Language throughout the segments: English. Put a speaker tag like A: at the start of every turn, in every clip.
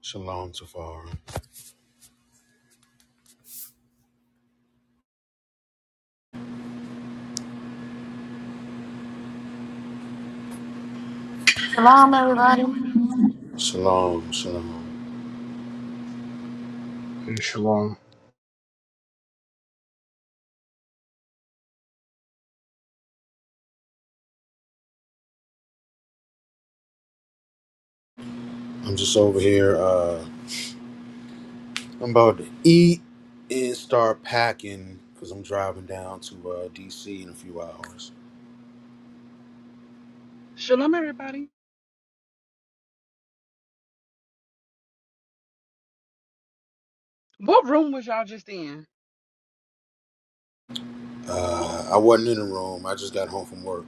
A: Shalom, Tafar.
B: Shalom, everybody.
A: Shalom, shalom.
C: In shalom.
A: I'm just over here. Uh, I'm about to eat and start packing because I'm driving down to uh, DC in a few hours.
D: Shalom, everybody. What room was y'all just in?
A: Uh, I wasn't in the room. I just got home from work.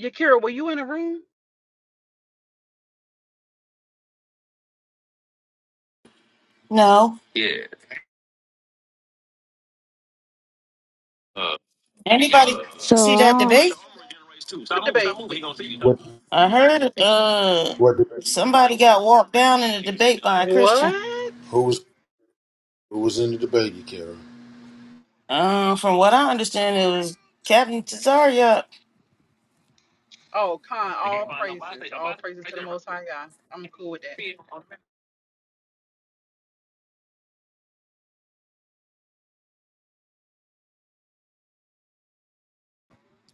D: Yakira, were you in a room?
B: No. Anybody
E: So
B: see that
E: um,
B: debate?
D: What debate?
A: What?
B: I heard uh
A: What? debate?
B: somebody got walked down in a debate by a Christian.
D: What?
A: Who was? Who was in the debate, you care?
B: Um, from what I understand, it was Captain Tazaria.
D: Oh, Khan, all praises. All praises to the Most High God. I'm cool with that.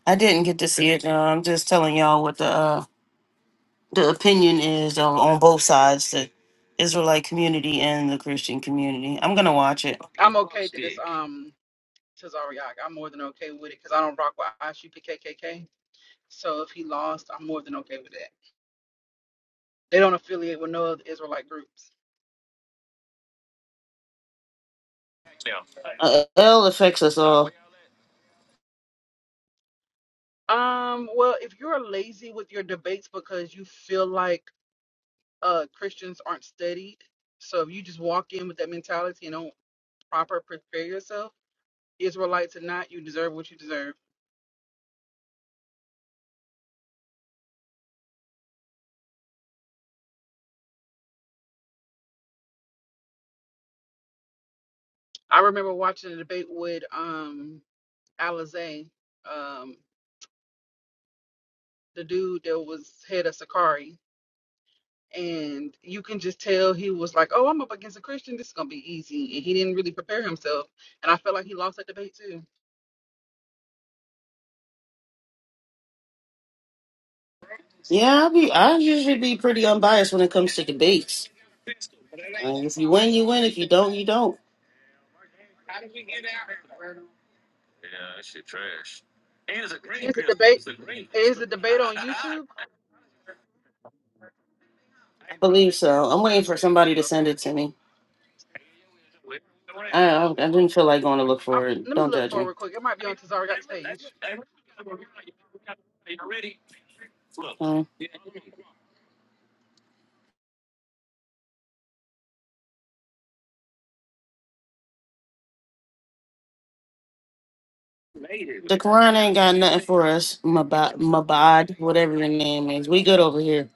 B: I didn't get to see it. No, I'm just telling y'all what the uh, the opinion is on, on both sides, the Israelite community and the Christian community. I'm gonna watch it.
D: I'm okay that it's um Tazariak. I'm more than okay with it because I don't rock with IGPKKK. So if he lost, I'm more than okay with that. They don't affiliate with no other Israelite groups.
B: Uh, L affects us all.
D: Um, well, if you're lazy with your debates because you feel like uh Christians aren't studied, so if you just walk in with that mentality and don't proper, prepare yourself. Israelites or not, you deserve what you deserve. I remember watching a debate with um Alizé, um, the dude that was head of Sakari, and you can just tell he was like, "Oh, I'm up against a Christian. This is gonna be easy," and he didn't really prepare himself. And I felt like he lost that debate too.
B: Yeah, I be I usually be pretty unbiased when it comes to debates. Like, if you win, you win. If you don't, you don't.
D: Is a debate? Is a debate on YouTube?
B: I believe so. I'm waiting for somebody to send
D: Okay,
B: it to me. I I, I didn't feel like going to look
D: i
B: for it.
D: let me
B: Don't
D: look
B: judge
D: for it
B: me.
D: real quick. It might be on Tazariak's page.
B: Um, the Quran ain't got nothing for us. Mabad, Mabad, whatever your name is, we good over here.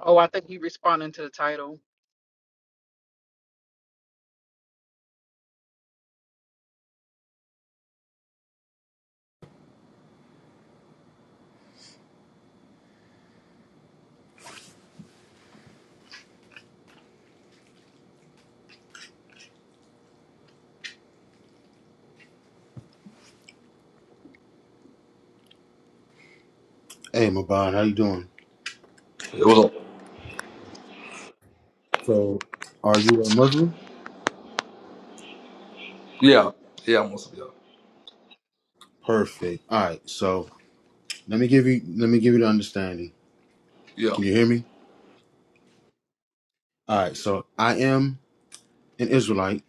D: Oh, I think he responding to the title.
A: Hey, Maban, how you doing?
F: It was, a
A: So, are you a Muslim?
F: yeah, yeah, most of yeah,
A: Perfect. All right. So let me give you. Let me give you the understanding.
F: yeah,
A: Can you hear me? All right. So I am an Israelite.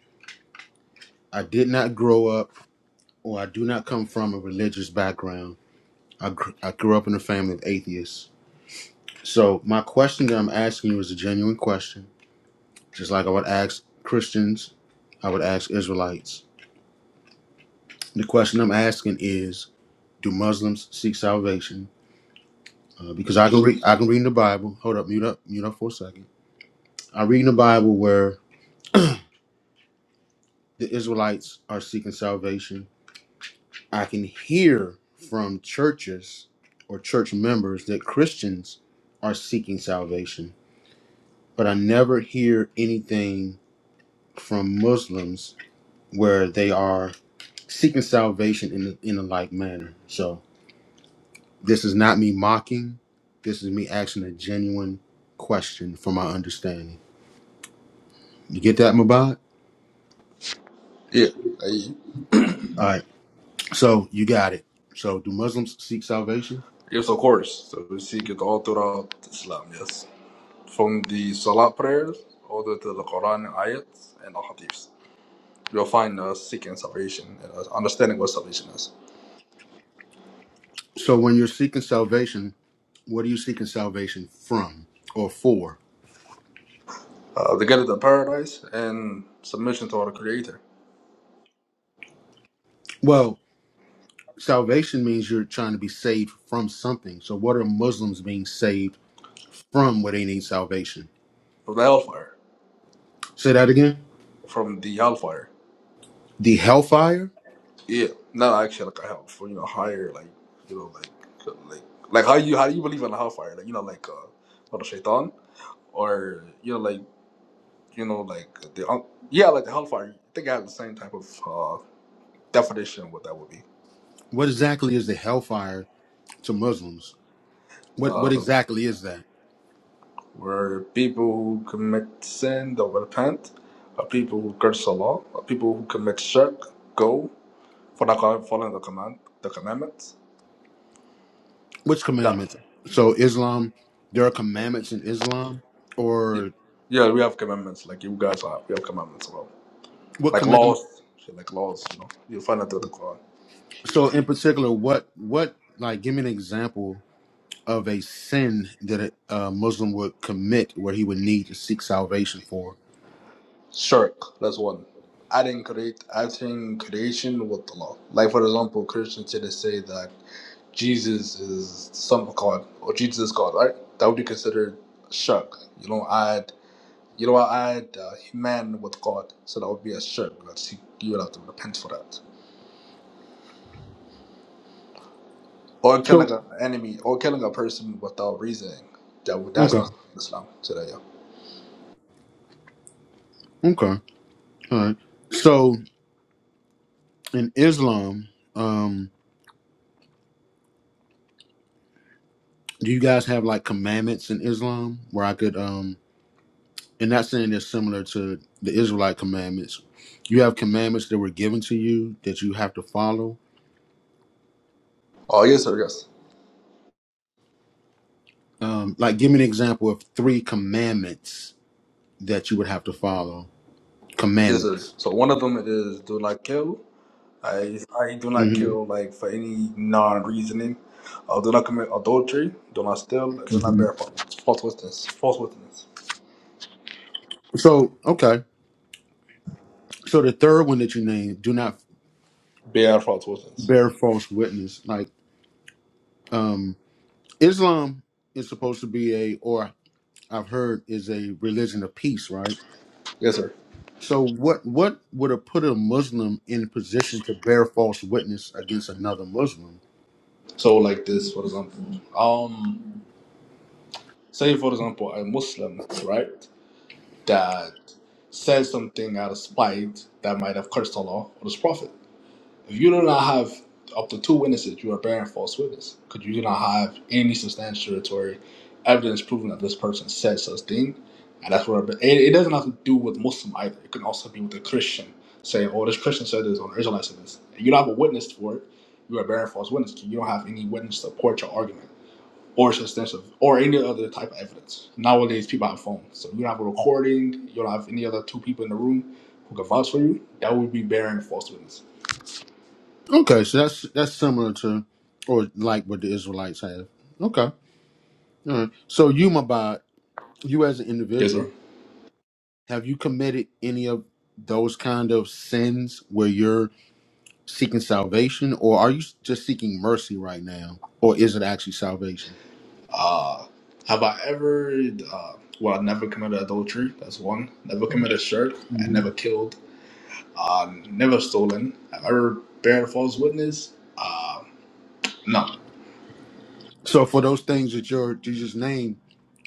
A: I did not grow up. Well, I do not come from a religious background. I, gr- I grew up in a family of atheists. So, my question that I'm asking you is a genuine question, just like I would ask Christians, I would ask Israelites. The question I'm asking is Do Muslims seek salvation? Uh, because I can, read I can read in the Bible. Hold up, mute up, mute up for a second. I read in the Bible where the Israelites are seeking salvation. I can hear from churches or church members that Christians are seeking salvation but I never hear anything from Muslims where they are seeking salvation in a- in a like manner. So this is not me mocking. This is me asking a genuine question From my understanding. You get that, Mabad?
F: yeah. I-
A: All right. So you got it. So do Muslims seek salvation?
F: Yes, of course. So we seek it all throughout Islam, yes. From the Salah prayers all the way to the Quran ayats and ahadiths. You'll find us seeking salvation and us understanding what salvation is.
A: So when you're seeking salvation, what are you seeking salvation from or for?
F: Uh, the gate of paradise and submission to our Creator
A: Well, salvation means you're trying to be saved from something. So what are Muslims being saved? from where they need salvation.
F: from the hellfire,
A: Say that again.
F: from the hellfire.
A: The hellfire?
F: Yeah, not actually like a hell, for you know higher, like you know, like like like how you how do you believe in hellfire? Like you know, like uh, what the shaitan. or you know, like you know, like the un- yeah, like the hellfire. I think I have the same type of uh, definition of what that would be.
A: What exactly is the hellfire to Muslims? What what
F: Uh,
A: exactly is that?
F: where people who commit sin don't repent, or people who curse Allah, or people who commit shirk go for not following the command, the commandments.
A: Which
F: Yeah,
A: commandments? So Islam, there are commandments in Islam,
F: yeah,
A: or
F: yeah, we have commandments. Like you guys are, we have commandments as well.
A: what
F: Like
A: commandment?
F: laws, shit, like laws. You know, you find that through the Quran.
A: So in particular, what what like? Give me an example of a sin that a, a Muslim would commit where he would need to seek salvation for.
F: Shirk, that's one. Adding create adding creation with Allah. Like for example, Christians today say that Jesus is some God or Jesus is God, right? That would be considered shirk. You don't add you don't add uh, man with God, so that would be a shirk. That's- You you would have to repent for that. Or killing
A: So
F: an enemy, or killing a person without reasoning. That would, that's
A: okay,
F: not Islam today. Yeah.
A: okay, all right. So in Islam. um, Do you guys have like commandments in Islam where I could um and not saying they're similar to the Israelite commandments. You have commandments that were given to you that you have to follow.
F: Oh yes, sir. Yes,
A: Um like give me an example of three commandments that you would have to follow.
F: yes, sir.
A: Commandments.
F: So one of them is do not kill, I I do not
A: hmm
F: kill like for any non reasoning. I do not commit adultery. Do not steal. do not
A: hmm
F: bear fa- false witness. False witness.
A: So okay. So the third one that you named, do not
F: Bear false witness.
A: bear false witness. Like um Islam is supposed to be a or I've heard is a religion of peace, right?
F: Yes, sir.
A: So what what would have put a Muslim in a position to bear false witness against another Muslim?
F: So like this, for example, um, say for example, a Muslim, right, that says something out of spite that might have cursed Allah or His Prophet. If you do not have up to two witnesses, you are bearing false witness because you do not have any substantiatory evidence proving that this person said such thing. And that's where it, it doesn't have to do with Muslim either. It can also be with a Christian saying, "Oh, this Christian said this, or the Israelite said this." And you don't have a witness for it. You are bearing false witness. 'cause You don't have any witness to support your argument or substantive or any other type of evidence. Nowadays, people have phones, so you don't have a recording. You don't have any other two people in the room who can vouch for you. That would be bearing false witness.
A: Okay, so that's that's similar to or like what the Israelites have. Okay. All right. So you Mabad, you as an
F: Yes, sir.
A: individual, have you committed any of those kind of sins where you're seeking salvation or are you just seeking mercy right now? Or is it actually salvation?
F: Uh, Have I ever, uh, well, I never committed adultery. That's one. Never committed shirk. I never killed. Never stolen. Have I ever bear false witness? No.
A: So for those things that you're, you just named,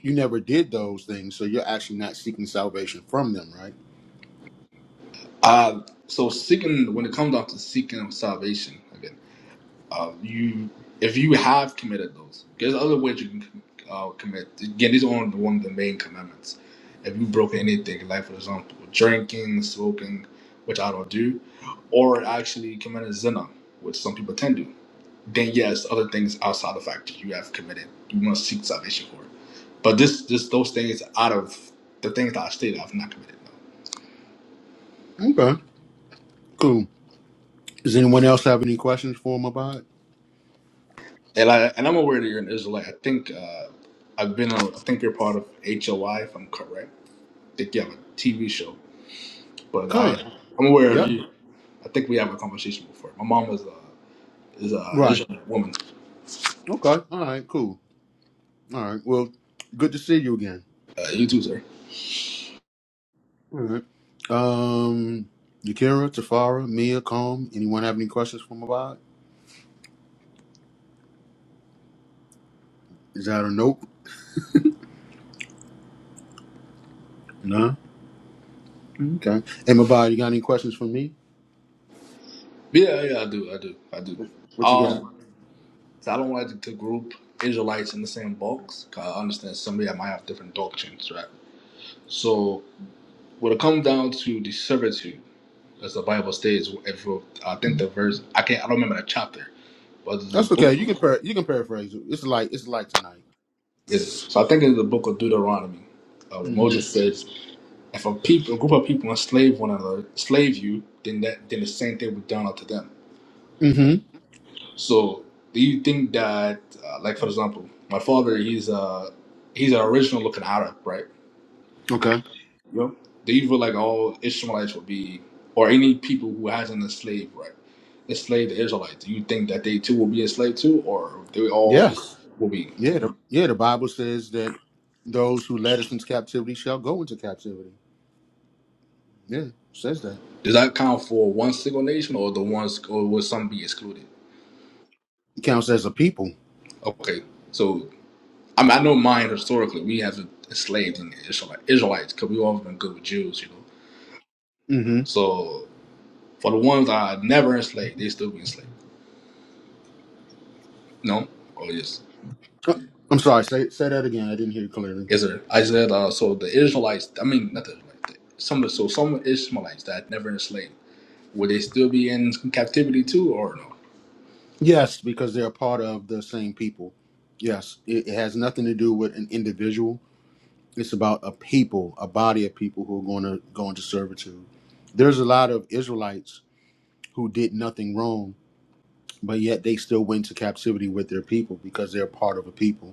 A: you never did those things, so you're actually not seeking salvation from them, right?
F: Uh, so seeking, when it comes down to seeking of salvation, again, uh, you, if you have committed those, there's other ways you can uh, commit. Again, these are one of the one of the main commandments. If you broke anything, like for example, drinking, smoking, which I don't do, or actually committed zina, which some people tend to. then yes, other things outside the fact that you have committed, you must seek salvation for. But this, this, those things out of the things that I stated, I've not committed. No.
A: Okay, cool. Does anyone else have any questions for him Khan, it?
F: And I, and I'm aware that you're an Israelite. I think uh, I've been, on, I think you're part of HOI, if I'm correct. I think you have a TV show, but I, I'm aware of
A: Yep.
F: you. I think we have a conversation before. My mom is a is a
A: Right.
F: Israelite woman.
A: Okay. All right. Cool. All right. Well, good to see you again.
F: Uh, you too, sir.
A: All right. Um, Yakira, Tafara, Mia, Calm. Anyone have any questions for Mabad? Is that a nope? No. Okay. Hey, Mabad, you got any questions for me?
F: Yeah, yeah, I do, I do, I do.
A: What, what you got?
F: Um, So I don't like to, to group Israelites in the same box. 'cause I understand somebody that might have different doctrines, right? So when it comes down to the servitude, as the Bible states, if I think the verse, I can't, I don't remember the chapter, but the
A: That's
F: book
A: okay. You can par- you can paraphrase it. It's like it's like tonight.
F: is. So I think it's the book of Deuteronomy. Uh,
A: Mm-hmm.
F: Moses says, if a people, a group of people enslave one another, slave you, then that, then the same thing would done unto them.
A: Mm-hmm.
F: So do you think that, uh, like for example, my father, he's a, he's an original looking Arab, right?
A: Okay.
F: Yep. Do you feel like all Ishmaelites will be, or any people who hasn't enslaved, right? Enslaved the Israelites. Do you think that they too will be enslaved too, or they all
A: Yes.
F: will be?
A: Yeah. The, yeah. The Bible says that those who led us into captivity shall go into captivity. Yeah. it Says that.
F: Does that count for one single nation, or the ones, or will some be excluded?
A: It counts as a people.
F: Okay, so I mean, I know mine historically. We have enslaved in the Israelite, Israelites because we all been good with Jews, you know.
A: Mm-hmm.
F: So for the ones that are never enslaved, they still be enslaved. No, oh yes.
A: I'm sorry. Say say that again. I didn't hear you clearly.
F: Yes, sir. I said uh, so the Israelites. I mean, not the Israelites. Some of so some Ishmaelites that never enslaved would they still be in captivity too, or no?
A: Yes, because they're part of the same people. Yes. It, it has nothing to do with an individual. It's about a people, a body of people who are going to go into servitude. There's a lot of Israelites who did nothing wrong, but yet they still went to captivity with their people because they're part of a people.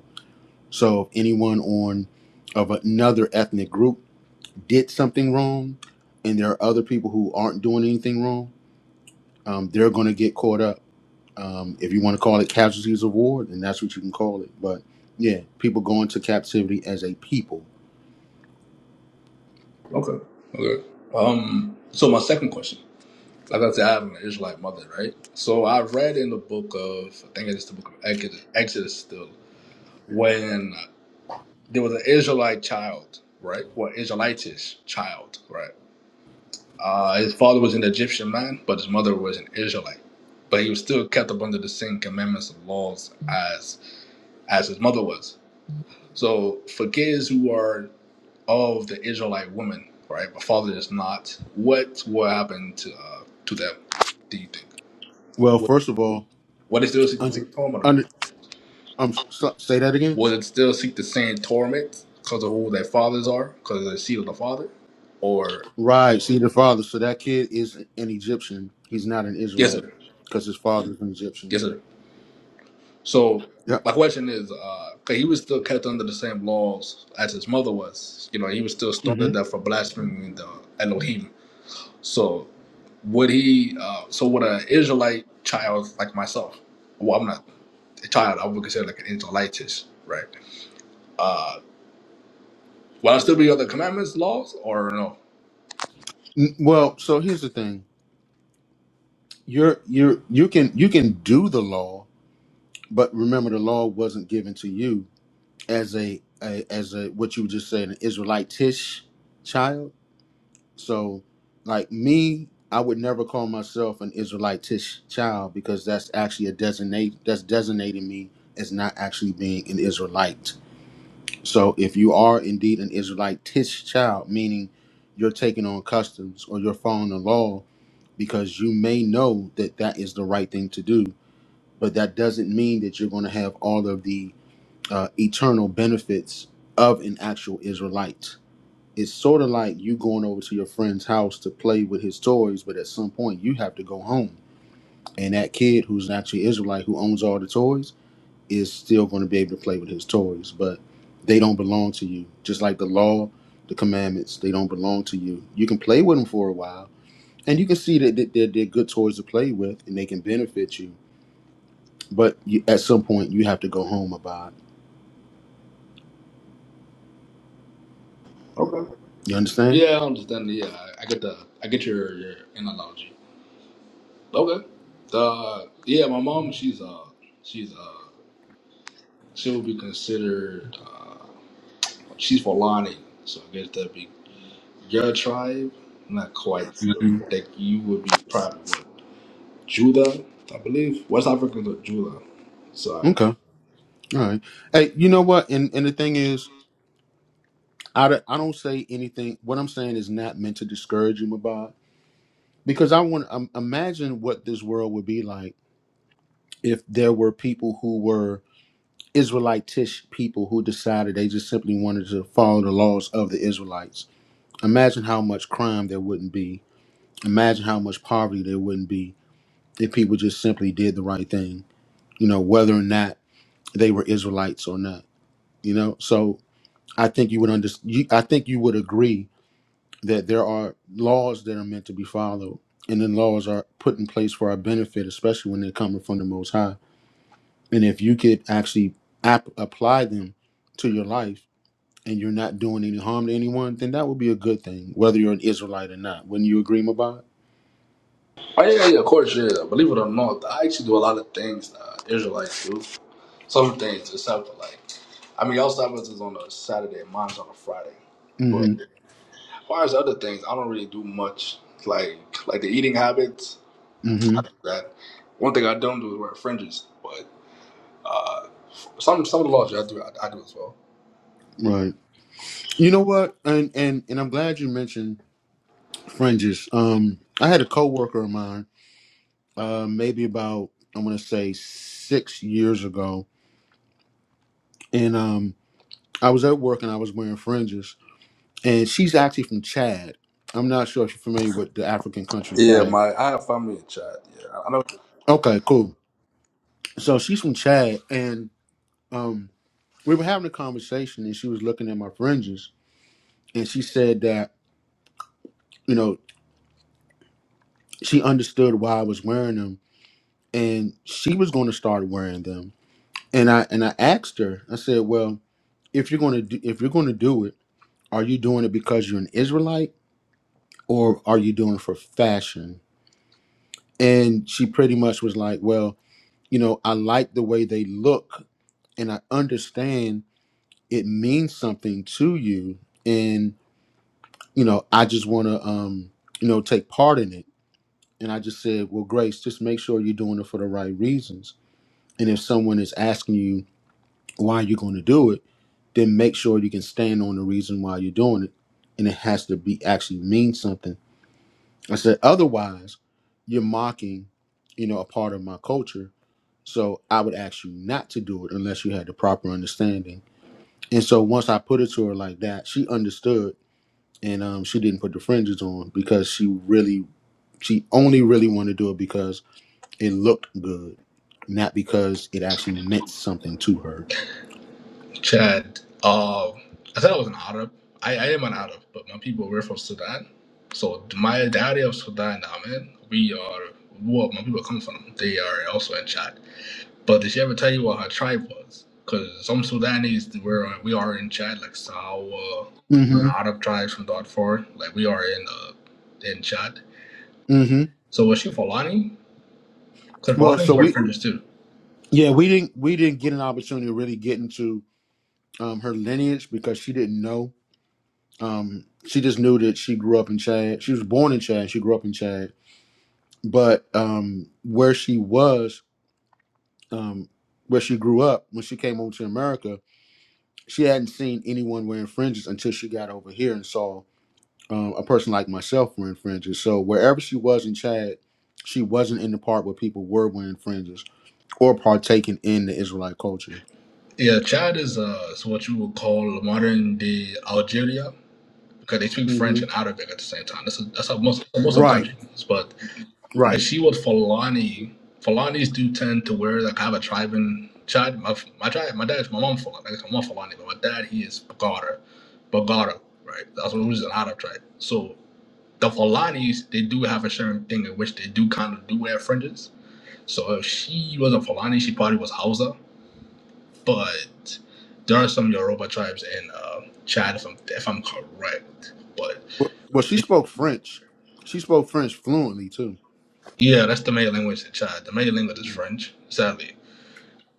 A: So if anyone on of another ethnic group did something wrong, and there are other people who aren't doing anything wrong, um, they're going to get caught up. Um, if you want to call it casualties of war, then that's what you can call it. But yeah, people go into captivity as a people.
F: Okay, okay. Um. So my second question, like I said, I have an Israelite mother, right? So I read in the book of I think it's the book of Exodus, Exodus still when there was an Israelite child, right? Well, Israelitish child, right? Uh, his father was an Egyptian man, but his mother was an Israelite. But he was still kept up under the same commandments and laws as as his mother was. So for kids who are of the Israelite woman, right, but father is not, what will happen to uh, to them? Do you think?
A: Well,
F: Would,
A: first of all,
F: would they still seek the
A: under,
F: same torment or not?
A: under um, so, say that again.
F: Would it still seek the same torment because of who their fathers are, because of the seed of the father? Or
A: Right. See the father. So that kid is an Egyptian. He's not an
F: yes,
A: Israelite
F: sir.
A: because his father's an Egyptian.
F: Yes, sir. So
A: Yep.
F: my question is, because he was still kept under the same laws as his mother was, you know, he was still stoned
A: hmm
F: to death for blaspheming the Elohim. So would he? Uh, so would an Israelite child like myself? Well, I'm not a child. I would consider like an Israelitish, right? Will I still be under the commandments, laws, or no?
A: Well, so here's the thing. You're you're you can you can do the law, but remember the law wasn't given to you as a, a as a what you just said an Israelitish child. So like me, I would never call myself an Israelitish child because that's actually a designate that's designating me as not actually being an Israelite. So if you are indeed an Israelitish child, meaning you're taking on customs or you're following the law because you may know that that is the right thing to do but that doesn't mean that you're going to have all of the uh, eternal benefits of an actual Israelite. It's sort of like you going over to your friend's house to play with his toys, but at some point you have to go home. And that kid who's actually Israelite who owns all the toys is still going to be able to play with his toys, but they don't belong to you. Just like the law, the commandments, they don't belong to you. You can play with them for a while, and you can see that that they're, they're good toys to play with, and they can benefit you but you, at some point, you have to go home about. it. You understand?
F: Yeah, I understand. Yeah, I I get the, I get your your analogy. Okay. Uh, yeah, my mom, she's uh, she's uh, she would be considered. She's for Lonnie, so I guess that'd be your tribe. I'm not quite sure. I think you would be probably what, Judah, I believe. West Africans are Judah. So
A: Okay.
F: I
A: All right. Hey, you know what? And and the thing is, I, don't- I don't say anything. What I'm saying is not meant to discourage you, Mabad, because I want um, imagine what this world would be like if there were people who were Israelitish people who decided they just simply wanted to follow the laws of the Israelites. Imagine how much crime there wouldn't be. Imagine how much poverty there wouldn't be if people just simply did the right thing. You know, whether or not they were Israelites or not. You know, so I think you would under, you, I think you would agree that there are laws that are meant to be followed, and then laws are put in place for our benefit, especially when they're coming from the Most High. And if you could actually app- apply them to your life, and you're not doing any harm to anyone, then that would be a good thing, whether you're an Israelite or not. Wouldn't you agree, Mabad?
F: Oh yeah, yeah, yeah, of course, yeah. yeah. Believe it or not, I actually do a lot of things that Israelites do. Some things, except for like, I mean, y'all Sabbath is on a Saturday, mine's on a Friday. But
A: Mm-hmm.
F: as far as other things, I don't really do much. Like, like the eating habits, I do
A: Mm-hmm.
F: that. One thing I don't do is wear fringes, but. Uh, Some some of the laws, yeah, I do, I, I do as well.
A: Right. You know what? And and and I'm glad you mentioned fringes. Um, I had a coworker of mine uh, maybe about I'm gonna say six years ago, and um, I was at work and I was wearing fringes, and she's actually from Chad. I'm not sure if you're familiar with the African country
F: Yeah,
A: Chad.
F: my I have family in Chad. Yeah, I I know.
A: Okay, cool. So she's from Chad, and um, we were having a conversation, and she was looking at my fringes, and she said that you know she understood why I was wearing them, and she was going to start wearing them, and I and I asked her, I said, well, if you're going to do, if you're going to do it Are you doing it because you're an Israelite or are you doing it for fashion? And she pretty much was like, Well, you know, I like the way they look and I understand it means something to you. And, you know, I just want to, um, you know, take part in it. And I just said, Well, Grace, just make sure you're doing it for the right reasons. And if someone is asking you why you're going to do it, then make sure you can stand on the reason why you're doing it. And it has to be actually mean something I said, otherwise, you're mocking, you know, a part of my culture. So I would ask you not to do it unless you had the proper understanding. And so once I put it to her like that, she understood and um, she didn't put the fringes on because she really, she only really wanted to do it because it looked good, not because it actually meant something to her.
F: Chad, uh, I thought I was an Arab. I, I am an Arab, but my people were from Sudan. So my daddy of Sudan, now, man, we are well, my people come from. They are also in Chad. But did she ever tell you what her tribe was? Because some Sudanese were we are in Chad, like Sawa, or
A: hmm
F: Arab tribes from Darfur. Like we are in uh in Chad.
A: hmm
F: So was she Fulani? Because
A: Well,
F: Fulani
A: so
F: were
A: we,
F: French too.
A: yeah, we didn't, we didn't get an opportunity to really get into um, her lineage because she didn't know Um, she just knew that she grew up in Chad. She was born in Chad. She grew up in Chad, but um, where she was, um, where she grew up, when she came over to America, she hadn't seen anyone wearing fringes until she got over here and saw um, a person like myself wearing fringes. So wherever she was in Chad, she wasn't in the part where people were wearing fringes or partaking in the Israelite culture.
F: Yeah, Chad is uh is what you would call modern day Algeria because they speak French
A: hmm
F: and Arabic at the same time. That's that's how most most of the
A: Right,
F: country. is. But if
A: right.
F: she was Fulani. Fulanis do tend to wear like I have a tribe in Chad. My my tribe, my dad's my mom Fulani. I guess my mom Fulani, but my dad he is Bagara, Bagara, right? That's what was an Arab tribe. So the Fulanis they do have a certain thing in which they do kind of do wear fringes. So if she was a Fulani, she probably was Hausa but there are some Yoruba tribes in uh, Chad, if I'm if I'm correct. But
A: Well, well, she
F: it,
A: spoke French. She spoke French fluently too.
F: yeah, that's the main language in Chad. The main language is French, sadly.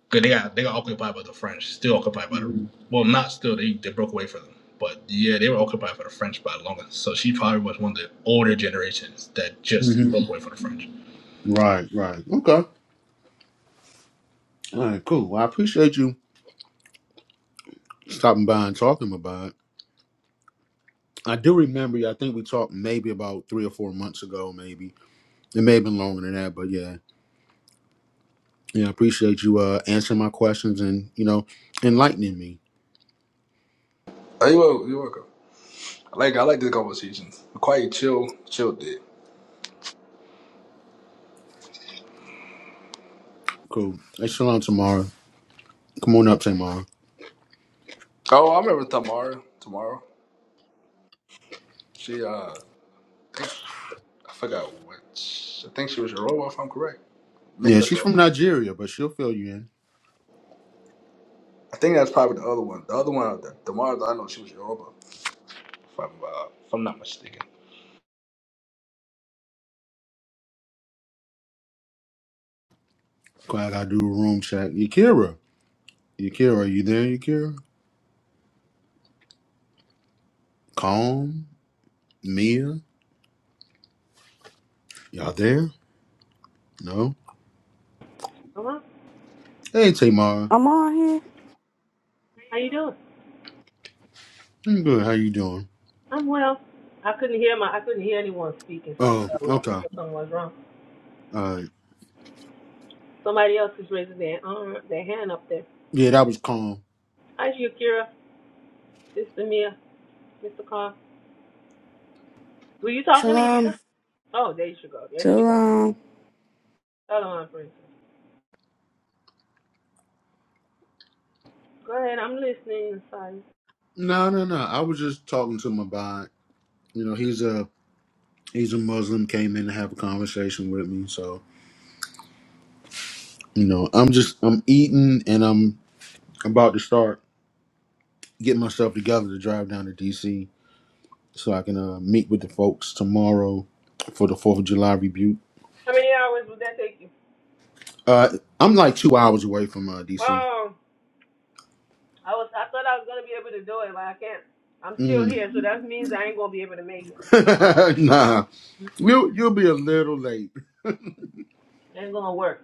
F: 'Cause they got they got occupied by the French, still occupied by the well, not still. They they broke away from them, but yeah, they were occupied by the French by longer. So she probably was one of the older generations that just
A: hmm
F: broke away from the French.
A: Right, right. Okay. All right, cool. Well, I appreciate you stopping by and talking about it. I do remember you. I think we talked maybe about three or four months ago, maybe. It may have been longer than that, but yeah. Yeah, I appreciate you uh answering my questions and, you know, enlightening me.
F: Oh, you welcome. You welcome. I like I like these conversations. Quite chill, chill day.
A: Cool. Hey, Shalom tomorrow. Come on up tomorrow.
F: Oh, I remember Tamara. Tomorrow, she uh I forgot which. I think she was Yoruba, if I'm correct. Maybe
A: Yeah,
F: that's the
A: she's
F: other
A: from
F: one.
A: Nigeria, but she'll fill you in.
F: I think that's probably the other one. The other one, the, the one that I know, she was Yoruba, if I'm, uh, if I'm not mistaken.
A: Glad I gotta do a room check. Yakira. Yakira, are you there, Yakira? Calm? Mia? Y'all there? No?
G: Hello,
A: Hey, Tamara.
E: I'm on here.
G: how you doing?
A: I'm good. How you doing?
G: I'm well. I couldn't hear my I couldn't hear anyone speaking, so I
A: Oh,
G: thought it was
A: okay. All
G: something was wrong.
A: right.
G: Somebody else is raising their arm, their hand up there.
A: Yeah, that was calm.
G: Hi, Shakira, Sister Mia, Mr. Carr. Were you talking to
B: Shalom.
G: yourself? Oh, there she go. There she
E: So
G: go.
E: um,
G: Hello, my princess. Go ahead. I'm listening. Sorry.
A: No, no, no. I was just talking to my bot. You know, he's a he's a Muslim. Came in to have a conversation with me. So you know, I'm just I'm eating and I'm about to start getting myself together to drive down to DC so I can uh, meet with the folks tomorrow for the Fourth of July rebuke.
G: How many hours would that take you?
A: Uh, I'm like two hours away from uh, DC.
G: Well, I was I thought I was gonna be able to do it, but I can't. I'm still
A: Mm.
G: here, so that means I ain't gonna be able to make it.
A: nah,
G: Mm-mm.
A: you you'll be a little late.
G: Ain't gonna work.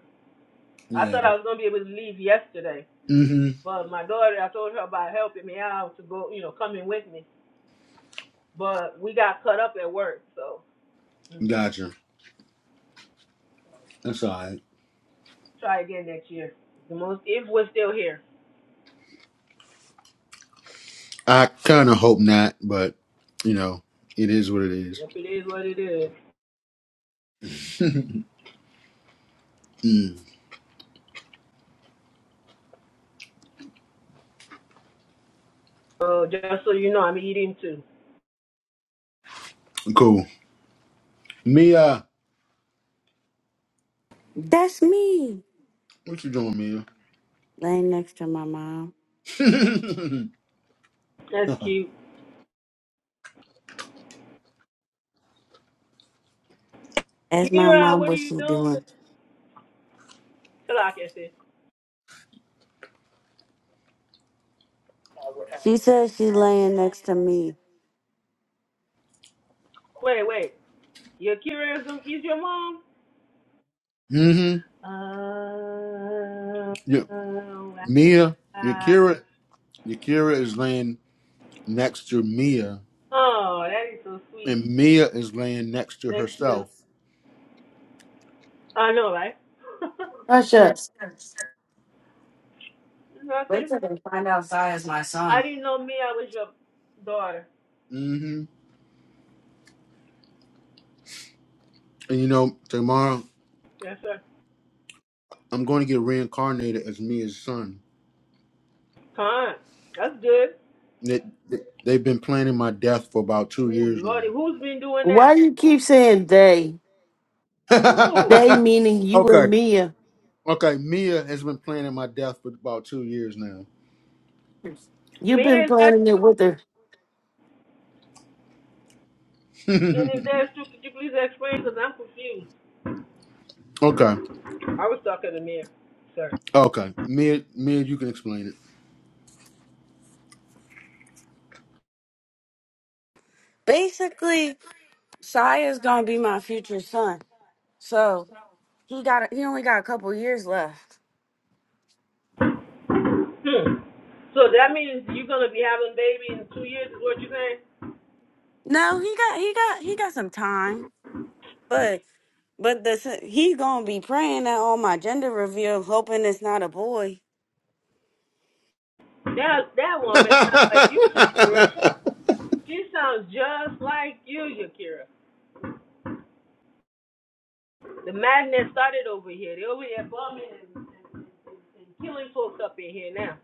G: I
A: Yeah.
G: thought I was gonna be able to leave yesterday.
A: Mm-hmm.
G: But my daughter, I told her about helping me out to go, you know, coming with me. But we got cut up at work, so mm,
A: Gotcha. That's all right.
G: try again next year. The most if we're still here.
A: I kind of hope not, but you know, it is what it is.
G: Yep, it is what it is.
A: Mm,
G: So just so you know, I'm eating too.
A: cool. Mia,
E: that's me
A: what you doing, Mia?
E: laying next to my mom.
G: That's cute.
E: Ask my
G: Kira,
E: mom
G: what are
E: what
G: you
E: she's
G: doing?
E: doing.
G: Till I
E: She says she's laying next to me.
G: Wait, wait. Your Kira is, your mom?
A: mm-hmm.
G: Uh,
A: Yeah,
G: Oh,
A: Mia,
G: wow.
A: Yakira, Yakira is laying next to Mia,
G: Oh, that is so sweet.
A: and Mia is laying next to
G: Next to
A: herself.
G: I know, right?
B: Hush Wait
G: Nothing.
B: till they find out Zai is my
G: I
B: son.
G: didn't know me. I was your daughter.
A: Mm-hmm. And you know, tomorrow
G: Yes, sir.
A: I'm going to get reincarnated as Mia's son.
G: Con. That's good.
A: They, they, they've been planning my death for about two
G: Ooh,
A: years
G: Lordy,
A: now.
G: who's been doing that?
B: Why do you keep saying they?
G: Ooh,
B: They meaning you
A: okay,
B: and Mia.
A: Okay, Mia has been planning my death for about two years now.
B: You've been
G: man, that's
B: planning it
G: true.
B: with her.
G: And if that's true, could you please explain? Because I'm confused.
A: okay,
G: I was talking to Mir, sir.
A: okay, Mia, Mia, you can explain
E: Basically, Shia's gonna be my future son. So he got he only got a couple years left.
G: Hmm. So that means you're gonna be having a baby in two years, is what you're saying?
E: No, he got he got he got some time, but but the he's gonna be praying at all my gender reveal, hoping it's not a boy.
G: That that woman sounds like you, Yakira.
A: it.
G: She sounds just like you, Yakira. The madness started over here. They over here bumming and killing folks up in here now.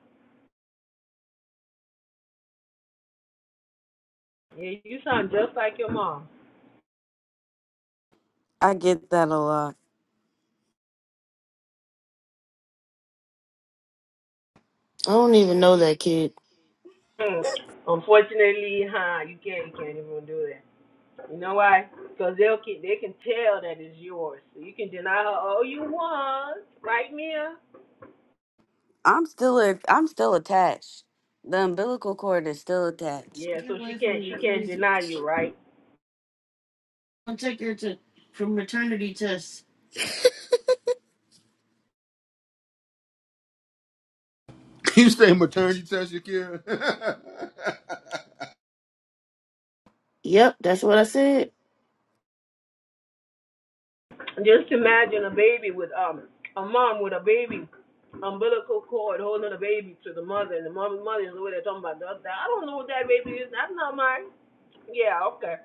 G: Yeah, you sound just like your mom.
E: I get that a lot.
B: I don't even know that kid.
G: Hmm. Unfortunately, huh? You can't, you can't even do that. You know why? Because they'll keep, they can tell that it's yours. So you can deny her all you want, right, Mia?
E: I'm still a, I'm still attached. The umbilical cord is still attached.
G: Yeah. So she can't, she can't deny you, right?
A: you say maternity test, Akira?
B: Yep, that's what I said.
G: Just imagine a baby with um, a mom with a baby umbilical cord holding the baby to the mother, and the mother, mother is the over there talking about, I don't know what that baby is. That's not mine. Yeah. Okay.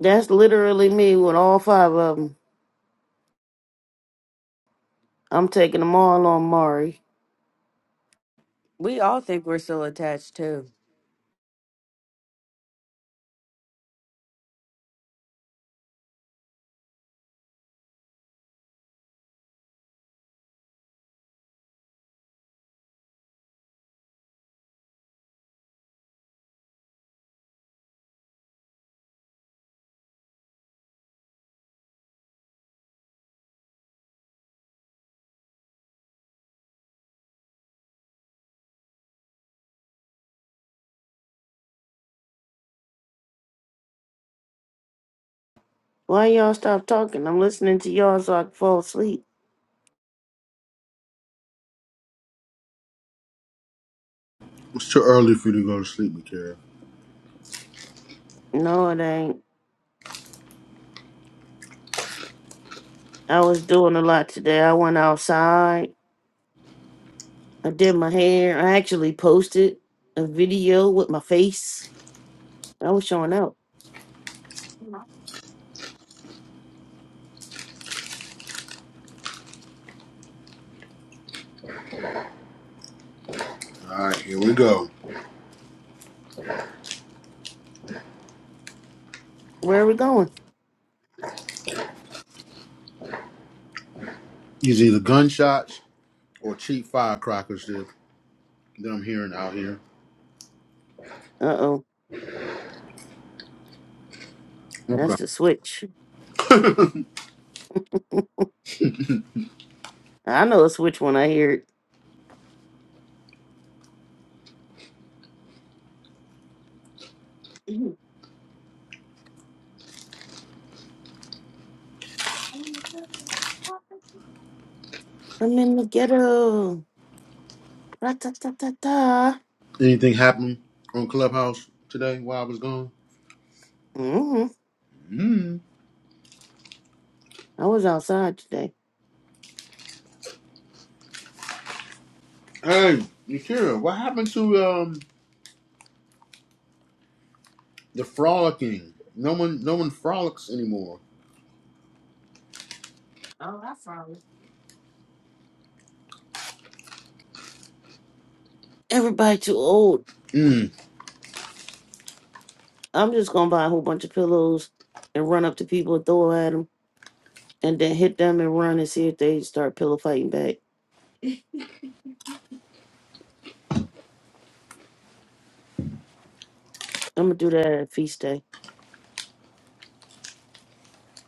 B: That's literally me with all five of them. I'm taking them all on Mari.
E: We all think we're still attached too.
B: Why y'all stop talking? I'm listening to y'all so I can fall asleep.
A: it's too early for you to go to sleep, Akira.
B: No, it ain't. I was doing a lot today. I went outside. I did my hair. I actually posted a video with my face. I was showing out.
A: All right, here we go.
B: Where are we going?
A: It's either gunshots or cheap firecrackers that, that I'm hearing out here.
B: Uh oh.
A: Okay.
B: That's the switch. I know a switch when I hear it. I'm in the ghetto. Ra-ta-ta-ta-ta.
A: Anything happened on Clubhouse today while I was gone?
B: hmm
A: Mm.
B: I was outside today.
A: Hey, Akira, what happened to um? The frolicking. No one, no one frolics anymore.
B: Oh, that's right. Everybody too old.
A: Mm.
B: I'm just gonna buy a whole bunch of pillows and run up to people and throw at them, and then hit them and run and see if they start pillow fighting back. I'm gonna do that at feast day.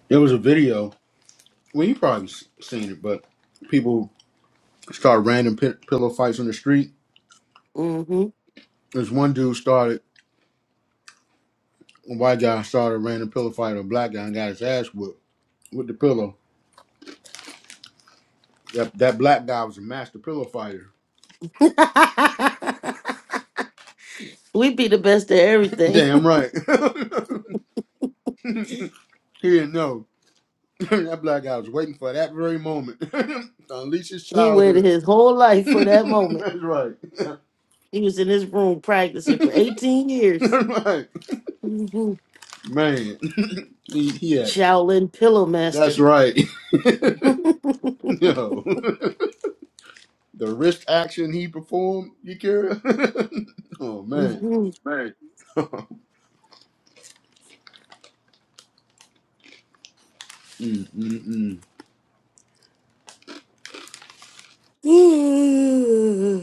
A: There was a video. Well, you probably s- seen it, but people start random pi- pillow fights on the street.
B: Mm-hmm.
A: This one dude started, a white guy started a random pillow fight with a black guy and got his ass whooped with the pillow. That that black guy was a master pillow fighter.
B: we be the best at everything.
A: Damn right. he didn't know. that black guy was waiting for that very moment to unleash his
B: he waited
A: childhood.
B: his whole life for that moment.
A: That's right.
B: He was in his room practicing for 18 years.
A: That's right.
B: Mhm.
A: Man. He, he had
B: Shaolin Pillow
A: That's
B: Master.
A: right. Yo, the wrist action he performed, you care? oh man. Mm, mm, mm.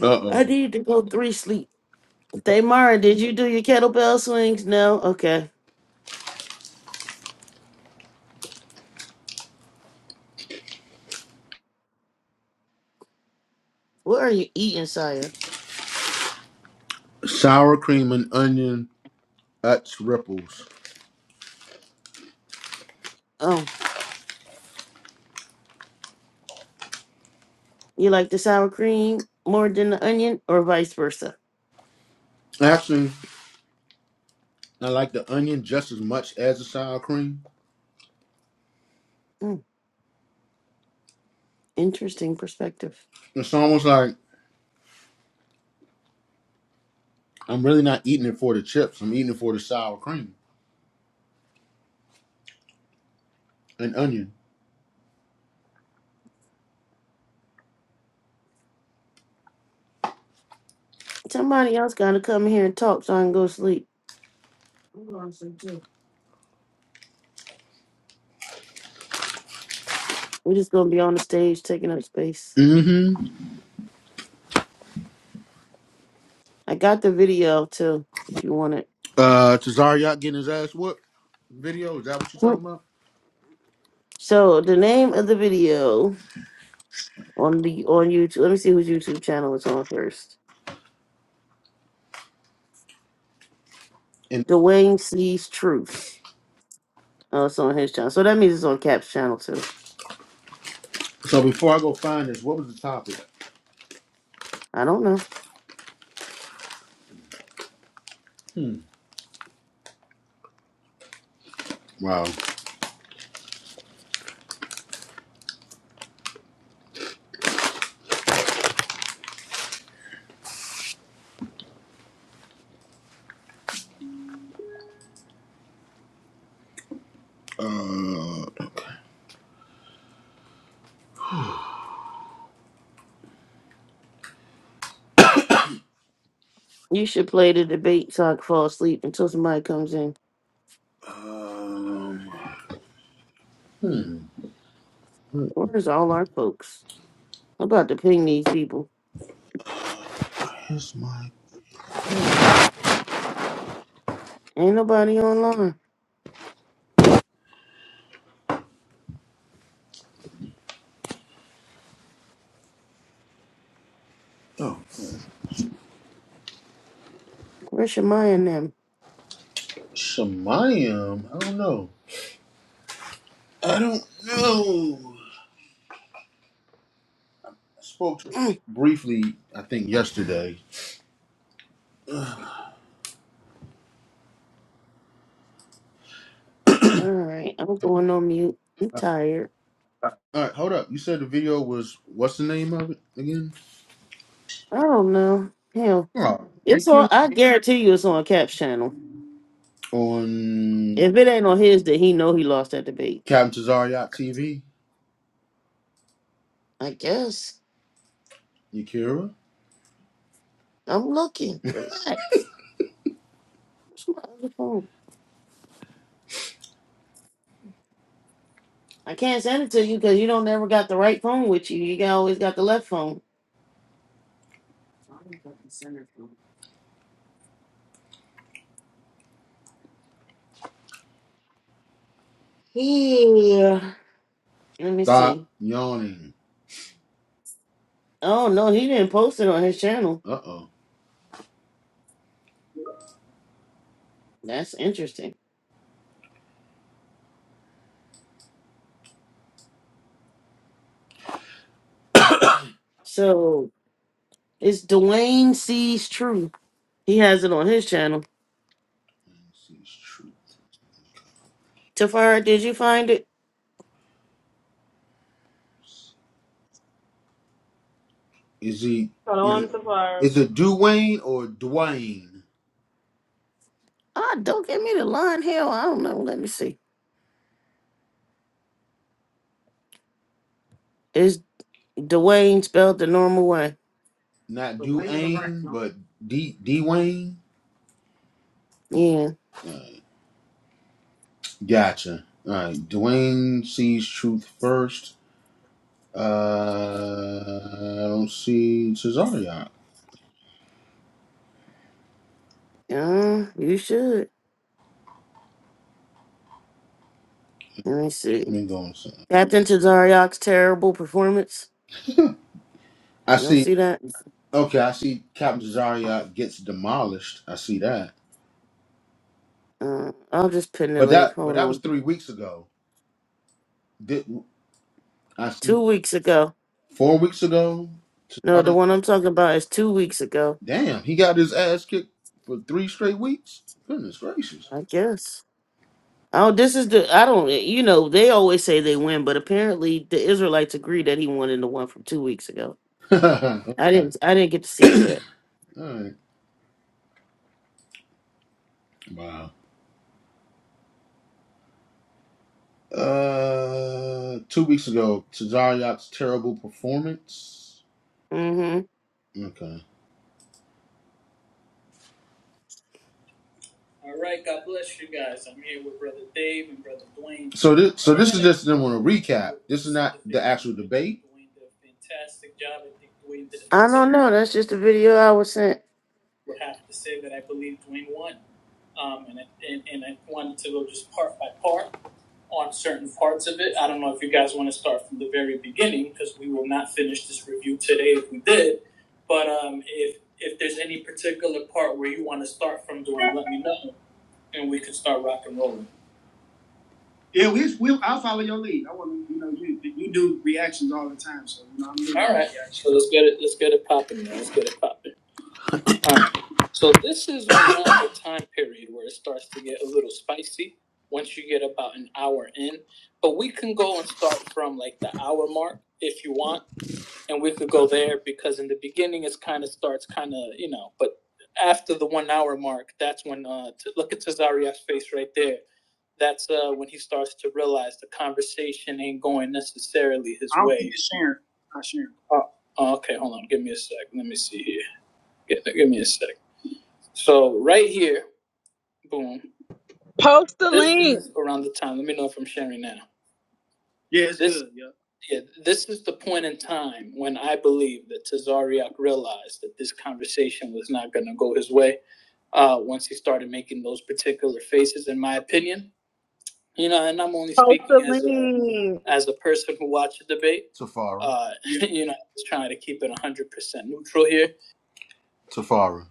A: Uh oh.
B: need to go three sleep. Tamara, did you do your kettlebell swings? No? Okay. What are you eating, Saya?
A: Sour cream and onion at ripples.
B: Oh, you like the sour cream more than the onion or vice versa?
A: Actually, I like the onion just as much as the sour cream.
B: Mm, interesting perspective.
A: It's almost like I'm really not eating it for the chips. I'm eating it for the sour cream and onion.
B: Somebody else got to come here and talk so I can go sleep. I'm going to sleep too. We're just going to be on the stage taking up space.
A: Mm-hmm.
B: I got the video too, if you want it.
A: Uh, Tazariot getting his ass whooped video. Is that what you're talking
B: Mm.
A: about?
B: So, the name of the video on the on YouTube, let me see whose YouTube channel it's on first.
A: And
B: Dwayne sees truth. Oh, it's on his channel. So that means it's on Cap's channel too.
A: so before I go find this, what was the topic?
B: I don't know.
A: Wow. Uh,
B: You should play the debate so I can fall asleep until somebody comes in.
A: Um,
B: Where's all our folks? I'm about to ping these people.
A: where's my
B: Ain't nobody online.
A: oh
B: Where's Shemai and them?
A: Shemayim? I don't know. I don't know. I spoke to her
B: Mm.
A: briefly, I think yesterday.
B: All right, I'm going on mute. I'm tired.
A: All right, hold up. You said the video was what's the name of it again?
B: I don't know. Hell,
A: Oh,
B: it's on.
A: Yakira
B: I guarantee you, it's on Cap's channel.
A: on
B: If it ain't on his, then he know he lost that debate.
A: Captain Tazariot TV.
B: I guess.
A: Yakira,
B: I'm looking. Relax. Where's my other phone? I can't send it to you because you don't never got the right phone with you. You got, always got the left phone. Yeah. Let me
A: stop
B: see.
A: yawning.
B: Oh no, he didn't post it on his channel.
A: Uh oh.
B: That's interesting. So it's Dwayne sees true. He has it on his channel. Tafara, did you find it?
A: troops. Is he
G: Hello,
A: is
G: I'm Safari.
A: is it Duane or Dwayne?
B: Ah, don't give me the line. Hell, I don't know. Let me see. It's Dwayne spelled the normal way.
A: Not Duane, but D Dwayne.
B: Yeah.
A: Gotcha. All right. Dwayne sees truth first. Uh, I don't see Cesariot. Let
B: Yeah, you should. Let me see.
A: me go on something.
B: Captain Tazariak's terrible performance.
A: I
B: You don't
A: see.
B: see that?
A: Okay, I see. Captain Cesariot gets demolished. I see that.
B: Uh, I'll just pin the
A: But
B: link.
A: that, but
B: Hold
A: that was
B: on.
A: three weeks ago. Did I see
B: Two weeks ago.
A: four weeks ago?
B: No, the
A: Cesariot.
B: one I'm talking about is two weeks ago.
A: Damn, he got his ass kicked for three straight weeks. Goodness gracious.
B: I guess. Oh, this is the. I don't. You know, they always say they win, but apparently the Israelites agree that he won in the one from two weeks ago.
A: okay.
B: I didn't. I didn't get to see it yet.
A: All right. Wow. Uh, two weeks ago, Tazariot's terrible performance.
B: hmm
A: Okay. All right, God bless you guys. I'm here with Brother Dave and Brother Blaine. So this, so this is just them on a recap. This is not the actual debate. Dwayne did a fantastic job. I think Dwayne did
B: I don't
A: excellent.
B: know. That's just a video I was sent.
A: Would have to say that I believe Dwayne won. Um, and, I- and and I wanted to go just part by part. on certain parts of it. I don't know if you guys want to start from the very beginning because we will not finish this review today if we did. But um, if if there's any particular part where you want to start from doing, let me know and we can start rock and rolling. Yeah, we we I'll follow your lead. I want to, you know, you you do reactions all the time, so you know I'm All right, so let's get it. Let's get it popping. man. Let's get it popping. Alright, so this is around the time period where it starts to get a little spicy once you get about an hour in. But we can go and start from like the hour mark if you want, and we could go there because in the beginning it's kind of starts kind of you know, but after the one hour mark, that's when uh t- look at Cesaria's face right there. That's uh when he starts to realize the conversation ain't going necessarily his way. I don't way. think it's sharing. Not Sharon. Oh, oh, okay, hold on, give me a sec. Let me see here. Give, give me a sec. So right here, boom.
D: Post the
A: This
D: link.
A: is around the time. Let me know if I'm sharing now. Yeah, it's This- good. Yeah. Yeah, this is the point in time when I believe that Tazariak realized that this conversation was not going to go his way. Uh, once he started making those particular faces, in my opinion, you know, and I'm only
D: Post
A: speaking
D: the
A: as a
D: link.
A: as a person who watched the debate. Tafara. Uh, you know, just trying to keep it 100% neutral here. Tafara.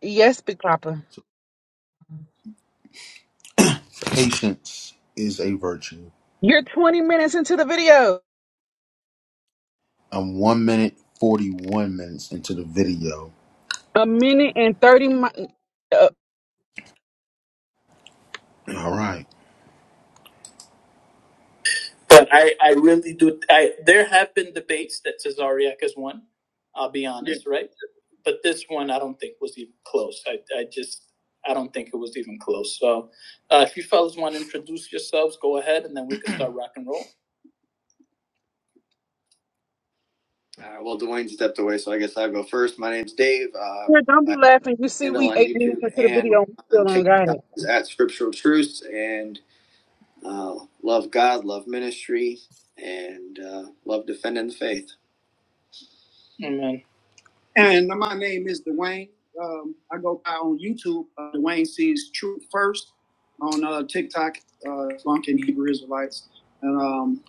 D: Yes, Big Papa.
A: Patience is a virtue.
D: You're 20 minutes into the video.
A: I'm one minute forty one minutes into the video.
D: A minute and 30. Mi- uh,
A: All right. But I, I really do. I there have been debates that Cesariak has won. I'll be honest, Yeah. right? But this one, I don't think was even close. I, I just, I don't think it was even close. So, uh, if you fellas want to introduce yourselves, go ahead, and then we can start rock and roll. All right. Well, Dwayne stepped away, so I guess I'll go first. My name's Dave. Uh,
D: here, don't be
A: my
D: laughing. You see,
A: handle
D: we
A: on
D: eight minutes
A: YouTube
D: into the
A: and
D: video and we still
A: on
D: don't got
A: TikTok
D: it.
A: is at Scriptural Truths, and uh, love God, love ministry, and uh, love defending the faith. Amen. And my name is Dwayne. Um, I go by on YouTube. Uh, Dwayne sees Truth First on uh, TikTok, uh, Funk Hebrew Israelites. And um,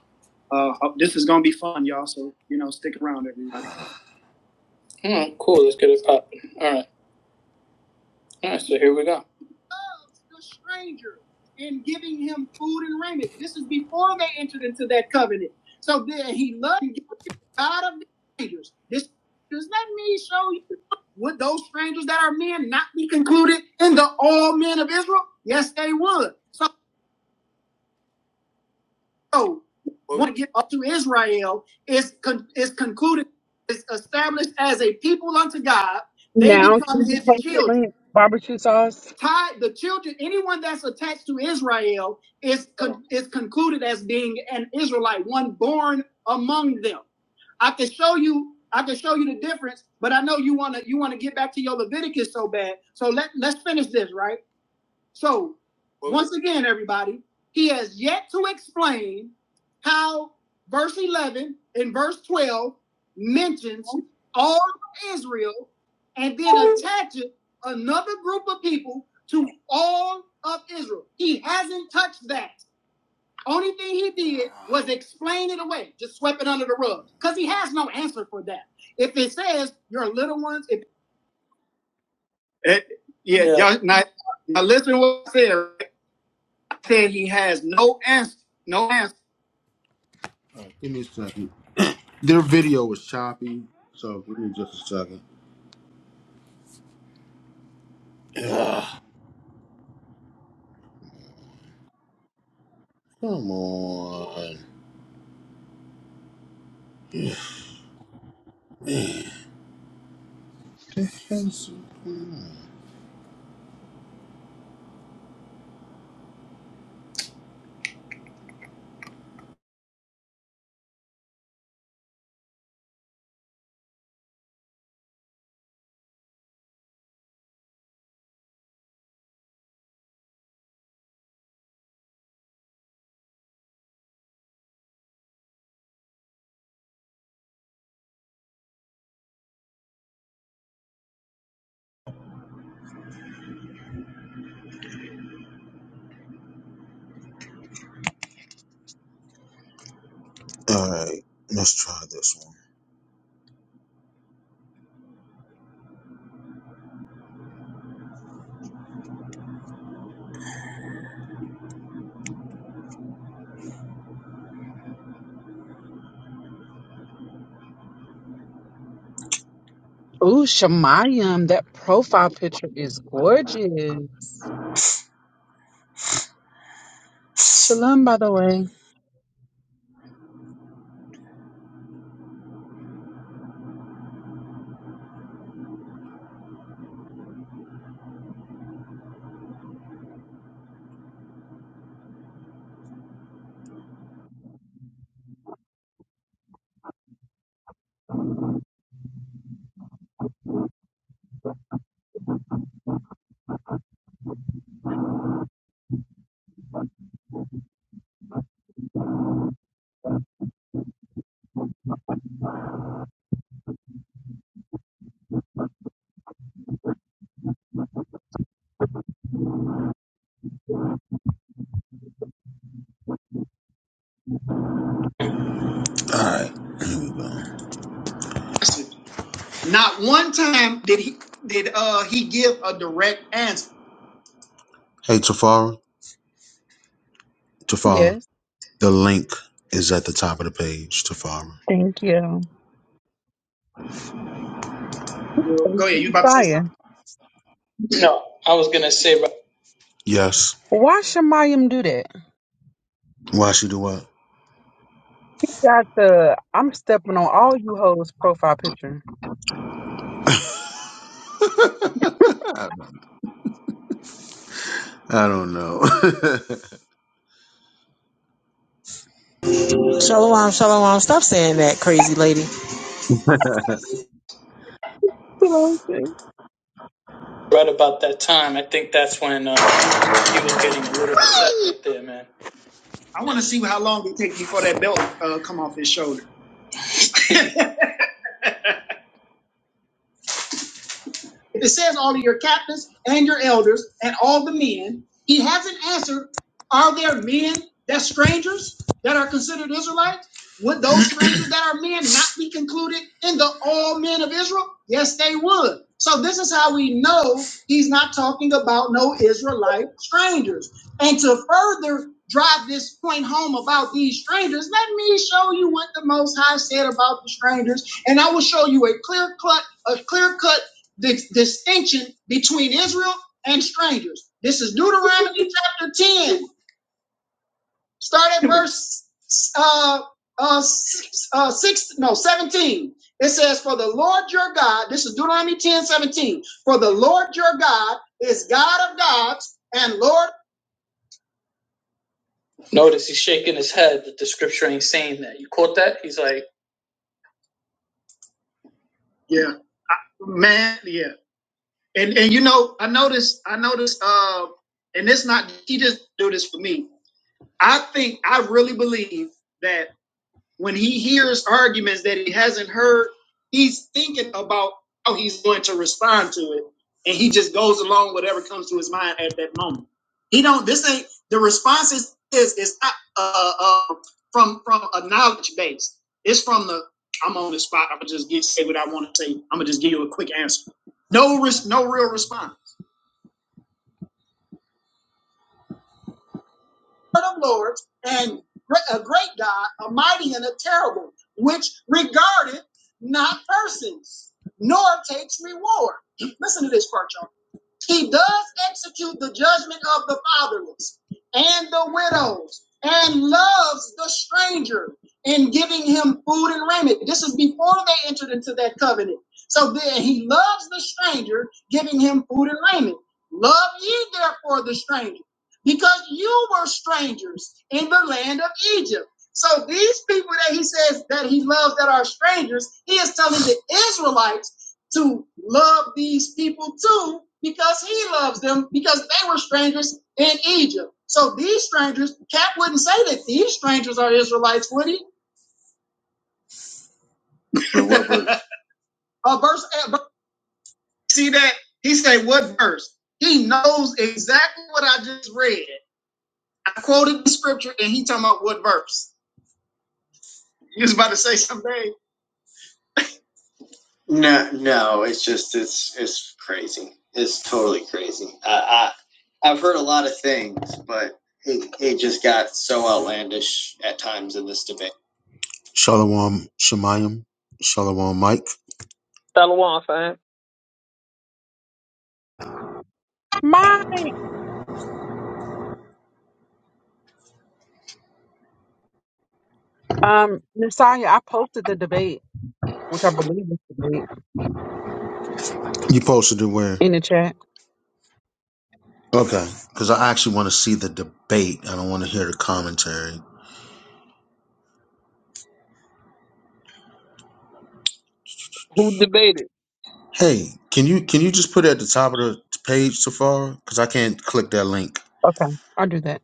A: uh, uh, this is gonna be fun, y'all. So you know, stick around, everybody. Mm, cool. Let's get it popping. All right. All right. So here we go. the stranger and giving him food and raiment. This is before they entered into that covenant. So then he loved and gave God of the strangers. This does let me show you. Would those strangers that are men not be concluded in the all men of Israel? Yes, they would. So, so want to get up to Israel is con- is concluded is established as a people unto God. They
D: Now,
A: become
D: can you
A: His
D: post the
A: children.
D: link? Barbecue sauce.
A: tied the children anyone that's attached to israel is con- is concluded as being an israelite one born among them i can show you i can show you the difference but i know you want to you want to get back to your leviticus so bad so let, let's finish this right so, well, once again, everybody, he has yet to explain how verse 11 and verse 12 mentions all of Israel and then attaches another group of people to all of Israel. He hasn't touched that. Only thing he did was explain it away, just swept it under the rug, because he has no answer for that. If it says your little ones, if yeah, yeah. All right, give me a second. Their video was choppy, so give me just a second. Ugh, come on.
H: All right, let's try this one.
D: Ooh, Shemayam, that profile picture is gorgeous. Shalom, by the way.
H: All right, here we go. Not one time did he did uh he give a direct answer. Hey, Tafara, Tafara,
D: Yes.
H: the link is at the top of the page, Tafara.
D: Thank you. Thank
H: Go
D: you,
H: ahead, you about to say
D: Messiah.
H: something? No, I was gonna say right Yes.
D: Why Shemayam do that?
H: Why she do what?
D: He got the I'm stepping on all you hoes profile picture.
H: I don't know.
I: Shalom, shalom. Stop saying that, crazy lady.
D: Hello, sis.
H: right about that time. I think that's when uh, he was getting a little upset right there, man. I want to see how long it takes before that belt uh, come off his shoulder. If it says all of your captains and your elders and all the men, he hasn't answered, are there men that strangers that are considered Israelites? Would those strangers that are men not be concluded in the all men of Israel? Yes, they would. So this is how we know he's not talking about no Israelite strangers. And to further drive this point home about these strangers, let me show you what the Most High said about the strangers, and I will show you a clear cut, a clear cut the distinction between Israel and strangers. This is Deuteronomy chapter 10, start at verse uh, uh, six, uh, six, no, 17. It says, For the Lord your God, this is Deuteronomy 10 17. For the Lord your God is God of gods and Lord. Notice he's shaking his head that the scripture ain't saying that. You quote that? He's like, Yeah, man, yeah. And and you know, I noticed, I noticed, uh, and it's not, he just do this for me I think I really believe that when he hears arguments that he hasn't heard, he's thinking about how he's going to respond to it, and he just goes along whatever comes to his mind at that moment. He don't. This ain't the response is is is not uh, uh from from a knowledge base. It's from the I'm on the spot. I'm gonna just get say what I want to say. I'm gonna just give you a quick answer. No risk, no real response. Lord of lords and a great God, a mighty and a terrible, which regardeth not persons, nor takes reward. Listen to this part, y'all. He does execute the judgment of the fatherless and the widows and loves the stranger in giving him food and raiment. This is before they entered into that covenant. So then he loves the stranger, giving him food and raiment. Love ye therefore the stranger, because you were strangers in the land of Egypt. So these people that he says that he loves that are strangers, he is telling the Israelites to love these people too because he loves them because they were strangers in Egypt. So these strangers, Cap wouldn't say that these strangers are Israelites, would he? verse? Uh, verse, uh, see that? He said, what verse? He knows exactly what I just read. I quoted the scripture and he talking about what verse. He was about to say something. No, no, it's just it's it's crazy. It's totally crazy. I, I I've heard a lot of things, but it, it just got so outlandish at times in this debate. Shalom Shemayim. Shalom Mike.
J: Shalom, fam.
D: Mine. Um, Nasaya, I posted the debate, which I believe is the debate,
H: You posted it where?
D: in the chat.
H: Okay. Because I actually want to see the debate. I don't want to hear the commentary.
J: Who debated?
H: Hey, can you can you just put it at the top of the page so far? Because I can't click that link.
D: Okay, I'll do that.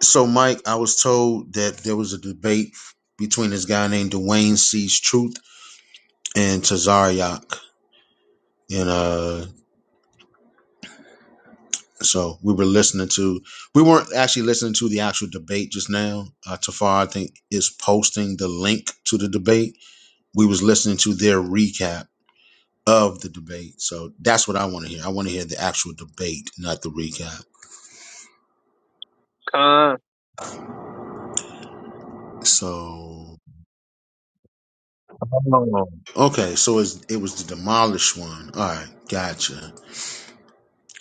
H: So, Mike, I was told that there was a debate between this guy named Dwayne C's Truth and Tazariak. And uh, so we were listening to, we weren't actually listening to the actual debate just now. Uh, Tafar, I think, is posting the link to the debate. We was listening to their recap of the debate. So that's what I want to hear. I want to hear the actual debate, not the recap.
J: Khan.
H: So, okay. So it's, it was the demolished one. All right. Gotcha.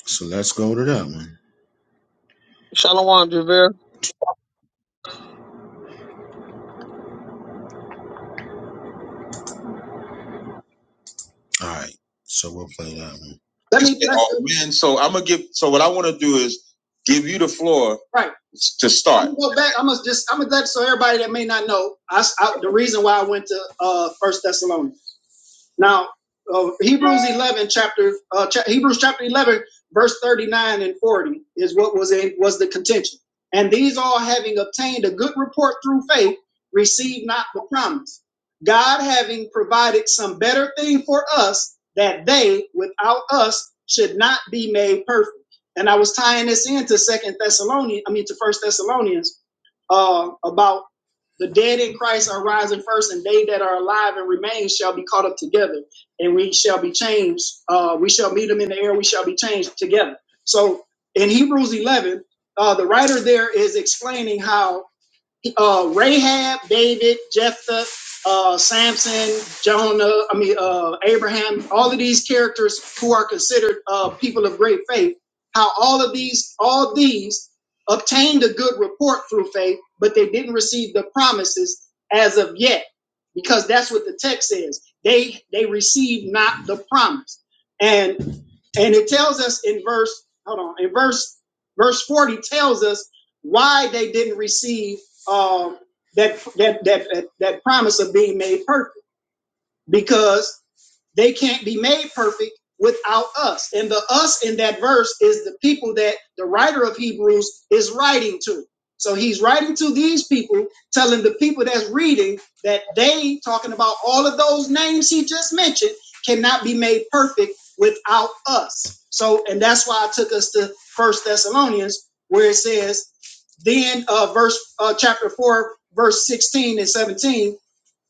H: So let's go to that one.
J: Shalom, Javier.
H: All right. So we'll play that one. Let me. Oh man, so I'm gonna give. So what I want to do is give you the floor. Right. To start. I'm gonna go back. I'm gonna just. I'm gonna let so everybody that may not know. I I the reason why I went to uh First Thessalonians. Now, uh, Hebrews 11 chapter uh, cha- Hebrews chapter 11 verse 39 and 40 is what was in was the contention. And these all having obtained a good report through faith, received not the promise. God having provided some better thing for us that they without us should not be made perfect. And I was tying this into Second Thessalonians, I mean to First Thessalonians, uh, about the dead in Christ are rising first, and they that are alive and remain shall be caught up together, and we shall be changed. Uh, we shall meet them in the air. We shall be changed together. So in Hebrews 11, uh, the writer there is explaining how uh, Rahab, David, Jephthah, uh, Samson, Jonah, I mean, uh, Abraham, all of these characters who are considered uh, people of great faith, how all of these, all these obtained a good report through faith, but they didn't receive the promises as of yet, because that's what the text says. They they received not the promise. And. And it tells us in verse, hold on, in verse verse 40 tells us why they didn't receive um, that, that that that that promise of being made perfect. Because they can't be made perfect without us. And the us in that verse is the people that the writer of Hebrews is writing to. So he's writing to these people, telling the people that's reading that they, talking about all of those names he just mentioned, cannot be made perfect without us. So, and that's why I took us to First Thessalonians, where it says, then uh, verse uh, chapter four, verse sixteen and seventeen.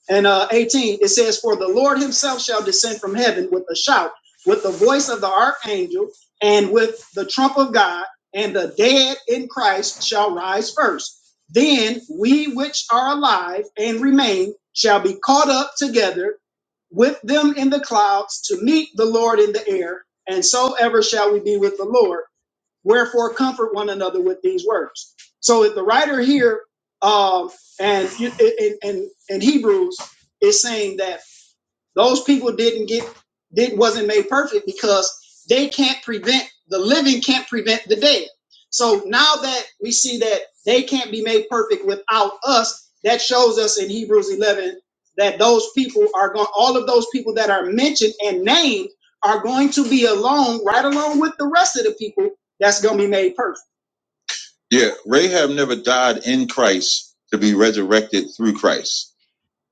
H: And uh, 18, it says, For the Lord himself shall descend from heaven with a shout, with the voice of the archangel, and with the trump of God, and the dead in Christ shall rise first. Then we which are alive and remain shall be caught up together with them in the clouds to meet the Lord in the air, and so ever shall we be with the Lord. Wherefore, comfort one another with these words. So, if the writer here um, and in, in, in Hebrews is saying that those people didn't get did wasn't made perfect because they can't prevent the living can't prevent the dead. So now that we see that they can't be made perfect without us, that shows us in Hebrews 11 that those people are going all of those people that are mentioned and named are going to be alone right along with the rest of the people that's going to be made perfect. Yeah, Rahab never died in Christ to be resurrected through Christ.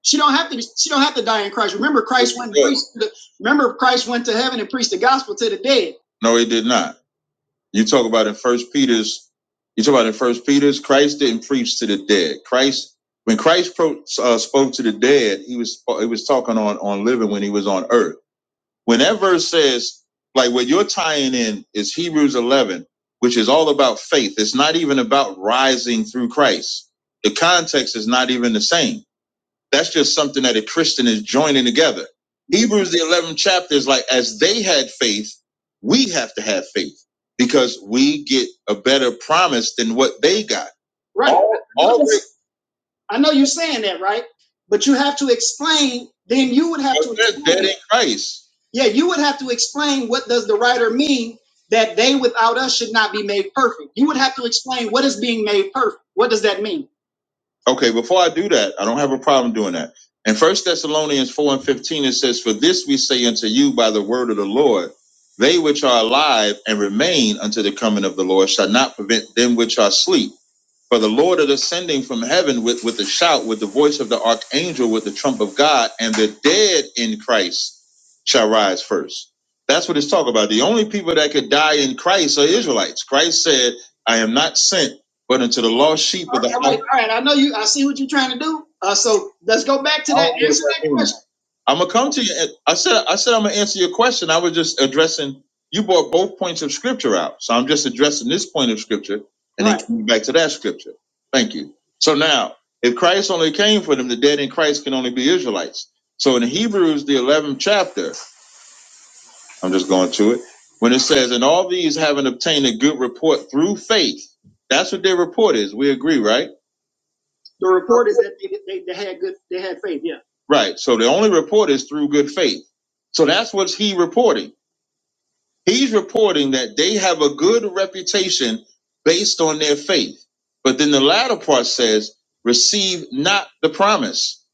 H: She don't have to. She don't have to die in Christ. Remember, Christ went. and preached remember, Christ went to heaven and preached the gospel to the dead. No, he did not. You talk about in First Peter's. You talk about in First Peter's. Christ didn't preach to the dead. Christ, when Christ pro, uh, spoke to the dead, he was he was talking on on living when he was on earth. When that verse says, like what you're tying in is Hebrews 11, which is all about faith. It's not even about rising through Christ. The context is not even the same. That's just something that a Christian is joining together. Hebrews the 11th chapter is like, as they had faith, we have to have faith because we get a better promise than what they got. Right. All, all I know you're saying that, right? But you have to explain. Then you would have to. That, explain- that ain't Christ. Yeah, you would have to explain what does the writer mean that they without us should not be made perfect. You would have to explain what is being made perfect. What does that mean? Okay, before I do that, I don't have a problem doing that. In First Thessalonians 4 and 15, it says, For this we say unto you by the word of the Lord, they which are alive and remain unto the coming of the Lord shall not prevent them which are asleep. For the Lord is ascending from heaven with, with a shout, with the voice of the archangel, with the trump of God, and the dead in Christ shall rise first. That's what it's talking about. The only people that could die in Christ are Israelites. Christ said, I am not sent but unto the lost sheep of right, the all right, house. right, all right. I know you. I see what you're trying to do. Uh, so let's go back to that. Answer that question. I'm gonna come to you. and- I said I said I'm gonna answer your question. I was just addressing you brought both points of scripture out. So I'm just addressing this point of scripture and right. he Right. came back to that scripture. Thank you. So now, if Christ only came for them, the dead in Christ can only be Israelites. So in Hebrews, the 11th chapter, I'm just going to it, when it says, and all these having obtained a good report through faith, that's what their report is. We agree, right? The report is that they, they, they had good, they had faith. Yeah. Right. So the only report is through good faith. So that's what he reporting. He's reporting that they have a good reputation based on their faith. But then the latter part says, receive not the promise.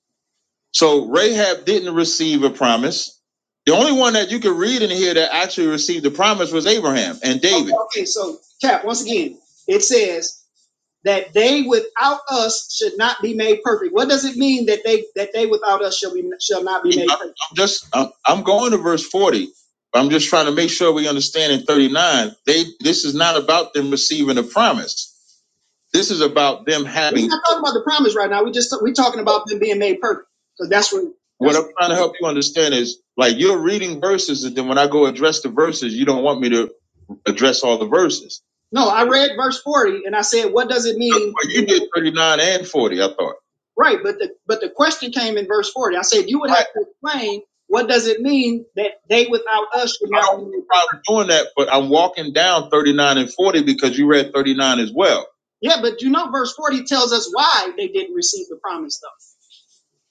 H: So Rahab didn't receive a promise. The only one that you could read in here that actually received the promise was Abraham and David. Okay, okay, so Cap, once again, it says that they without us should not be made perfect. What does it mean that they that they without us shall be shall not be made perfect? I'm just, I'm, I'm going to verse 40, but I'm just trying to make sure we understand in 39, they, this is not about them receiving a promise. This is about them having. We're not talking about the promise right now. We just we're talking about them being made perfect because that's what what I'm trying to help you understand is like you're reading verses and then when I go address the verses, you don't want me to address all the verses. No, I read verse 40 and I said, what does it mean? Well, you did 39 and 40, I thought. Right, but the but the question came in verse 40. I said, you would Right. have to explain what does it mean that they without us should I not I don't have a problem doing that, but I'm walking down 39 and 40 because you read 39 as well. Yeah, but you know verse 40 tells us why they didn't receive the promise though.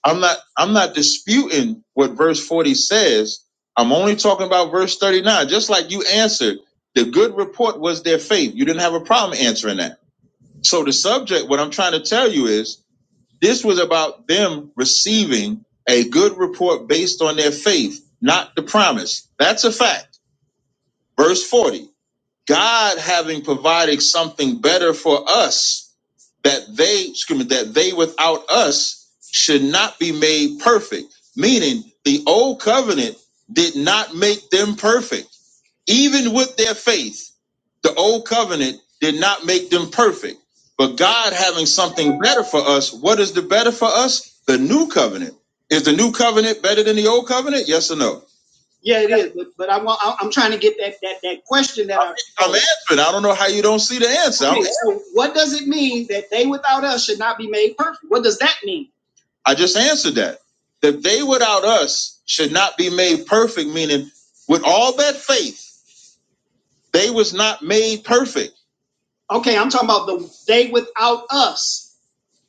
H: I'm not I'm not disputing what verse 40 says. I'm only talking about verse 39. Just like you answered, the good report was their faith. You didn't have a problem answering that. So the subject, what I'm trying to tell you is this was about them receiving a good report based on their faith, not the promise. That's a fact. Verse 40. God having provided something better for us that they excuse me, that they without us should not be made perfect. Meaning the old covenant did not make them perfect. Even with their faith, the old covenant did not make them perfect. But God having something better for us, what is the better for us? The new covenant. Is the new covenant better than the old covenant? Yes or no? Yeah, it is. But but I want I- am trying to get that that that question that I I'm answering. I don't know how you don't see the answer. okay. So what does it mean that they without us should not be made perfect? What does that mean? I just answered that. That they without us should not be made perfect, meaning with all that faith, they was not made perfect. Okay, I'm talking about the they without us.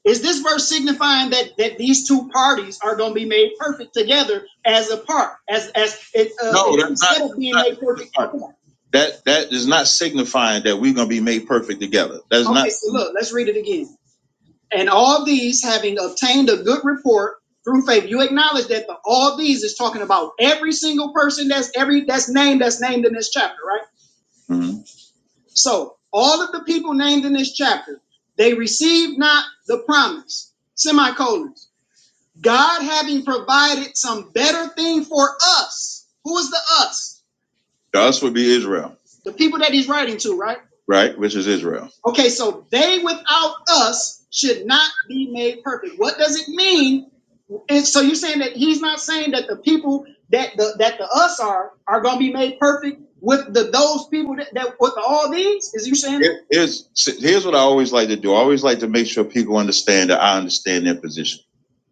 H: Is this verse signifying that that these two parties are going to be made perfect together as a part, as as it, uh, No, it- that's not, instead not, of being that's made perfect not apart? that that is not signifying that we're gonna be made perfect together. That's Okay, not so look, let's read it again. And all these having obtained a good report through faith, you acknowledge that the all these is talking about every single person that's every that's named that's named in this chapter, right? Mm-hmm. So all of the people named in this chapter, they received not the promise. Semicolons. God having provided some better thing for us. Who is the us? The us would be Israel. The people that he's writing to, right? Right, which is Israel. Okay, so they without us should not be made perfect. What does it mean and so you're saying that he's not saying that the people that the that the us are are gonna be made perfect with the those people that, that with all these? Is you saying that? Here- Here's here's what I always like to do. I always like to make sure people understand that I understand their position.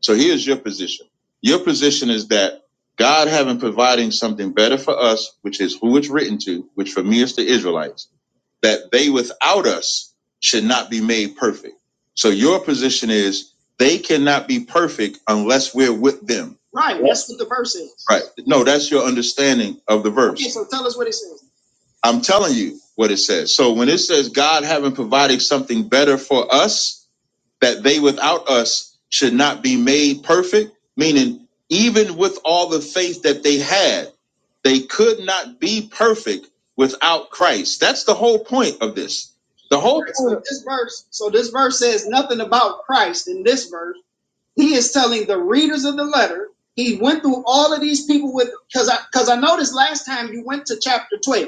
H: So here's your position. Your position is that God having providing something better for us, which is who it's written to, which for me is the Israelites that they without us should not be made perfect. So your position is they cannot be perfect unless we're with them. Right. That's what the verse is. Right. No, that's your understanding of the verse. Okay, so tell us what it says. I'm telling you what it says. So when it says God having provided something better for us, that they without us should not be made perfect, meaning even with all the faith that they had, they could not be perfect without Christ. That's the whole point of this. The whole Right. So this verse, so this verse says nothing about Christ in this verse. He is telling the readers of the letter. He went through all of these people with because I because I noticed last time you went to chapter 12.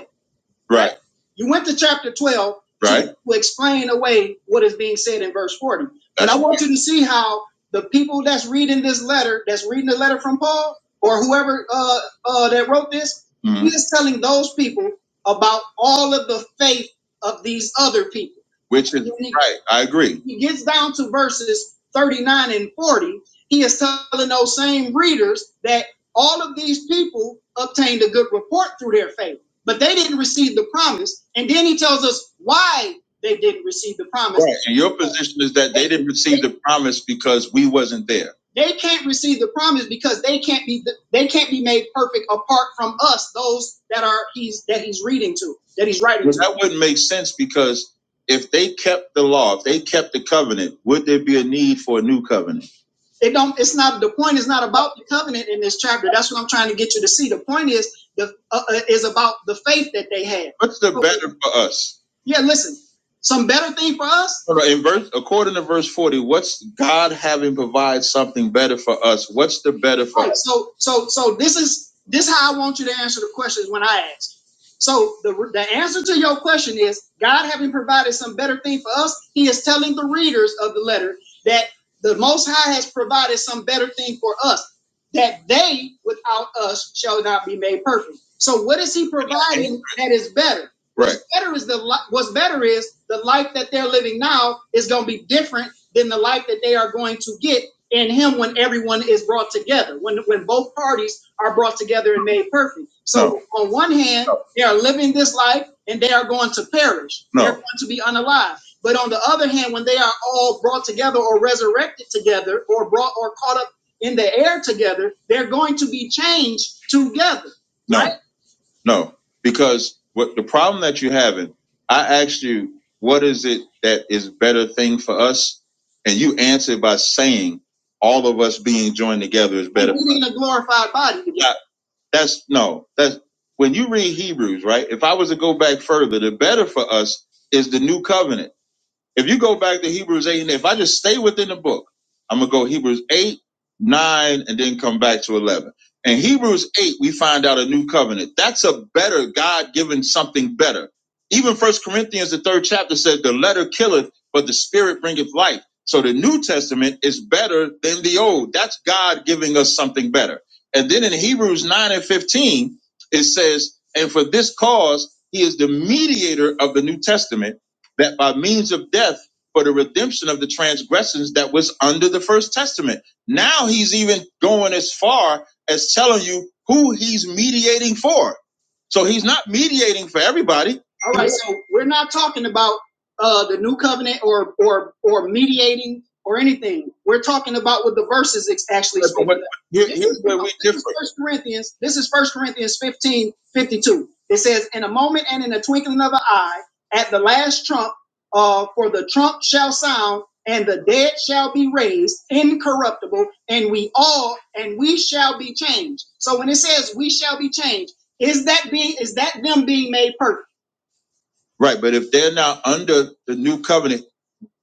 H: Right. Right? You went to chapter 12 Right. to to explain away what is being said in verse 40. But That's and I right. want you to see how the people that's reading this letter, that's reading the letter from Paul, or whoever uh, uh, that wrote this, Mhm. he is telling those people about all of the faith of these other people. which is he right. I agree. he gets down to verses 39 and 40, he is telling those same readers that all of these people obtained a good report through their faith but they didn't receive the promise. And then he tells us why they didn't receive the promise. Right. And your position is that they didn't receive the promise because we wasn't there. They can't receive the promise because they can't be they can't be made perfect apart from us, those that are he's that he's reading to, that he's writing Well, to. that wouldn't make sense because if they kept the law, if they kept the covenant, would there be a need for a new covenant? It don't. It's not. The point is not about the covenant in this chapter. That's what I'm trying to get you to see. The point is the uh, uh, is about the faith that they had. What's the So, better for us? yeah, listen. Some better thing for us. Hold In verse, according to verse forty, what's God having provided something better for us? What's the better for Right. us? So so so this is this how I want you to answer the questions when I ask. So the the answer to your question is God having provided some better thing for us. He is telling the readers of the letter that the Most High has provided some better thing for us, that they without us shall not be made perfect. So what is He providing that is better? Right. What's better is the li- what's better is the life that they're living now is going to be different than the life that they are going to get in Him when everyone is brought together, when when both parties are brought together and made perfect. So no. on one hand, No. they are living this life and they are going to perish. No. They're going to be unalive. But on the other hand, when they are all brought together or resurrected together or brought or caught up in the air together, they're going to be changed together. No, right? no, because what the problem that you're having, I asked you, what is it that is better thing for us? And you answered by saying all of us being joined together is better. We're in a glorified body. Yeah, that's no, that's when you read Hebrews, right? If I was to go back further, the better for us is the new covenant if you go back to Hebrews 8, and if I just stay within the book, I'm going to go Hebrews 8, 9, and then come back to 11. In Hebrews 8, we find out a new covenant. That's a better God given something better. Even First Corinthians, the third chapter says, The letter killeth, but the spirit bringeth life. So the New Testament is better than the old. That's God giving us something better. And then in Hebrews 9 and 15, it says, And for this cause, he is the mediator of the New Testament that by means of death for the redemption of the transgressions that was under the first testament. Now he's even going as far as telling you who he's mediating for. So he's not mediating for everybody. All right, so we're not talking about uh, the new covenant or or or mediating or anything. We're talking about what the verses ex- actually. But- but- but here- This here's is- where we this differ. is First Corinthians. This is First Corinthians 15 52. It says, "In a moment and in a twinkling of an eye." at the last trump, uh, for the trump shall sound, and the dead shall be raised incorruptible, and we all and we shall be changed. So when it says we shall be changed, is that being is that them being made perfect? Right, but if they're now under the new covenant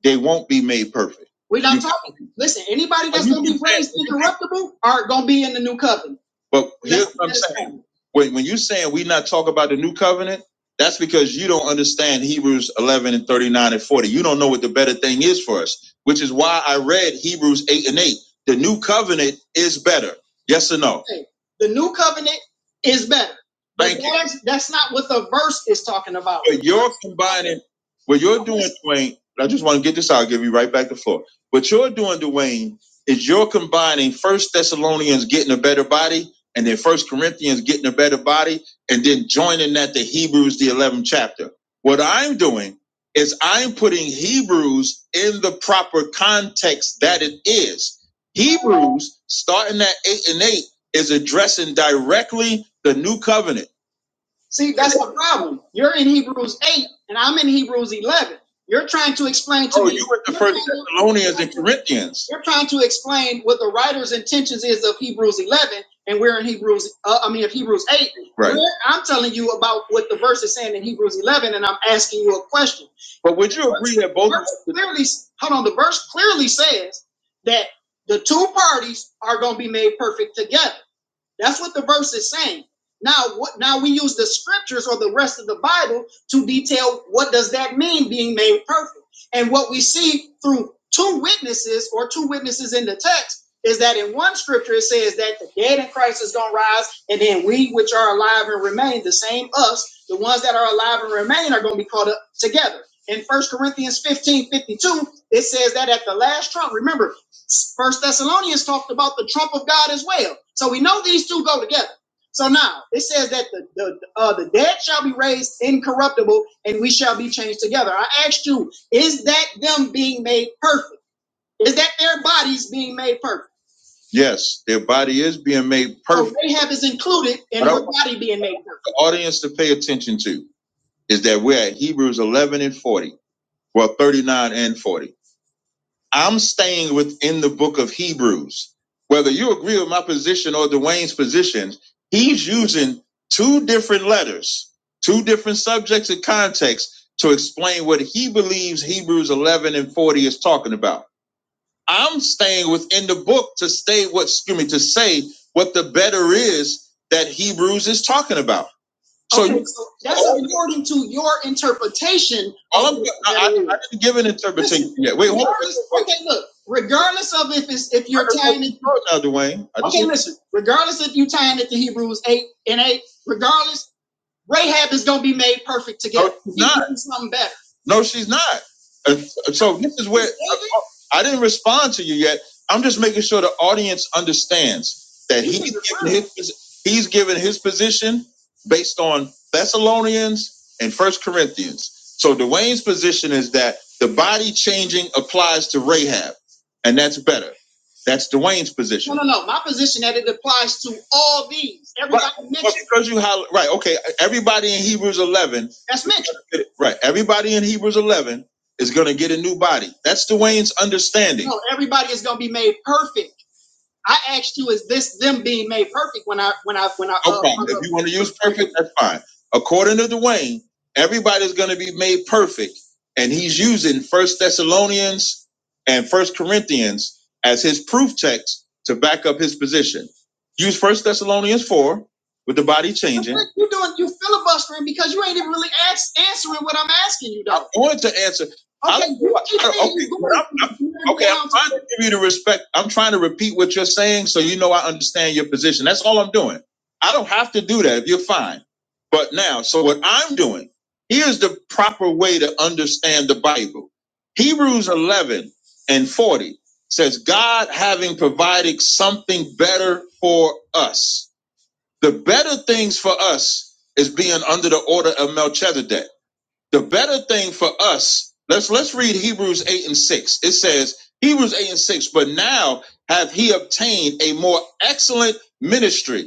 H: they won't be made perfect. We're not You- talking. Listen, anybody that's going to be raised incorruptible are going to be in the new covenant. But here's what I'm saying. When, when you're saying we not talk about the new covenant, that's because you don't understand Hebrews 11 and 39 and 40. You don't know what the better thing is for us, which is why I read Hebrews 8 and 8. The new covenant is better. Yes or no? Okay. The new covenant is better. Thank you. That's, that's not what the verse is talking about. But you're combining, what you're doing, Dwayne, but I just want to get this out. I'll give you right back the floor. What you're doing, Dwayne, is you're combining First Thessalonians getting a better body, and then First Corinthians getting a better body, and then joining that to Hebrews the 11th chapter. What I'm doing is I'm putting Hebrews in the proper context that it is. Hebrews, starting at eight and eight, is addressing directly the new covenant. See, that's the problem. You're in Hebrews 8 and I'm in Hebrews 11. You're trying to explain to Oh, me. you were the first Thessalonians and Corinthians. you're trying to explain what the writer's intentions is of Hebrews 11 and we're in Hebrews, uh, I mean, of Hebrews 8. Right. We're- I'm telling you about what the verse is saying in Hebrews 11 and I'm asking you a question. But would you agree that both of verse clearly, hold on, the verse clearly says that the two parties are going to be made perfect together. That's what the verse is saying. Now, what, now we use the scriptures or the rest of the Bible to detail what does that mean being made perfect. And what we see through two witnesses or two witnesses in the text is that in one scripture it says that the dead in Christ is going to rise, and then we which are alive and remain, the same us, the ones that are alive and remain are going to be caught up together. In First Corinthians 15 52, it says that at the last trump, remember, First Thessalonians talked about the trump of God as well. So we know these two go together. So now it says that the, the, uh, the dead shall be raised incorruptible and we shall be changed together. I asked you, is that them being made perfect? Is that their bodies being made perfect? Yes, their body is being made So perfect. So Rahab is included in her body being made perfect. the audience to pay attention to is that we're at Hebrews 11 and 40, well, 39 and 40. I'm staying within the book of Hebrews. Whether you agree with my position or Dwayne's position, he's using two different letters, two different subjects and contexts to explain what he believes Hebrews 11 and 40 is talking about. I'm staying within the book to stay what, excuse me, to say what the better is that Hebrews is talking about. So okay, so that's oh, according to your interpretation. All i I, I- I didn't give an interpretation yet. Wait, hold on. Okay, look. Regardless of if it's if you're tying it now, Dwayne. okay, listen. Regardless if you are tying it to Hebrews eight and eight, regardless Rahab is going to be made perfect No, together. she's She's not. something better. No, she's not. Uh, So this is where uh, I didn't respond to you yet. I'm just making sure the audience understands that he's given his he's given his position based on Thessalonians and First Corinthians. So Dwayne's position is that the body changing applies to Rahab, and that's better. That's Dwayne's No, position. no, no. no. My position that it applies to all these. Everybody But mentioned. Well, because you holler, right, okay, everybody in Hebrews 11, That's mentioned. right, everybody in Hebrews 11 is going to get a new body. That's Dwayne's understanding. No, everybody is going to be made perfect. I asked you, is this them being made perfect when I when I when I No uh, problem. hung If you want to use perfect, that's fine. According to Dwayne, everybody's going to be made perfect, and he's using First Thessalonians and First Corinthians as his proof text to back up his position. Use First Thessalonians four with the body changing. You're doing? You filibustering because you ain't even really ask, answering what I'm asking you, I though. I wanted to answer I Okay, you keep I saying okay, you're going I'm, I'm okay. I'm trying to give you the respect. I'm trying to repeat what you're saying, so you know I understand your position. That's all I'm doing. I don't have to do that if you're fine. But now, so what I'm doing here's the proper way to understand the Bible. Hebrews 11 and 40 says, "God having provided something better for us, the better things for us is being under the order of Melchizedek." The better thing for us, let's let's read Hebrews 8 and 6. It says, Hebrews 8 and 6, but now have he obtained a more excellent ministry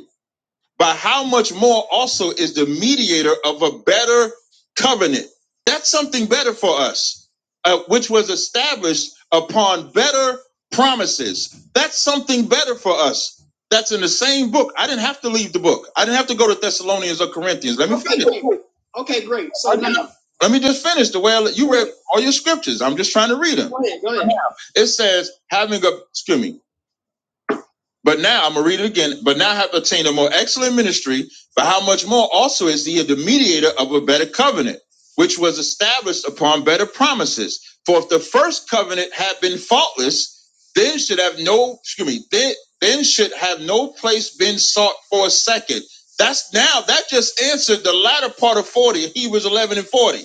H: by how much more also is the mediator of a better covenant. That's something better for us, uh, which was established upon better promises. That's something better for us. That's in the same book. I didn't have to leave the book. I didn't have to go to Thessalonians or Corinthians. Let me okay, finish. Great. Okay, great. So Okay. now, let me just finish the way I, you read all your scriptures. I'm just trying to read them. Go ahead, go ahead. It says, having a excuse me, but now I'm gonna read it again. But now have obtained a more excellent ministry. For how much more also is he the mediator of a better covenant, which was established upon better promises? For if the first covenant had been faultless, then should have no excuse me, then then should have no place been sought for a second. That's now that just answered the latter part of 40, Hebrews 11 and 40.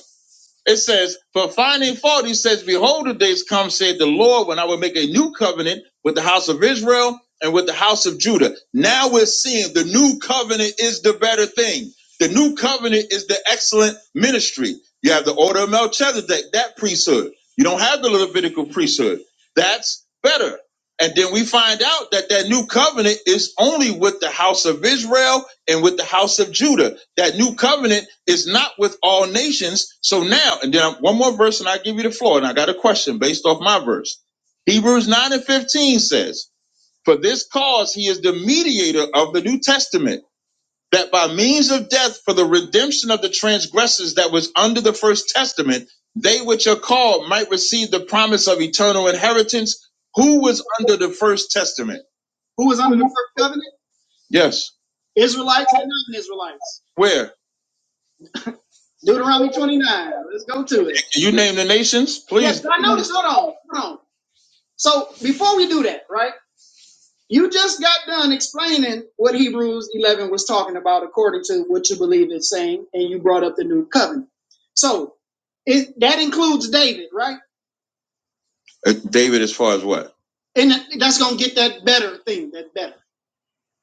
H: It says, for finding fault, he says, Behold, the days come, said the Lord, when I will make a new covenant with the house of Israel and with the house of Judah. Now we're seeing the new covenant is the better thing. The new covenant is the excellent ministry. You have the order of Melchizedek, that priesthood. You don't have the Levitical priesthood. That's better. And then we find out that that new covenant is only with the house of Israel and with the house of Judah. That new covenant is not with all nations. So now, and then I'm- one more verse, and I give you the floor. And I got a question based off my verse. Hebrews 9 and 15 says, For this cause he is the mediator of the New Testament that by means of death for the redemption of the transgressors that was under the first testament, they which are called might receive the promise of eternal inheritance. Who was under the first testament? Who was under the first covenant? Yes. Israelites and non Israelites. Where? Deuteronomy 29. Let's go to it. Can You name the nations, please. Yes, I know this. Hold on. Hold on. So before we do that, right? You just got done explaining what Hebrews 11 was talking about according to what you believe it's saying, and you brought up the new covenant. So it, that includes David, right? Uh, David, as far as what? And that's going to get that better thing, that better,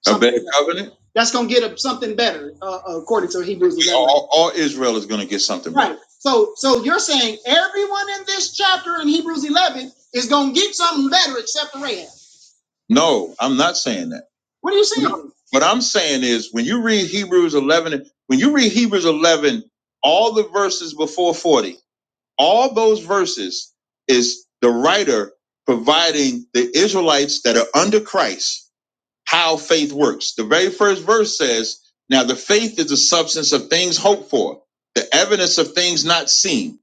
H: A better better. covenant? That's going to get a, something better uh, according to Hebrews 11. All, all Israel is going to get something better. Right. better. So so you're saying everyone in this chapter in Hebrews 11 is going to get something better except the Rahab. No, I'm not saying that. What are you saying? What I'm saying is when you read Hebrews 11, when you read Hebrews 11, all the verses before 40, all those verses is the writer providing the Israelites that are under Christ how faith works. The very first verse says, Now the faith is the substance of things hoped for, the evidence of things not seen.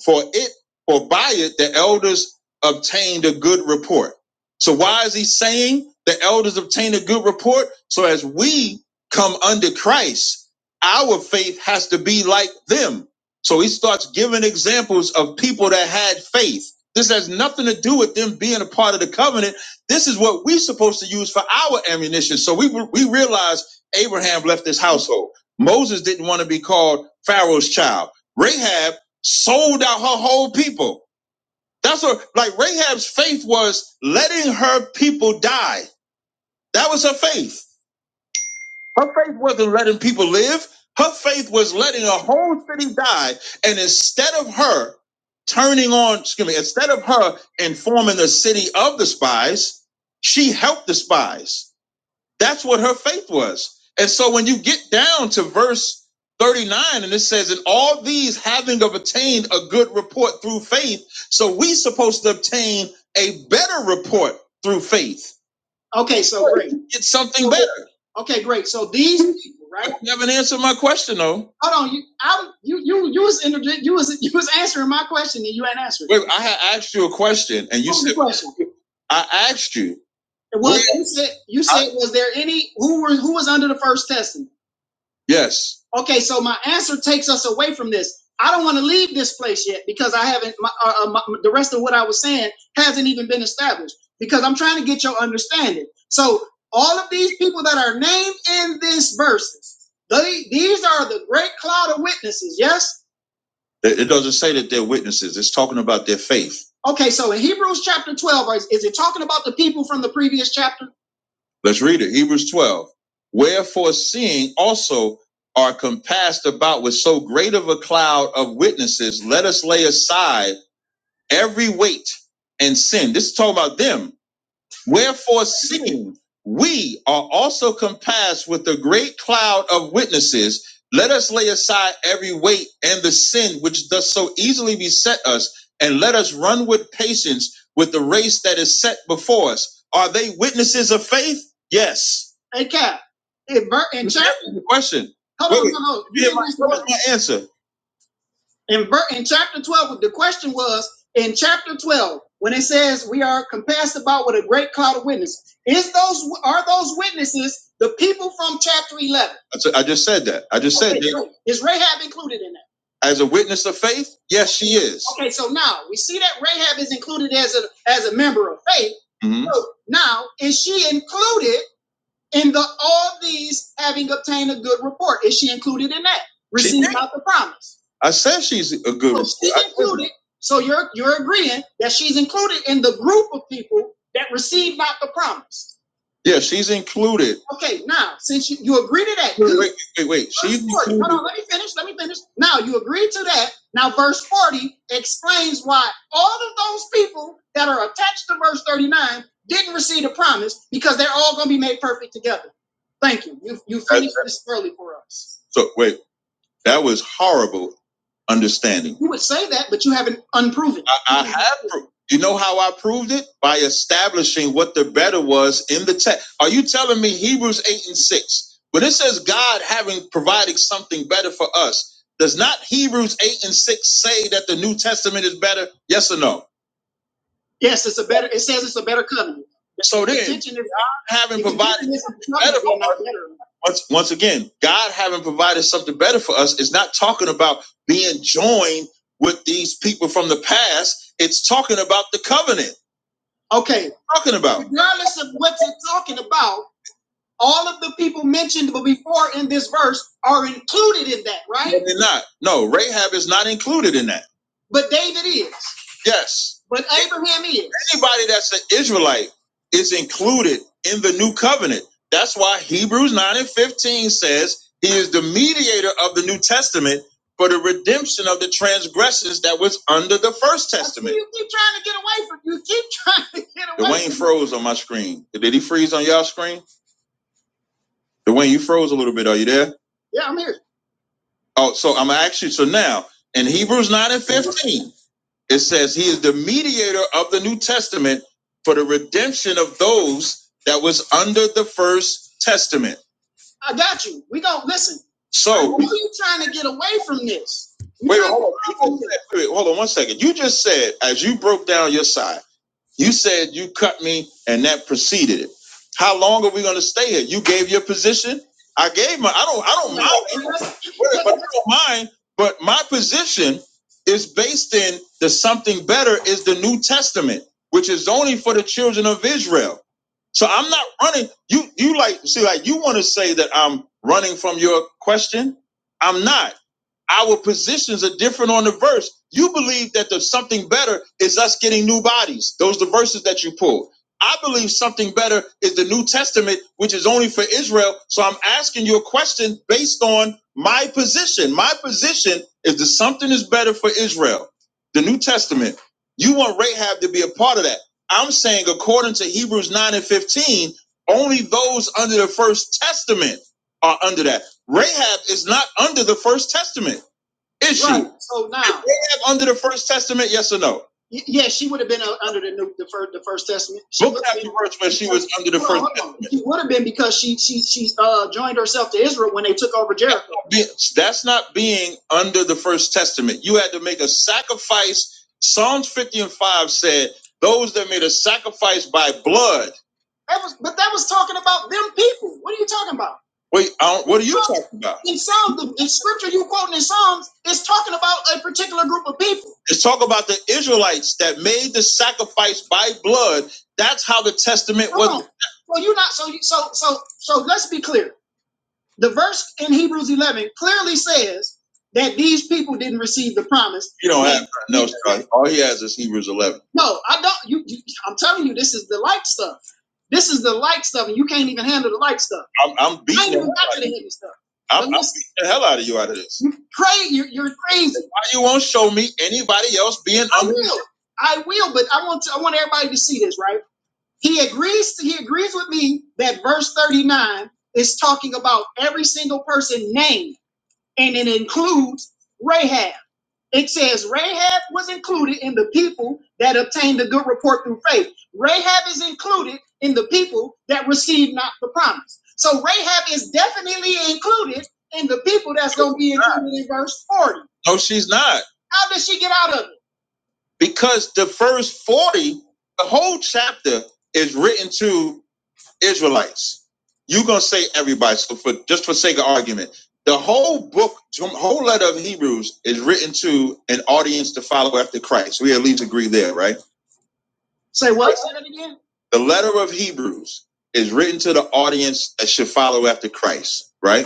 H: 20 for it for by it the elders obtained a good report so why is he saying the elders obtained a good report so as we come under christ our faith has to be like them so he starts giving examples of people that had faith this has nothing to do with them being a part of the covenant this is what we're supposed to use for our ammunition so we we realize abraham left his household moses didn't want to be called pharaoh's child rahab sold out her whole people. That's what, like, Rahab's faith was letting her people die. That was her faith. Her faith wasn't letting people live. Her faith was letting a whole city die. And instead of her turning on, excuse me, instead of her informing the city of the spies, she helped the spies. That's what her faith was. And so when you get down to verse 39, and it says, And all these having of attained a good report through faith, so we supposed to obtain a better report through faith. Okay, so great. It's something so, better. Okay, great. So these people, right? You haven't answered my question though. Hold on, you I, you you you was inter- you was you was answering my question and you ain't answering. Wait, I had asked you a question and you said question? I asked you. Was you said you said I, was there any who were who was under the first testament? Yes. Okay, so my answer takes us away from this. I don't want to leave this place yet because I haven't. My, uh, uh, my, the rest of what I was saying hasn't even been established because I'm trying to get your understanding. So all of these people that are named in this verses, they these are the great cloud of witnesses. Yes. It, it doesn't say that they're witnesses. It's talking about their faith. Okay, so in Hebrews chapter 12, is is it talking about the people from the previous chapter? Let's read it. Hebrews 12. Wherefore, seeing also are compassed about with so great of a cloud of witnesses, let us lay aside every weight and sin. This is talking about them Wherefore, seeing we are also compassed with a great cloud of witnesses, let us lay aside every weight and the sin which does so easily beset us, and let us run with patience with the race that is set before us. Are they witnesses of faith? Yes. Okay. In, in chapter- question. Hold on, Wait, wait. hold on. You didn't- what was my answer? In, in chapter 12, the question was in chapter 12, when it says we are compassed about with a great cloud of witnesses, is those are those witnesses the people from chapter 11? I just said that. I just said Okay, said that great. Rahab included in that? as a witness of faith, yes, she is. Okay, so now we see that Rahab is included as a as a member of faith. hmm So now is she included in the all these having obtained a good report. Is she included in that? Received not the promise. I said she's a good. So she's included. So you're you're agreeing that she's included in the group of people that received not the promise. Yeah, she's included. Okay, now since you, you agree to that, Wait, wait, wait. wait. She's included. Hold on, let me finish. Let me finish. Now you agree to that. Now verse 40 explains why all of those people that are attached to verse 39 didn't receive the promise because they're all going to be made perfect together. Thank you. You, you finished this early for us. so wait, that was horrible understanding. You would say that, but you haven't unproven. it. I, I have. pro- You know how I proved it by establishing what the better was in the text. Are you telling me Hebrews eight and six, when it says God having provided something better for us, does not Hebrews eight and six say that the New Testament is better? Yes or no? Yes, it's a better. It says it's a better covenant. So The then, is God having provided better for no us, once, once again, God having provided something better for us is not talking about being joined with these people from the past. It's talking about the covenant. Okay, Talking about regardless of what you're talking about, all of the people mentioned before in this verse are included in that, right? No, they're not. No, Rahab is not included in that. But David is. Yes. But Abraham is. Anybody that's an Israelite is included in the new covenant. That's why Hebrews 9 and 15 says he is the mediator of the New Testament for the redemption of the transgressions that was under the first testament. You keep trying to get away from you keep trying to get away. Dwayne from- froze on my screen. Did he freeze on y'all screen? Dwayne, you froze a little bit. Are you there? Yeah, I'm here. Oh, so I'm actually so now in Hebrews 9 and 15, it says he is the mediator of the New Testament for the redemption of those that was under the first testament. I got you. We don't listen. So Why are you trying to get away from this? wait, hold on. wait, hold on one second. You just said as you broke down your side. You said you cut me and that preceded it. How long are we gonna stay here? You gave your position. I gave my, I don't, I don't mind. But I don't mind, but my position is based in the something better is the New Testament, which is only for the children of Israel. So I'm not running, you, you like, see, like you wanna say that I'm running from your question? I'm not. Our positions are different on the verse. You believe that the something better is us getting new bodies. Those are the verses that you pulled. I believe something better is the New Testament, which is only for Israel. So I'm asking you a question based on my position. My position is that something is better for Israel, the New Testament. You want Rahab to be a part of that. I'm saying, according to Hebrews 9 and 15, only those under the First Testament are under that. Rahab is not under the First Testament, is she? Right. So Is now, is Rahab under the First Testament, yes or no? y- yeah, she would have been uh, under the new, the first, the first testament. She Book would have chapter verse where she was under the hold First Testament. She would have been because she she she uh joined herself to Israel when they took over Jericho. That's not being under the First Testament. You had to make a sacrifice. Psalms 50 and 5 said, Those that made a sacrifice by blood. That was, but that was talking about them people. What are you talking about? Wait, I don't, what are you so, talking about? In Psalms, the, the scripture you quoting in Psalms is talking about a particular group of people. It's talk about the Israelites that made the sacrifice by blood. That's how the testament Come was. on. Well, you're not. So, so, so, so. Let's be clear. The verse in Hebrews 11 clearly says that these people didn't receive the promise. You don't They- have nothing All he has is Hebrews 11. no, I don't. You, you, I'm telling you, this is the light stuff. This is the light stuff, and you can't even handle the light stuff. I'm, I'm beating I ain't beating, even got to the heavy stuff. I'm, I'm beating the hell out of you out of this. you crazy. You're, you're crazy. Why you won't show me anybody else being I will. I will, but I want to, I want everybody to see this, right? He agrees to he agrees with me that verse 39 is talking about every single person named and it includes Rahab. It says Rahab was included in the people that obtained a good report through faith. Rahab is included in the people that received not the promise. So Rahab is definitely included in the people that's going to be included in verse 40. No, she's not. How did she get out of it? Because the first 40, the whole chapter is written to Israelites. You're gonna say everybody. So for just for sake of argument, the whole book, the whole letter of Hebrews is written to an audience to follow after Christ. We at least agree there, right? Say what? Say that again. The letter of Hebrews is written to the audience that should follow after Christ, right?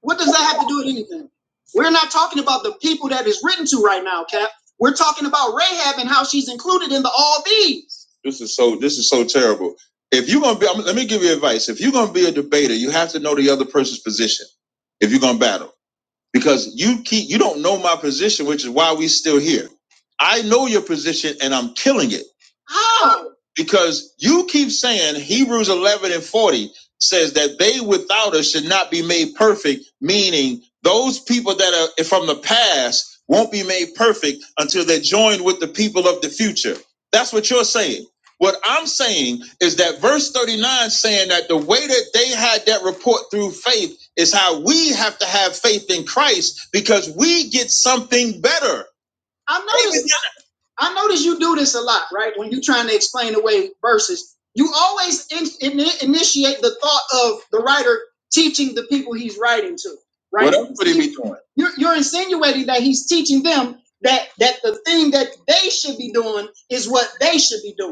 H: What does that have to do with anything? We're not talking about the people that is written to right now, Cap. We're talking about Rahab and how she's included in the all these. This is so. This is so terrible. If you're gonna be, let me give you advice. If you're gonna be a debater, you have to know the other person's position. If you're gonna battle because you keep you don't know my position, which is why we still here. I know your position, and I'm killing it. How? Because you keep saying Hebrews 11 and 40 says that they without us should not be made perfect, meaning those people that are from the past won't be made perfect until they're joined with the people of the future. That's what you're saying. What I'm saying is that verse 39 saying that the way that they had that report through faith it's how we have to have faith in Christ because we get something better. I notice, I notice you do this a lot, right? When you're trying to explain away verses, you always in, in- initiate the thought of the writer teaching the people he's writing to, right? What else would he be doing? You're, you're insinuating that he's teaching them that that the thing that they should be doing is what they should be doing.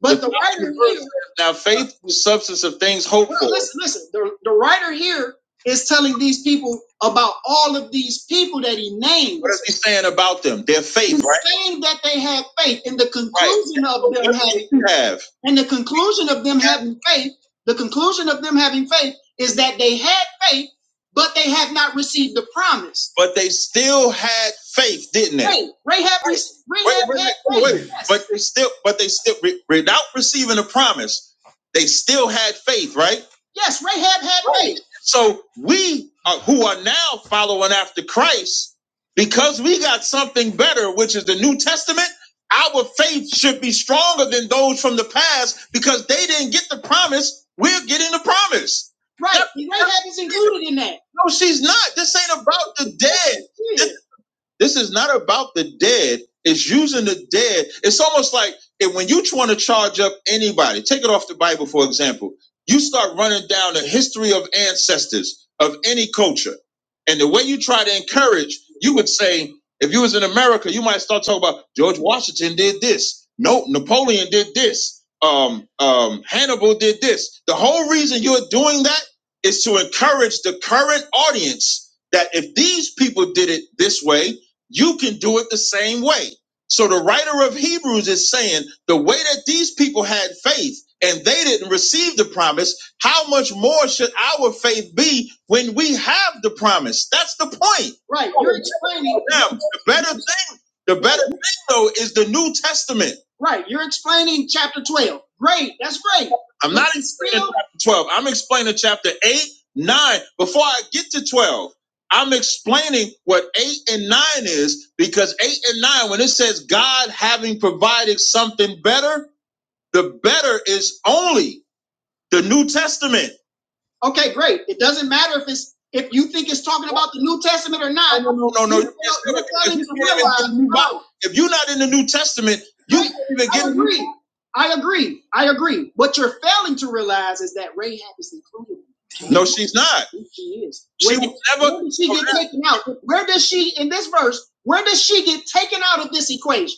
H: But the the writer here. Now faith is substance of things hoped Well, for. Well, Listen, listen. The, the writer here is telling these people about all of these people that he names. What is he saying about them? Their faith, He's right? He's Saying that they had faith, and the conclusion Right. of them having did have. And the conclusion of them yeah. having faith. The conclusion of them having faith is that they had faith but they had not received the promise. But they still had faith, didn't they? Faith. Rahab, re- Rahab wait, wait, had wait, faith. wait. yes. But they still, but they still, without receiving the promise, they still had faith, right? Yes, Rahab had Right. faith. So we are, who are now following after Christ, because we got something better, which is the New Testament. Our faith should be stronger than those from the past because they didn't get the promise. We're getting the promise. Right. Rahab is included in that. No, she's not. This ain't about the dead. This is not about the dead. It's using the dead. It's almost like if when you want to charge up anybody, take it off the Bible, for example, you start running down the history of ancestors of any culture. And the way you try to encourage, you would say, if you was in America, you might start talking about George Washington did this. No, Napoleon did this. Um, um, Hannibal did this. The whole reason you're doing that is to encourage the current audience that if these people did it this way, you can do it the same way. So the writer of Hebrews is saying the way that these people had faith and they didn't receive the promise, how much more should our faith be when we have the promise? That's the point. Right. You're explaining now the better thing, the better thing though is the New Testament. Right. You're explaining chapter 12. Great. That's great. I'm not explaining chapter 12. I'm explaining chapter 8, 9, before I get to 12. I'm explaining what eight and nine is because eight and nine, when it says God having provided something better, the better is only the New Testament. Okay, great. It doesn't matter if it's if you think it's talking about the New Testament or not. No, no, no, no. You're, you are you are If failing you to realize, if you're not in the New Testament, you Right? can't even get. I agree. I agree. I agree. What you're failing to realize is that Rahab is included. No, she's not. She is. She was never. where did she get taken out? Where does she in this verse? Where does she get taken out of this equation?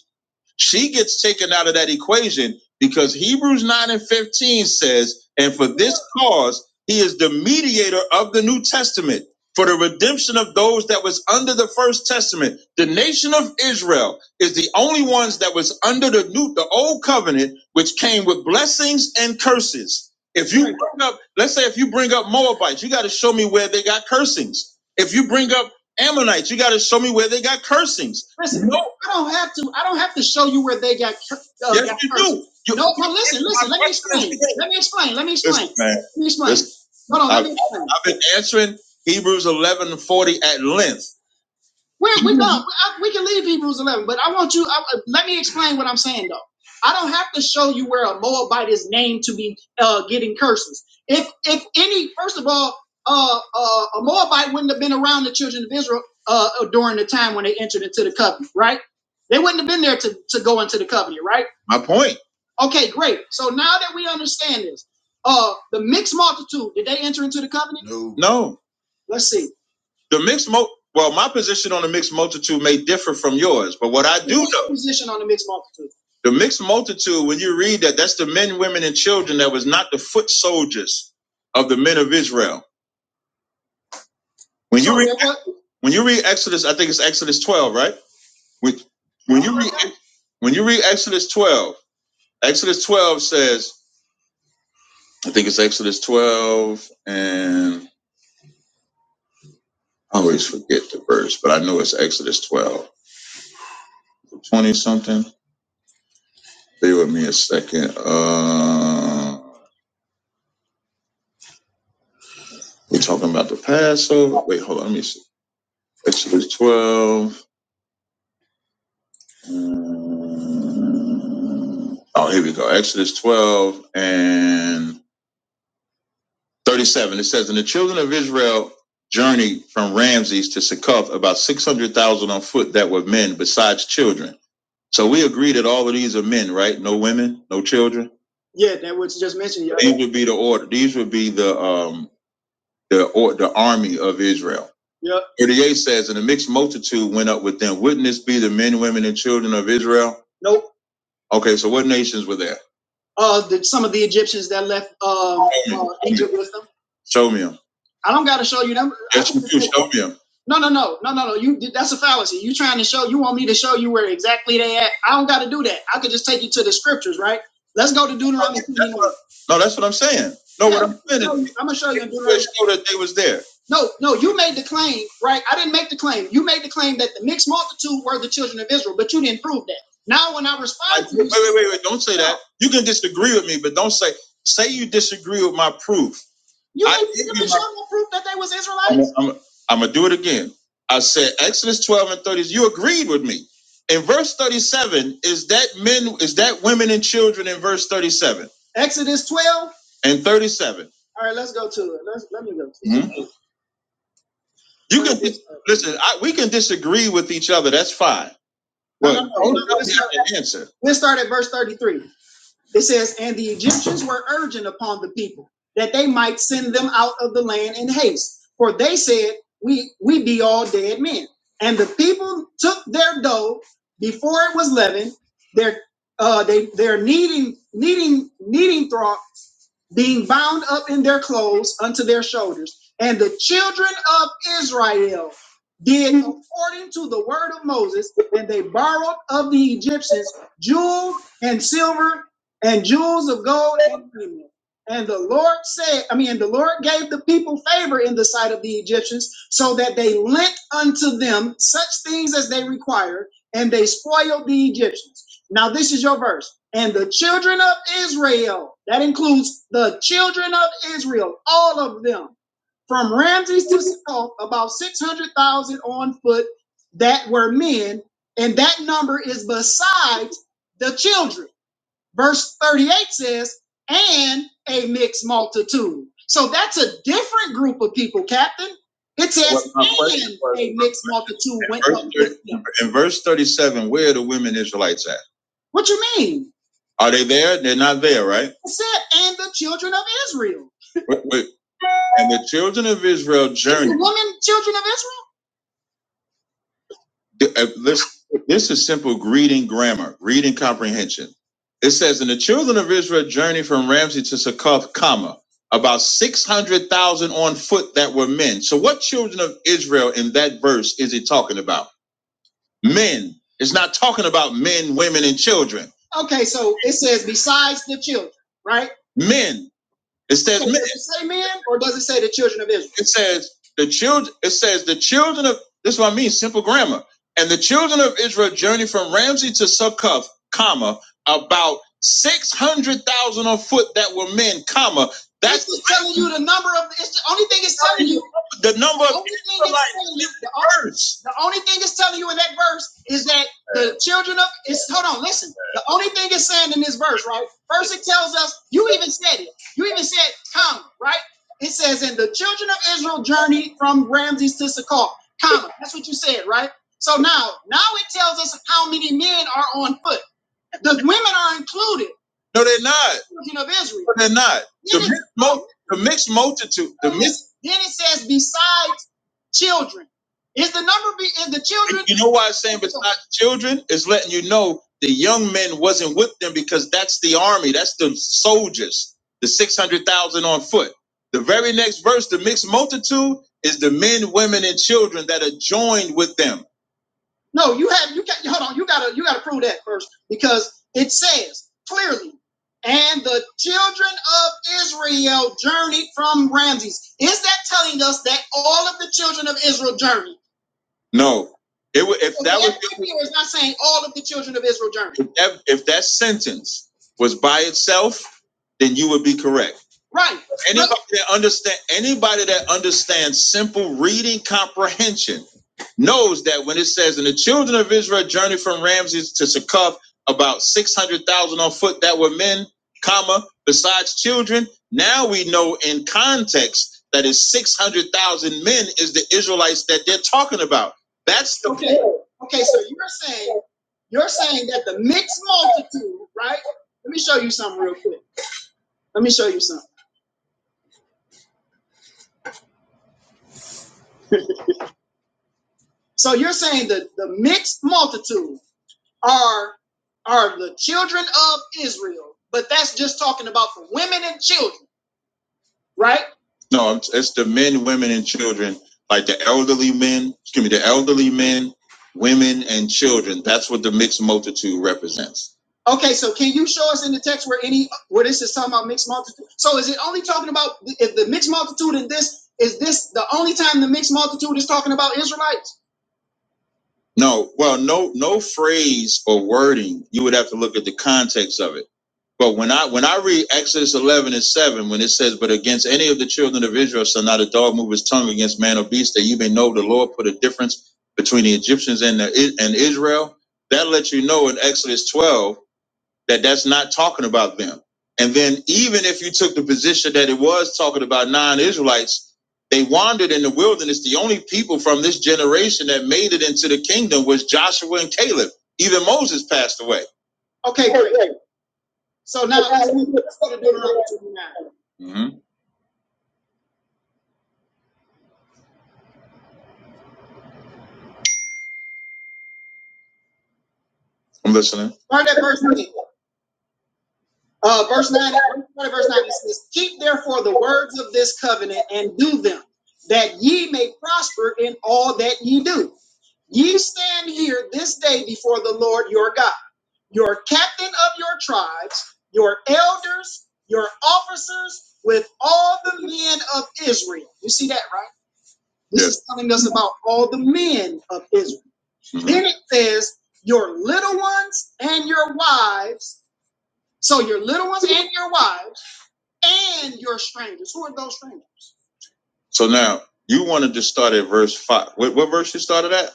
H: She gets taken out of that equation because Hebrews 9 and 15 says, And for this cause, he is the mediator of the New Testament for the redemption of those that was under the first testament. The nation of Israel is the only ones that was under the new, the old covenant, which came with blessings and curses. If you bring up, let's say if you bring up Moabites, you got to show me where they got cursings. If you bring up Ammonites, you got to show me where they got cursings Listen, no, I don't have to. I don't have to show you where they got. Uh, Yes, got you cursed. do. You, No, you no, listen, listen. Let me explain. Let me explain. Let me explain. Listen, man. Let me explain. Listen, Hold on. I, Let I've, me explain. I've been answering Hebrews eleven and forty at length. We're, we're not, I- we can leave Hebrews 11, but I want you, I- uh, let me explain what I'm saying though. I don't have to show you where a Moabite is named to be uh, getting curses. If if any, first of all, uh, uh, a Moabite wouldn't have been around the children of Israel uh, during the time when they entered into the covenant, right? They wouldn't have been there to, to go into the covenant, right? My point. Okay, great. So now that we understand this, uh, the mixed multitude, did they enter into the covenant? No. No. Let's see. The mixed mo well, my position on the mixed multitude may differ from yours, but what I do What's know your position on the mixed multitude. The mixed multitude, when you read that, that's the men, women, and children that was not the foot soldiers of the men of Israel. When you So read they what? when you read Exodus, I think it's Exodus 12, right? When, when you read when you read Exodus 12, Exodus 12 says, I think it's Exodus 12 and I always forget the verse, but I know it's Exodus 12 20 something. Stay with me a second. Uh, we're talking about the Passover. Wait, hold on. Let me see. Exodus 12. Mm, Oh, here we go. Exodus 12 and 37. It says, And the children of Israel journeyed from Ramses to Succoth, about 600,000 on foot that were men besides children. So we agree that all of these are men, right? No women, no children. Yeah, that what you just mentioned. Yeah. These would be the order. These would be the um the or the army of Israel. Yep. 38 says, and a mixed multitude went up with them. Wouldn't this be the men, women, and children of Israel? Nope. Okay, so what nations were there? uh, the, some of the Egyptians that left uh, uh, Egypt with them. Show me them. I don't got to show you them. Yes, you do. Show me them. No, no, no, no, no, no. You that's a fallacy. You trying to show you want me to show you where exactly they at. I don't got to do that. I could just take you to the scriptures, right? Let's go to Deuteronomy. Okay, That's what, no, that's what I'm saying. No, yeah, what I'm saying I'm is, gonna show you in you Deuteronomy. show that they was there. No, no, you made the claim, right? I didn't make the claim. You made the claim that the mixed multitude were the children of Israel, but you didn't prove that. Now, when I I- respond I, to Wait, you, wait, wait, wait! wait, Don't say no, that. You can disagree with me, but don't say say you disagree with my proof. You ain't even you showing no proof that they was Israelites. I'm, I'm, I'm gonna do it again. I said Exodus 12 and 30. You agreed with me. In verse 37, is that men? Is that women and children? In verse 37. Exodus 12 and 37. All right, let's go to it. Let's let me go. To it. Mhm. You can dis- listen. I, we can disagree with each other. That's fine. No, no, no, But- no, no, let's start- Answer. Let's start at verse 33. It says, And the Egyptians were urgent upon the people that they might send them out of the land in haste. For they said, We we be all dead men. And the people took their dough before it was leavened, their uh they their kneading kneading kneading trough being bound up in their clothes unto their shoulders. And the children of Israel did according to the word of Moses, and they borrowed of the Egyptians jewel and silver and jewels of gold and premium. And the Lord said, I mean, the Lord gave the people favor in the sight of the Egyptians, so that they lent unto them such things as they required, and they spoiled the Egyptians. Now, this is your verse. And the children of Israel, that includes the children of Israel, all of them, from Ramses to Succoth, about 600,000 on foot that were men. And that number is besides the children. Verse 38 says, and a mixed multitude. So that's a different group of people, Captain. It Well, says, my and a mixed multitude went up with them. in verse 37, where are the women Israelites at? What you mean? Are they there? They're not there, right? It said, and the children of Israel. Wait, wait. And the children of Israel journey. Women, children of Israel. The- uh, This, this is simple reading grammar, reading comprehension. It says, and the children of Israel journey from Ramses to Succoth, comma, about 600,000 on foot that were men. So what children of Israel in that verse is he talking about? Men. It's not talking about men, women, and children. Okay, so it says besides the children, right? Men. It says men. Does it say men or does it say the children of Israel? it says the children it says the children of this is what I mean, simple grammar. And the children of Israel journeyed from Ramsey to Succoth, comma, about six hundred thousand on foot that were men, comma. That's It's telling you the number of. It's the only thing it's telling you. the number The of only thing it's telling you. The only, the only thing it's telling you in that verse is that the children of. It's hold on, listen. The only thing it's saying in this verse, right? First, it tells us. You even said it. You even said comma, right? It says, and the children of Israel journeyed from Ramses to Succoth, comma. That's what you said, right? So now, now it tells us how many men are on foot. The women are included, No, they're not. The children of Israel. No, they're not. The mixed, mul- the mixed multitude, the mixed then it says, besides Children. Is the number be is the children? You know why I'm saying it's not children? It's letting you know the young men wasn't with them because that's the army, that's the soldiers, the 600,000 on foot. The very next verse, the mixed multitude, is the men, women, and children that are joined with them. No, you have you got hold on, you gotta you gotta prove that first because it says clearly, and the children of Israel journeyed from Ramses. Is that telling us that all of the children of Israel journeyed? No. It wa- if so that was is not saying all of the children of Israel journey. if that, if that sentence was by itself, then you would be correct. Right. Anybody Look. that understand anybody that understands simple reading comprehension knows that when it says, "And the children of Israel journeyed from Ramses to Succoth, about six hundred thousand on foot that were men, comma besides children." Now we know in context that is six hundred thousand men is the Israelites that they're talking about. That's the okay. Okay, so you're saying you're saying that the mixed multitude, right? Let me show you something real quick. Let me show you something. So you're saying that the mixed multitude are are the children of Israel, but that's just talking about the women and children. right? No, it's, it's the men, women, and children. Like the elderly men, excuse me, the elderly men, women, and children. That's what the mixed multitude represents. Okay, so can you show us in the text where any where this is talking about mixed multitude? So is it only talking about if the mixed multitude in this is this the only time the mixed multitude is talking about Israelites? No, well, no, no phrase or wording. You would have to look at the context of it. But when I when I read Exodus eleven and seven, when it says, "But against any of the children of Israel shall not a dog move his tongue against man or beast, that you may know the Lord put a difference between the Egyptians and the, and Israel," that lets you know in Exodus twelve that that's not talking about them. And then even if you took the position that it was talking about non-Israelites, they wandered in the wilderness. The only people from this generation that made it into the kingdom was Joshua and Caleb. Even Moses passed away. Okay, great. So now let's, go to Deuteronomy 29. hmm I'm listening. Start at verse 9. Uh, verse 9, start at verse 9, it says, Keep therefore the words of this covenant and do them, that ye may prosper in all that ye do. Ye stand here this day before the Lord your God, your captain of your tribes, your elders, your officers, with all the men of Israel. You see that, right? This Yes. is telling us about all the men of Israel. Then it says your little ones and your wives. So your little ones and your wives and your strangers. Who are those strangers? So now you wanted to start at verse five. What, what verse you started at?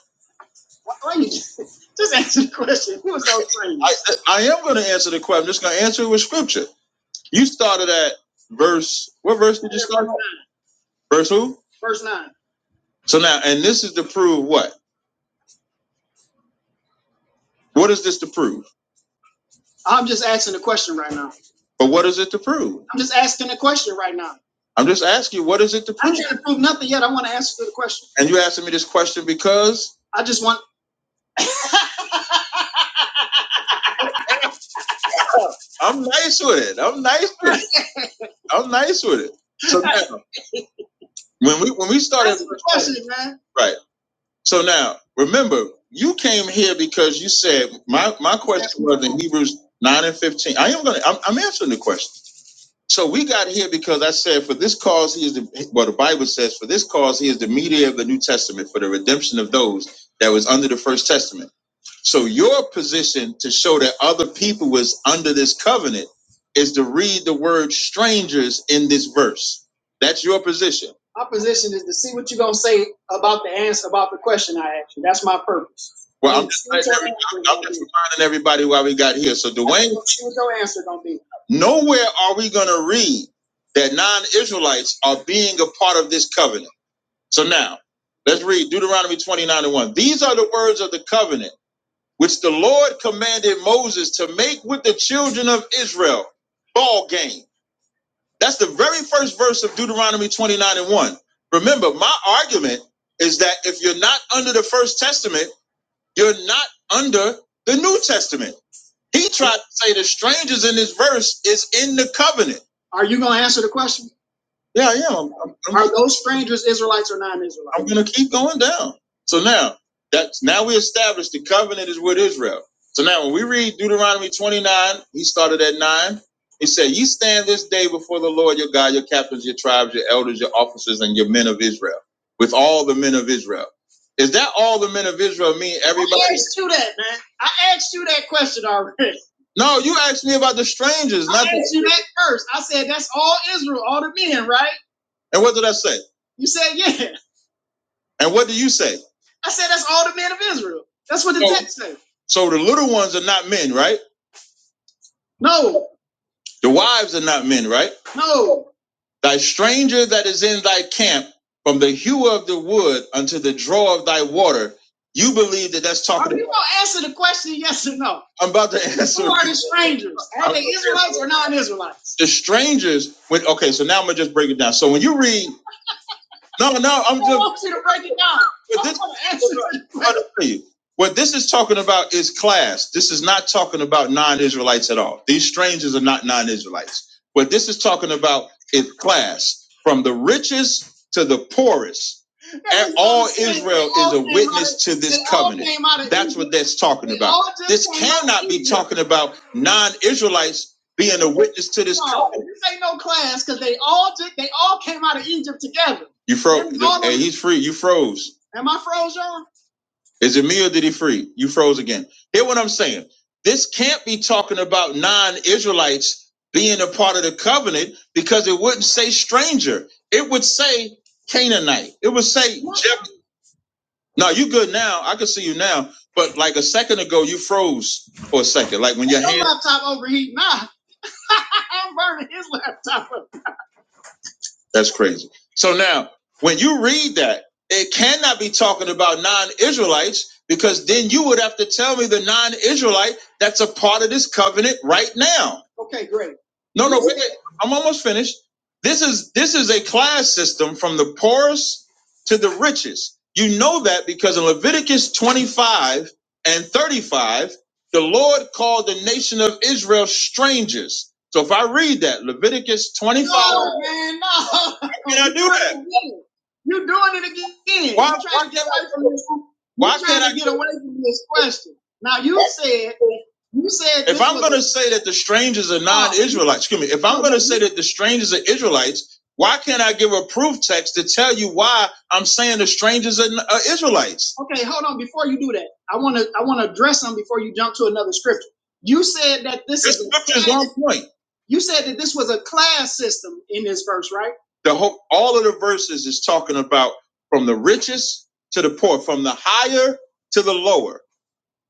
H: Why, you just, just answer the question? Who is those strangers? I, I am going to answer the question. I'm just going to answer it with scripture. You started at verse. What verse did you start? at? Verse who? Verse nine. So now, and this is to prove what? What is this to prove? I'm just asking a question right now. But what is it to prove? I'm just asking a question right now. I'm just asking you, what is it to prove? I am trying to prove nothing yet. I want to answer the question. And you asking me this question because I just want. I'm nice with it. I'm nice with it. I'm nice with it. So now, when we when we started Answer the question, man. right. So now, remember, you came here because you said my my question was in Hebrews nine and fifteen. I am gonna. I'm, I'm answering the question. So we got here because I said, for this cause he is the well, the Bible says, for this cause he is the mediator of the New Testament for the redemption of those that was under the first testament. So your position to show that other people was under this covenant is to read the word strangers in this verse. That's your position. My position is to see what you're gonna say about the answer about the question I asked you. That's my purpose. Well, I'm need to just every, I'm I'm just reminding everybody why we got here. So Dwayne, just see what your answer gonna be. nowhere are we going to read that non-Israelites are being a part of this covenant. So now, let's read Deuteronomy 29 and 1. These are the words of the covenant which the Lord commanded Moses to make with the children of Israel. Ball game. That's the very first verse of Deuteronomy 29 and 1. Remember, my argument is that if you're not under the First Testament, you're not under the New Testament. He tried to say the strangers in this verse is in the covenant. Are you going to answer the question? Yeah, I am. I'm, I'm, Are those strangers Israelites or non-Israelites? I'm going to keep going down. So now that's now we established the covenant is with Israel. So now when we read Deuteronomy 29, he started at nine. He said, "You stand this day before the Lord your God, your captains, your tribes, your elders, your officers, and your men of Israel, with all the men of Israel." Is that all the men of Israel mean? Everybody? I asked you that, man. I asked you that question already. No, you asked me about the strangers, I not the asked the... you that first. I said that's all Israel, all the men, right? And what did I say? You said, yeah. And what do you say? I said, that's all the men of Israel. That's what the So- text says. So the little ones are not men, right? No, The wives are not men, right? no. Thy stranger that is in thy camp, from the hue of the wood unto the draw of thy water, you believe that that's talking. about? Are you going to answer the question yes or no? I'm about to answer. Who are the strangers? Are they Israelites or non Israelites? the strangers when okay so now i'm gonna just break it down so when you read No, no, I'm just. I want you to break it down. but I this want to answer What this is talking about is class. This is not talking about non-Israelites at all. These strangers are not non-Israelites. What this is talking about is class, from the richest to the poorest. And all Israel is a witness to this covenant. That's what that's talking about. This cannot be talking about non-Israelites being a witness to this No, covenant. this ain't no class because they all did, they all came out of Egypt together. You froze, Am- he's free. You froze. Am I froze, you Is it me or did he free? You froze again. Hear what I'm saying? This can't be talking about non-Israelites being a part of the covenant because it wouldn't say stranger. It would say Canaanite. It would say. Jeb- no, you good now. I can see you now. But like a second ago, you froze for a second. Like when your Your hand. laptop overheat. Nah, I'm burning his laptop. up. That's crazy. So now, when you read that, it cannot be talking about non Israelites because then you would have to tell me the non Israelite that's a part of this covenant right now. Okay, great. No, no, wait. I'm almost finished. This is this is a class system from the poorest to the richest. You know that because in Leviticus 25 and 35 the Lord called the nation of Israel strangers. So if I read that, Leviticus 25. No, man, no. How Can I do that? You're doing it again. Why, You're trying why to get away from this. Why You're trying can't trying to I get away from this question? Now you said you said if this I'm was- gonna say that the strangers are non-Israelites, excuse me, if I'm gonna say that the strangers are Israelites, why can't I give a proof text to tell you why I'm saying the strangers are, are Israelites? Okay, hold on before you do that. I want to I want to address them before you jump to another scripture. You said that this is This a is class. one point. You said that this was a class system in this verse, right? The whole all of the verses is talking about from the richest to the poor, from the higher to the lower.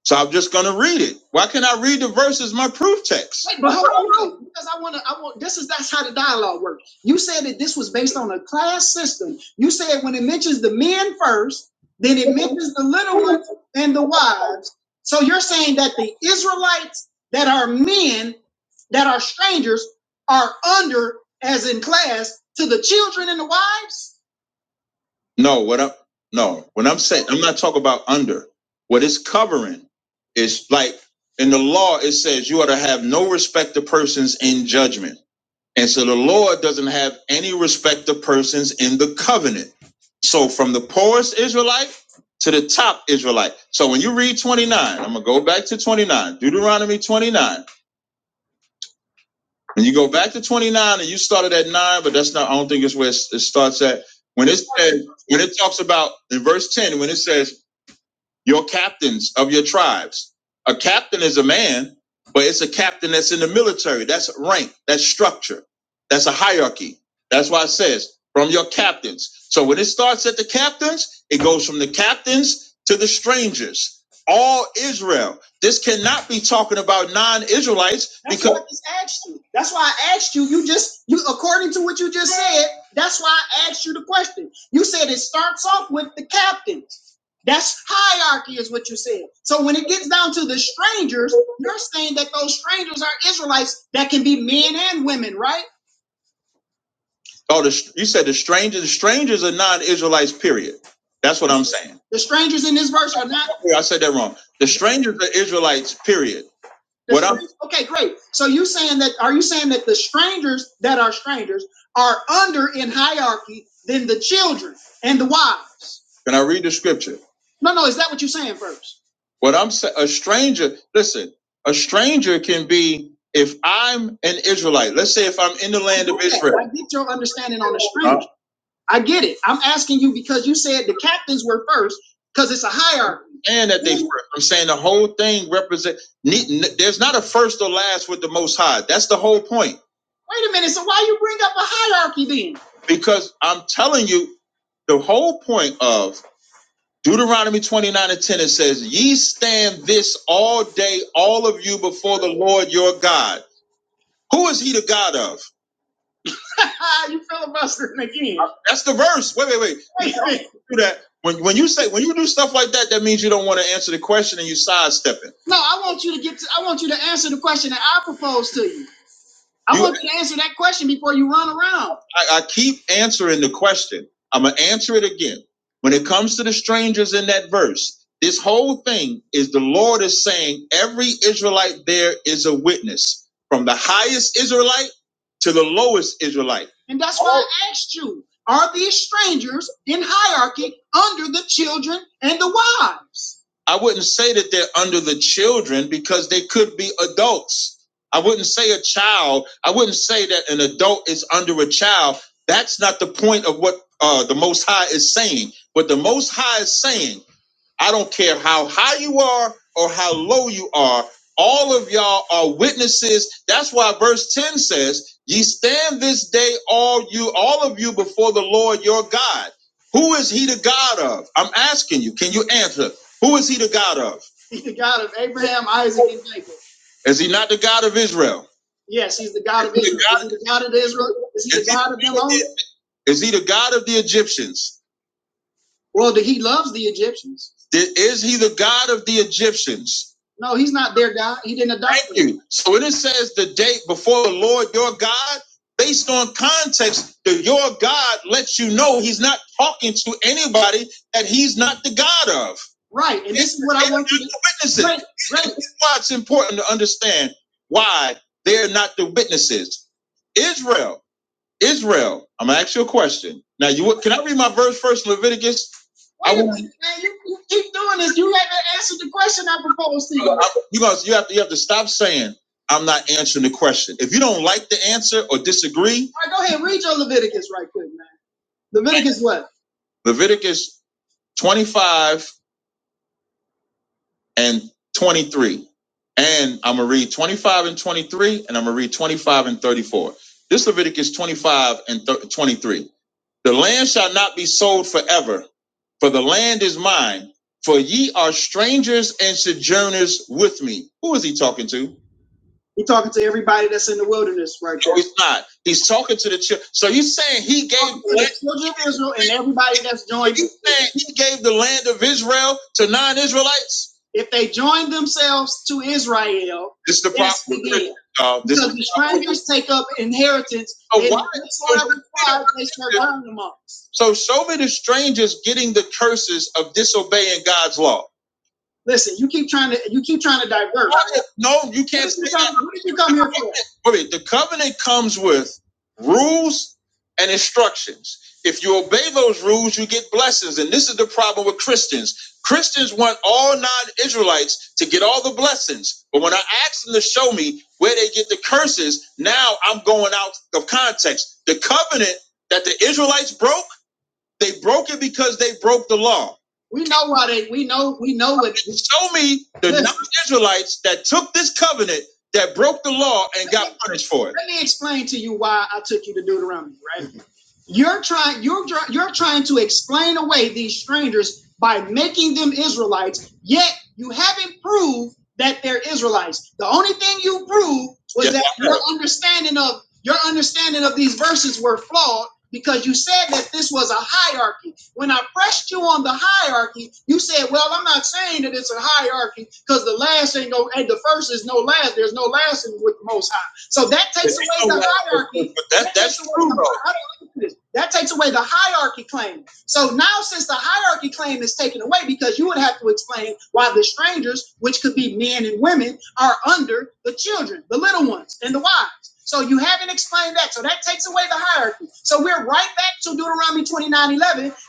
H: So I'm just gonna read it. Why can't I read the verses, my proof text? Wait, but hold on, because I wanna I want this is that's how the dialogue works. You said that this was based on a class system. You said when it mentions the men first, then it mentions the little ones and the wives. So you're saying that the Israelites that are men, that are strangers, are under as in class to the children and the wives? No, what I'm no, what I'm saying, I'm not talking about under. What it's covering is like in the law, it says you are to have no respect to persons in judgment. And so the Lord doesn't have any respect to persons in the covenant. So from the poorest Israelite to the top Israelite. So when you read 29, I'm gonna go back to 29, Deuteronomy 29. When you go back to 29 and you started at nine, but that's not, I don't think it's where it starts at. When it says, when it talks about in verse 10, when it says, your captains of your tribes. A captain is a man, but it's a captain that's in the military. That's rank, that's structure, that's a hierarchy. That's why it says from your captains. So when it starts at the captains, it goes from the captains to the strangers. All Israel. This cannot be talking about non-Israelites that's because why I just asked you. That's why I asked you. You just you according to what you just said, that's why I asked you the question. You said it starts off with the captain. That's hierarchy, is what you're saying. So when it gets down to the strangers, you're saying that those strangers are Israelites that can be men and women, right? Oh, the, you said the strangers. The strangers are non-Israelites. Period. That's what I'm saying. The strangers in this verse are not. Yeah, I said that wrong. The strangers are Israelites. Period. What up? Okay, great. So you saying that are you saying that the strangers that are strangers are under in hierarchy than the children and the wives? Can I read the scripture? No, no, is that what you're saying first? What I'm saying, a stranger, listen, a stranger can be if I'm an Israelite. Let's say if I'm in the land of Okay, Israel. I get your understanding on the stranger. I get it. I'm asking you because you said the captains were first because it's a hierarchy. And that they first. I'm saying the whole thing represents. There's not a first or last with the Most High. That's the whole point. Wait a minute. So why you bring up a hierarchy then? Because I'm telling you, the whole point of Deuteronomy 29 and 10 it says, "Ye stand this all day, all of you, before the Lord your God. Who is He the God of? you filibustering again. That's the verse. Wait, wait, wait. Wait a Do that. When, when you say when you do stuff like that, that means you don't want to answer the question and you sidestepping. No, I want you to get to, I want you to answer the question that I propose to you. I You- want you to answer that question before you run around. I, I keep answering the question. I'm gonna answer it again. When it comes to the strangers in that verse, this whole thing is the Lord is saying every Israelite there is a witness, from the highest Israelite to the lowest Israelite. And that's why I asked you, are these strangers in hierarchy under the children and the wives? I wouldn't say that they're under the children because they could be adults. I wouldn't say a child. I wouldn't say that an adult is under a child. That's not the point of what uh, the Most High is saying. What the Most High is saying I don't care how high you are or how low you are. All of y'all are witnesses. That's why verse 10 says, ye stand this day, all you, all of you before the Lord your God. Who is he the God of? I'm asking you, can you answer? Who is he the God of? He's the God of Abraham, Isaac, and Jacob. Is he not the God of Israel? Yes, he's the God of Is he the Israel. God- Is he the God of Israel? Is he the God of them all? Is he the God of the Egyptians? Well, the, he loves the Egyptians. Is he the God of the Egyptians? No, he's not their God. He didn't adopt Thank them. you. So when it says the date before the Lord your God, based on context, the your God lets you know he's not talking to anybody that he's not the God of. Right. And this it's, is what I want you to witness witnesses. great, great. That's why it's important to understand why they're not the witnesses. Israel Israel, I'm gonna ask you a question. Now you can I read my verse first, Leviticus? Wait I Wait a minute, man, you, you keep doing this. You haven't answered the question I proposed to you. I- You guys, you have to you have to stop saying I'm not answering the question. If you don't like the answer or disagree, All right, go ahead read your Leviticus right quick, man. Leviticus what? Leviticus 25 and 23. And I'm gonna read 25 and 23, and I'm gonna read 25 and 34. This Leviticus 25 and 23. The land shall not be sold forever, for the land is mine, for ye are strangers and sojourners with me. Who is he talking to? He's talking to everybody that's in the wilderness right now. No, he's not. He's talking to the children. So you saying he gave the children of Israel and everybody that's joined you saying he gave the land of Israel to non-Israelites? if they join themselves to Israel, This is the problem. yes, This Because the strangers take up inheritance So why? whatsoever they shall So show me the strangers getting the curses of disobeying God's law. Listen, you keep trying to you keep trying to divert. No, you can't What did you come, what did you come here for? wait, the covenant comes with rules and instructions. If you obey those rules, you get blessings. And this is the problem with Christians. Christians want all non Israelites to get all the blessings. But when I ask them to show me where they get the curses, now I'm going out of context. The covenant that the Israelites broke they broke it because they broke the law. We know why they. We know. We know what. Show me the non-Israelites that took this covenant that broke the law and got punished for it. Let me explain to you why I took you to Deuteronomy, right? You're trying you're you you're trying to explain away these strangers by making them Israelites, yet you haven't proved that they're Israelites. The only thing you proved was Yes, that your have. understanding of your understanding of these verses were flawed because you said that this was a hierarchy. When I pressed you on the hierarchy, you said, "Well, I'm not saying that it's a hierarchy because the last ain't no and the first is no last. There's no last in with the Most High." So that takes away no the hierarchy but that that's true the that takes away the hierarchy claim. So now, since the hierarchy claim is taken away, because you would have to explain why the strangers, which could be men and women, are under the children, the little ones, and the wives. So you haven't explained that. So that takes away the hierarchy. So we're right back to Deuteronomy 29:11,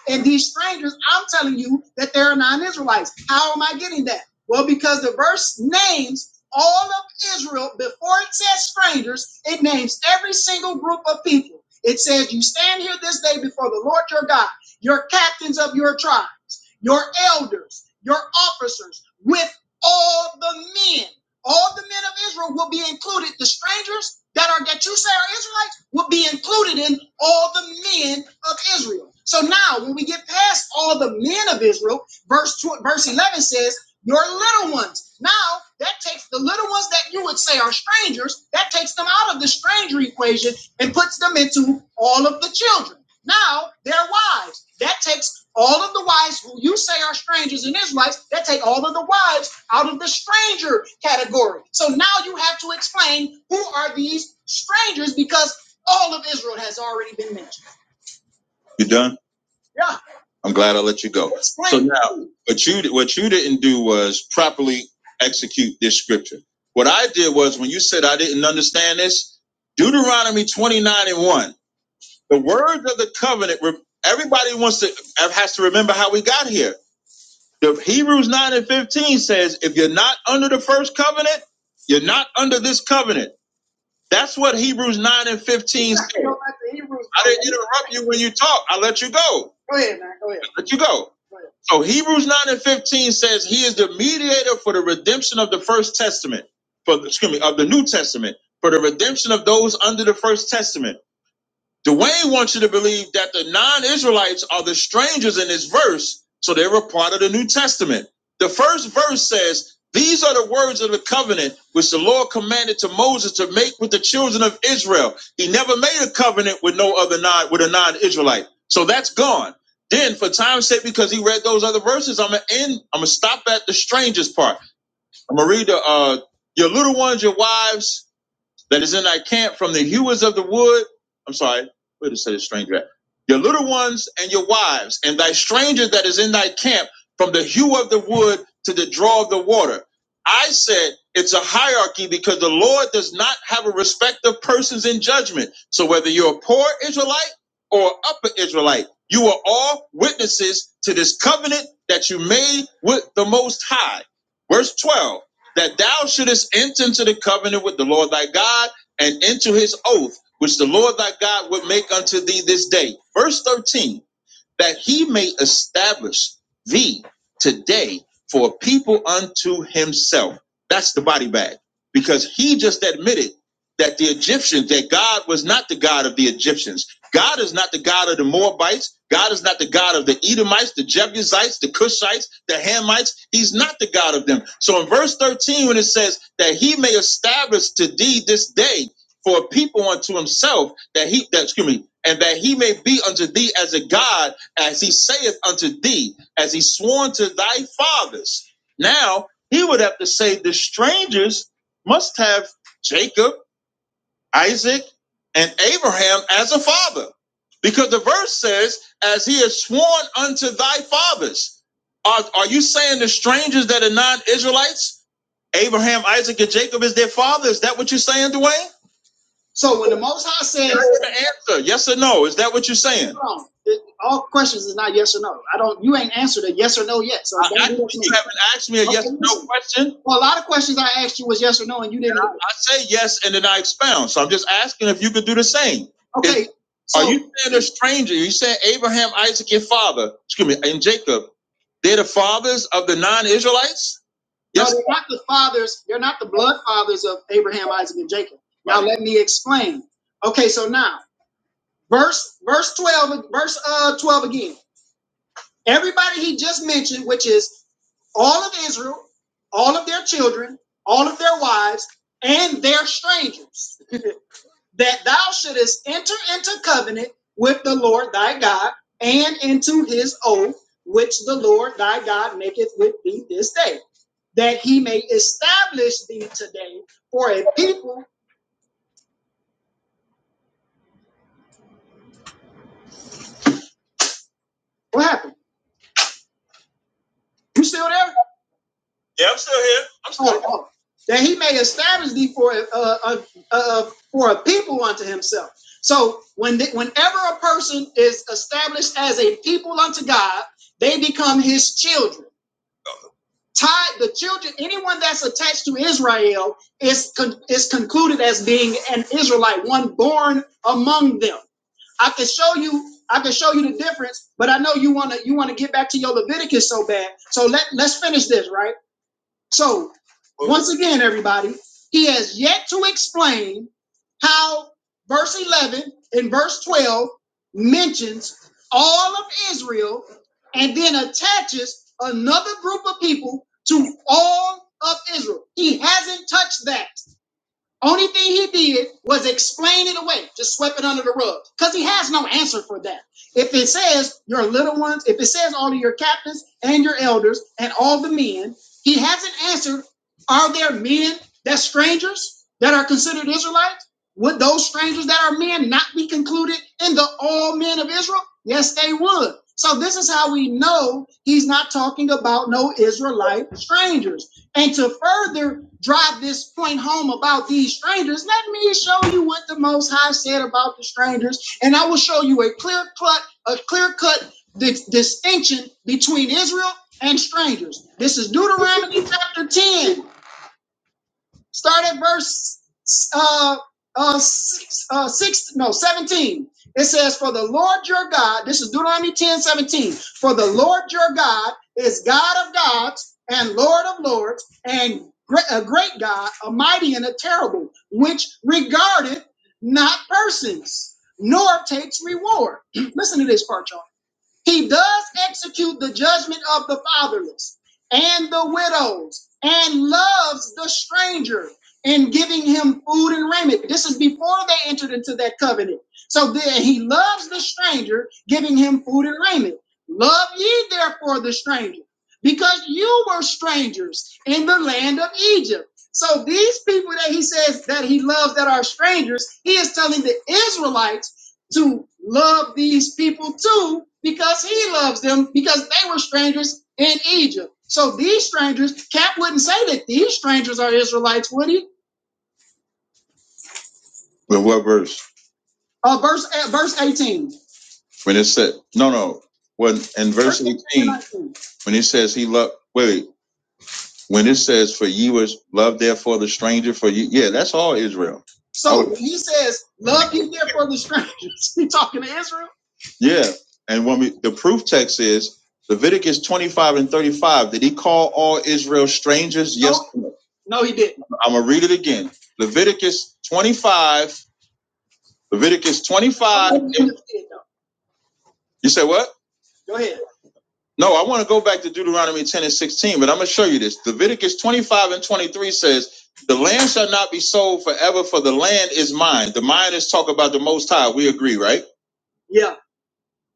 H: And these strangers, I'm telling you that they are non Israelites. How am I getting that? Well, because the verse names all of Israel, before it says strangers, it names every single group of people. It says, You stand here this day before the Lord your God, your captains of your tribes, your elders, your officers, with all the men. All the men of Israel will be included. The strangers that are that you say are Israelites will be included in all the men of Israel. So now, when we get past all the men of Israel, verse tw- verse eleven says your little ones. Now, that takes the little ones that you would say are strangers, that takes them out of the stranger equation and puts them into all of the children. Now, their wives, that takes all of the wives who you say are strangers and Israelites, that take all of the wives out of the stranger category. So now you have to explain who are these strangers because all of Israel has already been mentioned. You done. Yeah. I'm glad I let you go. Explain. So now, what you what you didn't do was properly execute this scripture. What I did was when you said I didn't understand this, Deuteronomy 29 and 1, the words of the covenant. Everybody wants to has to remember how we got here. The Hebrews 9 and 15 says, if you're not under the first covenant, you're not under this covenant. That's what Hebrews 9 and 15 says. I didn't interrupt you when you talk. I let you go. Go ahead, man. Go ahead. I let you go. Go So Hebrews 9 and 15 says he is the mediator for the redemption of the first testament, for the, excuse me, of the New Testament, for the redemption of those under the first testament Dwayne wants you to believe that the non Israelites are the strangers in this verse, so they were part of the New Testament. The first verse says, These are the words of the covenant which the Lord commanded to Moses to make with the children of Israel. He never made a covenant with no other non with a non Israelite. So that's gone. Then, for time's sake, because he read those other verses, I'm gonna end. I'm gonna stop at the strangers part. I'm gonna read the uh, your little ones, your wives, that is in thy camp from the hewers of the wood. I'm sorry, where did it say the stranger at? Your little ones and your wives, and thy stranger that is in thy camp from the hew of the wood to the draw of the water. I said it's a hierarchy because the Lord does not have a respect of persons in judgment. So whether you're a poor Israelite or upper Israelite, you are all witnesses to this covenant that you made with the Most High. Verse 12 that thou shouldest enter into the covenant with the Lord thy God and into his oath, which the Lord thy God would make unto thee this day. Verse 13 that he may establish thee today for a people unto himself. That's the body bag. Because he just admitted that the Egyptians, that God was not the God of the Egyptians. God is not the God of the Moabites. God is not the God of the Edomites, the Jebusites, the Cushites, the Hamites. He's not the God of them. So in verse 13, when it says that he may establish to thee this day for a people unto himself, that he that excuse me, and that he may be unto thee as a God as he saith unto thee, as he sworn to thy fathers. Now he would have to say the strangers must have Jacob, Isaac, and Abraham as a father. Because the verse says, as he has sworn unto thy fathers. Are, are you saying the strangers that are non Israelites, Abraham, Isaac, and Jacob is their father? Is that what you're saying, Dwayne? So when the Most High says, the answer. Yes or no? Is that what you're saying? hold it- all questions is not yes or no. I don't. You ain't answered a yes or no yet. So I, I you me. haven't asked me a Okay, yes or no question. Well, a lot of questions I asked you was yes or no, and you didn't. I, I say yes and then I expound. So I'm just asking if you could do the same. Okay. If, So Are you saying a stranger? You said Abraham, Isaac, your father, excuse me, and Jacob, they're the fathers of the non Israelites? Yes. No, Yes. they're not the fathers. They're not the blood fathers of Abraham, Isaac, and Jacob. Now let me explain. Okay, so now verse verse twelve, verse uh twelve again. Everybody he just mentioned, which is all of Israel, all of their children, all of their wives, and their strangers that thou shouldest enter into covenant with the Lord thy God and into his oath, which the Lord thy God maketh with thee this day, that he may establish thee today for a people. What happened? You still there? Yeah, I'm still here. I'm still Oh, here. oh. That he may establish thee for a, a, a, a- for a people unto himself. So when the, whenever a person is established as a people unto God, they become his children. tied the children anyone that's attached to israel is con- is concluded as being an israelite one born among them i can show you i can show you the difference but i know you want to you want to get back to your leviticus so bad so let, let's finish this right so, once again, everybody, he has yet to explain how verse 11 and verse 12 mentions all of Israel and then attaches another group of people to all of Israel. He hasn't touched that. Only thing he did was explain it away, just swept it under the rug, because he has no answer for that. If it says your little ones, if it says all of your captains and your elders and all the men, he hasn't answered. Are there men that strangers that are considered Israelites? Would those strangers that are men not be concluded in the all men of Israel? Yes, they would. So this is how we know he's not talking about no Israelite strangers. And to further drive this point home about these strangers, let me show you what the Most High said about the strangers, and I will show you a clear cut, a clear cut di- distinction between Israel and strangers. This is Deuteronomy chapter ten. Start at verse uh, uh, six, uh, six, no, 17. It says, For the Lord your God, this is Deuteronomy 10 17. For the Lord your God is God of gods and Lord of lords, and great, a great God, a mighty and a terrible, which regardeth not persons, nor takes reward. Listen to this part, y'all. He does execute the judgment of the fatherless and the widows and loves the stranger in giving him food and raiment. This is before they entered into that covenant. So then he loves the stranger, giving him food and raiment. Love ye therefore the stranger, because you were strangers in the land of Egypt. So these people that he says that he loves that are strangers, he is telling the Israelites to love these people too because he loves them because they were strangers in Egypt. So these strangers, Cap wouldn't say that these strangers are Israelites, would he? But what verse? Uh, verse uh, verse 18. When it said, no, no. When in Verse 18 when he says he loved, wait, When it says, "For ye was love, therefore the stranger," for you, yeah, that's all Israel. So when he says, Love ye therefore the strangers, he talking to Israel? Yeah, and when we the proof text is Leviticus twenty-five and thirty-five. Did he call all Israel strangers? No. Yes. No, no, he didn't. I'm gonna read it again. Leviticus twenty-five. Leviticus twenty-five. you and- You said what? Go ahead. No, I want to go back to Deuteronomy 10 and 16, but I'm going to show you this. Leviticus 25 and 23 says, The land shall not be sold forever, for the land is mine. The mine is talk about the Most High. We agree, right? Yeah.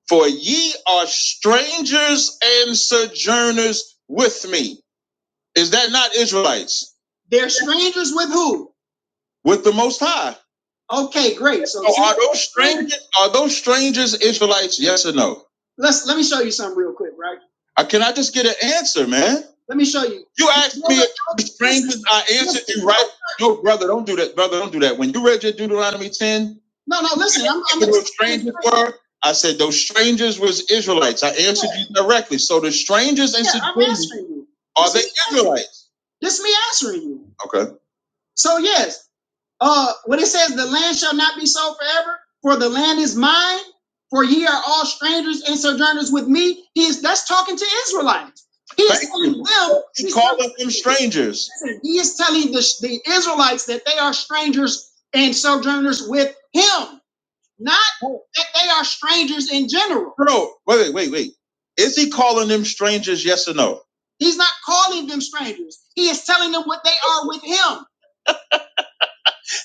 H: For ye are strangers and sojourners with me. Is that not Israelites? They're strangers with who? with the Most High. Okay, great. So So are those strangers? Are those strangers Israelites? Yes or no? let's let me show you something real quick, right? Uh, Can I just get an answer, man? Let me show you. You asked you know, me if the strangers. I answered you right. No, brother, don't do that. Brother, don't do that. When you read your Deuteronomy ten, No, no, listen, I'm, I'm those strangers were. I said those strangers was Israelites. I answered yeah. you directly. So the strangers and yeah, and I'm answering you. are this they Israelites? This is me answering you. Okay. So yes, uh when it says the land shall not be sold forever for the land is mine for ye are all strangers and sojourners with me he is that's talking to israelites he is telling them He he's called them strangers. he is telling the, the israelites that they are strangers and sojourners with him not that they are strangers in general Bro, wait, wait, wait. Is he calling them strangers? Yes or no? he's not calling them strangers he is telling them what they are with him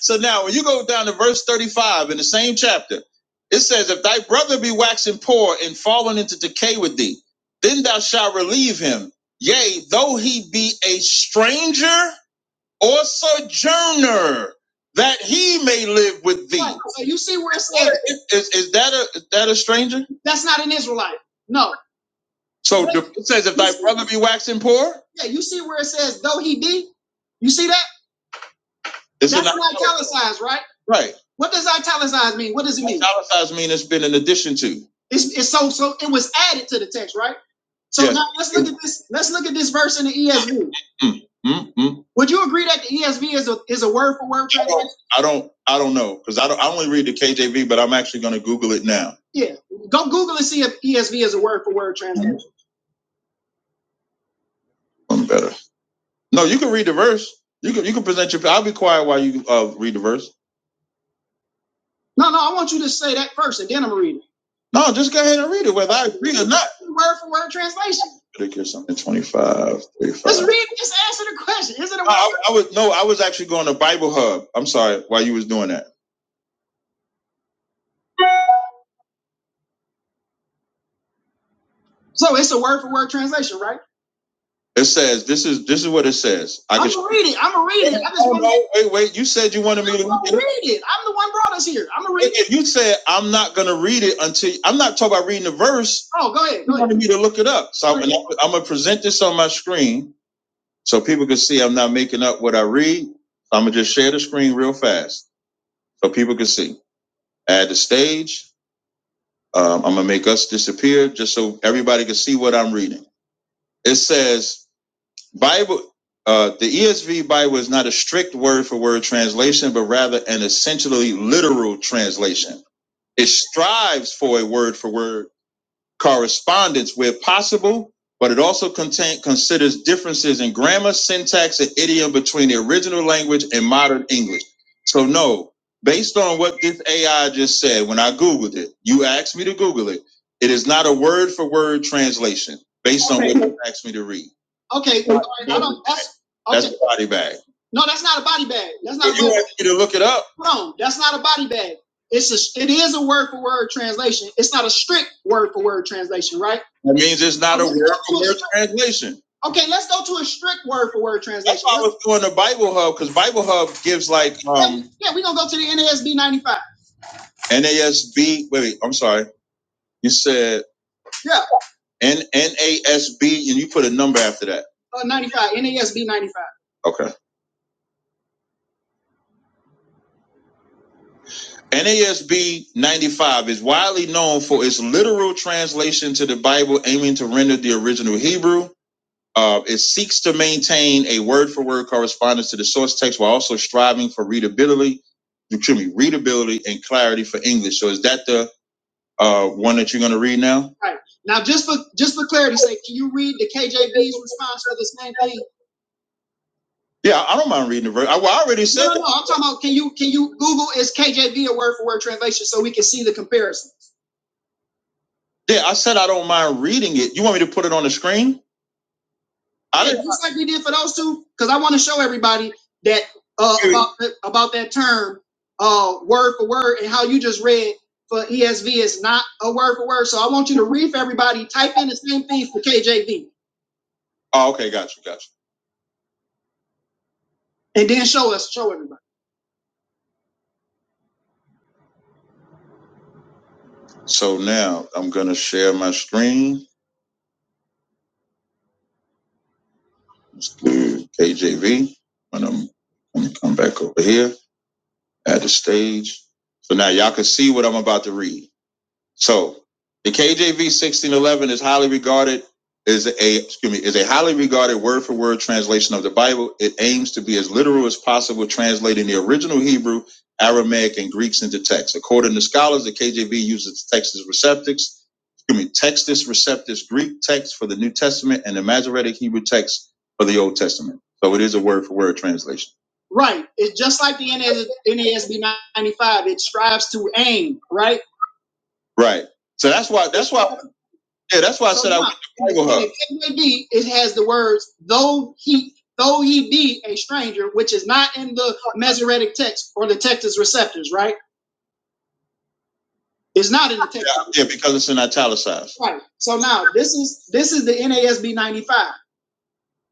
H: so now when you go down to verse 35 in the same chapter, it says, If thy brother be waxing poor and fallen into decay with thee, then thou shalt relieve him. Yea, though he be a stranger or sojourner, that he may live with thee. Right, So you see where it's at. Is, is that a is that a stranger? That's not an Israelite. No. So it says, if thy brother be waxing poor? Yeah, you see where it says, though he be? You see that? It's That's an italicized, right? right. What does italicized mean? What does it mean? Italicized means it's been in addition to. It's, it's so so it was added to the text, right? So Yes. now let's look at this. Let's look at this verse in the ESV. mm mm. Would you agree that the ESV is a is a word for word translation? I don't. I don't know because I don't. I only read the KJV, but I'm actually going to Google it now. Yeah. Go Google and see if ESV is a word for word translation. I'm better. No, you can read the verse. You can. You can present your. I'll be quiet while you uh, read the verse. No, no, I want you to say that first, and then I'm reading. No, just go ahead and read it, whether I agree or not. Word for word translation. Ridiculous, something 25, 35. Just read, just answer the question. Is it a No, I, word? I was no, I was actually going to Bible Hub. I'm sorry, while you was doing that. So it's a word for word translation, right? It says this is this is what it says. I I'm gonna read it. I'm gonna read it. I just Oh no! Wait, wait. You said you wanted me to. read it. I'm the one brought us here. I'm gonna read If it. if you said I'm not gonna read it until I'm not talking about reading the verse, Oh, go ahead. you Go ahead. wanted ahead. me to look it up. So I'm, I'm gonna present this on my screen so people can see I'm not making up what I read. I'm gonna just share the screen real fast so people can see. Add the stage. Um, I'm gonna make us disappear just so everybody can see what I'm reading. It says Bible, uh, the ESV Bible is not a strict word for word translation, but rather an essentially literal translation. It strives for a word for word correspondence where possible, but it also contain, considers differences in grammar, syntax, and idiom between the original language and modern English. So, no, based on what this AI just said, when I Googled it, you asked me to Google it, it is not a word for word translation based on okay. what Okay. you asked me to read. Okay, well, all right, I don't, that's, okay. that's a body bag. No, that's not a body bag. That's not. Well, a you asked me to look it up. Hold on, that's not a body bag. It's a it is a word for word translation. It's not a strict word for word translation, right? That means it's not So a word for word translation. okay, let's go to a strict word for word translation. That's why I was doing the Bible Hub because Bible Hub gives like um yeah, we're gonna go to the NASB 95. NASB. Wait, wait, I'm sorry. You said Yeah, N NASB and you put a number after that. uh, 95, NASB 95. Okay. NASB 95 is widely known for its literal translation to the Bible, aiming to render the original Hebrew. Uh, it seeks to maintain a word for word correspondence to the source text while also striving for readability, excuse me, readability and clarity for English. So, is that the uh, one that you're going to read now? Right. Now, just for just for clarity's sake, can you read the KJV's response for the same thing? Yeah, I don't mind reading the verse. I, well, I already said. No, no, no, I'm talking about can you can you Google is KJV a word for word translation so we can see the comparison? Yeah, I said I don't mind reading it. You want me to put it on the screen? I Yeah, didn't. just like we did for those two, because I want to show everybody that uh, about, about that term, uh, word for word, and how you just read for ESV is not a word for word. So I want you to read for everybody. Type in the same thing for KJV, Oh, okay, got you, got you. and then show us, show everybody. So now I'm gonna share my screen. Let's do KJV, and I'm gonna come back over here. at the stage. So now y'all can see what I'm about to read. So the KJV sixteen eleven is highly regarded is a excuse me is a highly regarded word for word translation of the Bible. It aims to be as literal as possible, translating the original Hebrew, Aramaic, and Greeks into text. According to scholars, the KJV uses textus receptus, Excuse me, Textus Receptus Greek text for the New Testament and the Masoretic Hebrew text for the Old Testament. So it is a word for word translation. Right. It's just like the NAS, NASB 95. It strives to aim, right? Right. So that's why. That's why. Yeah. That's why so I said now, I went to Bible Hub. It be. It has the words though he though he be a stranger, which is not in the Masoretic text or the Textus Receptors, right? It's not in the text. Yeah, yeah, because it's in italicized. Right. So now this is this is the NASB 95.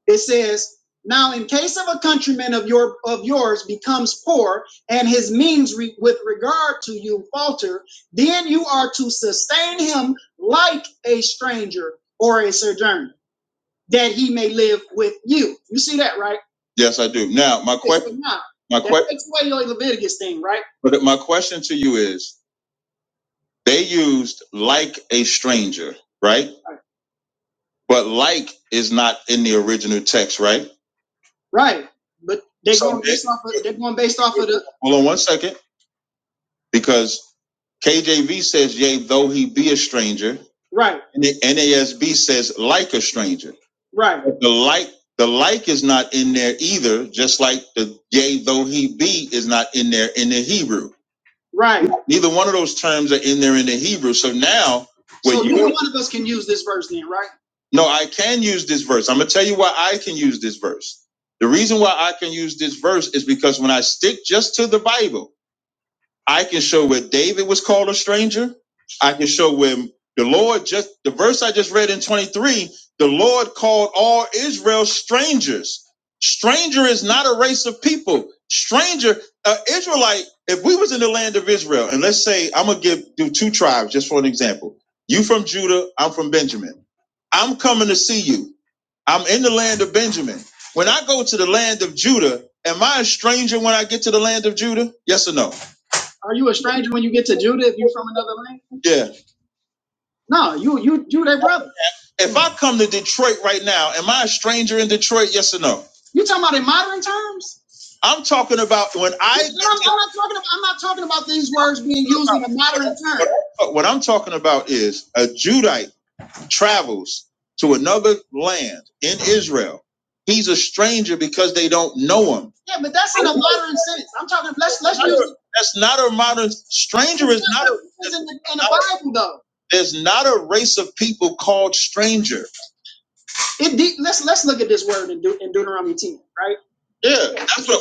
H: It says, now in case of a countryman of your of yours becomes poor and his means re- with regard to you falter, then you are to sustain him like a stranger or a sojourner, that he may live with you. You see that, right? Yes, I do. Now, my Okay, question, so now my that question, takes away your Leviticus thing, right? but my question to you is: They used like a stranger, right? But like is not in the original text, right? Right. But they're So going based it, off of they're going based off of the hold on one second, because KJV says, "Yea, though he be a stranger," right, and the NASB says, "Like a stranger." right, But The like, the like is not in there either. Just like the "Yea, though he be" is not in there in the Hebrew. Right. Neither one of those terms are in there in the Hebrew. So now, So neither one of us can use this verse then, right? no, I can use this verse. I'm gonna tell you why I can use this verse. The reason why I can use this verse is because when I stick just to the Bible, I can show where David was called a stranger. I can show where the Lord just the verse I just read in 23, the Lord called all Israel strangers. Stranger is not a race of people. Stranger, uh, Israelite, if we was in the land of Israel, and let's say I'm gonna give do two tribes just for an example. You from Judah, I'm from Benjamin. I'm coming to see you. I'm in the land of Benjamin. When I go to the land of Judah, am I a stranger when I get to the land of Judah? Yes or no? Are you a stranger when you get to Judah if you're from another land? Yeah. No, you you you their brother. If I come to Detroit right now, am I a stranger in Detroit? Yes or no? You talking about in modern terms? I'm talking about when I No, I'm, not talking. About, I'm not talking about these words being used in a modern term. what I'm talking about is a Judite travels to another land in Israel, he's a stranger because they don't know him. Yeah, but that's in a modern sense. I'm talking. Let's let's use. It. That's not a modern stranger. Is not a, in the, in the Bible though. There's not a race of people called stranger. It de- let's let's look at this word in, De- in Deuteronomy 10, right? Yeah, that's what. Wait,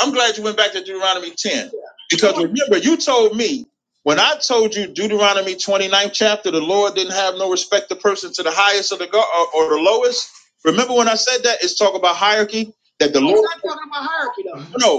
H: I'm glad you went back to Deuteronomy 10 yeah. because remember you told me when I told you Deuteronomy 29th chapter, the Lord didn't have no respect to person to the highest or the go- or, or the lowest. Remember when I said that? It's talk about hierarchy. That the Lord. It's Lord. not talking about hierarchy though. No,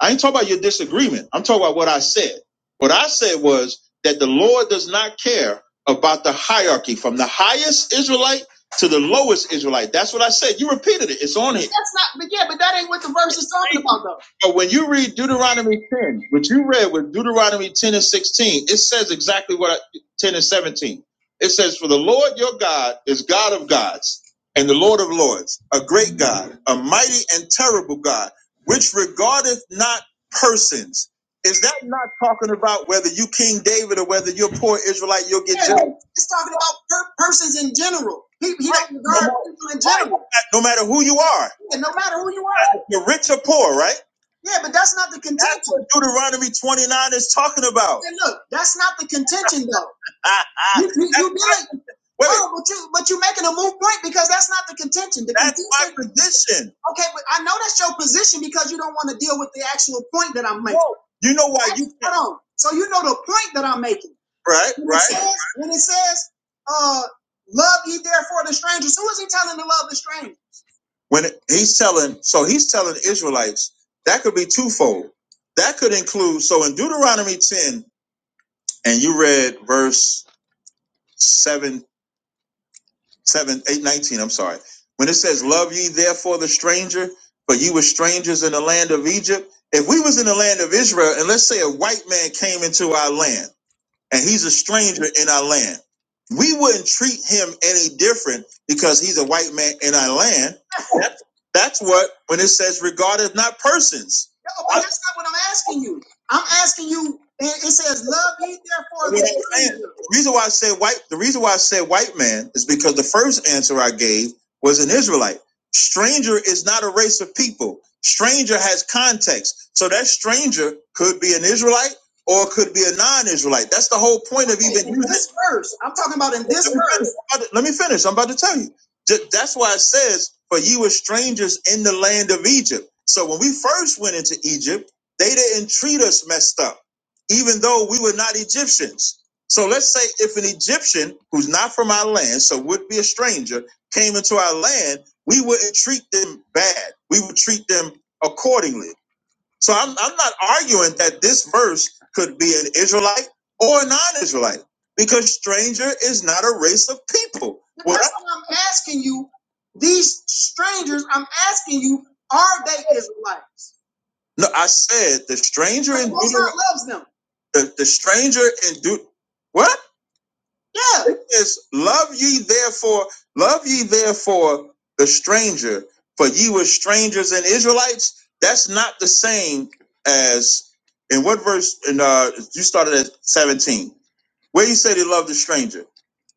H: I ain't talking about your disagreement. I'm talking about what I said. What I said was that the Lord does not care about the hierarchy from the highest Israelite to the lowest Israelite. That's what I said. You repeated it. It's on here. That's not, but yeah, but that ain't what the verse is talking about, though. But when you read Deuteronomy 10, what you read with Deuteronomy 10 and 16, it says exactly what I, 10 and 17. It says, For the Lord your God is God of gods and the Lord of lords, a great God, a mighty and terrible God which regardeth not persons. Is that not talking about whether you King David or whether you're poor Israelite, you'll get yeah, judged? It's talking about per- persons in general. He, he right. don't regard no, people in general. right. No matter who you are. Yeah, no matter who you are. You're rich or poor, right? Yeah, but that's not the contention. That's what Deuteronomy 29 is talking about. Yeah, look, that's not the contention, though. I, I, you, you, you did. it. Wait. Oh, but, you, but you're making a moot point because that's not the contention. The that's contention, my position. Okay, but I know that's your position because you don't want to deal with the actual point that I'm making. No. You know why you can't, Hold on. So you know the point that I'm making. right? When it Right? It says, when it says uh, love ye therefore the strangers, who is he telling to love the stranger? When it, he's telling, so he's telling Israelites, that could be twofold. That could include, so in Deuteronomy 10, and you read verse seven. seven, eight, nineteen. I'm sorry. When it says, "Love ye therefore the stranger," for you were strangers in the land of Egypt. If we was in the land of Israel, and let's say a white man came into our land and he's a stranger in our land. We wouldn't treat him any different because he's a white man in our land. That's, that's what when it says regarded not persons. No, but that's not what I'm asking you. I'm asking you. It says love ye therefore. The reason why I say white. The reason why I say white man is because the first answer I gave was an Israelite. Stranger is not a race of people. Stranger has context. So that stranger could be an Israelite or it could be a non-Israelite. That's the whole point of even In this verse, I'm talking about in this verse. Let me finish. I'm about to tell you. That's why it says, "For you were strangers in the land of Egypt." So when we first went into Egypt, they didn't treat us messed up, even though we were not Egyptians. So let's say if an Egyptian who's not from our land, so would be a stranger, came into our land, we wouldn't treat them bad. We would treat them accordingly. So I'm, I'm not arguing that this verse could be an Israelite or a non-Israelite because stranger is not a race of people. What That's I- what I'm asking you. These strangers, I'm asking you, are they Israelites? No, I said the stranger in Deuteronomy loves them. The, the stranger in Deut. What? Yeah. It is. love ye therefore, love ye therefore the stranger, for ye were strangers and Israelites. That's not the same as in what verse in uh you started at 17. Where you said he loved the stranger?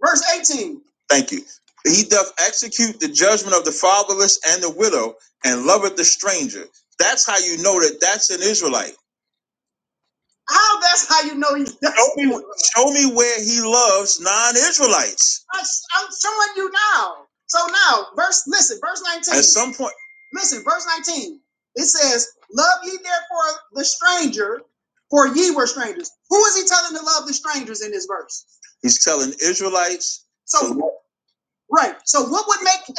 H: Verse 18. Thank you. He doth execute the judgment of the fatherless and the widow, and loveth the stranger. That's how you know that that's an Israelite how that's how you know he's Show me, show me where he loves non-Israelites. that's- I'm showing you now. So now, verse listen, verse 19. At some point, Listen, verse 19. It says, Love ye therefore the stranger, for ye were strangers. Who is he telling to love the strangers in this verse? he's telling Israelites. So to right. So what would make an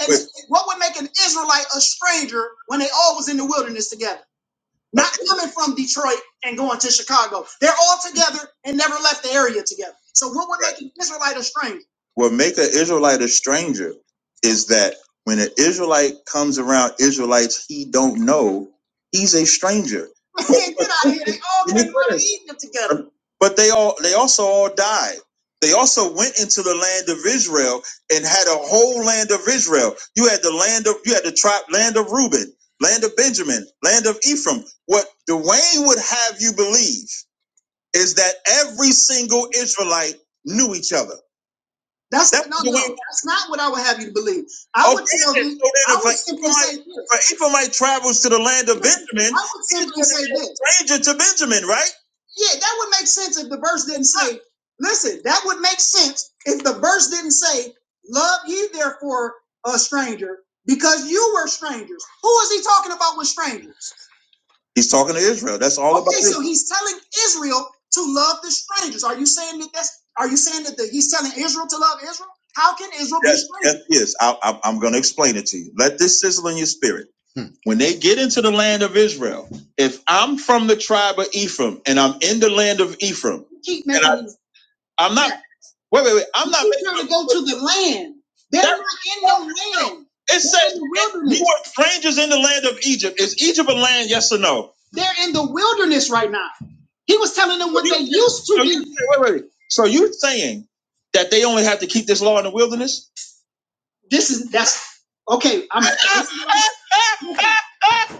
H: what would make an Israelite a stranger when they all was in the wilderness together? Not coming from Detroit and going to Chicago. They're all together and never left the area together. So what would make an Israelite a stranger? What make an Israelite a stranger is that when an Israelite comes around Israelites he don't know, he's a stranger. get out of here. They all came out of Egypt together. But they all they also all died. They also went into the land of Israel and had a whole land of Israel. You had the land of you had the tribe land of Reuben land of Benjamin, land of Ephraim. What Dwayne would have you believe is that every single Israelite knew each other. That's That's no, the way. no. That's not what I would have you to believe. I would Okay, would tell then. you. So I if would simply say this. an Ephraimite travels to the land of Benjamin, I would simply say this. stranger to Benjamin, right? Yeah, that would make sense if the verse didn't say. Listen, that would make sense if the verse didn't say, "Love ye therefore a stranger, because you were strangers." Who is he talking about with strangers? He's talking to Israel. That's all okay, about. Okay, so he's telling Israel to love the strangers. Are you saying that that's? Are you saying that the, he's telling Israel to love Israel? How can Israel yes, be strangers? Yes, yes. I, I, I'm going to explain it to you. Let this sizzle in your spirit. Hmm. When they get into the land of Israel, if I'm from the tribe of Ephraim and I'm in the land of Ephraim, keep making and I, I'm not Wait, wait, wait. I'm not He's making trying to go to the land. They're that. not in no land. It says you wilderness. are strangers in the land of Egypt. Is Egypt a land? Yes or no? They're in the wilderness right now. He was telling them what You- they used to so be. you- wait, wait. So you're saying that they only have to keep this law in the wilderness? This is that's okay. I'm are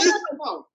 H: you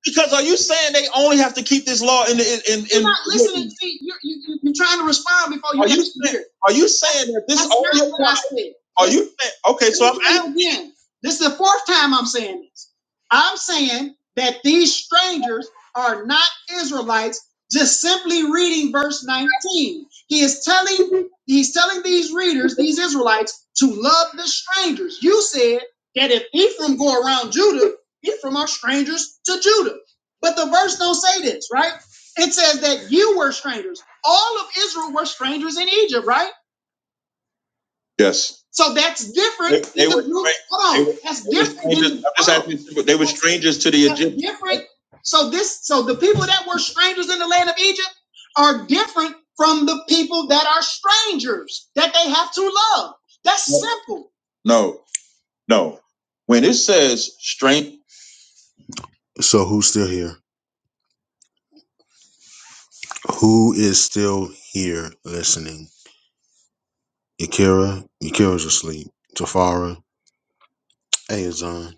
H: because are you saying they only have to keep this law in the in in? You're not listening. See, you're, you, you- are trying to respond before you are you saying are you saying that this that's only not what I said. Are you saying okay? So I'm say asking. again. This is the fourth time I'm saying this. I'm saying that these strangers are not Israelites, just simply reading verse 19. He is telling he's telling these readers, these Israelites, to love the strangers. You said that if Ephraim go around Judah, Ephraim are strangers to Judah. But the verse don't say this, right? It says that you were strangers. All of Israel were strangers in Egypt, right? Yes. So that's different They, they were strangers. Hold on, were, that's they were strangers. they were strangers to the that's Egyptians. different. So this, so the people that were strangers in the land of Egypt are different from the people that are strangers that they have to love. That's No, simple. No, no. When it says strength, So who's still here? Who is still here listening? Yakira, Yakira's asleep. Tafara, hey Azan,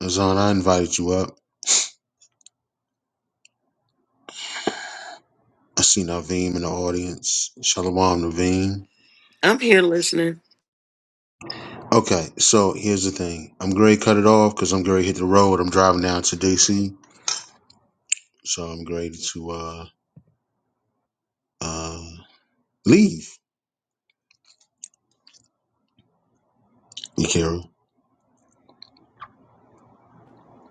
H: Azan, I invited you up. I see Naveem in the audience. Shalom, Naveem.
B: I'm here listening.
H: Okay, so here's the thing. I'm great. Cut it off because I'm great. Hit the road. I'm driving down to DC, so I'm great to uh uh leave. Yakira, all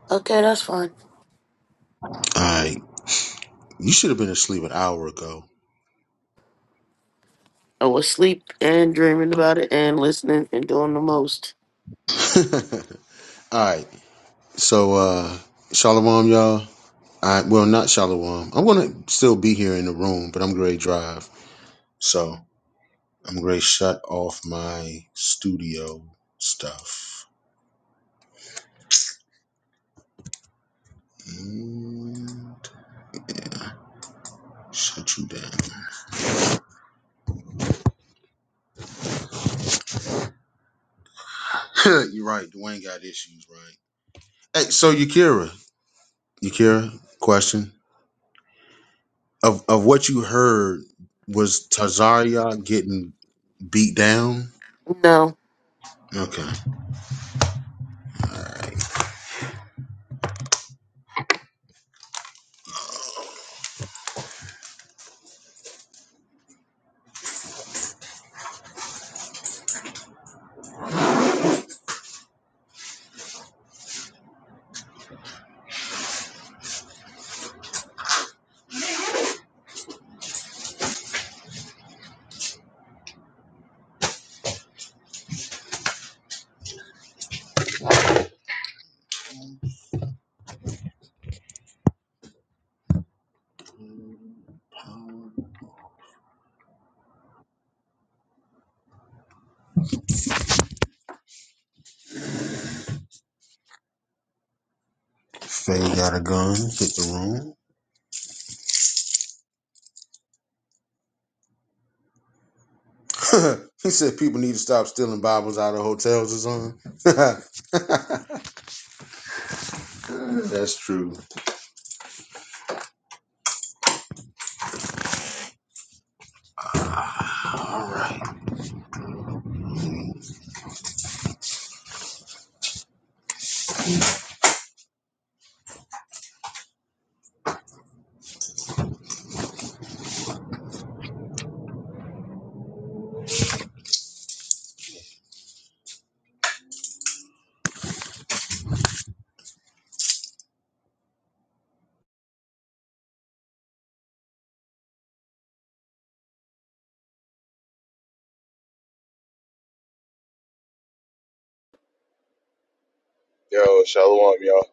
B: Okay, that's fine.
H: right. You should have been asleep an hour ago.
B: I was asleep and dreaming about it and listening and doing the most.
H: all right. So, uh, Shalom, y'all. I, well, not Shalom. I'm going to still be here in the room, but I'm going to drive. So, I'm going to shut off my studio stuff and shut you down. You're right. Dwayne got issues, right? Hey, so Yakira, Yakira, question of of what you heard was Tazaria getting beat down?
B: No,
H: Okay, Faye got a gun, hit the room. he said people need to stop stealing Bibles out of hotels or something. That's true. All right.
K: Yo, shalom, y'all.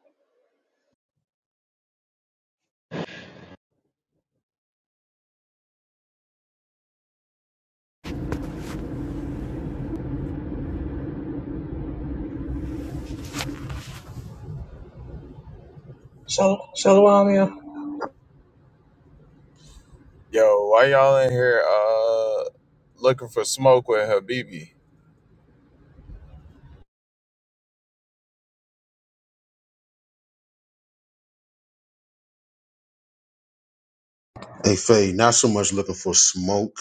K: So
I: Shalom, yeah.
K: Yo, why y'all in here uh looking for smoke with Habibi?
H: Hey, Faye, not so much looking for smoke.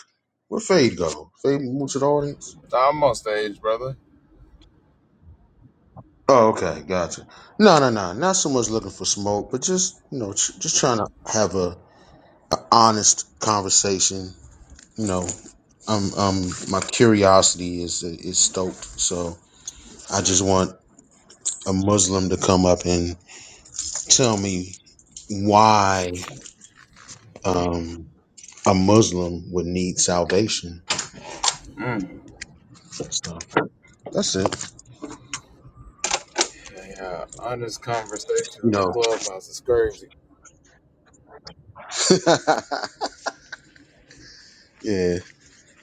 H: Where Fade go? Fade move to the audience?
K: Nah, I'm on stage, brother.
H: Oh, okay, gotcha. No, no, no, not so much looking for smoke, but just you know, tr- just trying to have a, a honest conversation. You know, um, um, my curiosity is is stoked, so I just want a Muslim to come up and tell me why um, a Muslim would need salvation.
K: Mm.
H: So that's it.
K: Yeah, yeah, honest conversation
H: You
K: on
H: know.
K: Clubhouse is crazy.
H: yeah.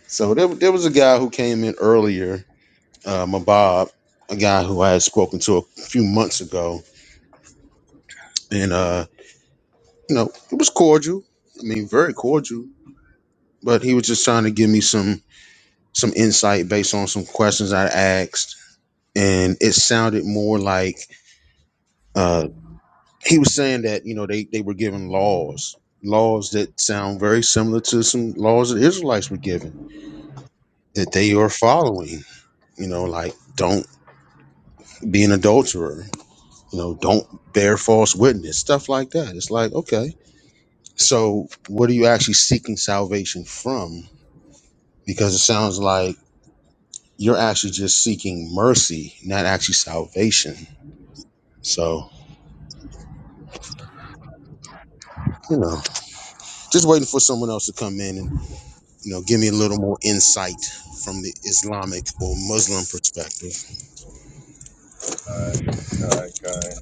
H: So there, there was a guy who came in earlier, uh, Mabab, a guy who I had spoken to a few months ago, and uh, you know, it was cordial. I mean, very cordial. But he was just trying to give me some some insight based on some questions I asked, and it sounded more like uh, he was saying that you know they they were given laws laws that sound very similar to some laws that israelites were given that they are following you know like don't be an adulterer you know don't bear false witness stuff like that it's like okay so what are you actually seeking salvation from because it sounds like you're actually just seeking mercy not actually salvation so you know just waiting for someone else to come in and You know, give me a little more insight from the Islamic or Muslim perspective.
K: God, God, God.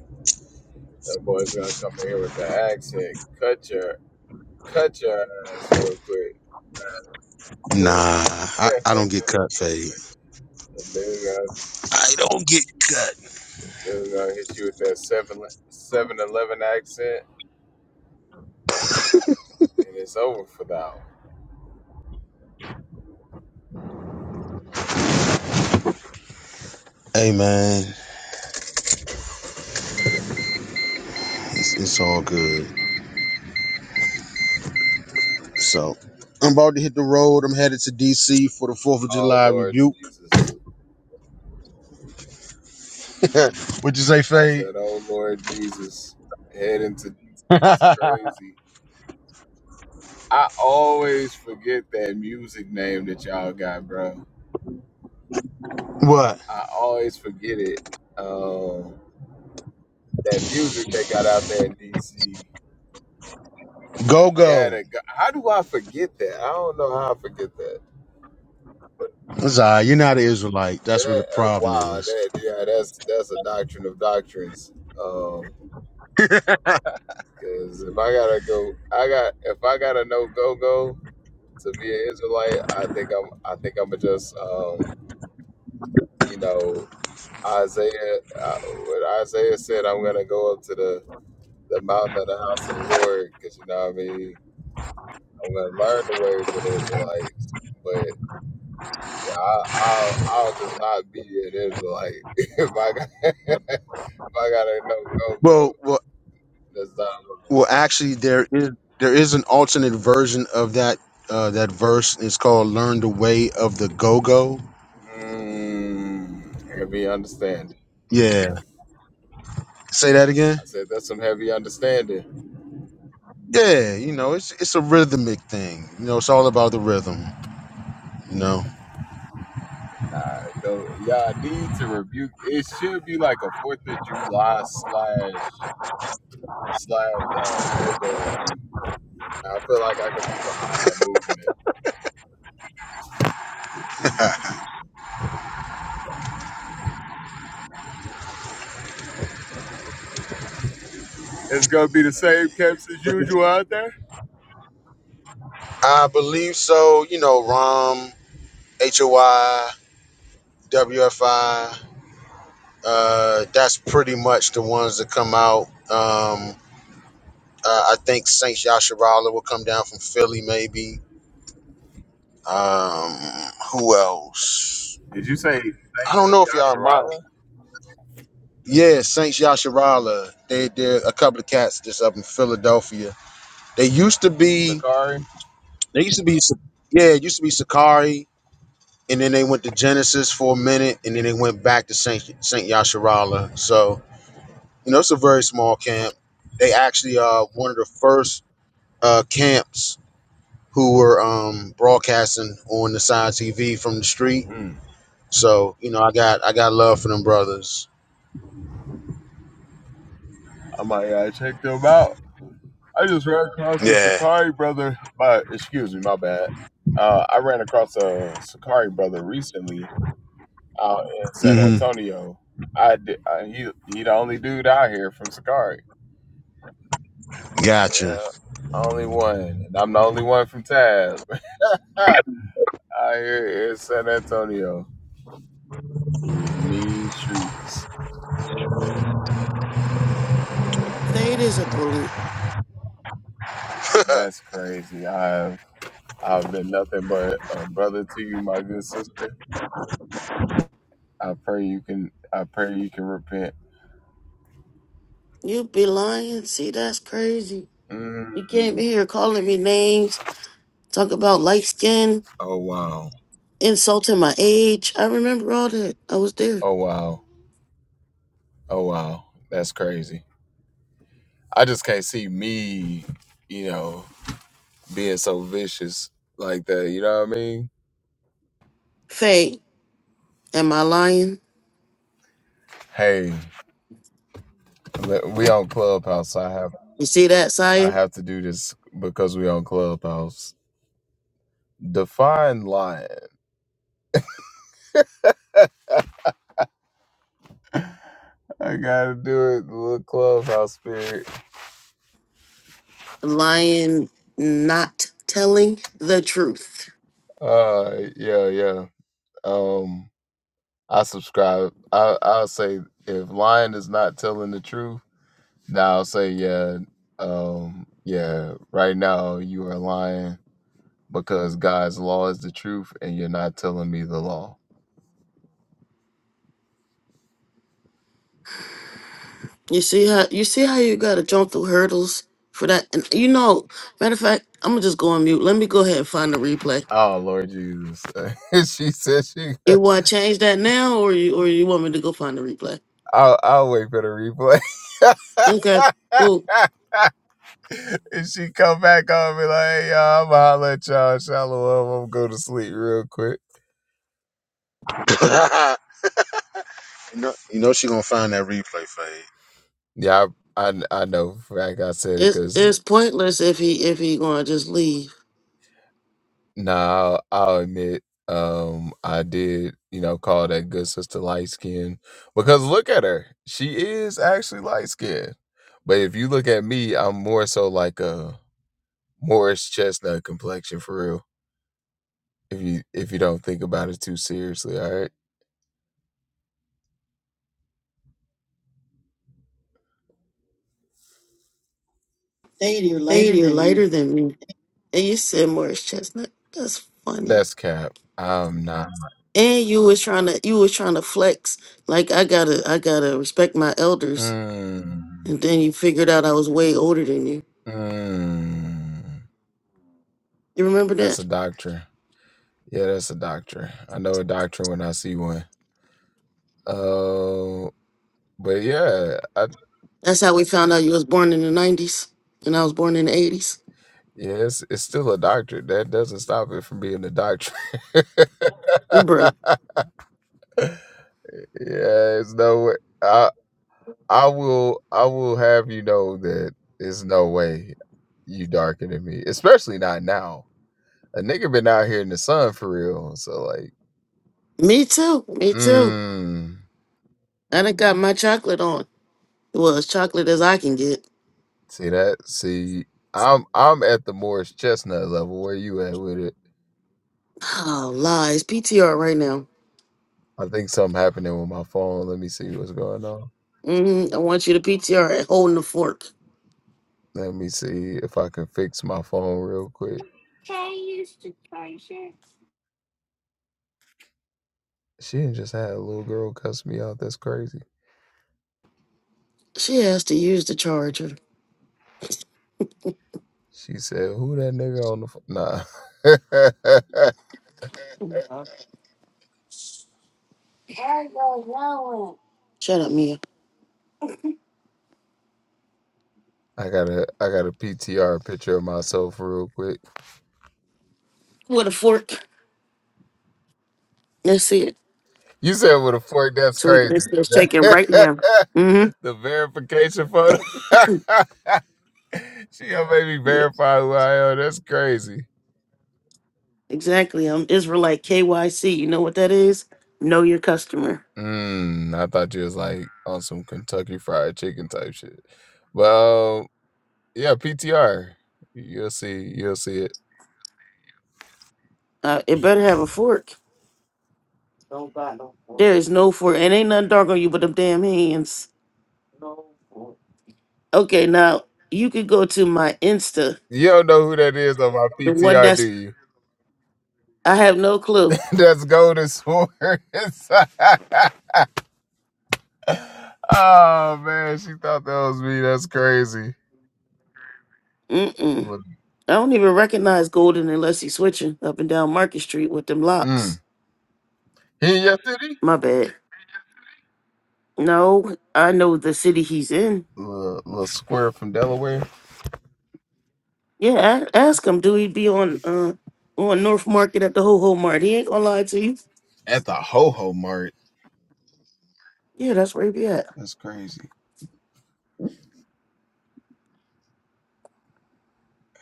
K: That boy's gonna come in here with the accent. Cut your cut your ass real quick.
H: Nah, I,
K: Dude,
H: I don't get cut, fade.
K: the dude gonna,
H: I don't get cut.
K: dude gonna hit you with that 7 seven eleven accent, and it's over for thou.
H: Hey, man, it's, it's all good. So, I'm about to hit the road. I'm headed to D.C. for the 4th of
K: Oh,
H: July
K: Lord
H: rebuke.
K: Jesus.
H: what you say,
K: I
H: fade?
K: said, "Oh Lord Jesus, heading to DC is crazy." I always forget that music name that y'all got, bro.
H: what?
K: I always forget it. Um, that music they got out there in DC.
H: Go,
K: Yeah,
H: go.
K: the, g- how do I forget that? I don't know how I forget that. But
H: It's all right. You're not an Israelite. That's where the
K: that, uh,
H: problem
K: wow,
H: is.
K: that yeah, that's that's a doctrine of doctrines. Um, Cause if I gotta go, I got if I gotta know go go. to be an Israelite, I think I'm. I think I'm just, um, you know, Isaiah. Uh, what Isaiah said, I'm gonna go up to the the mountain of the house of the Lord, because you know, what I mean, I'm gonna learn the ways of the Israelites. But yeah, I, I'll I'll just not be an Israelite if I got if I got a no go go.
H: Well, well
K: That's not wrong.
H: Well, actually, there is there is an alternate version of that uh, that verse. It's called "Learn the Way of the Go Go."
K: Mm, heavy understanding.
H: Yeah, say that again.
K: I said that's some heavy understanding.
H: Yeah, you know, it's it's a rhythmic thing. You know, it's all about the rhythm. You know,
K: Nah, though, y'all need to rebuke. It should be like a Fourth of July slash slash uh, go go rebuke. I feel like I could be behind that movement. It's gonna be the same camps as usual out there.
H: I believe so. You know, ROM, HOI, Uh, that's pretty much the ones that come out. Um, uh, I think Saint Yasharala will come down from Philly, maybe. Um, who else?
K: Did you say Saints
H: I don't know if
K: of
H: y'all mind.
K: Yasharala,
H: Yeah, Saints Yasharala. They they're a couple of cats just up in Philadelphia. They used to be
K: Sakari?
H: they used to be Sa- yeah, it used to be Sakari, and then they went to Genesis for a minute, and then they went back to Saint Saint Yasharala. So, you know, it's a very small camp. They actually are one of the first uh camps who were um broadcasting on the side TV from the street.
K: Mm.
H: So, you know, I got I got love for them brothers.
K: I might uh, check them out. I just ran across a
H: Yeah.
K: Sakari brother. My excuse me, my bad. Uh, I ran across a Sakari brother recently out in San
H: Mm-hmm.
K: Antonio. I did, uh, he he the only dude out here from Sakari.
H: Gotcha.
K: Yeah, only one, and I'm the only one from Tab out here in San Antonio. These mean streets.
B: Fade is a bully.
K: That's crazy. I've I've been nothing but a brother to you, my good sister. I pray you can. I pray you can repent.
B: You be lying. See, that's crazy. You came
K: Mm.
B: in here calling me names, talk about light skin,
K: Oh wow.
B: insulting my age. I remember all that. I was there.
K: Oh wow. Oh wow. That's crazy. I just can't see me. You know. being so vicious like that. You know what I mean?
B: Faye, am I lying?
K: Hey, we on Clubhouse. So I have
B: You see that,
K: I
B: Saya?
K: have to do this because we on Clubhouse. Define lying. I gotta do it. Little Clubhouse spirit.
B: Lying, not telling the truth.
K: Uh, yeah, yeah. Um, I subscribe. I I'll say if lying is not telling the truth, now I'll say yeah. Um, yeah. Right now you are lying because God's law is the truth, and you're not telling me the law.
B: You see how you see how you gotta jump through hurdles for that. And you know, matter of fact, I'm gonna just go on mute. Let me go ahead and find the replay.
K: Oh Lord Jesus! she said she.
B: You want to change that now, or you or you want me to go find the replay?
K: I'll, I'll wait for the replay.
B: Okay, cool.
K: if she come back on me like, hey, y'all, I'm gonna holler at y'all. Shalom. I'm gonna go to sleep real quick.
H: you know, you know she gonna find that replay fade.
K: Yeah, I I, I know. for a fact I said it
B: It's
K: because
B: it's pointless if he if he gonna just leave.
K: now I'll, I'll admit, um, I did. You know, call that good sister light skin because look at her. She is actually light skinned But if you look at me, I'm more so like a Morris chestnut complexion for real. If you if you don't think about it too seriously, all right. Shadier
B: Fade,
K: lighter
B: you're
K: than me.
B: lighter than me. And you said Morris Chestnut. That's funny.
K: That's cap. I'm not.
B: And you was trying to you was trying to flex like I gotta I gotta respect my elders.
K: Mm,
B: And then you figured out I was way older than you.
K: mm.
B: You remember
K: That's a
B: that?
K: doctrine. Yeah, that's a doctrine. I know a doctrine when I see one. Uh, but yeah, I,
B: That's how we found out you was born in the nineties and I was born in the eighties.
K: yeah, it's, it's still a doctrine. That doesn't stop it from being a doctrine.
B: Bruh.
K: yeah, it's no way. I, I will I will have you know that there's no way you darker than me, especially not now. A nigga been out here in the sun for real, so like,
B: Me too. Me too.
K: mm,
B: I done got my chocolate on. Well, as chocolate as I can get.
K: see that? See, I'm I'm at the Morris Chestnut level. Where you at with it?
B: Oh lies. PTR right now.
K: I think something happening with my phone. Let me see what's going on.
B: Mm, I want you to PTR it, holding the fork.
K: Let me see if I can fix my phone real quick.
B: She has
K: She didn't just had a little girl cuss me out. That's crazy.
B: to use the charger.
K: She said, "Who that nigga on the phone?" Nah.
B: Shut up, Mia.
K: I got a I got a PTR picture of myself real quick.
B: With a fork. That's it.
K: You said with a fork, that's
B: So we can
K: crazy.
B: let's, let's check it right now. Mm-hmm.
K: the verification photo. she gonna make me
B: Yeah,
K: verify who I am. That's crazy.
B: exactly. Um, Israelite KYC. You know what that is? Know your customer.
K: Mm, I thought you was like on some Kentucky fried chicken type shit. Well, um, yeah, PTR. You'll see. You'll see it.
B: Uh, it better have a fork. There is no fork. It ain't nothing dark on you but them damn hands. Okay, now you could go to my Insta,
K: You don't know who that is on my
B: the one
K: PTR, do
B: that's
K: you?
B: I have no clue.
K: that's Golden Swords. oh man, she thought that was me. That's crazy.
B: Mm-mm. I don't even recognize Golden unless he's switching up and down Market Street with them
K: Mm.
B: locks.
K: He in your city?
B: My bad. No, I know the city he's in.
K: Little, little square from Delaware
B: Yeah, a- ask him. Do he be on uh on North Market at the Ho Ho Mart? He ain't gonna lie to you.
K: at the Ho Ho Mart.
B: Yeah, that's where he be at.
K: That's crazy.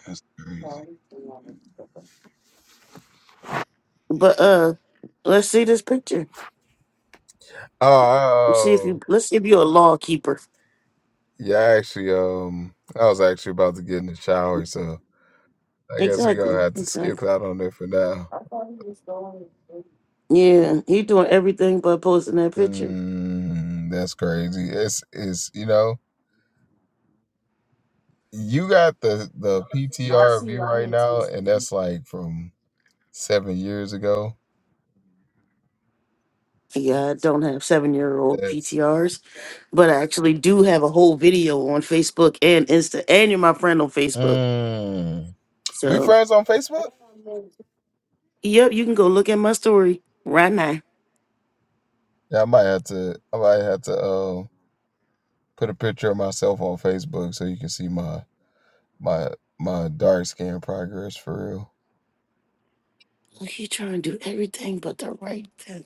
K: That's crazy.
B: But uh, let's see this picture. Let's see if you.
K: Oh, oh,
B: Let's see if you're a law keeper.
K: yeah. Actually, um, I was actually about to get in the shower, so I guess we gonna
B: Exactly.
K: have to skip
B: Exactly.
K: out on it for now.
B: Yeah, he doing everything but posting that picture.
K: Mm, that's crazy. It's it's you know you got the the PTR of you right now, and that's like from seven years ago.
B: Yeah, I don't have seven year old
K: That's
B: PTRs, but I actually do have a whole video on Facebook and Insta, and you're my friend on Facebook.
K: Mm. We
B: So,
K: friends on Facebook?
B: yep, you can go look at my story right now.
K: Yeah, I might have to. I might have to uh, put a picture of myself on Facebook so you can see my my my dark skin progress for real.
B: Well, He trying to do everything but the right thing.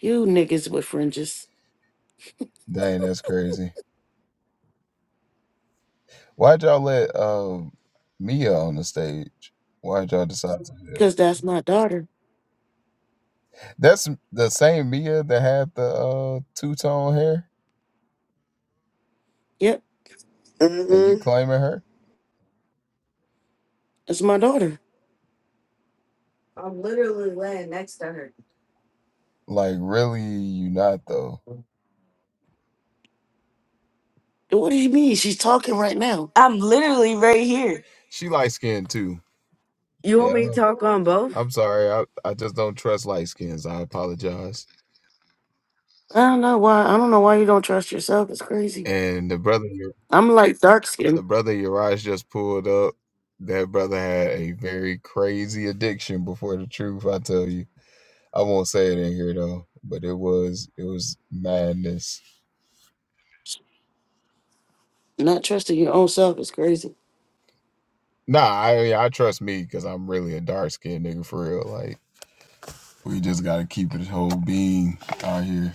B: You niggas with fringes,
K: Dang, that's crazy. Why'd y'all let um Mia on the stage? Why'd y'all decide to do
B: because
K: that?
B: that's my daughter.
K: That's the same Mia that had the uh, two tone hair,
B: Yep,
K: and
E: hmm
K: you claiming her?
B: that's my daughter. I'm literally laying next to her.
K: Like, really, you not though?
B: What do you mean? She's talking right now. I'm literally right here.
K: She light skinned too.
B: You
E: You
K: Yeah. I
E: want
B: want me
K: don't
E: me
B: to
E: to
B: talk
E: talk
B: on
E: on
B: both?
E: both?
K: I'm sorry. I, I just don't trust light skins. I apologize.
B: I don't know why. I don't know why you don't trust yourself. It's crazy.
K: And the brother, Ur-
B: I'm like dark
K: the
B: skin.
K: brother Urias just pulled up. That brother had a very crazy addiction before the truth. I tell you, I won't say it in here though. But it was, it was madness.
B: Not trusting your own self is crazy.
K: Nah, I yeah, I trust me because I'm really a dark skinned nigga for real. Like we just gotta keep it whole being out here.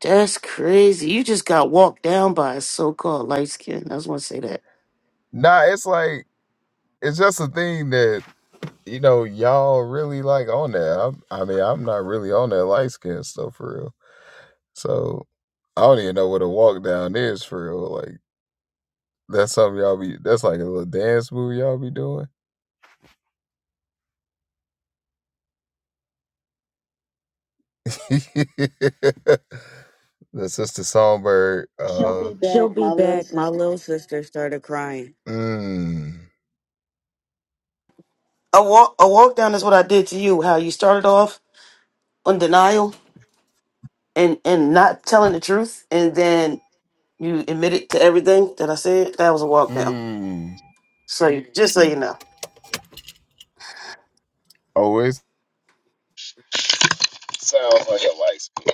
B: That's crazy. You just got walked down by a so called light skin. I just want to say that.
K: Nah, it's like it's just a thing that. you know, y'all really like on that. I'm, I mean, I'm not really on that light skin stuff for real. So I don't even know what a walk down is for real. Like that's something y'all be. That's like a little dance move y'all be doing. the sister songbird. Uh, She'll be uh,
E: She'll
K: back,
E: be
K: my little
E: back. My
K: sister.
E: little sister started crying.
K: Mmm,
B: A walk, a walk down is what I did to you. How you started off on denial and and not telling the truth, and then you admitted to everything that I said. That was a walk down.
K: mmm.
B: So you, just so you know,
K: Oh, it sounds like a light skin.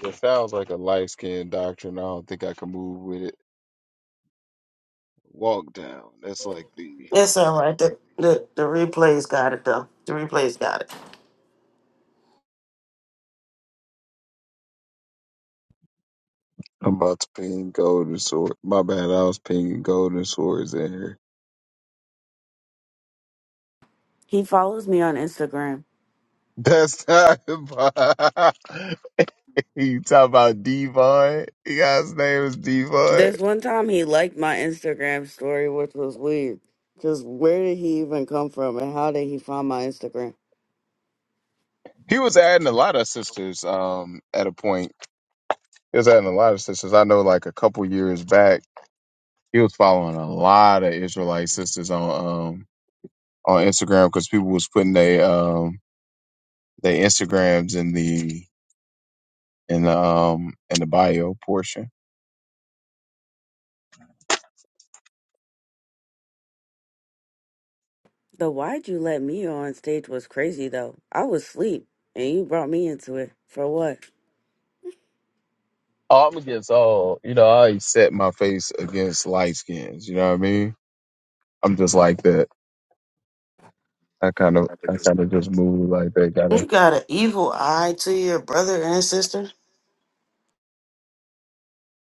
K: It sounds like a light skin doctrine. I don't think I can move with it. Walk down. That's like the
B: it's all right. The, the the replays got it though. The replays got it.
K: I'm about to ping golden sword. My bad, I was pinging golden swords in here.
E: He follows me on Instagram.
K: That's not you talk about Devon. You guy's name is Devon.
E: This one time he liked my Instagram story, which was weird. Cause where did he even come from and how did he find my Instagram?
K: He was adding a lot of sisters um at a point. He was adding a lot of sisters. I know like a couple years back, he was following a lot of Israelite sisters on um on Instagram because people was putting their um their Instagrams in the in the um in the bio portion.
E: The why'd you let me on stage was crazy though. I was asleep and you brought me into it. For what?
K: Oh, I'm against all. You know, I always set my face against light skins. You know what I mean? I'm just like that. I kind of, I kind of just move like that. Gotta
B: You got an evil eye to your brother and sister.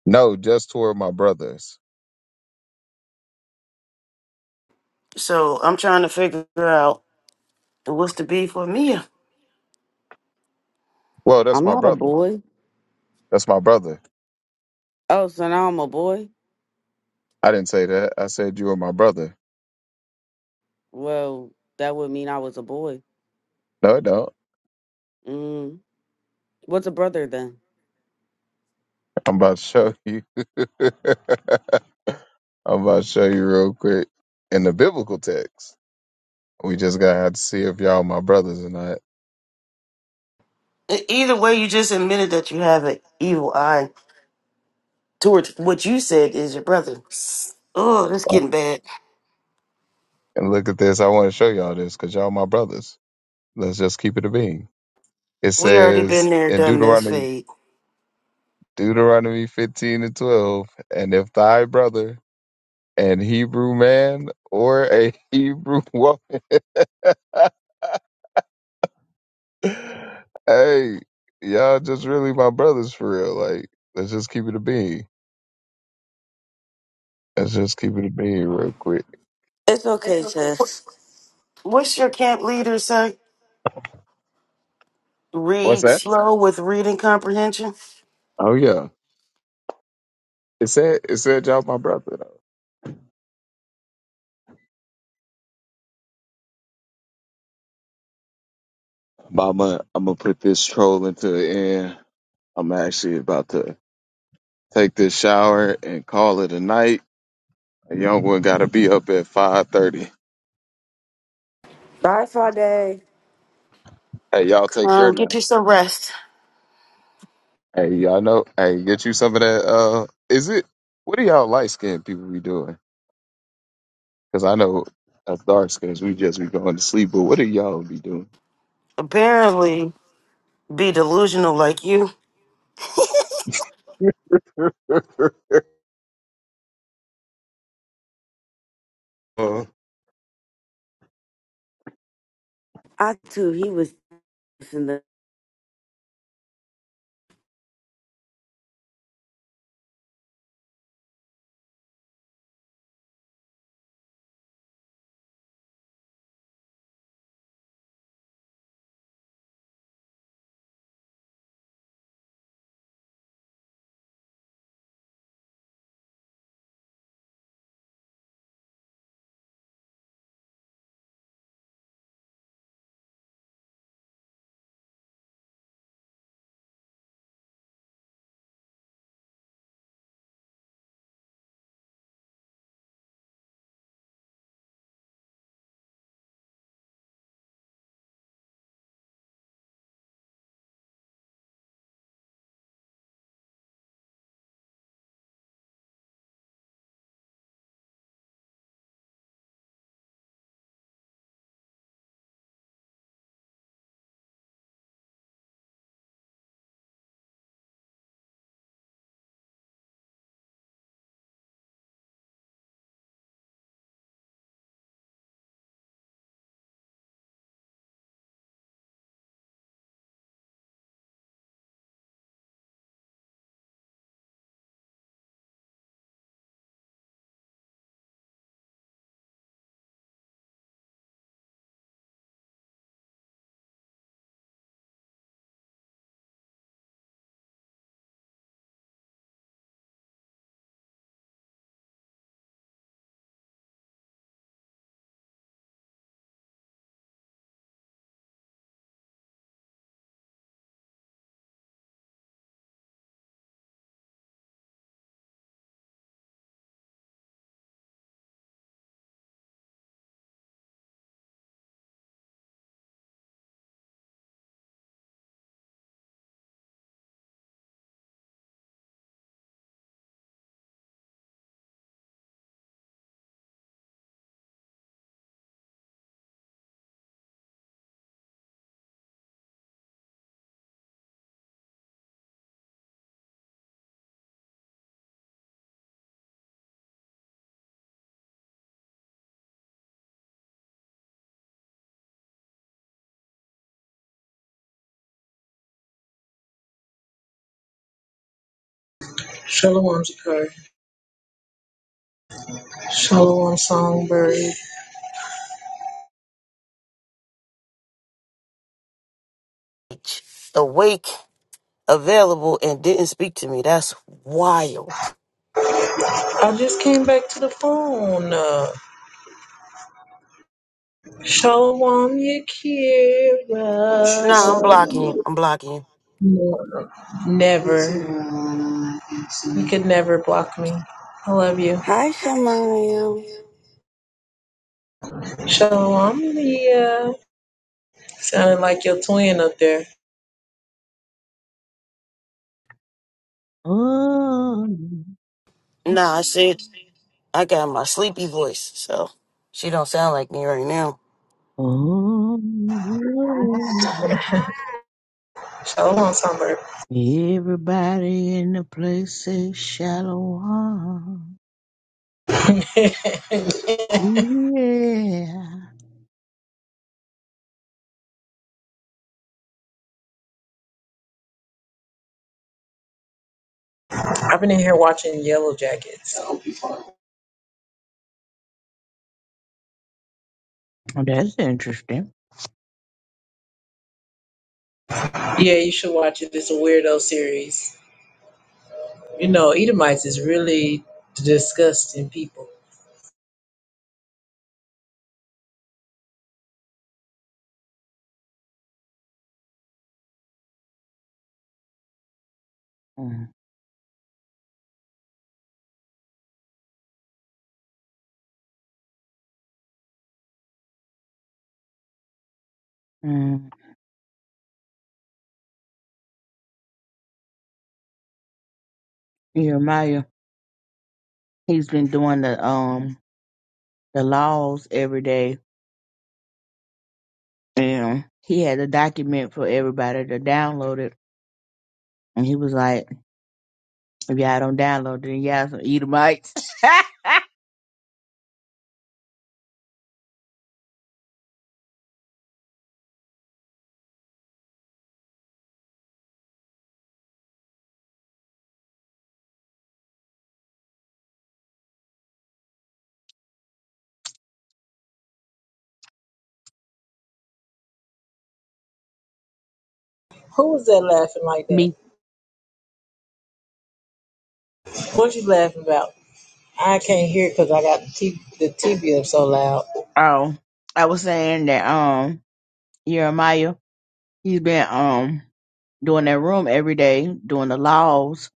K: no, just toward my brothers.
B: So I'm trying to figure out. It was to be for me.
K: Well, that's
E: I'm
K: my
E: not a
K: brother.
E: boy.
K: That's my brother.
E: Oh, so now I'm a boy?
K: I didn't say that. I said you are my brother.
E: Well, that would mean I was a boy.
K: No, I don't.
E: Mm. What's a brother then?
K: I'm about to show you. I'm about to show you real quick in the biblical text. We just gotta have to see if y'all my brothers or not.
B: E- Either way, you just admitted that you have an evil eye towards what you said is your brother. Oh, that's getting bad.
K: And look at this. I want to show y'all this because y'all my brothers. Let's just keep it a being. It
B: We already
K: says
B: been there,
K: in
B: done this,
K: Deuteronomy,
B: Fade.
K: Deuteronomy 15 and 12, and if thy brother, an Hebrew man or a Hebrew woman, hey, y'all just really my brothers for real. Like, let's just keep it a being. Let's just keep it a being real quick.
E: It's
B: It's
E: okay,
B: okay. Wh-
E: sis.
B: What's your camp leader say?
K: What's
B: Read
K: that?
B: slow with reading comprehension.
K: Oh yeah, it said it said y'all my brother. But I'm gonna I'm gonna put this troll into the end. I'm actually about to take this shower and call it a night. A young one gotta be up at five thirty.
E: Bye,
B: Bye, Father.
E: Friday.
K: Hey, y'all
B: Come
K: take care
B: on, get
K: now.
B: you some rest.
K: Hey, y'all know. Hey, get you some of that. Uh, is it? What do y'all light skinned people be doing? Because I know us dark skins, we just be going to sleep. But what do y'all be doing?
B: Apparently, be delusional like you.
K: Uh,
E: I too, he was in the.
I: Shalom, Jakari. Shalom, songbird.
B: Awake, available, and didn't speak to me. That's wild.
I: I just came back to the phone. Uh, Shalom,
B: Nah, I'm
I: Yakira.
B: blocking you. I'm blocking
I: No, Never. You could never block me. I love you.
E: Hi, Shamaya.
I: Shalom, Leah. Sounded like your twin up there.
L: Oh,
B: you. Nah, I said I got my sleepy voice, so she don't sound like me right now.
L: oh! oh.
I: Shalom, songbird.
L: Everybody in the place say shalom.
I: I've been
L: Yeah.
I: in here watching Yellow Jackets.
L: Oh, That's interesting.
I: Yeah, you should watch it. It's a weirdo series. You know, Edomites is really disgusting people.
L: Mm, mm. Jeremiah, he's been doing the um the laws every day and he had a document for everybody to download it. And he was like, if y'all don't download it, then y'all some Edomites.
I: Who was that laughing like that?
L: Me.
I: What you laughing about? I can't hear because I got the, t- the TV up so loud.
L: Oh, I was saying that um Jeremiah He's been um doing that room every day, doing the laws,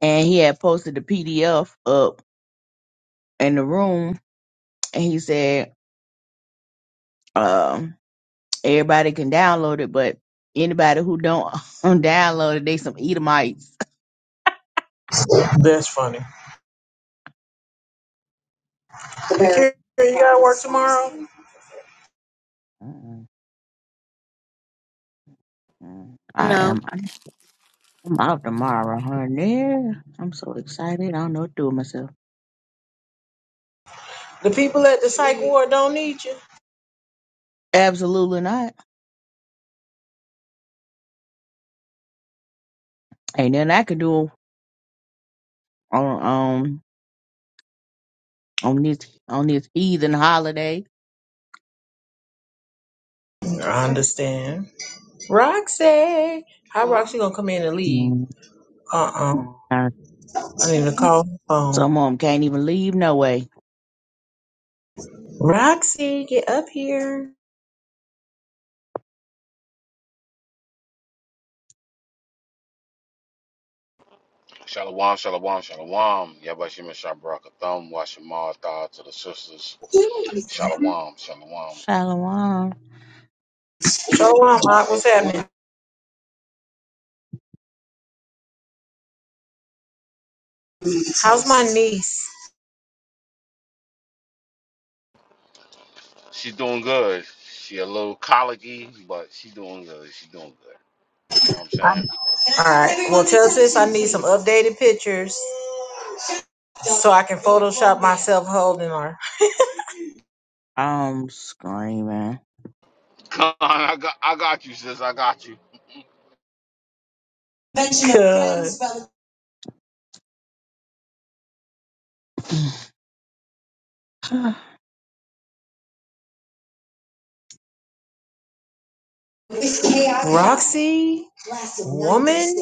L: and he had posted the PDF up in the room, and he said um everybody can download it, but anybody who don't download it, they some Edomites.
I: That's funny. Shakira, you gotta work tomorrow.
L: Mm-mm. I
B: No,
L: am. I'm out tomorrow, honey. I'm so excited. I don't know what to do with myself.
I: The people at the psych ward don't need you.
L: Absolutely not. Ain't nothing I can do on um on this on this heathen holiday.
I: I understand. Roxy, how Roxy gonna come in and leave?
L: Mm.
I: Uh uh I need to call her phone.
L: Some of them can't even leave no way.
I: Roxy, get up here.
M: Shalom, shalom, shalom. Yabashim Shabarakatham, Washamal Thah to the sisters. Shalom, shalom.
L: Shalom.
I: Show 'em what's happening. How's my niece?
M: She's doing good. She a little colicky, but she doing good. She doing good. You know what I'm
I: All
M: saying?
I: right. Well, tell sis I need some updated pictures so I can Photoshop myself holding her.
L: I'm screaming.
M: Come on, I got, I got you, sis. I got you.
I: Good. Roxy, woman.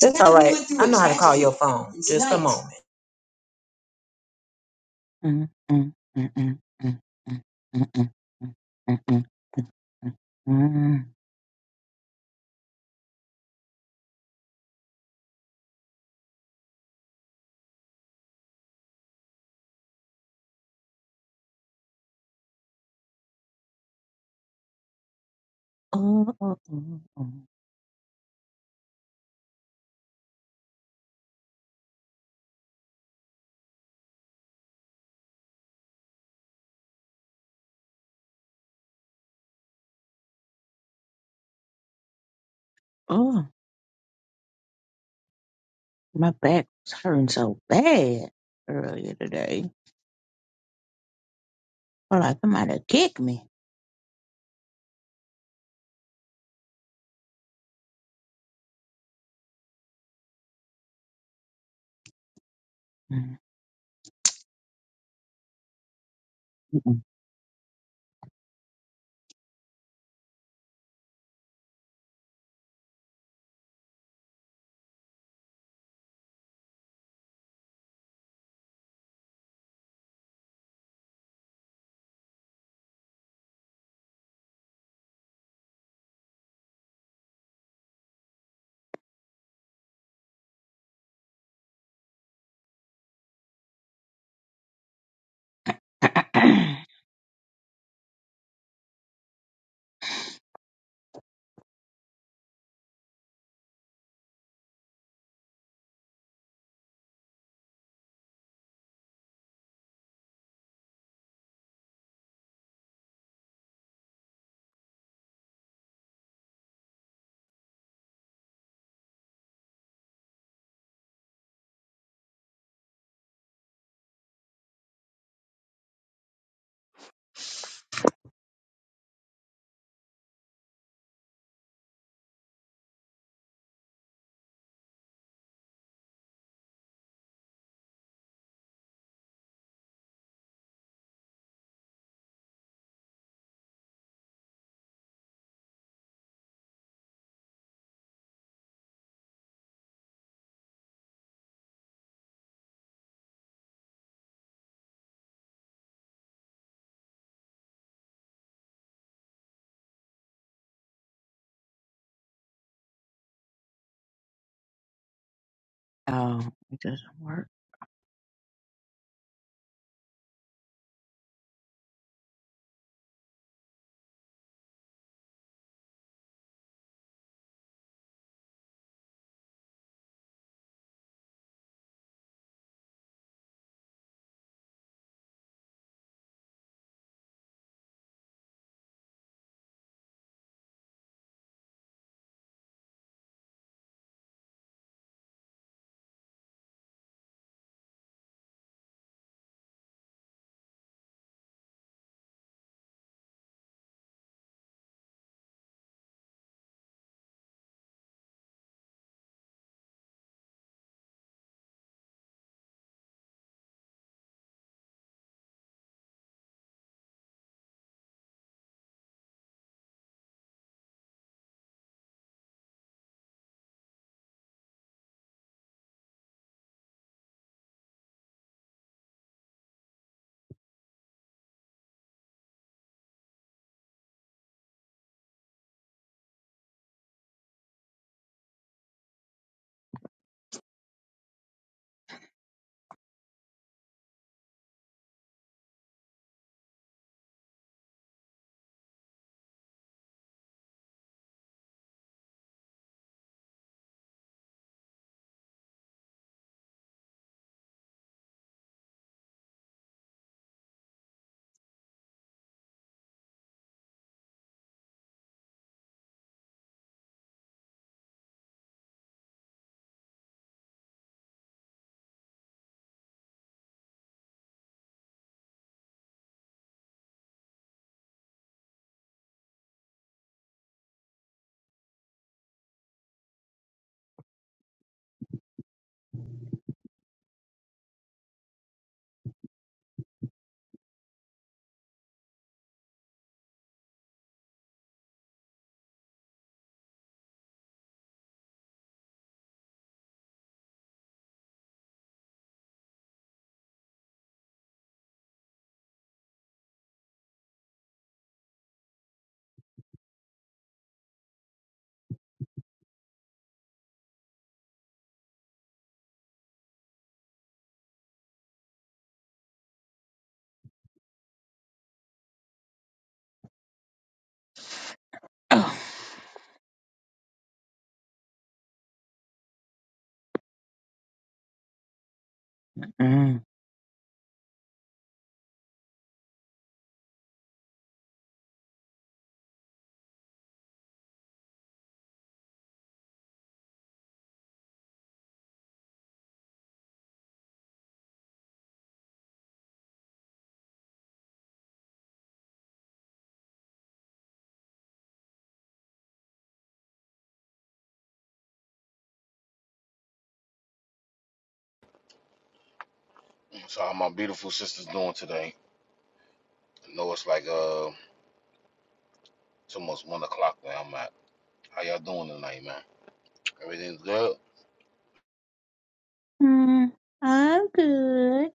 I: That's all right. I know how to call your phone. Just a moment.
L: Mm, mm, mm, mm, mm, mm, mm, mm, mm, mm, mm, mm. Oh, oh, oh, oh. Oh, Oh, my back was hurting so bad earlier today. Felt like somebody kicked me. Mm, mm, mm. Oh, it doesn't work. Oh. Mm.
M: So how my beautiful sisters doing today? I know it's like uh it's almost one o'clock where I'm at. How y'all doing tonight, man? Everything's good?
L: Mm, I'm good.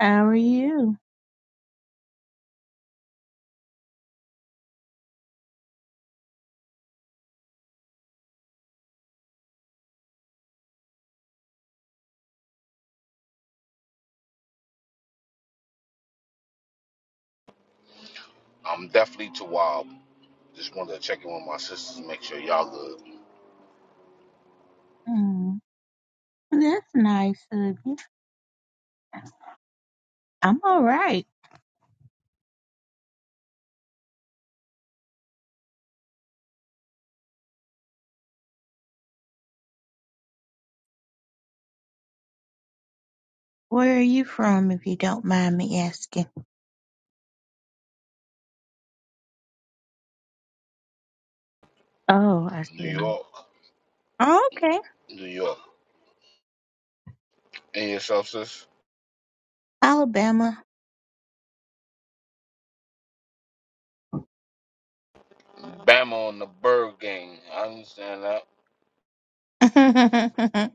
L: How are you?
M: I'm definitely too wild. Just wanted to check in with my sisters and make sure y'all good.
L: Mm. That's nice of you. I'm all right. Where are you from, if you don't mind me asking? Oh, I
M: New
L: see.
M: York.
L: Oh, okay.
M: New York. And yourself, sis.
L: Alabama.
M: Bama on the bird gang. I understand that.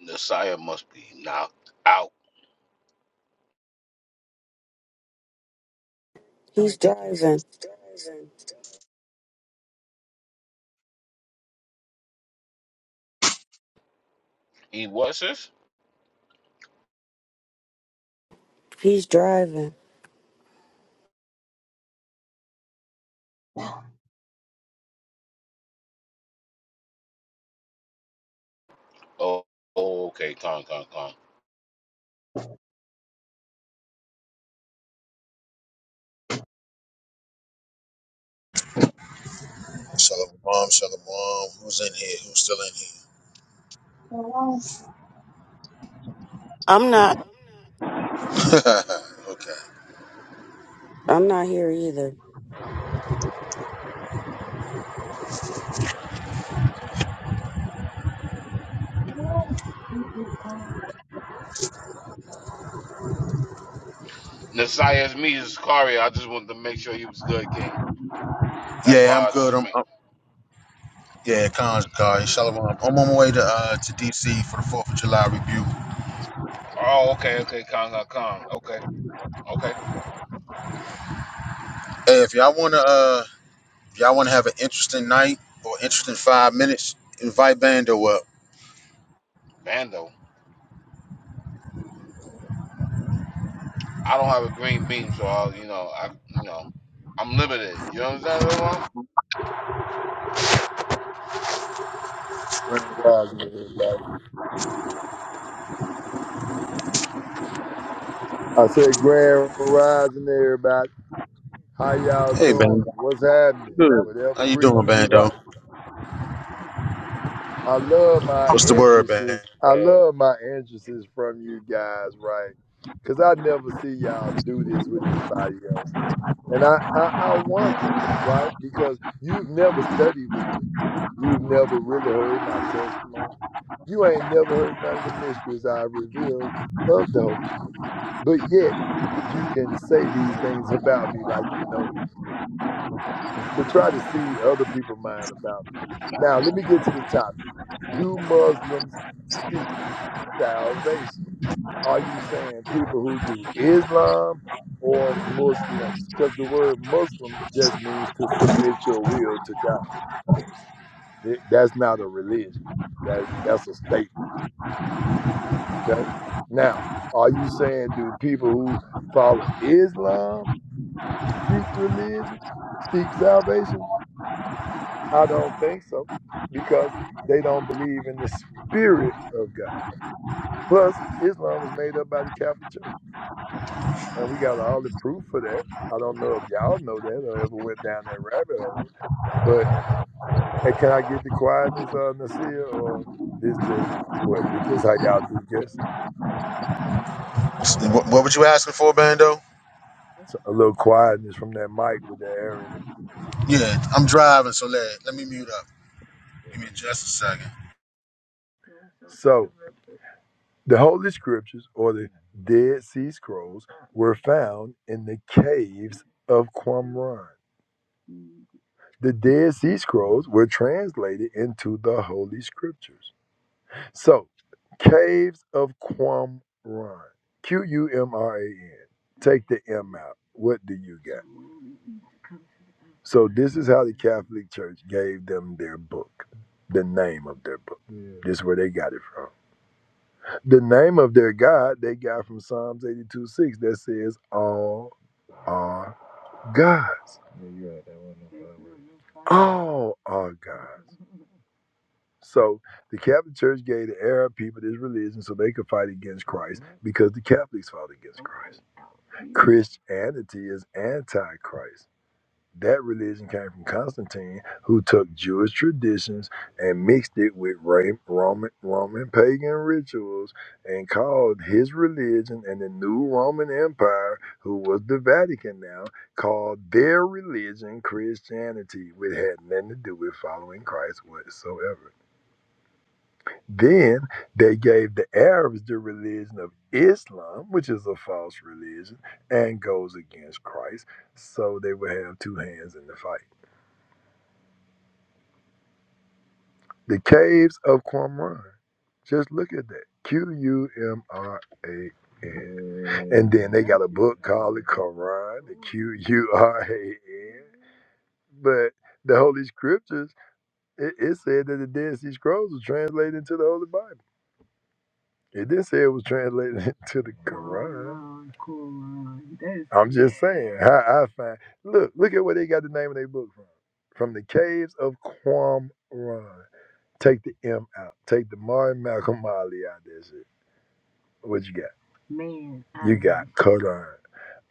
M: Messiah must be knocked out.
E: He's driving.
M: He was sis?
E: He's driving.
M: Oh, oh okay. Calm, calm, calm.
H: Shalom, mom, shalom. mom. Who's in here? Who's still in
B: I'm not.
H: here? okay.
E: I'm not here either.
M: Messiah's me is Kari. I just wanted to make sure you was good, King. That's why
H: Yeah, I'm
M: I
H: good.
M: just
H: I'm.
M: make.
H: I'm yeah, Khan's guy. Shalom. I'm on my way to uh to DC for the Fourth of July review.
M: Oh, okay, okay. Calm, calm, calm. Okay, okay.
H: Hey, if y'all wanna uh if y'all wanna have an interesting night or interesting five minutes, invite Bando up.
M: Bando. I don't have a green beam, so I'll, you know, I, you know, I'm limited. You understand what I'm
N: Grand rising, everybody. I said grand rising, everybody. How y'all
H: Hey,
N: doing?
H: Bando.
N: What's happening?
H: Good.
N: Whatever
H: How you
N: greeting
H: doing,
N: you like.
H: Bando?
N: I love my
H: What's the word,
N: entrances. I
H: Bando?
N: love my entrances from you guys, right? Because I never see y'all do this with anybody else. And I, I, I wonder, right? Because you've never studied with me. You've never really heard my testimony. You ain't never heard none of the mysteries I revealed of the Holy Spirit. But yet, you can say these things about me like you know me to try to see other people's mind about me. Now, let me get to the topic. Do Muslims seek? salvation. Are you saying people who do Islam or Muslims? Because the word Muslim just means to submit your will to God. It- that's not a religion. That that's a statement. Okay. Now, are you saying do people who follow Islam seek religion, seek salvation? I don't think so, because they don't believe in the spirit of God. Plus, Islam was made up by the Catholic Church. And we got all the proof for that. I don't know if y'all know that or ever went down that rabbit hole. But hey, can I get the quietness on this here or this just what this just how y'all do just
H: What, what were you asking for, Bando?
N: a little quietness from that mic with the air in it.
H: Yeah, I'm driving, so let let me mute up. Give me just a second.
N: So the holy scriptures or the Dead Sea Scrolls were found in the caves of Qumran. The Dead Sea Scrolls were translated into the Holy Scriptures. So, Caves of Qumran. Q U M R A N. Take the M out. What do you got? So, this is how the Catholic Church gave them their book, the name of their book. Yeah. This is where they got it from. The name of their God they got from Psalms 82 6 that says, All are gods. Yeah, you're right. That wasn't no fun word. All are gods. So the Catholic Church gave the Arab people this religion so they could fight against Christ because the Catholics fought against Christ. Christianity is anti-Christ. That religion came from Constantine, who took Jewish traditions and mixed it with Ra- Roman Roman pagan rituals and called his religion and the new Roman Empire, who was the Vatican now, called their religion Christianity, which had nothing to do with following Christ whatsoever. Then they gave the Arabs the religion of Islam, which is a false religion and goes against Christ. So they would have two hands in the fight. The caves of Qumran. Just look at that. Q U M R A N. And then they got a book called the Quran, the Q U R A N. But the Holy Scriptures, it, it said that the Dead Sea Scrolls were translated into the Holy Bible. It did say it was translated into the Quran. Quran, Quran. I'm just saying how I find. Look, look at where they got the name of their book from. From the caves of Qumran. Take the M out. Take the Martin Malcolm Ali out. That's it. What you got? Man, I- you got Quran.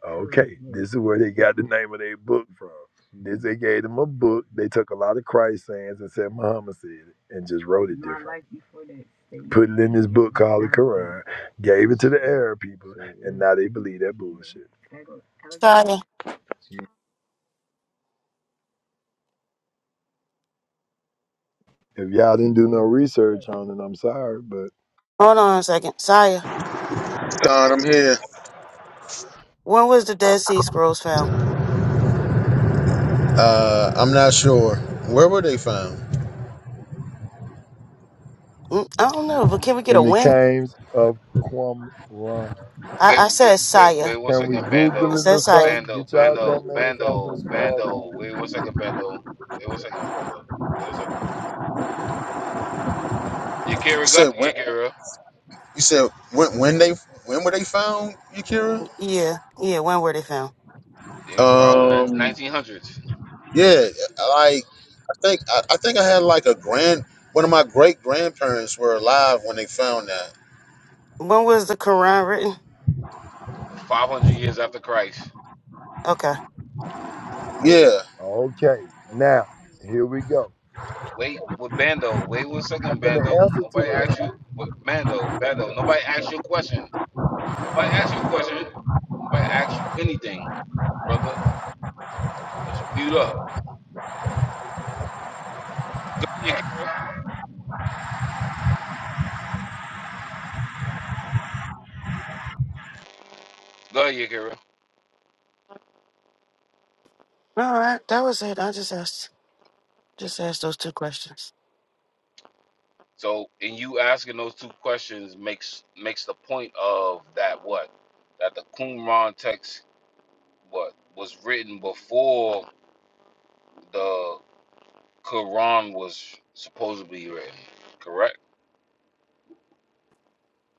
N: Okay, this is where they got the name of their book from. This they gave them a book. They took a lot of Christ sayings and said Muhammad said it and just wrote it different. Put it in this book called the Quran. Gave it to the Arab people, and now they believe that bullshit.
B: Saya,
N: If y'all didn't do no research on it, I'm sorry, but
B: hold on a second. Saya,
H: Don,
M: saying?
H: I'm here.
B: when was the Dead Sea Scrolls found?
H: Uh, I'm not sure. Where were they found?
B: Mm, I don't know, but can we get a
N: in the
B: when?
N: cames of Qumran,
B: I,
M: Wait,
B: I
M: wait,
B: said
M: wait,
B: Saya.
M: wait one
N: can we
M: second,
B: I
N: Google
M: Bando.
N: it
B: said
N: or
B: Saya.
N: something?
M: Bando,
N: Get y'all
M: Bando,
N: dumb ass off them
M: Bando,
N: smartphones.
M: Bando. Wait one second, Bando. Wait one second, brother. Wait one second.
H: You
M: Yakira got
H: said when?
M: it, Yakira.
H: You said when? When they? When were they found, Yakira?
B: Yeah, yeah, when were they found?
M: It was founded in the
H: Um,
M: 1900s,
H: yeah, like I think I, I think I had like a grand. One of my great grandparents were alive when they found that.
B: When was the Quran written?
M: 500 years after Christ.
B: Okay.
H: Yeah.
N: Okay, now here we go.
M: Wait, with Bando. Wait one
N: I'm
M: second, Bando.
N: finna answer to
M: Nobody
N: that.
M: asked you. but Bando, Bando. Nobody asked you a question. Nobody asked you a question. Nobody asked you anything, brother. Just mute up. Go ahead, Yakira. Go ahead, Yakira.
B: All right, that was it. I just asked, just asked those two questions.
M: So, in you asking those two questions makes makes the point of that what that the Qumran text what was written before the Quran was supposedly written, correct?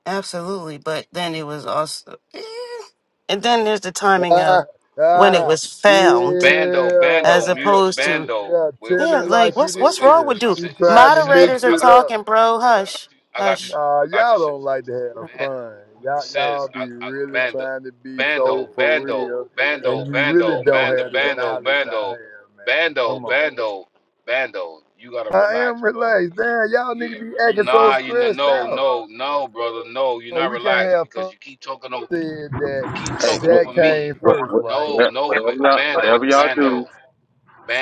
B: Absolutely, but then it was also, eh. and then there's the timing of
N: Ah,
B: when it
N: ah,
B: was found,
M: Bando,
N: yeah,
M: Bando,
B: as
M: mute up,
B: opposed to
M: Bando.
N: yeah,
M: Wait one
N: tell
B: Yeah,
N: it
M: second,
N: like
B: like
M: sis.
N: it
B: what's
M: Wait,
B: what's
M: wait,
B: wrong with
N: is.
B: Duke?
N: She
M: sis, sis,
N: trying to
M: sis I,
B: Moderators
N: mix
B: are
M: I
N: it
M: got you,
N: up.
B: talking, bro.
M: I got
B: Hush,
M: you, I got you,
B: hush.
M: sis.
N: Nah,
M: I got you,
N: y'all don't
M: sis.
N: like to have fun. Y'all, y'all
M: Says
N: be
M: I, I,
N: really
M: Bando,
N: trying to be
M: Bando,
N: so for
M: Bando,
N: real, and
M: Bando,
N: you really
M: Bando,
N: don't
M: Bando,
N: have the
M: Bando,
N: knowledge I
M: Bando,
N: have, man.
M: Bando,
N: Come on.
M: Bando, Bando. You gotta
N: I
M: relax,
N: am
M: bro.
N: relaxed. Damn, y'all niggas
M: You,
N: be acting so
M: nah, you no,
N: stressed
M: no,
N: out.
M: no, no, brother, no. You're
N: Oh,
M: not
N: we can't
M: relaxed
N: have
M: because
N: fun.
M: you keep talking over,
N: Said
M: you
N: that
M: keep
H: Hey,
M: talking
H: what,
N: that
M: over
H: what,
M: me.
N: came first,
H: what,
N: right?
M: No,
H: what,
M: no, B-
H: whatever y'all, whatever
M: Bando,
H: y'all
M: Bando,
H: do,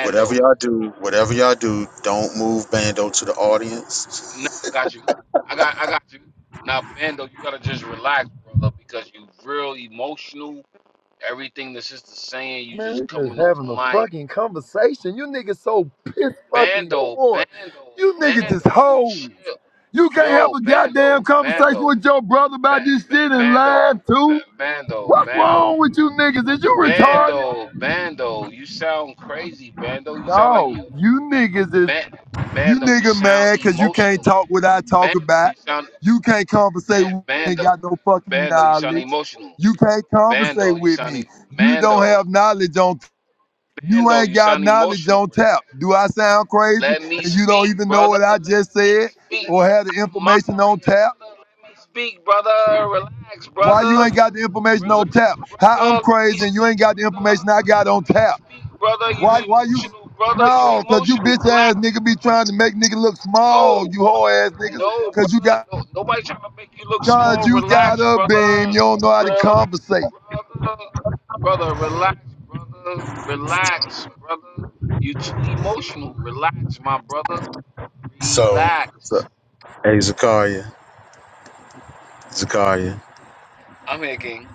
H: whatever y'all do, whatever y'all do, don't move Bando to the
M: Nah,
H: audience.
M: I got you. I got, I got you. Now, Bando, you gotta just relax, brother, because you real emotional Everything that's just the same, you
N: Man, we
M: just
N: just
M: coming off
N: having a
M: mic.
N: fucking conversation. You niggas so piss fucking
M: Bando,
N: poor.
M: bando,
N: You niggas is
M: bando,
N: hoes.
M: chill.
N: You can't have
M: Yo,
N: a goddamn
M: bando,
N: conversation
M: bando,
N: with your brother
M: ba-
N: about this shit
M: ba-
N: and
M: bando,
N: laugh
M: ba-
N: too.
M: bando,
N: What's
M: bando,
N: wrong with you niggas? Is you retarded?
M: bando, bando. You sound crazy, bando. You sound like
N: No,
M: you,
N: you niggas is
M: ba-
N: you
M: bando. You
N: nigga
M: sound
N: mad cause you can't
M: emotional,
N: talk what I talk
M: bando.
N: about.
M: You sound,
N: You can't conversate
M: eh,
N: with me, ain't
M: bando,
N: got no fucking
M: bando. You sound
N: knowledge.
M: emotional,
N: You can't
M: bando.
N: conversate
M: You
N: with
M: sound,
N: me.
M: e-
N: You don't
M: bando,
N: have knowledge on You
M: bando.
N: ain't
M: You
N: got
M: sound
N: knowledge
M: emotional.
N: on tap.
M: Relax,
N: Do
M: bro.
N: I sound crazy?
M: Let me
N: And you don't
M: speak,
N: even know
M: brother.
N: what I
M: Let
N: just
M: me
N: said
M: speak.
N: or have the
M: I'm
N: information on
M: moderating,
N: tap?
M: brother. Let me speak, brother. Relax,
N: Why you
M: brother.
N: ain't got the information on
M: Relax,
N: tap? How I'm
M: brother. Let me
N: crazy and you
M: speak,
N: ain't got the
M: brother.
N: information I got on
M: Let me
N: tap?
M: speak, brother.
N: Why
M: You
N: why you
M: emotional, brother. You
N: no, cause you
M: emotional.
N: bitch ass
M: Relax,
N: nigga be
M: brother.
N: trying to make nigga look small,
M: No,
N: you whole ass niggas.
M: no,
N: Cause you
M: brother.
N: got
M: No, nobody trying to make you look
N: cause
M: small.
N: you got
M: Relax,
N: a beam,
M: brother.
N: you don't know how to
M: Relax,
N: conversate.
M: brother. Brother, relax, brother. Relax, brother. You too emotional. Relax, my brother.
H: So,
M: Relax.
H: so hey, Zakaria. Zakaria.
M: I'm here, King.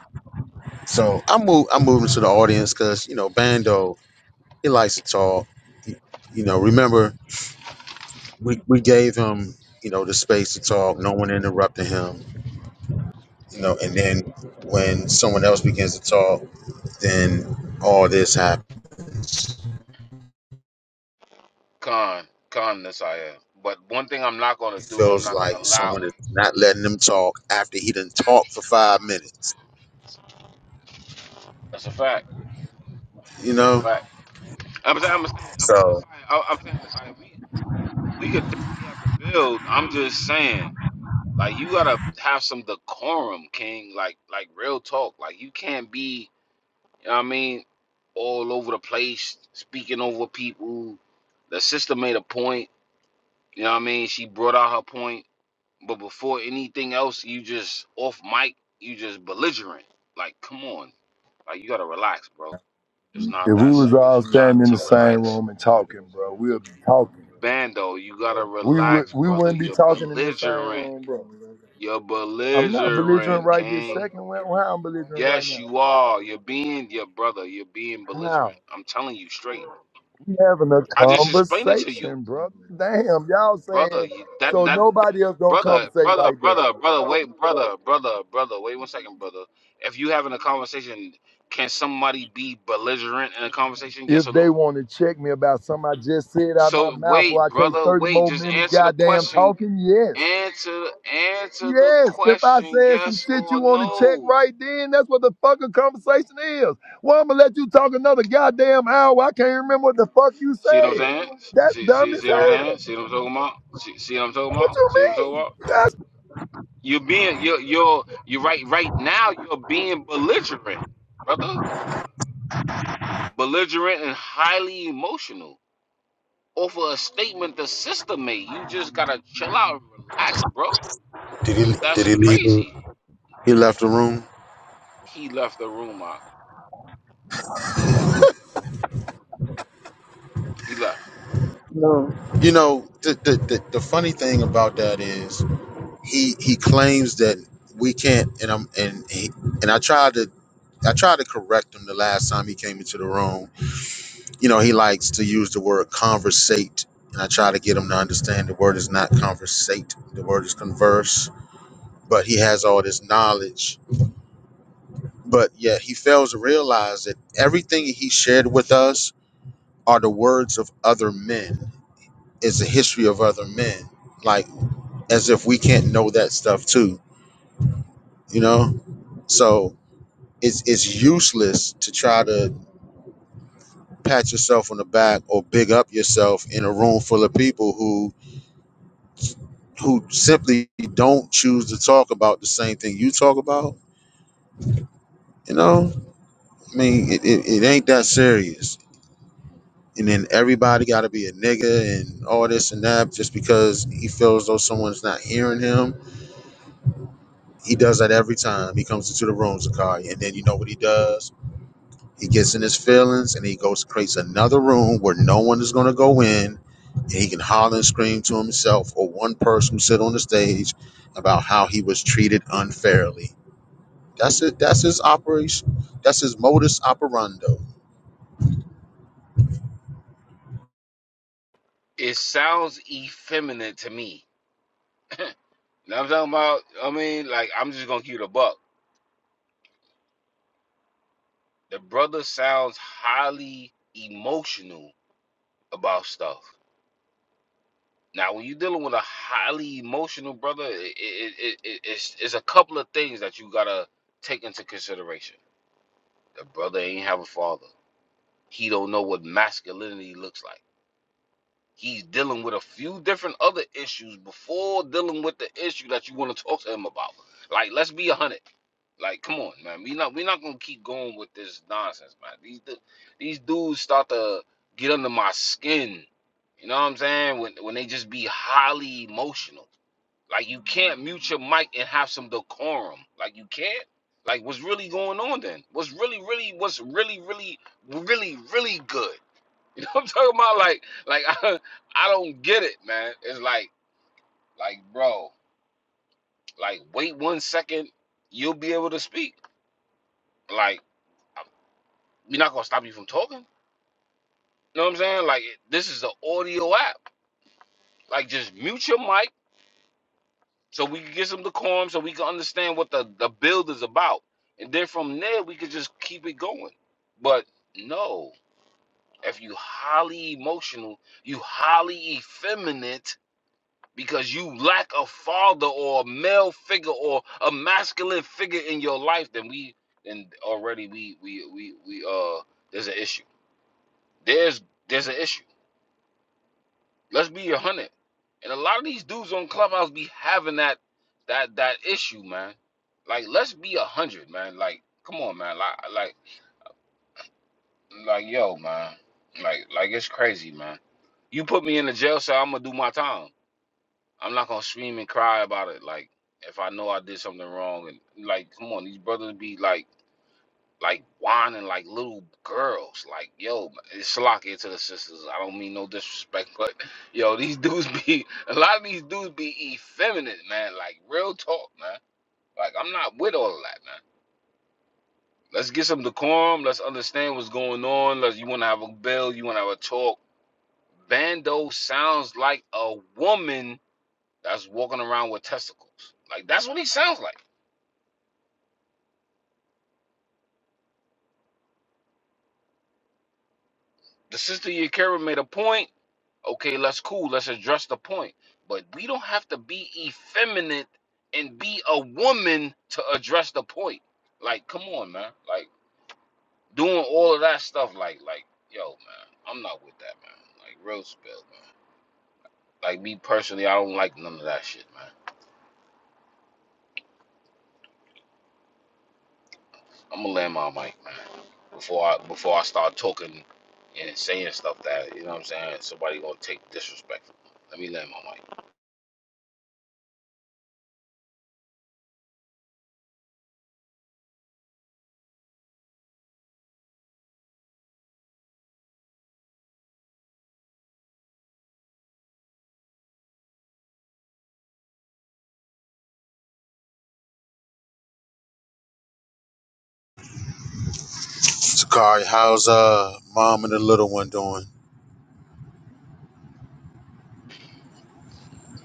H: So I move I am moving to the audience because you know Bando he likes to talk. He- you know, remember we, we gave him you know the space to talk. No one interrupted him. You know, and then when someone else begins to talk, then all this happens.
M: Con. Con this I am. But one thing I'm not gonna
H: He
M: do, I'm
H: feels
M: not gonna
H: like
M: allow.
H: someone is not letting him talk after he didn't talk for five minutes.
M: That's a fact.
H: You
M: That's a
H: know,
M: fact. I'm saying, I'm saying, I'm Nasiah,
H: so
M: I- am saying, Nasiah, we we could definitely have the build. I'm just saying, like you gotta have some decorum, King. Like like real talk. Like you can't be, you know what I mean, all over the place, speaking over people. The sister made a point. You know what I mean? She brought out her point But before anything else, you just off mic, you just belligerent. Like, come on. Like you gotta relax, bro. It's not
N: If
M: that
N: we was
M: serious.
N: all
M: You
N: standing
M: got
N: in the
M: to
N: same
M: relax.
N: room and talking, bro, we'll be talking.
M: Bando, you gotta
N: We would
M: relax,
N: we
M: brother.
N: wouldn't be
M: You're
N: talking in the same
M: belligerent.
N: room, bro.
M: You're
N: I'm not belligerent
M: belligerent,
N: right this
M: King.
N: second. Why why I'm belligerent right
M: Yes,
N: now?
M: you are. You're being your brother. You're being
N: How?
M: belligerent. I'm telling you straight.
N: We having a
M: I just explained it to you.
N: conversation, brother. Damn, y'all
M: brother.
N: saying
M: You, that,
N: so
M: that that
N: nobody else don't
M: brother,
N: conversate
M: brother,
N: like that.
M: brother, brother. Wait, brother, brother, brother. Wait one second, brother. If you having a conversation, can somebody be belligerent in a conversation? Yes
N: If
M: or no?
N: they want to check me about something I just said out my
M: So
N: mouth or
M: wait,
N: I take
M: brother,
N: 30
M: wait.
N: more
M: Just
N: minutes
M: answer the
N: goddamn
M: question.
N: talking, yes.
M: Answer answer the
N: Yes, if I
M: question.
N: said some
M: Yes
N: shit you
M: or
N: want to check
M: no?
N: right then, that's what the fucking conversation is. Well, I'm gonna let you talk another goddamn hour. I can't remember what the fuck you
M: See what I'm
N: said.
M: saying?
N: That's
M: See
N: dumb
M: see
N: as
M: see what I'm
N: hell.
M: saying? See what I'm talking about? See, see what I'm talking
N: What
M: about?
N: you
M: See what I'm talking
N: mean?
M: about?
N: You
M: You're being you're you're you are right right now. You're being belligerent, brother. belligerent and highly emotional over a statement the sister made. You just gotta chill out and relax, bro. Like
H: did he did
M: that's
H: he leave? The,
M: crazy.
H: he left the room.
M: He left the room. Mark. He left. He left.
H: You know, the, the the the funny thing about that is. he he claims that we can't and I'm and he, and I tried to I tried to correct him the last time he came into the room. You know, he likes to use the word conversate and I try to get him to understand the word is not conversate, the word is converse, but he has all this knowledge. But yet he fails to realize that everything he shared with us are the words of other men, is the history of other men. Like as if we can't know that stuff too, you know? So it's it's useless to try to pat yourself on the back or big up yourself in a room full of people who who simply don't choose to talk about the same thing you talk about. You know, I mean, it, it, it ain't that serious. And then everybody got to be a nigga and all this and that just because he feels though someone's not hearing him. He does that every time he comes into the room, Zakari. And then you know what he does? He gets in his feelings and he goes creates another room where no one is going to go in He can holler and scream to himself or one person who sit on the stage about how he was treated unfairly. That's it. That's his operation. That's his modus operandi.
M: It sounds effeminate to me. You know what I'm talking about? I mean, like I'm just gonna keep it a buck. The brother sounds highly emotional about stuff. Now, when you're dealing with a highly emotional brother, it, it, it, it, it's, it's a couple of things that you gotta take into consideration The brother ain't have a father. He don't know what masculinity looks like. He's dealing with a few different other issues before dealing with the issue that you want to talk to him about. Like, let's be a hundred. Like, come on, man. We not we not gonna keep going with this nonsense, man. These these dudes start to get under my skin. You know what I'm saying? When when they just be highly emotional. Like you can't mute your mic and have some decorum. Like you can't. Like what's really going on then? What's really, really, what's really, really, really, really good? You know what I'm talking about? Like, like I, I don't get it, man. It's like, like bro, like wait one second, you'll be able to speak. Like we're not gonna stop you from talking. You know what I'm saying? Like this is an audio app. Like just mute your mic so we can get some decorum so we can understand what the, the build is about. And then from there we could just keep it going. But no, if you highly emotional, you highly effeminate because you lack a father or a male figure or a masculine figure in your life, then we then already we we we, we uh there's an issue. There's there's an issue. Let's be a hundred. And a lot of these dudes on Clubhouse be having that that that issue, man. Like, let's be a hundred, man. Like, come on, man. Like, like, like, yo, man. Like, like, it's crazy, man. You put me in the jail cell, I'm gonna do my time. I'm not gonna scream and cry about it. Like, if I know I did something wrong, and like, come on, these brothers be like. like whining like little girls. Like, yo, it's Salakia to the sisters. I don't mean no disrespect, but yo, these dudes be a lot of these dudes be effeminate, man. Like real talk, man. Like I'm not with all of that, man. Let's get some decorum. Let's understand what's going on. Let's you wanna have a bill, you wanna have a talk. Bando sounds like a woman that's walking around with testicles. Like that's what he sounds like. The sister Yakira made a point. Okay, let's cool. Let's address the point. But we don't have to be effeminate and be a woman to address the point. Like, come on, man. Like doing all of that stuff. Like, like, yo, man, I'm not with that, man. Like, real spill, man. Like me personally, I don't like none of that shit, man. I'm gonna land my mic, man. Before I before I start talking and saying stuff that you know what I'm saying, somebody gonna take disrespectful. Let me land my mic.
H: Sakari, how's uh mom and the little one doing?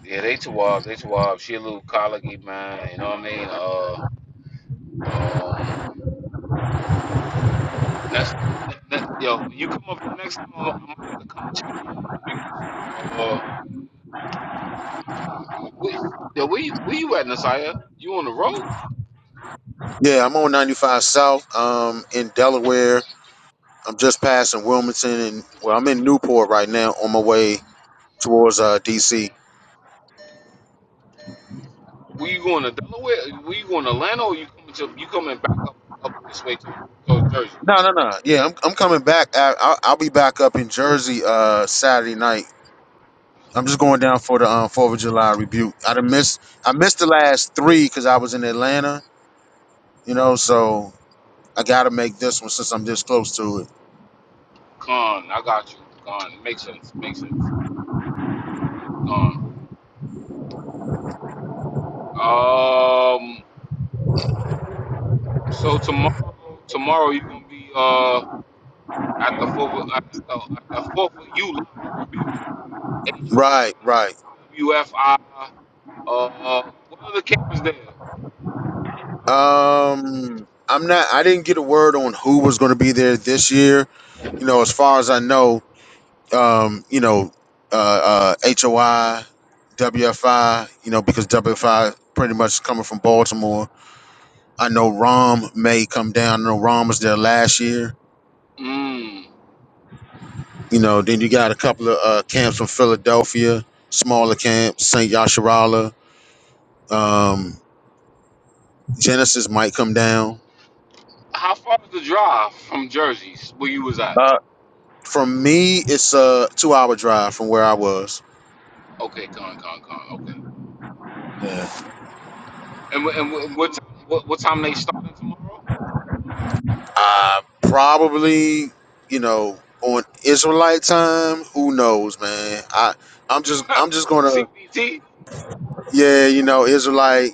M: Yeah, they too wild. They too wild. She a little colicky, man. You know what I mean? Uh. Um, next, ne, ne, yo, when you come up here next time, I, might have to come check you. So, uh, we, yo, where, you- where you at, Nasiah? You on the road?
H: Yeah, I'm on 95 South, um, in Delaware. I'm just passing Wilmington, and well, I'm in Newport right now on my way towards uh DC.
M: Were you going to Delaware? Were you going to Atlanta, or you coming to you coming back up up this way to to Jersey?
H: No, no, no. Yeah, I'm I'm coming back. I, I'll, I'll be back up in Jersey uh Saturday night. I'm just going down for the um, Fourth of July rebuke. I done missed I missed the last three because I was in Atlanta, you know. So I got to make this one since I'm this close to it.
M: Con, I got you. Con, makes sense. Makes sense. Con. Um, so tomorrow, tomorrow you gonna be uh at the fourth at the, at the fourth of July review. H O
H: Right, right.
M: I W F I. Uh, what other camp is there?
H: Um, I'm not. I didn't get a word on who was going to be there this year. You know, as far as I know, um, you know, uh, uh, HOI, You know, because WFI pretty much coming from Baltimore. I know Rom may come down. I know Rom was there last year
M: Mm.
H: You know, then you got a couple of uh, camps from Philadelphia, smaller camps, St. Yasharala. Um, Genesis might come down.
M: How far is the drive from Jersey's where you was at?
H: From me, it's a two-hour drive from where I was.
M: Okay, con, con, con. Okay.
H: Yeah.
M: And wh- and wh- what time, what, what time they starting tomorrow?
H: I probably, you know, on Israelite time, who knows, man. I I'm just I'm just gonna
M: CBT.
H: yeah, you know, Israelite,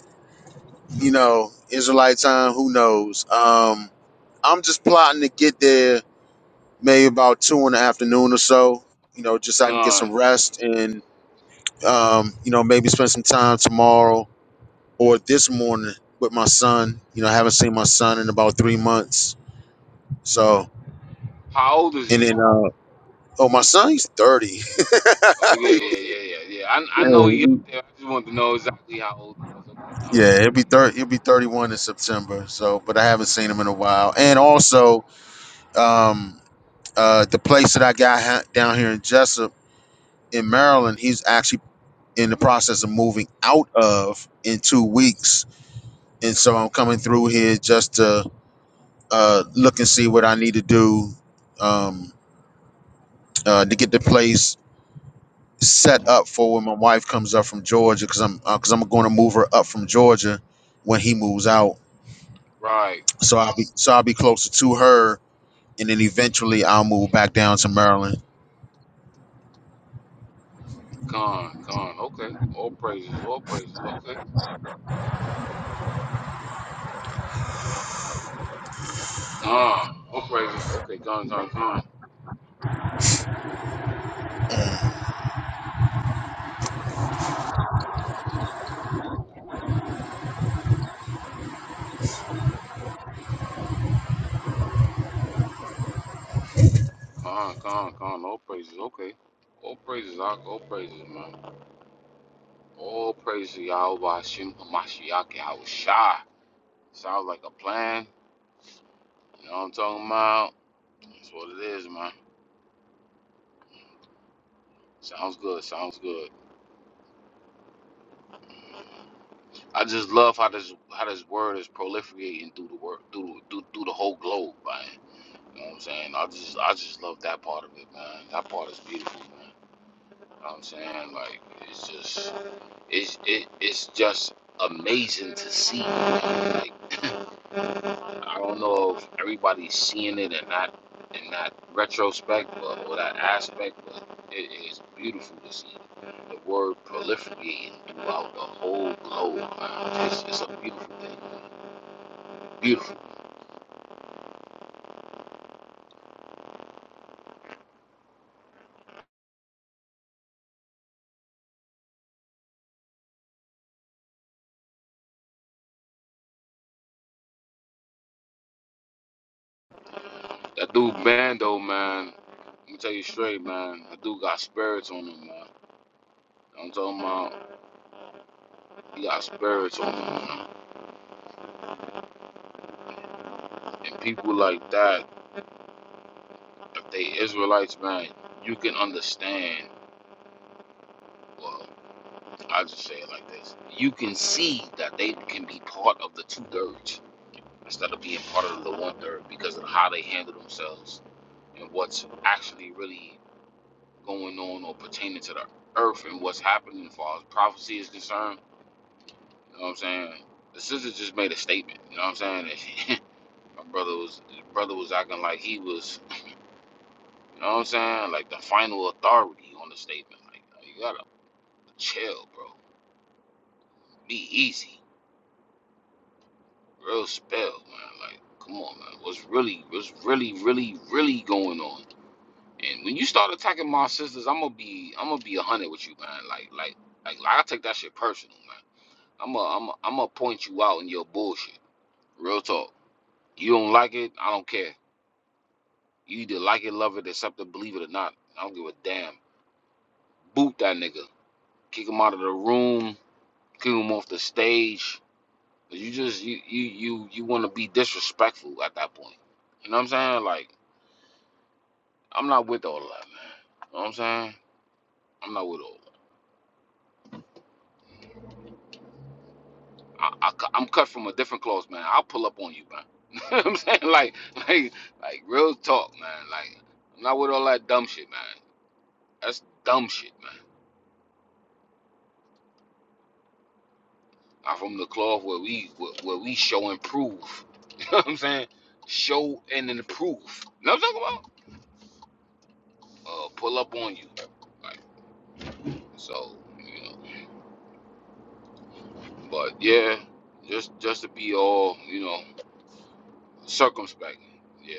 H: you know, Israelite time, who knows. Um, I'm just plotting to get there maybe about two in the afternoon or so. You know, just so I can get
M: Con.
H: some rest and um, you know maybe spend some time tomorrow or this morning with my son. You know, I haven't seen my son in about three months. So
M: How old is
H: and
M: he?
H: then uh, oh, my son he's thirty.
M: Oh yeah,
H: yeah,
M: yeah, yeah, yeah, yeah. I I know
H: he'll
M: he up
H: be
M: there. I just wanted to know exactly how old he was. Okay, con.
H: yeah, he'll be
M: Okay.
H: thirty. He'll be thirty-one in September. So, but I haven't seen him in a while. And also, um, uh, the place that I got ha- down here in Jessup in Maryland, he's actually in the process of moving out of in two weeks. And so I'm coming through here just to uh, look and see what I need to do um, uh, to get the place set up for when my wife comes up from Georgia, because I'm because I'm going to move her up from Georgia when he moves out.
M: Right.
H: So I'll be so I'll be closer to her, and then eventually I'll move back down to Maryland.
M: Con, con. Okay. All praises. All praises. Okay. Con. All praises. Okay. Con, con, con. Con, con, con. All praises. Okay. All praises. All, all praises, man. All praises. Yahweh Hashem Hamashiach Yahweh Shai. Sounds like a plan. You know what I'm talking about? That's what it is, man. Sounds good. Sounds good. I just love how this how this word is proliferating through the work through through through the whole globe, man. You know what I'm saying? I just I just love that part of it, man. That part is beautiful, man. You know what I'm saying? Like it's just it's it, it's just amazing to see. man. Like I don't know if everybody's seeing it in that in that retrospect, but or that aspect, but it is beautiful to see the word proliferating throughout the whole globe. Man. It's, it's a beautiful thing, man. Beautiful. That dude Bando, man. Let me tell you straight, man. That dude got spirits on him, man. I'm talking about he got spirits on him, man. And people like that, if they Israelites, man, you can understand. Well, I just say it like this: you can see that they can be part of the two thirds instead of being part of the one third because of how they handle themselves and what's actually really going on or pertaining to the earth and what's happening as far as prophecy is concerned. You know what I'm saying? The sister just made a statement. You know what I'm saying? And she, my brother was his brother was acting like he was. You know what I'm saying? Like the final authority on the statement. Like you gotta chill, bro. Be easy. real spell, man. Like, come on, man. What's really, what's really, really, really going on? And when you start attacking my sisters, I'm gonna be, I'm gonna be a hundred with you, man. Like, like, like, like, I take that shit personal, man. I'm gonna, I'm, gonna- I'm gonna point you out in your bullshit. Real talk. You don't like it, I don't care. You either like it, love it, accept it, believe it or not. I don't give a damn. Boot that nigga. Kick him out of the room. Kick him off the stage. You just, you, you, you, you want to be disrespectful at that point. You know what I'm saying? Like. I'm not with all that, man. know what I'm saying? I'm not with all that. I, I, cu- I'm cut from a different cloth, man. I'll pull up on you, man. You know what I'm saying? Like, like, like, real talk, man. Like, I'm not with all that dumb shit, man. That's dumb shit, man. I'm from the cloth where we, where, where we show and prove. You know what I'm saying? Show and improve. You know what I'm talking about? Uh, pull up on you. Like, so, you know. But yeah, just, just to be all, you know, circumspect. Yeah.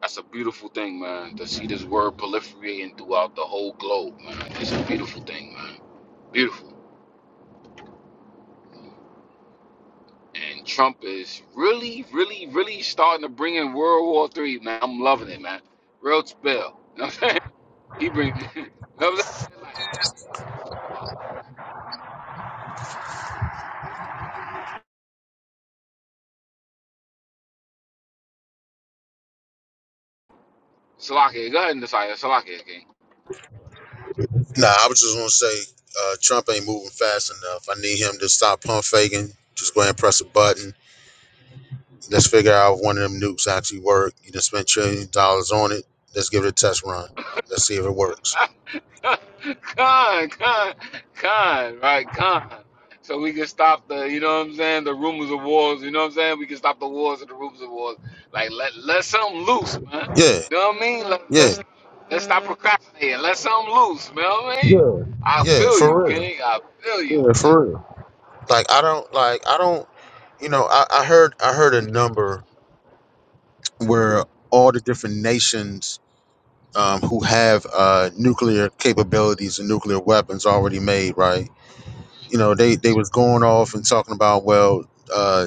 M: That's a beautiful thing, man. To see this word proliferating throughout the whole globe, man. It's a beautiful thing, man. Beautiful. And Trump is really, really, really starting to bring in World War Three, man. I'm loving it, man. Real spill. You know what I'm saying? He bring. You know what I'm saying? Like, let's talk about. Salakia, go ahead and decide. Salakia, King.
H: Nah, I was just gonna say uh, Trump ain't moving fast enough. I need him to stop pump faking. Just go ahead and press a button Let's figure out if one of them nukes actually work. You just spent trillion dollars on it. Let's give it a test run. Let's see if it works.
M: Con, con, con, right, con. So we can stop the, you know what I'm saying, the rumors of wars, you know what I'm saying? We can stop the wars and the rumors of wars. Like let let something loose, man.
H: Yeah,
M: You know what I mean? Let,
H: yeah,
M: let's let's stop procrastinating. Let something loose, man. You know what I mean?
H: yeah,
M: I
H: yeah.
M: feel you,
H: For real.
M: King. I feel you.
H: Yeah, for real. Like I don't like I don't. You know, I, I heard I heard a number where all the different nations um, who have uh, nuclear capabilities and nuclear weapons already made. Right. You know, they they was going off and talking about well. uh,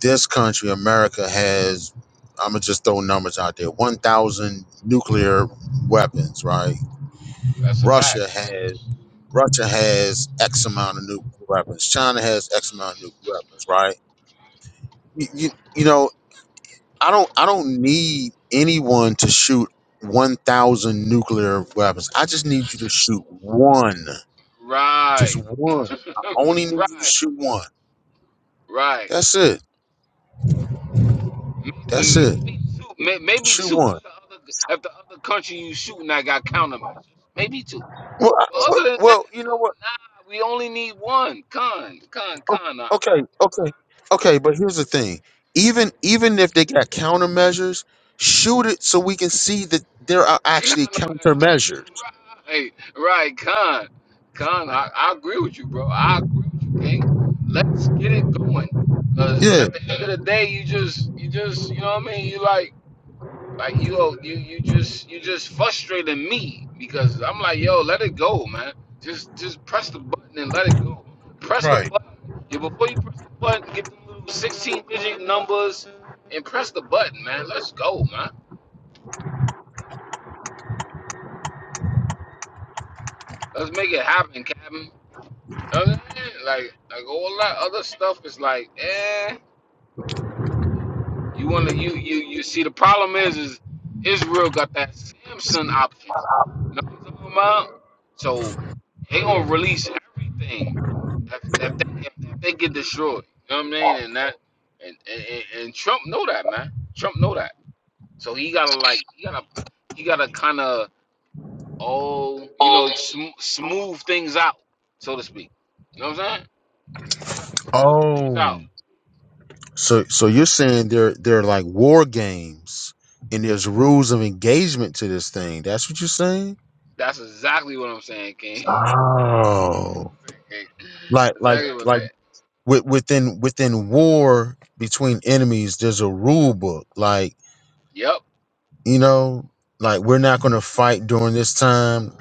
H: This country, America, has, I'm going to just throw numbers out there 1,000 nuclear weapons, right?
M: That's a fact.
H: Russia has. Russia has X amount of nuclear weapons. China has X amount of nuclear weapons, right? You, you, you know, I don't I don't need anyone to shoot 1,000 nuclear weapons. I just need you to shoot one. Just
M: Right.
H: one. I only need you to
M: right,
H: shoot one.
M: right.
H: That's it. That's
M: Maybe,
H: it.
M: maybe two. may- Maybe
H: Shoot
M: two
H: one.
M: if the other if the other country you shooting at got countermeasures. Maybe two.
H: Well, I,
M: But
H: what,
M: other than that,
H: well, you know what?
M: nah, we only need one. Con, con,
H: O-
M: con. uh,
H: Okay, okay, okay. But here's the thing: even even if they got countermeasures, shoot it so we can see that there are
M: Con,
H: actually
M: uh,
H: countermeasures.
M: right, right, con. Con, I, I agree with you, bro. I agree with you, King. Let's get it going. Cause
H: Yeah,
M: at the end of the day, you just, you just, you know what I mean? You like, Like you, you, you just, you just frustrating me because I'm like, yo, let it go, man. Just, just press the button and let it go. Press the
H: right.
M: button. Yeah, before you press the button, get them little 16-digit numbers and press the button, man. Let's go, man. Let's make it happen, Captain. You know what I'm Like, like all that other stuff is like, eh. You want to you you you see the problem is is Israel got that Samson option. Know what I'm talking about? So they gonna release everything if, if they if, if they get destroyed. You know what I mean? And that and, and and and Trump know that man. Trump know that. So he gotta like he gotta he gotta kind of oh you
H: Oh,
M: know sm- smooth things out so to speak. You know what I'm saying? You gotta smooth things out.
H: so so you're saying there there are like war games and there's rules of engagement to this thing. That's what you're saying?
M: That's exactly what I'm saying,
H: Oh, like like
M: Exactly what's
H: like
M: that.
H: wi- within within war between enemies, there's a rule book. Like
M: Yup,
H: you know like we're not going to fight during this time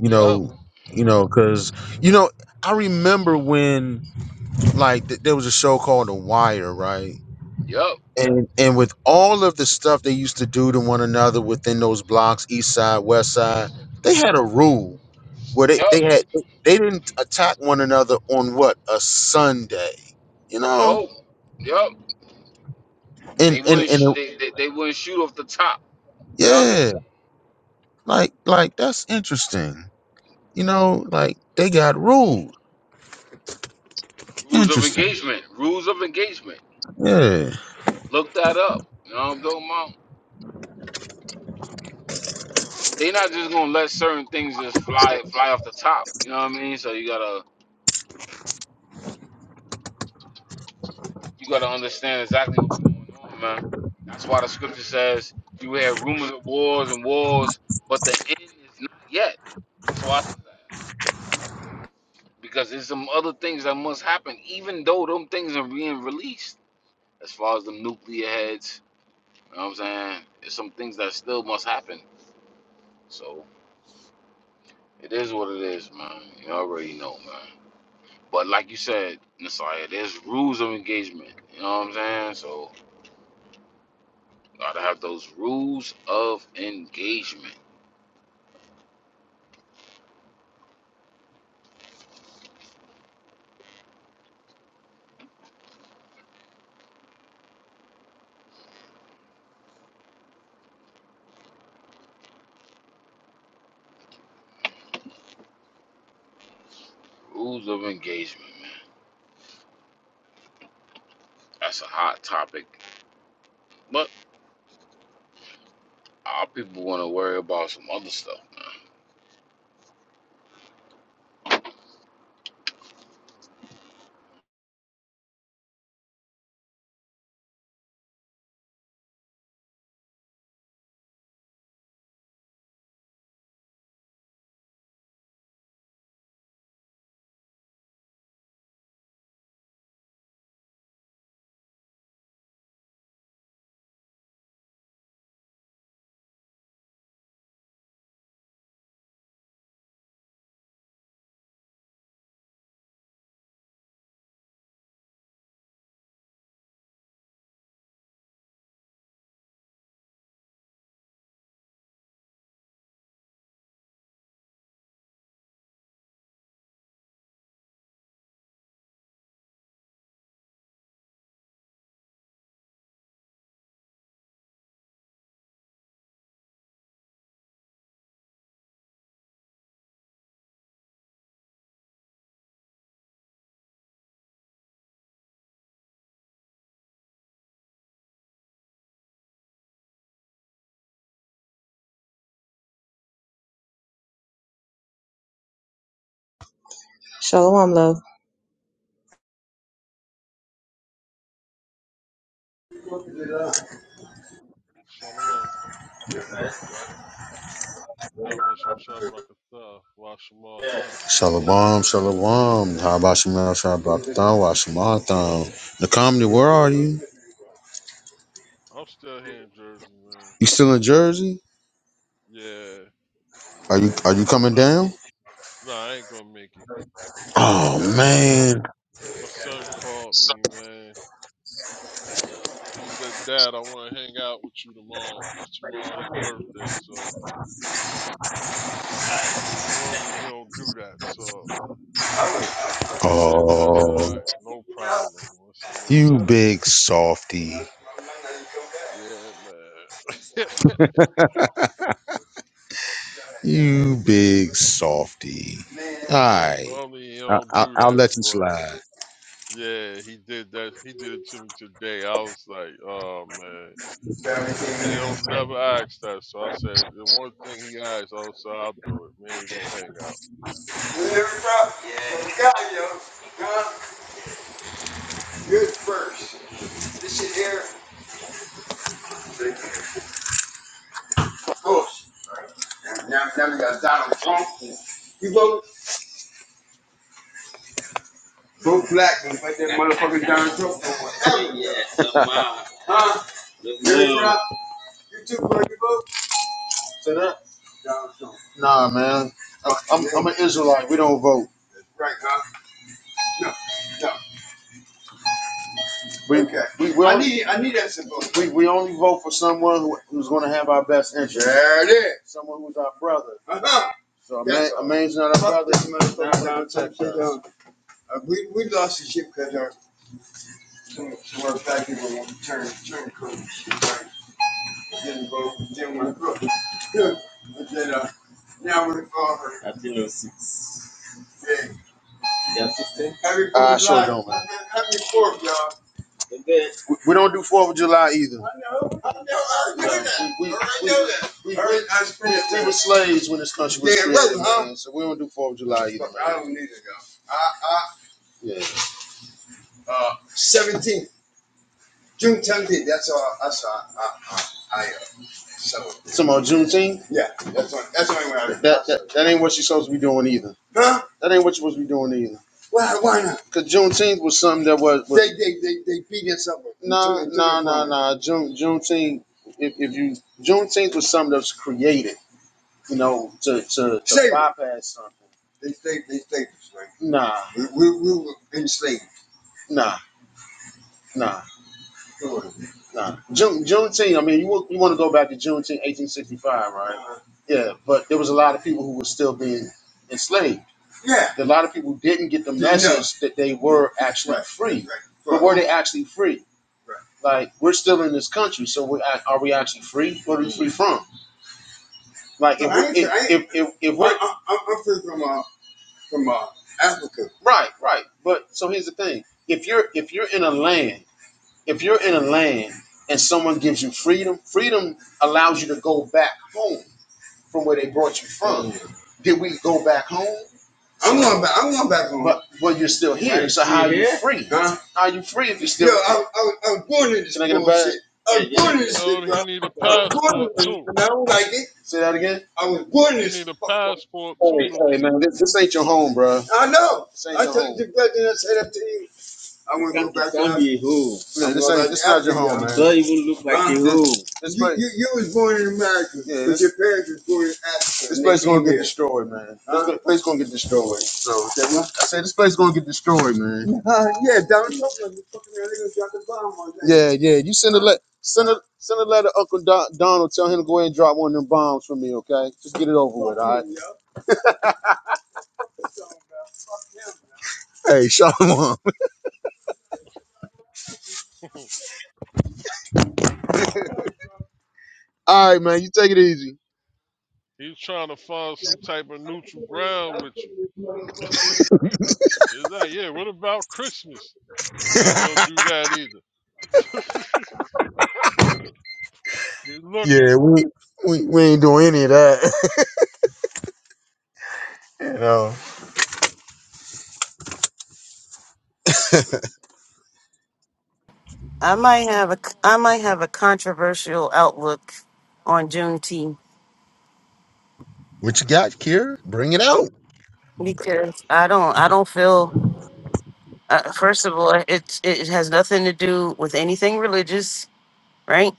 H: you
M: yup,
H: know you know because you know i remember when like th- there was a show called the wire right
M: yup,
H: and and with all of the stuff they used to do to one another within those blocks east side west side they had a rule where they,
M: yup,
H: they had they didn't attack one another on what a sunday you know
M: no, yup. They
H: and and and
M: wouldn't sh-
H: it-
M: they, they they wouldn't shoot off the top. You know what I
H: yeah
M: mean?
H: like like that's interesting you know like they got rules
M: Rules of
H: Interesting.
M: engagement. Rules of engagement.
H: Yeah.
M: Look that up. You know what I'm talking about? They not just gonna let certain things just fly fly off the top. You know what I mean? So you gotta you gotta understand exactly what's going on, man. That's why the scripture says you have rumors of wars and wars, but the end is not yet. That's why. I said because there's some other things that must happen, even though them things are being released. As far as them nuclear heads, you know what I'm saying? There's some things that still must happen. So it is what it is, man. You already know, man. But like you said, Messiah, there's rules of engagement. You know what I'm saying? So gotta have those rules of engagement. Rules of engagement, man. That's a hot topic. But our people wanna worry about some other stuff.
I: Shalom, love.
O: Shalom. Yabba Shem Shah Barakatha. Washamatha.
H: Shalom, shalom. How about Shemal Shabbaton? Washimatan. The comedy. where are you?
O: I'm still here in Jersey, man.
H: You still in Jersey?
O: Yeah.
H: Are you are you coming
O: I,
H: down?
O: nah, I ain't gonna make it.
H: Oh
O: My son,
H: man.
O: my son called me, man. He said, Dad, I want to hang out with you tomorrow, 'cause tomorrow his birthday. So normally he don't do that. So Joker said that. I said, all
H: Oh
O: right, no problem. I said, no
H: you big softy.
O: problem. Yeah, man.
H: You big softy.
O: yeah,
H: Alright.
O: normally he
H: I,
O: don't
H: I,
O: do
H: I'll
O: that,
H: let you
O: but.
H: slide.
O: Yeah, he did that. He did it to me today. I was like, oh man. I said, he'll never ask that. So I said, the one thing he asked, I said, I'll do it. Man, you go hang out.
H: Go black and put that motherfucker down. Yeah. Huh? You too, bro. You too. Nah, man. I- I'm, I'm an Israelite. We don't vote. Right, huh? No, no. We Okay. we will. I only, need I need that symbol. We, we only vote for someone who, who's going to have our best interest. There it is. Someone who's our brother. Uh-huh. So a man, a man's not a brother. this He's not motherfucker going Uh, we, we lost the ship because our some, some of our black people want to turn turn coach. Right? Didn't vote. Didn't want to vote. Yeah. But then uh, now we're for her. Yeah. Happy Fourth I sure July. don't. man. Happy Fourth, y'all. We, we don't do Fourth of July either. I know, that. We, we, I already know that. We, we, I already- I just We were slaves when this country was Yeah, created, was huh? man. So we don't do Fourth of July either, man. I don't need it, y'all. I, I, Yeah. uh, 17th, June 17th. That's all. That's all. I, I, I am. So Some more Juneteenth. yeah, that's the that's the only way I can That, that that ain't what you're supposed to be doing either. Huh? That ain't what you're supposed to be doing either. Why? Why not? Cause Juneteenth was something that was was They they they they feed us up no, no, no. and nah nah nah June Juneteenth. If, if you Juneteenth was something that was created, you know, to to, to bypass something. They stayed. they stayed Right? Nah We, we we were enslaved. nah nah. Sure. Nah. June, Juneteenth. I mean, you want, you want to go back to Juneteenth, 1865, right? Yeah, but there was a lot of people who were still being enslaved. Yeah. A lot of people didn't get the Didn't know. message that they were actually Right, free. right. But were they actually free? Right. Like we're still in this country, so we are we actually free? What are we free from? Like if No, I we, ain't- if, I ain't- if if if we're I, I, I'm free from uh, from uh, Africa. Right, right. But so here's the thing: if you're if you're in a land if you're in a land and someone gives you freedom, freedom allows you to go back home from where they brought you from. Mm-hmm. Did we go back home? I'm going back. I'm going back home. But but you're still here. Right. so how are you free? Huh? How are you free if you're still Yo, I, I, I was born in this bullshit. I was yeah, born in yeah. this
O: No,
H: shit, bro.
O: he need
H: I
O: a
H: was born
O: passport
H: in this,
O: too.
H: and I don't like it. Say that again? I was born in
O: He
H: this.
O: need a passport too
H: Hey,
O: to
H: hey man, this, this ain't your home, bro. I know. This ain't I your told home. you, brother, and I said that to you. I want to go back to Africa. Yeah, this ain't this not your home, man. Like i this You, place, you you was born in America, yeah, but this, your parents was born in Africa, this place is gonna get destroyed, man. This Huh? go- place is gonna get destroyed. So I said this place is gonna get destroyed, man. Uh, yeah, Donald Trump Yeah, yeah. You send a let send a send a letter, to Uncle Don, Donald. Tell him to go ahead and drop one of them bombs for me, okay? Just get it over with, all right? Hey, Shalom.
O: leave.
H: All right, man. You take it easy.
O: He's trying to find some type of neutral ground with you. It's like, yeah, what about Christmas? Now we don't do that either. He's looking.
H: Yeah, we we, we ain't doing any of that. you know.
B: I might have a I might have a controversial outlook on Juneteenth
H: What you got, Kira? Bring it out.
B: because I don't I don't feel. Uh, first of all, it it has nothing to do with anything religious, right?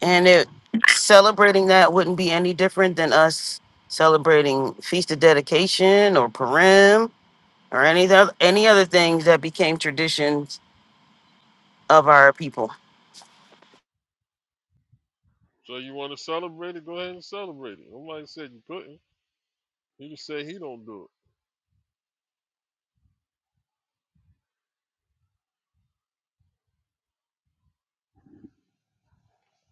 B: And it celebrating that wouldn't be any different than us celebrating Feast of Dedication or Purim or any other any other things that became traditions of our people
O: So you want to celebrate it? Go ahead and celebrate it. Nobody said you couldn't. He just said he don't do it.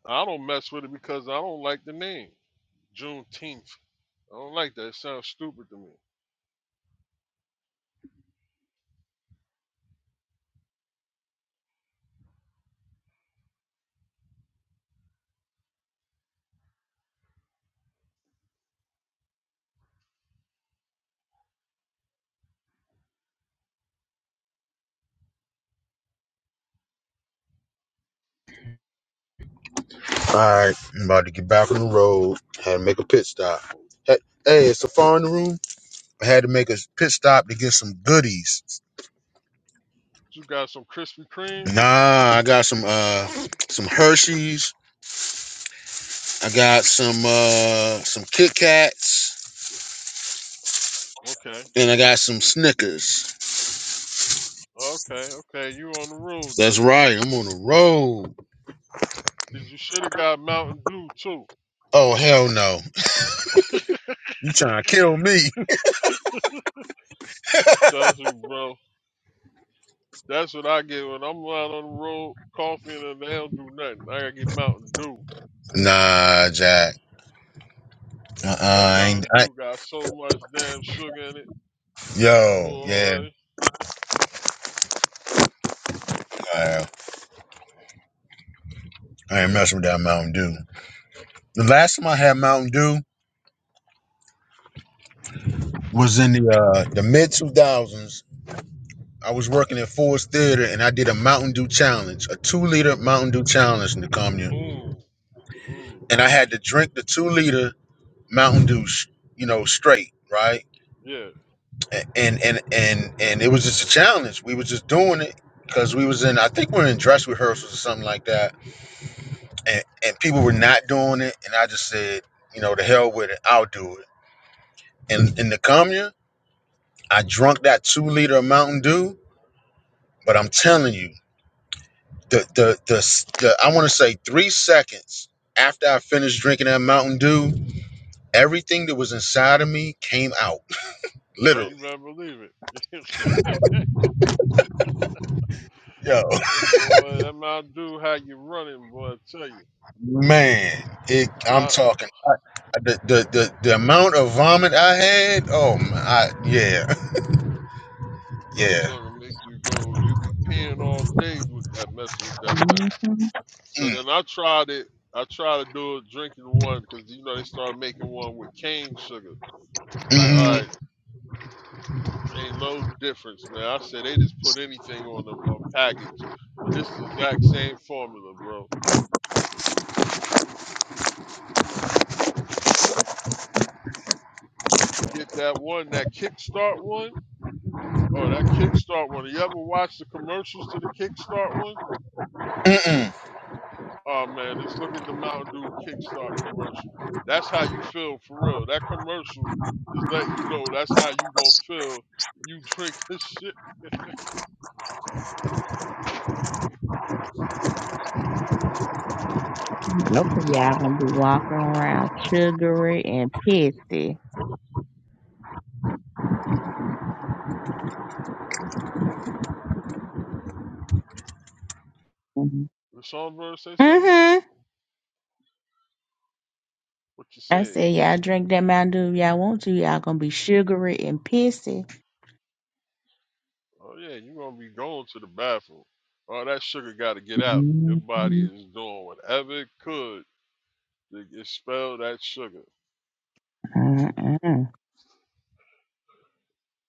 O: I don't mess with it because I don't like the name. Juneteenth. I don't like that. It sounds stupid to me.
H: Alright, I'm about to get back on the road. Had to make a pit stop. Hey, hey, is Safar in the room? I had to make a pit stop to get some goodies.
O: You got some Krispy Kremes?
H: Nah, I got some uh some Hershey's. I got some uh some Kit Kats
O: Okay.
H: and I got some Snickers.
O: Okay, okay. You on the road then.
H: That's right, I'm on the road.
O: Did you should have got Mountain Dew too?
H: Oh hell no. You trying to kill me.
O: Trust me, bro. That's what I get when I'm out on the road, coffee and they don't do nothing. I gotta get Mountain Dew.
H: Nah, Jack. Uh-uh,
O: That
H: I ain't
O: Mountain
H: I,
O: Dew got so much damn sugar in it.
H: yo, yeah,
O: Boy.
H: I, I ain't messing with that Mountain Dew. The last time I had Mountain Dew. was in the uh, the mid two thousands. I was working at Ford's Theater and I did a Mountain Dew challenge, a two liter Mountain Dew challenge in the commune,
O: Ooh. Ooh.
H: and I had to drink the two liter Mountain Dew, sh- you know, straight, right?
O: Yeah.
H: A- And and and and it was just a challenge. We was just doing it because we was in, I think we were in dress rehearsals or something like that, and and people were not doing it, and I just said, you know, the hell with it, I'll do it. And in the commune, I drunk that two liter of Mountain Dew, but I'm telling you. the the the, the I want to say three seconds after I finished drinking that Mountain Dew, everything that was inside of me came out,
O: Oh,
H: literally.
O: you better believe it.
H: Yo,
O: Uh, Boy, that Mountain Dew, how you running, boy, I tell you.
H: man, it. I'm
O: I,
H: talking the the the, the amount of vomit I had. Oh my, I, yeah,
O: that
H: yeah.
O: junk will make you go, you be peeing all day with that mess, with that mess. So
H: Mm,
O: then I tried it. I tried to do a drinking one because, you know, they started making one with cane sugar. Like, all
H: mm,
O: right, ain't no difference, man. I said they just put anything on the on package. But this the exact same formula, bro. But you get that one, that Kickstart one. Oh, that Kickstart one. You ever watch the commercials to the Kickstart one?
H: mm,
O: Oh man, just look at the Mountain Dew Kickstart commercial. That's how you feel for real. That commercial is letting you know that's how you gonna feel. You drink this shit.
L: Okay, y'all gonna be walking around sugary and pissy.
O: Did Sean Bird say something?
L: hmm
O: What you
L: I
O: said?
L: said, y'all drink that Mountain Dew if y'all want to. Y'all gonna be sugary and pissy.
O: Oh yeah, you gonna be going to the bathroom. All that sugar gotta get out. Your
L: mm
O: body
L: mm
O: is doing whatever it could to expel that sugar.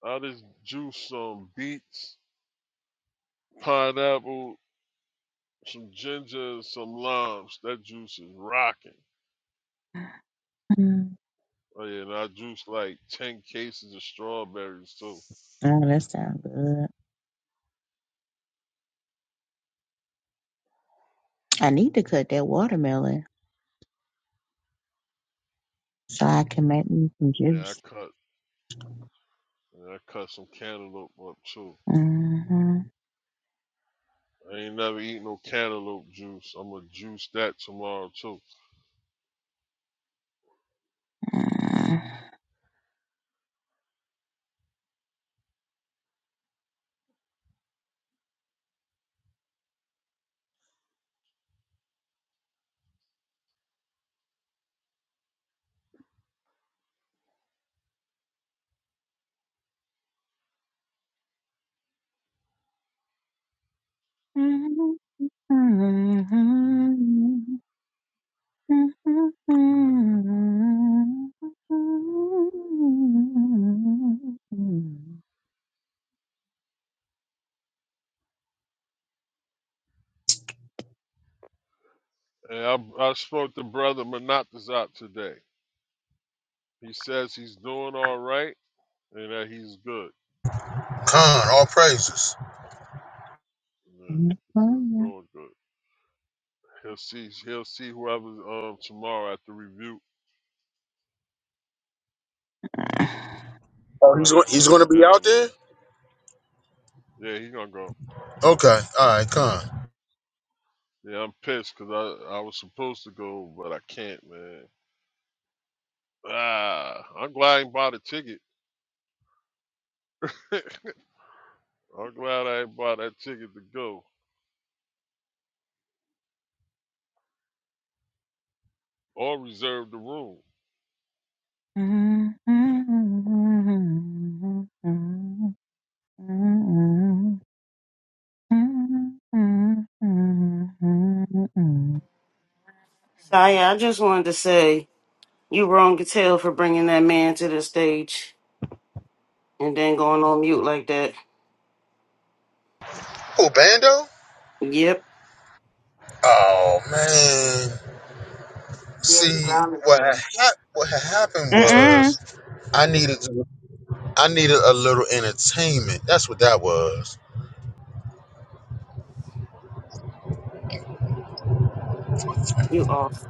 O: I just juice some beets, pineapple, some ginger, and some limes. That juice is rocking.
L: mm.
O: Oh yeah, and I juiced like ten cases of strawberries too.
L: Oh, that sounds good. I need to cut that watermelon so I can make me some
O: Yeah,
L: juice.
O: I cut and I cut some cantaloupe up too.
L: Mm-hmm.
O: I ain't never eat no cantaloupe juice. I'm gonna juice that tomorrow too.
L: Mm-hmm. Mm-hmm. Mm-hmm.
O: And I I spoke to brother Manatas today. He says he's doing all right and that he's good.
H: Con, all praises.
O: Yeah, he says he's doing good. He'll see he'll see whoever's um tomorrow at the review,
L: Mm-hmm.
H: Oh, he's going.
O: whoever's
H: He's
O: gonna
H: going to
O: be
H: be out
O: down
H: there.
O: there. Yeah, he gonna go.
H: Okay, all right, Con.
O: Yeah, I'm pissed 'cause I I was supposed to go, but I can't, man. Ah, I'm glad I ain't bought a ticket. I'm glad I ain't bought that ticket to go or reserve the room.
L: Mm-mm.
B: Taya, I just wanted to say you wrong as hell for bringing that man to the stage and then going on mute like that.
H: Oh, Bando.
B: Yep.
H: Oh man.
B: Yeah, you
H: See,
B: grounded
H: what
B: for
H: had
B: them.
H: hap- what had happened was I needed to- I needed a little entertainment. That's what that was.
B: You off.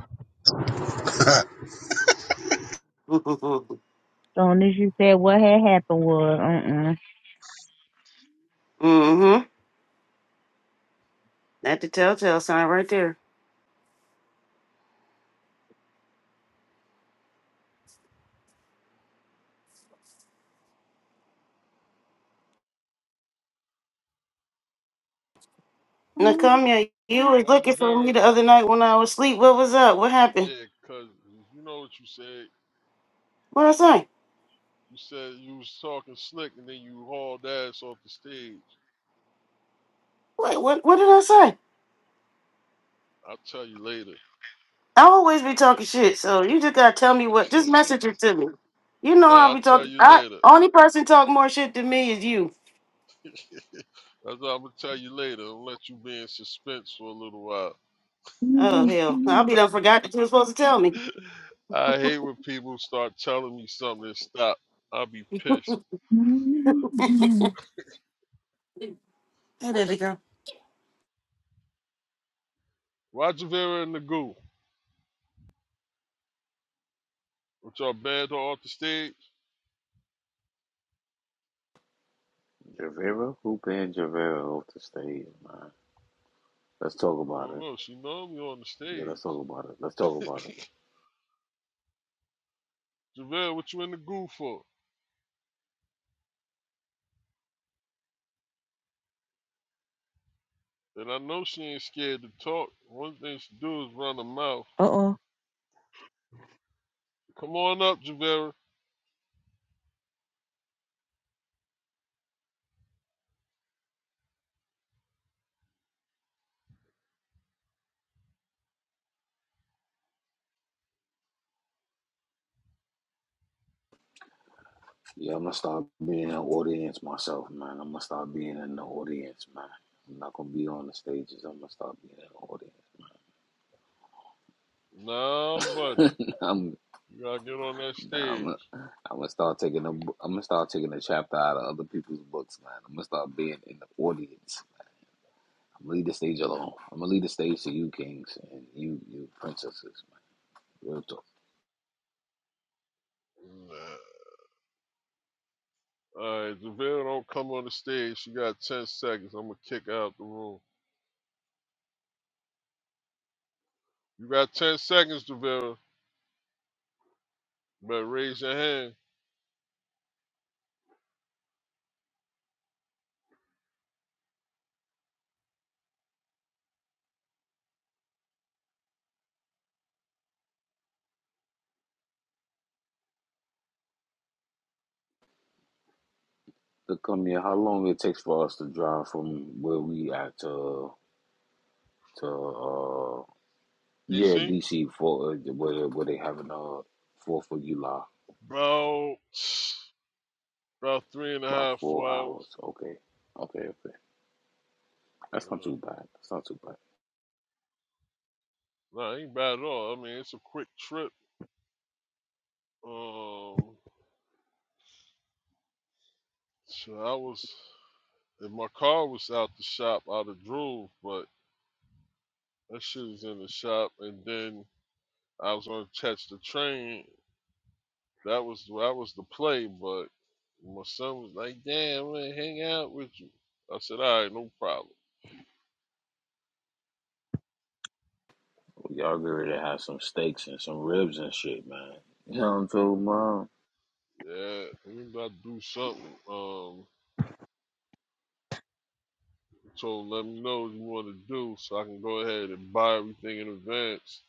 B: mm-hmm.
L: Soon as you said what had happened was, Uh
B: That's the telltale sign right there.
L: mm
B: Nakamiya, you was
O: Roger
B: looking for me
O: Vera,
B: the other night when I was asleep. What was up? What happened?
O: yeah, 'cause you know what you said.
B: What did I say?
O: You said you was talking slick and then you hauled ass off the stage.
B: What, what, what did I say?
O: I'll tell you later.
B: I always be talking shit, so you just gotta tell me what. Just message it to me. You know
O: nah,
B: I'll be
O: I'll tell
B: talking.
O: you
B: I
O: later.
B: only person talk more shit than me is you.
O: That's what I'm gonna tell you later. I'll let you be in suspense for a little while.
B: Oh hell, I'll be done. Forgot that you were supposed to tell me.
O: I hate when people start telling me something and stop. I'll be pissed.
B: Hey, baby girl.
O: Roger Vera and the goo, which are banned off the stage.
M: Javera, who banned Javera off the stage, man? Let's talk
O: I
M: about
O: don't
M: it.
O: know. She know me on the
M: Yeah, let's
O: stage.
M: talk about it. Let's talk about it.
O: Javelle, what you in the goo for? And I know she ain't scared to talk. One thing she do is run her mouth.
L: Uh-oh.
O: Come on up, Javelle.
M: Yeah, I'm gonna start being an audience myself, man. I'm gonna start being in the audience, man. I'm not gonna be on the stages. I'm gonna start being in the audience.
O: Nah, buddy.
M: man. I'm,
O: You gotta get on that
M: nah, I'm,
O: stage.
M: gonna- I'm gonna start taking a, I'm gonna start taking a chapter out of other people's books, man. I'm gonna start being in the audience. I'm gonna leave the stage alone. I'm gonna leave the stage to you kings and you, you princesses, man. Real talk.
O: Nah. Alright, Javelle don't come on the stage. She got ten seconds. I'm gonna kick her out the room. You got ten seconds, Javelle. Better raise your hand.
M: Look, come here. How long it takes for us to drive from where we at to to? Yeah,
O: DC?
M: DC for uh, where where they having uh Fourth of July
O: About about three and a
M: about
O: half, four
M: four hours.
O: hours.
M: Okay, okay, okay. That's not
O: Uh,
M: too bad. That's not too bad.
O: nah, ain't bad at all. I mean it's a quick trip. Um, so I was, and my car was out the shop, out of Drove, but that shit was in the shop. And then I was gonna catch the train. That was that was the play, but my son was like, "Damn, I'm gonna hang out with you." I said, "All right, no problem."
M: Well, Y'all get ready to have some steaks and some ribs and shit, man. You know what I'm talking about?
O: Yeah, we about to do something. Um, so let me know what you want to do, so I can go ahead and buy everything in advance.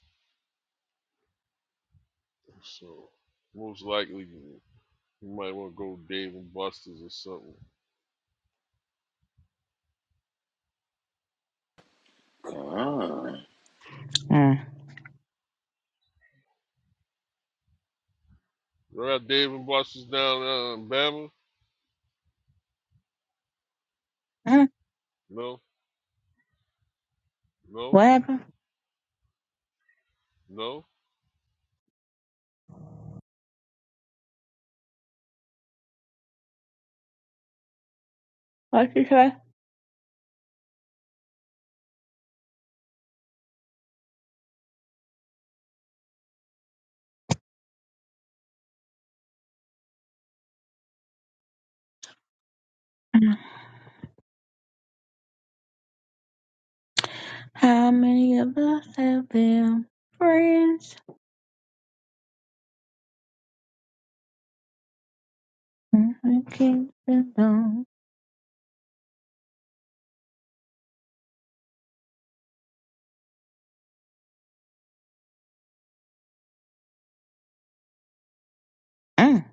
O: So most likely, you might want to go Dave and Buster's or something.
M: Come on.
L: Mm.
O: What up, Dave and Buster's down uh, in Bama?
L: Mm.
O: No, no,
L: What happened?
O: no.
L: What you say? Mm. How many of us have been friends? Mm-hmm. Keep it going. Mm.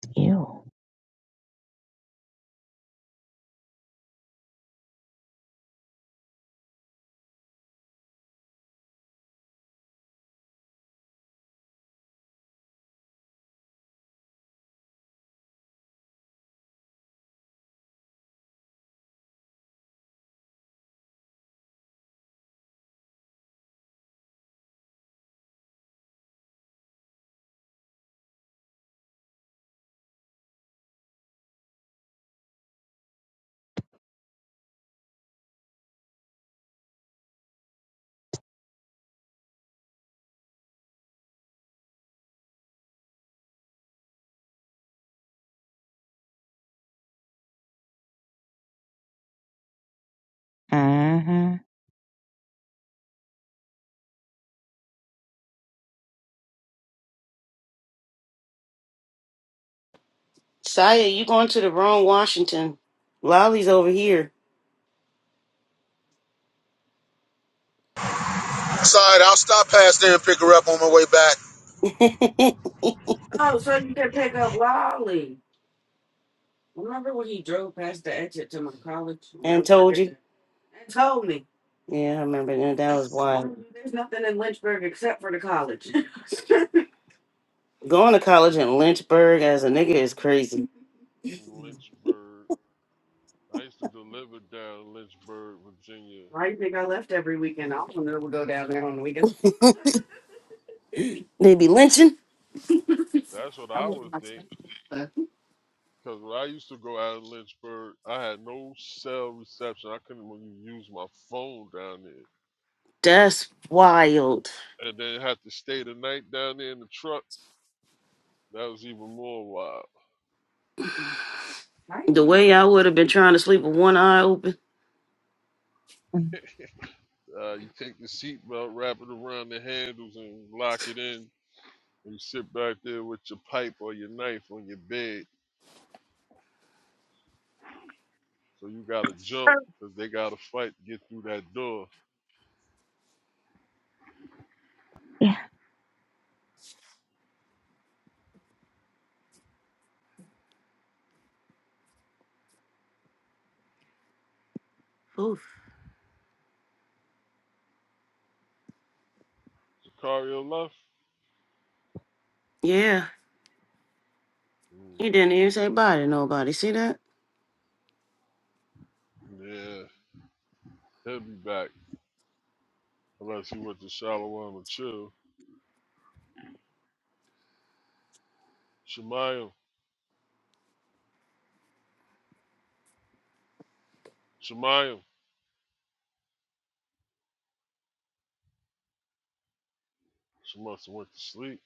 L: Ew. Uh-huh.
B: Saya, you going to the wrong Washington? Lolly's over here.
H: Sorry, I'll stop past there and pick her up on my way back.
B: Oh, so you can pick up Lolly. Remember when he drove past the exit to my college when I and was out told there you. there and told me Yeah, I remember that. That was wild. "Mind you, there's nothing in Lynchburg except for the college? Going to college in Lynchburg as a nigga is crazy.
O: Lynchburg. I used to deliver down in Lynchburg, Virginia.
B: Why do you think I left every weekend? I don't know. We'll go down there on the weekends. They be lynching.
O: That's what
B: I
O: I would
B: wouldn't
O: think.
B: mind.
O: Because when I used to go out in Lynchburg, I had no cell reception. I couldn't even use my phone down there.
B: That's wild.
O: And then have to stay the night down there in the truck. That was even more wild.
B: Right? The way I would have been trying to sleep with one eye open.
O: Uh, you take the seatbelt, wrap it around the handles, and lock it in. And you sit back there with your pipe or your knife on your bed So you got to jump because they got to fight to get through that door.
L: Yeah.
B: Oof.
O: Sicario left?
B: Yeah.
O: Mm,
B: You didn't even say bye to nobody. See that?
O: yeah, he'll be back. Unless he went to Shalom and chill. Shemayim, Shemayim. She must have went to sleep.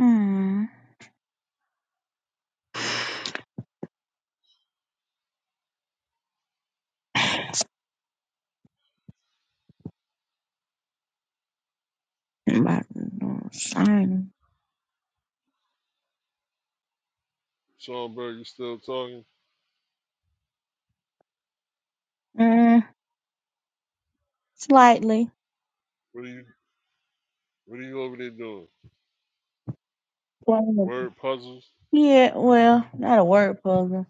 L: Mm. About no sign.
O: Schoenberg, you still talking?
L: Mm. Slightly.
O: What are you What are you over there doing?
L: Playing
O: Word puzzles?
L: Yeah, well, not a word puzzle.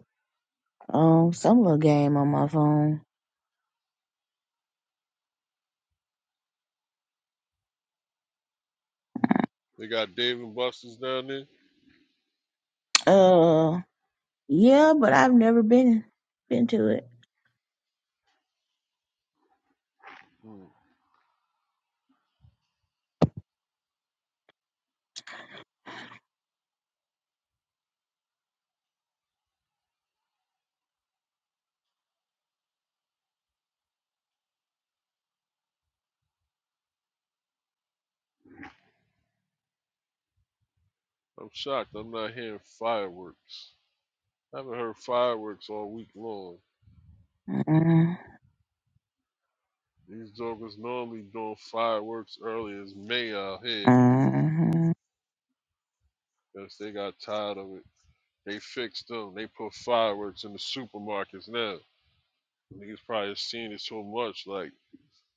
L: Um, some little game on my phone.
O: They got Dave and Buster's down there?
L: Uh, yeah, but I've never been been to it.
O: Mm, I'm shocked. I'm not hearing fireworks. I haven't heard fireworks all week long.
L: Uh,
O: These jokers normally doing fireworks early as May out here.
L: uh,
O: Yes, they got tired of it. They fixed them. They put fireworks in the supermarkets now. Niggas probably have seen it so much, like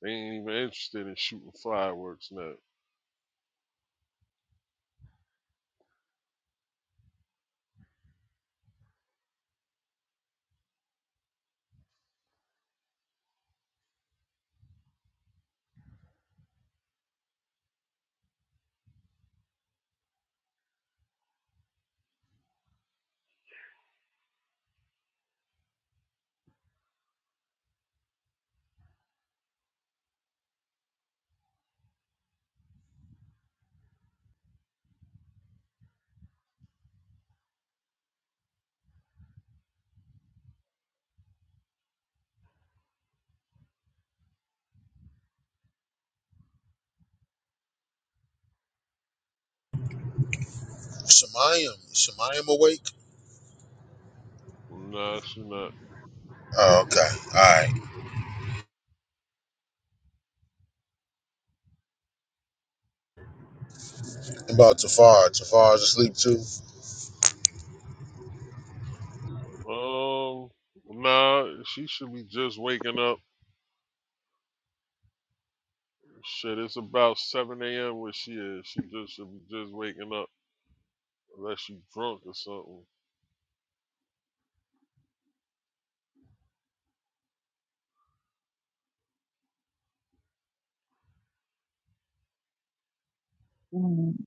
O: they ain't even interested in shooting fireworks now.
H: Shemayim, is Shemayim awake?
O: Nah, she not.
H: Oh, okay. All right. About Tafar. Tafar's asleep too.
O: Um, nah, she should be just waking up. Shit, it's about 7 a.m. where she is. She just should be just waking up, unless she drunk or something.
L: mm.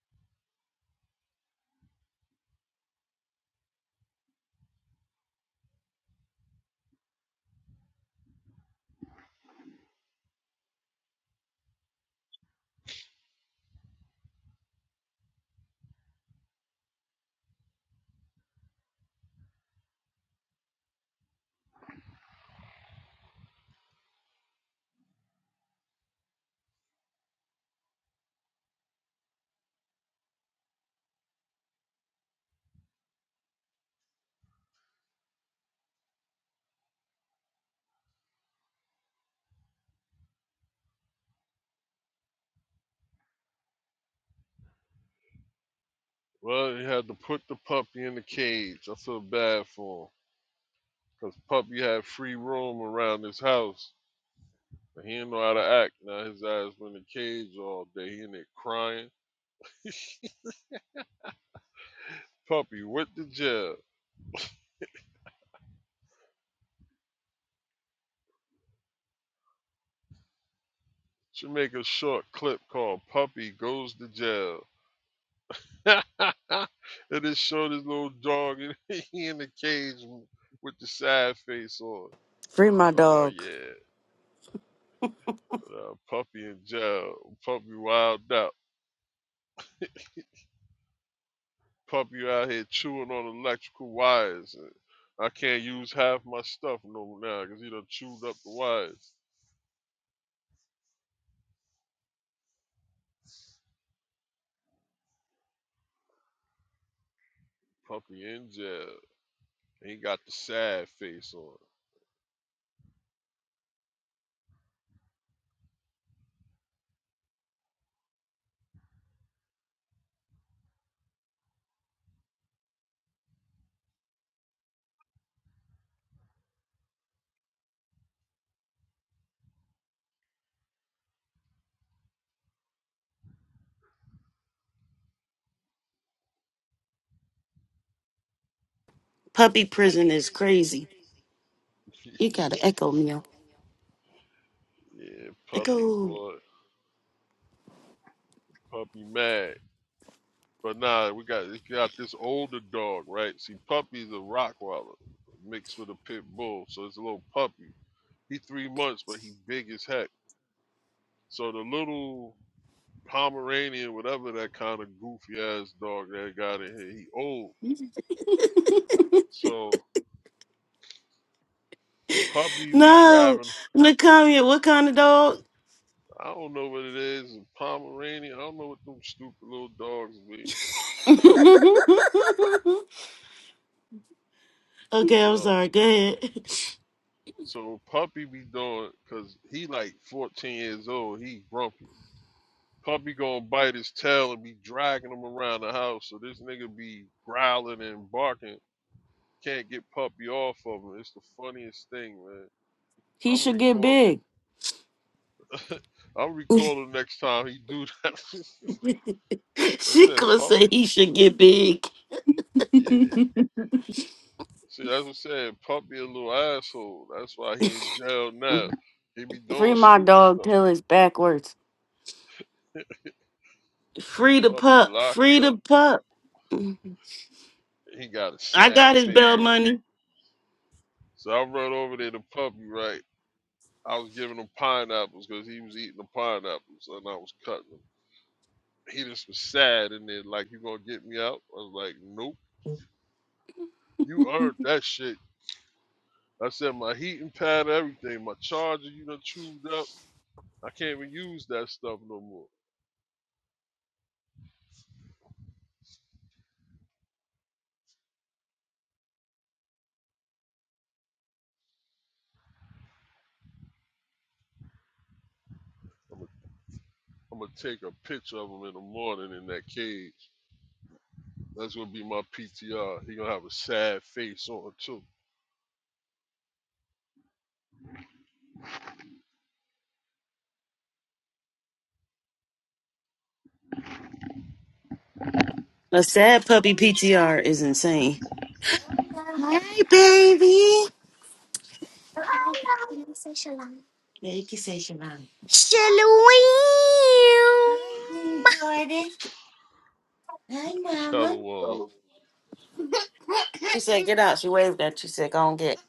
O: Well, you had to put the puppy in the cage. I feel bad for him, cause puppy had free roam around his house But he did not know how to act. Now his ass were in the cage all day. He in there crying. Puppy with the jail. Should make a short clip called Puppy Goes to Jail. and it showed his little dog and he in the cage with the sad face on.
E: Free my
O: Oh
E: dog.
O: yeah. But, uh, puppy in jail. Puppy wild out. Puppy out here chewing on electrical wires. And I can't use half my stuff no now because he done chewed up the wires. Puppy in jail. He got the sad face on.
B: Puppy prison is crazy. You gotta echo me.
O: Yeah, puppy
B: Echo.
O: boy, puppy mad. But nah, we got we got this older dog, right? See, puppy's a Rockwaller mixed with a pit bull, so it's a little puppy. He three months, but he big as heck. So the little Pomeranian, whatever that kind of goofy ass dog that got in here, he old. So puppy be
B: No.
O: grabbing.
B: Nakamiya, what kind of dog?
O: I don't know what it is, Pomeranian. I don't know what them stupid little dogs be.
B: okay, I'm
O: So
B: sorry. Go ahead.
O: So Puppy be doing, cause he like 14 years old. He grumpy. Puppy gonna bite his tail and be dragging him around the house. So this nigga be growling and barking. Can't get Puppy off of him. It's the funniest thing, man.
B: He
O: I'm a
B: should get
O: recorder.
B: big.
O: I'm recording next time he do that. I
B: She
O: said
B: gonna
O: pup.
B: say he should get big.
O: Yeah. See, that's what I said. Puppy a little asshole. That's why he in jail now. He be
B: Free
O: doing
B: my
O: stupid
B: dog
O: stuff.
B: till it's backwards. Free the
O: Puppy
B: pup.
O: locked
B: Free
O: up.
B: the pup.
O: He got a
B: I
O: sad
B: got his
O: face
B: bail
O: on.
B: money.
O: So I run over there to puppy, right? I was giving him pineapples because he was eating the pineapples and I was cutting them. He just was sad and then like, you gonna get me out? I was like, nope, you earned that shit. I said my heating pad, everything, my charger, you done chewed up. I can't even use that stuff no more. I'm gonna take a picture of him in the morning in that cage. That's gonna be my PTR. He gonna have a sad face on too.
B: A sad puppy PTR is insane. Hi, baby. Hi, mama.
O: Shallow wall.
B: She said, "Get out." She waved at you. She said, "Go and get."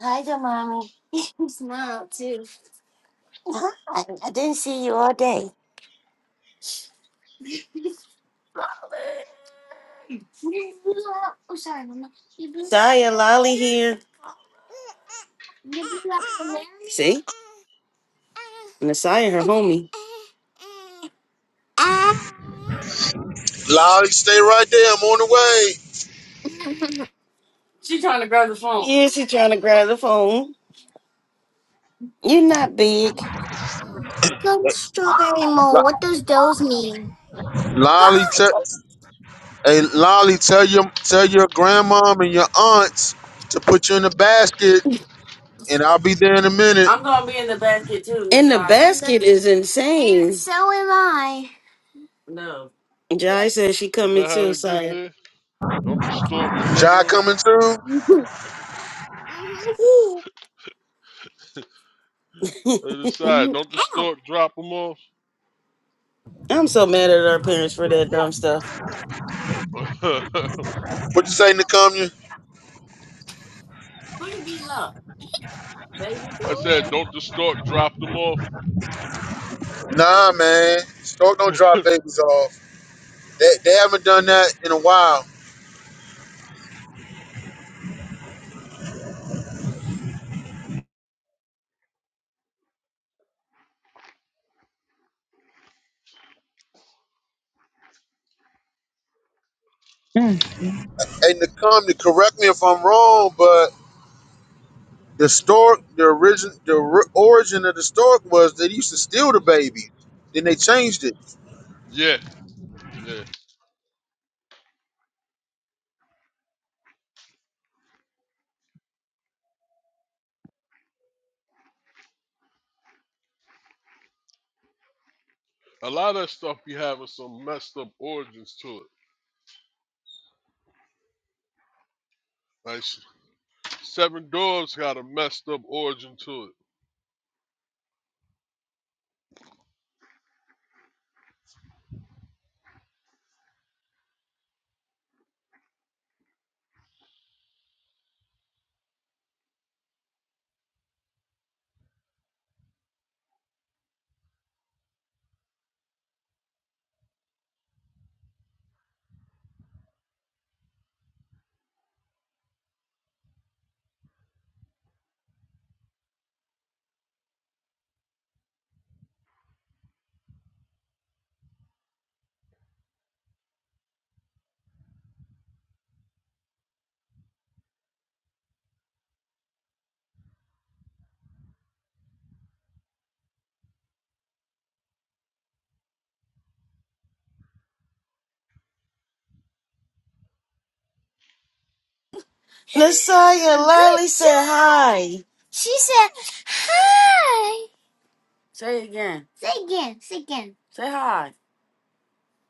B: Hi, to mommy. You smile, too. Oh, Sorry, mama. Saya, Lolly here. See, Nasaya, her homie.
H: Lolly, stay right there. I'm on the
B: She trying to grab the phone. Yeah, she trying to grab the phone. You're not big. Come Strawberry mole. What does those mean?
H: way. Lolly, te- hey, Lolly, tell your tell your grandmom and your aunts to put you in the basket, and I'll be there in a minute.
B: I'm gonna be in the basket too. In the all right. basket is insane. And so am I. No. Jai says she
O: Is
B: coming
O: that how
B: too,
O: they get
B: Saya.
O: there? Don't distort
H: Jai
O: deliver 'em?
H: coming too.
B: Mhm.
O: They decide,
B: Mhm.
O: don't
B: Ow.
O: distort, drop them off.
B: I'm so mad at our parents for that dumb stuff.
O: I
H: What you say, Nakamya?
B: Who you beating up, baby?
O: said, don't distort, drop them off.
H: Nah, man. Stork don't drop babies off. They, they haven't done that in a while.
L: mm,
H: And to come to correct me if I'm wrong, but the stork, the origin, the ri- origin of the stork was they used to steal the baby. Then they changed it.
O: Yeah, yeah. A lot of that stuff be having some messed up origins to it. Like Seven Doors got a messed up origin to it.
B: Messiah, Lolly said hi. She said hi. Say it again. Say again, say again. Say hi.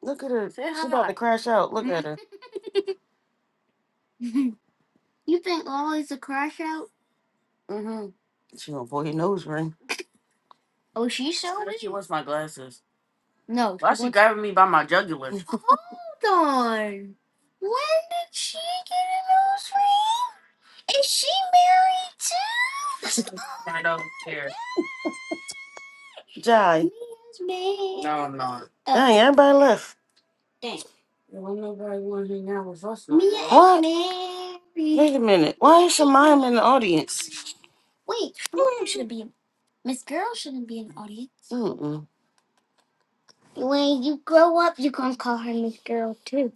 B: Look at her. Say She about to hi. crash out. Look at her. you think Lolly's a crash out? Mm-hmm. She gonna pull your nose ring. Oh, she showed Said she it? wants my glasses. No, Why she she wants. grabbing me by my jugular? Hold on. When did she get a nose ring? Is she married too? I don't care. Jai. Mia's No, I'm not. Dang, everybody left. Dang. Nobody want to hang out with us. Me. Mia What? married. Wait a minute. Why is Shemima in the audience? Wait, Miss girl should be Miss Girl shouldn't be an audience. Mm-mm. When you grow up, you gonna call her Miss Girl too.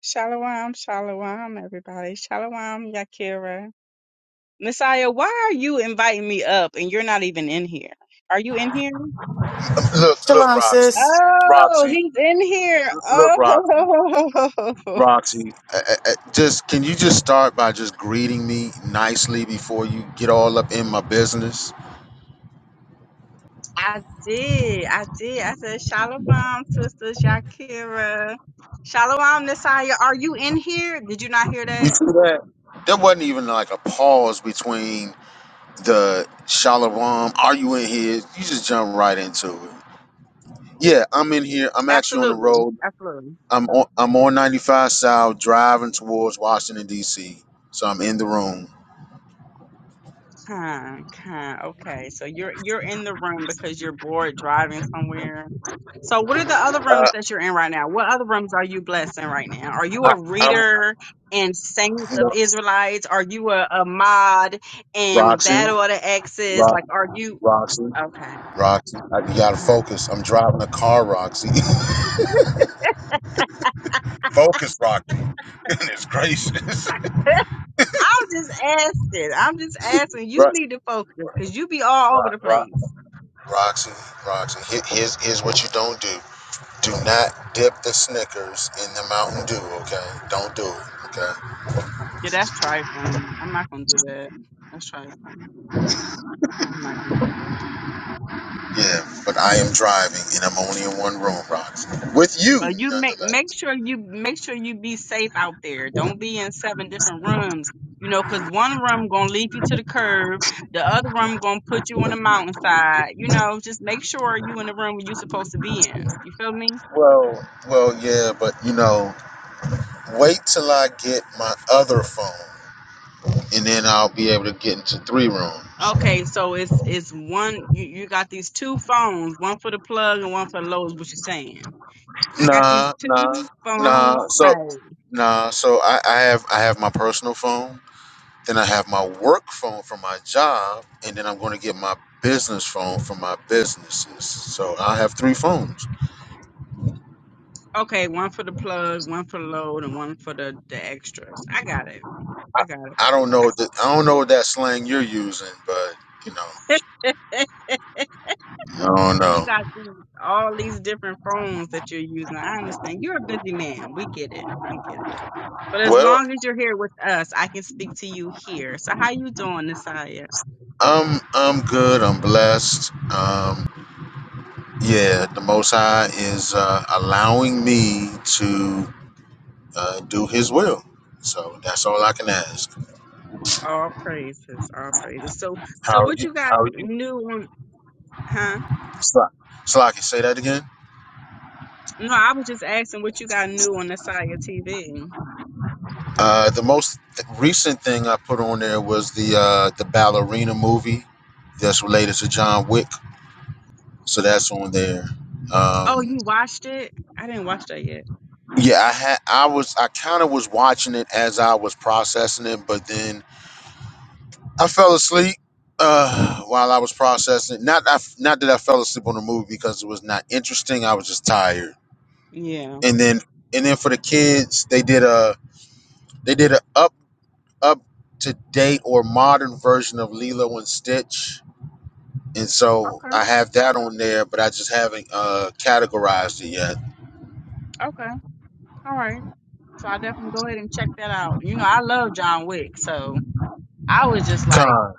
P: Shalom, shalom, everybody. Shalom, Yakira. Messiah, why are you inviting me up and you're not even in here? Are you in here?
H: Look, look,
B: Shalom,
H: Rox.
B: sis.
P: Oh,
H: See,
P: he's in here. Oh,
H: I, I, I- just can you just start by just greeting me nicely before you get all up in my business?
P: I did. I did. I said, Shalom, sisters, Yakira. Shalom, Messiah. Are you in here? Did you not hear
H: You
P: that?
H: see that? There wasn't even like a pause between. the Shalom, are you in here? You just jump right into it. Yeah, I'm in here. I'm actually on the
P: Absolutely.
H: road.
P: Absolutely.
H: I'm on I'm on 95 South driving towards Washington, DC. So I'm in the room.
P: Kind, kind. Okay, so you're you're in the room because you're bored driving somewhere. So what are the other rooms that you're in right now? What other rooms are you blessed in right now? Are you a reader and Saints of Israelites? Are you a, a mod in Battle of the Exes? Like, are you okay?
H: Roxy, you gotta
P: Uh-huh.
H: focus. I'm driving a car, Roxy. focus, Roxy. Goodness gracious.
P: I'm just asking. I'm just asking. You
H: Right.
P: need to focus because you be all over the
H: Ro-
P: place.
H: Roxy, Roxy. Here- Here's here's what you don't do. Do not dip the Snickers in the Mountain Dew, okay? Don't do it. Okay.
P: Yeah, that's trifling. I'm not gonna do that. That's trifling. I'm not gonna do that.
H: Yeah, but I am driving and I'm only in one room, Rox. With
P: Uh,
H: you,
P: you make
H: nonetheless.
P: make sure you make sure you be safe out there. Don't be in seven different rooms. You know, 'cause one room gonna leave you to the curb, the other room gonna put you on the mountainside. You know, just make sure you in the room you supposed to be in. You feel me?
H: Well, well, yeah, but you know, wait till I get my other phone and then I'll be able to get into three rooms.
P: Okay, so it's it's one. You you got these two phones, one for the plug and one for the low. Is what you're saying? I got these
H: Nah, nah,
P: two
H: nah.
P: phones,
H: So,
P: right?
H: nah. So I, I have I have my personal phone, then I have my work phone from my job, and then I'm going to get my business phone from my businesses. So I have three phones.
P: Okay, one for the plug, one for the load, and one for the the extras. I got it. I got
H: I don't know that I don't know that slang you're using, but you know.
P: it.
H: No,
P: you
H: no.
P: got these, all these different phones that you're using. I understand. You're a busy man. We get it. We get it. But as
H: Well,
P: long as you're here with us, I can speak to you here. So how you doing, Nasiah?
H: I'm I'm good. I'm blessed. Um, yeah, the Most High is uh, allowing me to uh, do His will. So that's all I can ask.
P: All praises, all praises. So so what
H: You,
P: you got new on huh?
H: Slocky, say that again.
P: No, I was just asking what you got new on Nasiah TV.
H: Uh, the most th- recent thing I put on there was the uh, the ballerina movie that's related to John Wick. So that's on there.
P: Oh,
H: Um,
P: you watched it? I didn't watch that yet.
H: yeah, I had I was I kind of was watching it as I was processing it, but then I fell asleep uh, while I was processing. Not I, not that I fell asleep on the movie because it was not interesting. I was just tired.
P: Yeah.
H: And then and then for the kids, they did a they did a up up to date or modern version of Lilo and Stitch. And so
P: Okay.
H: I have that on there, but I just haven't uh, categorized it yet.
P: Okay. All right. So i definitely go ahead and check that out. You know, I love John Wick, so I was just like
H: Con.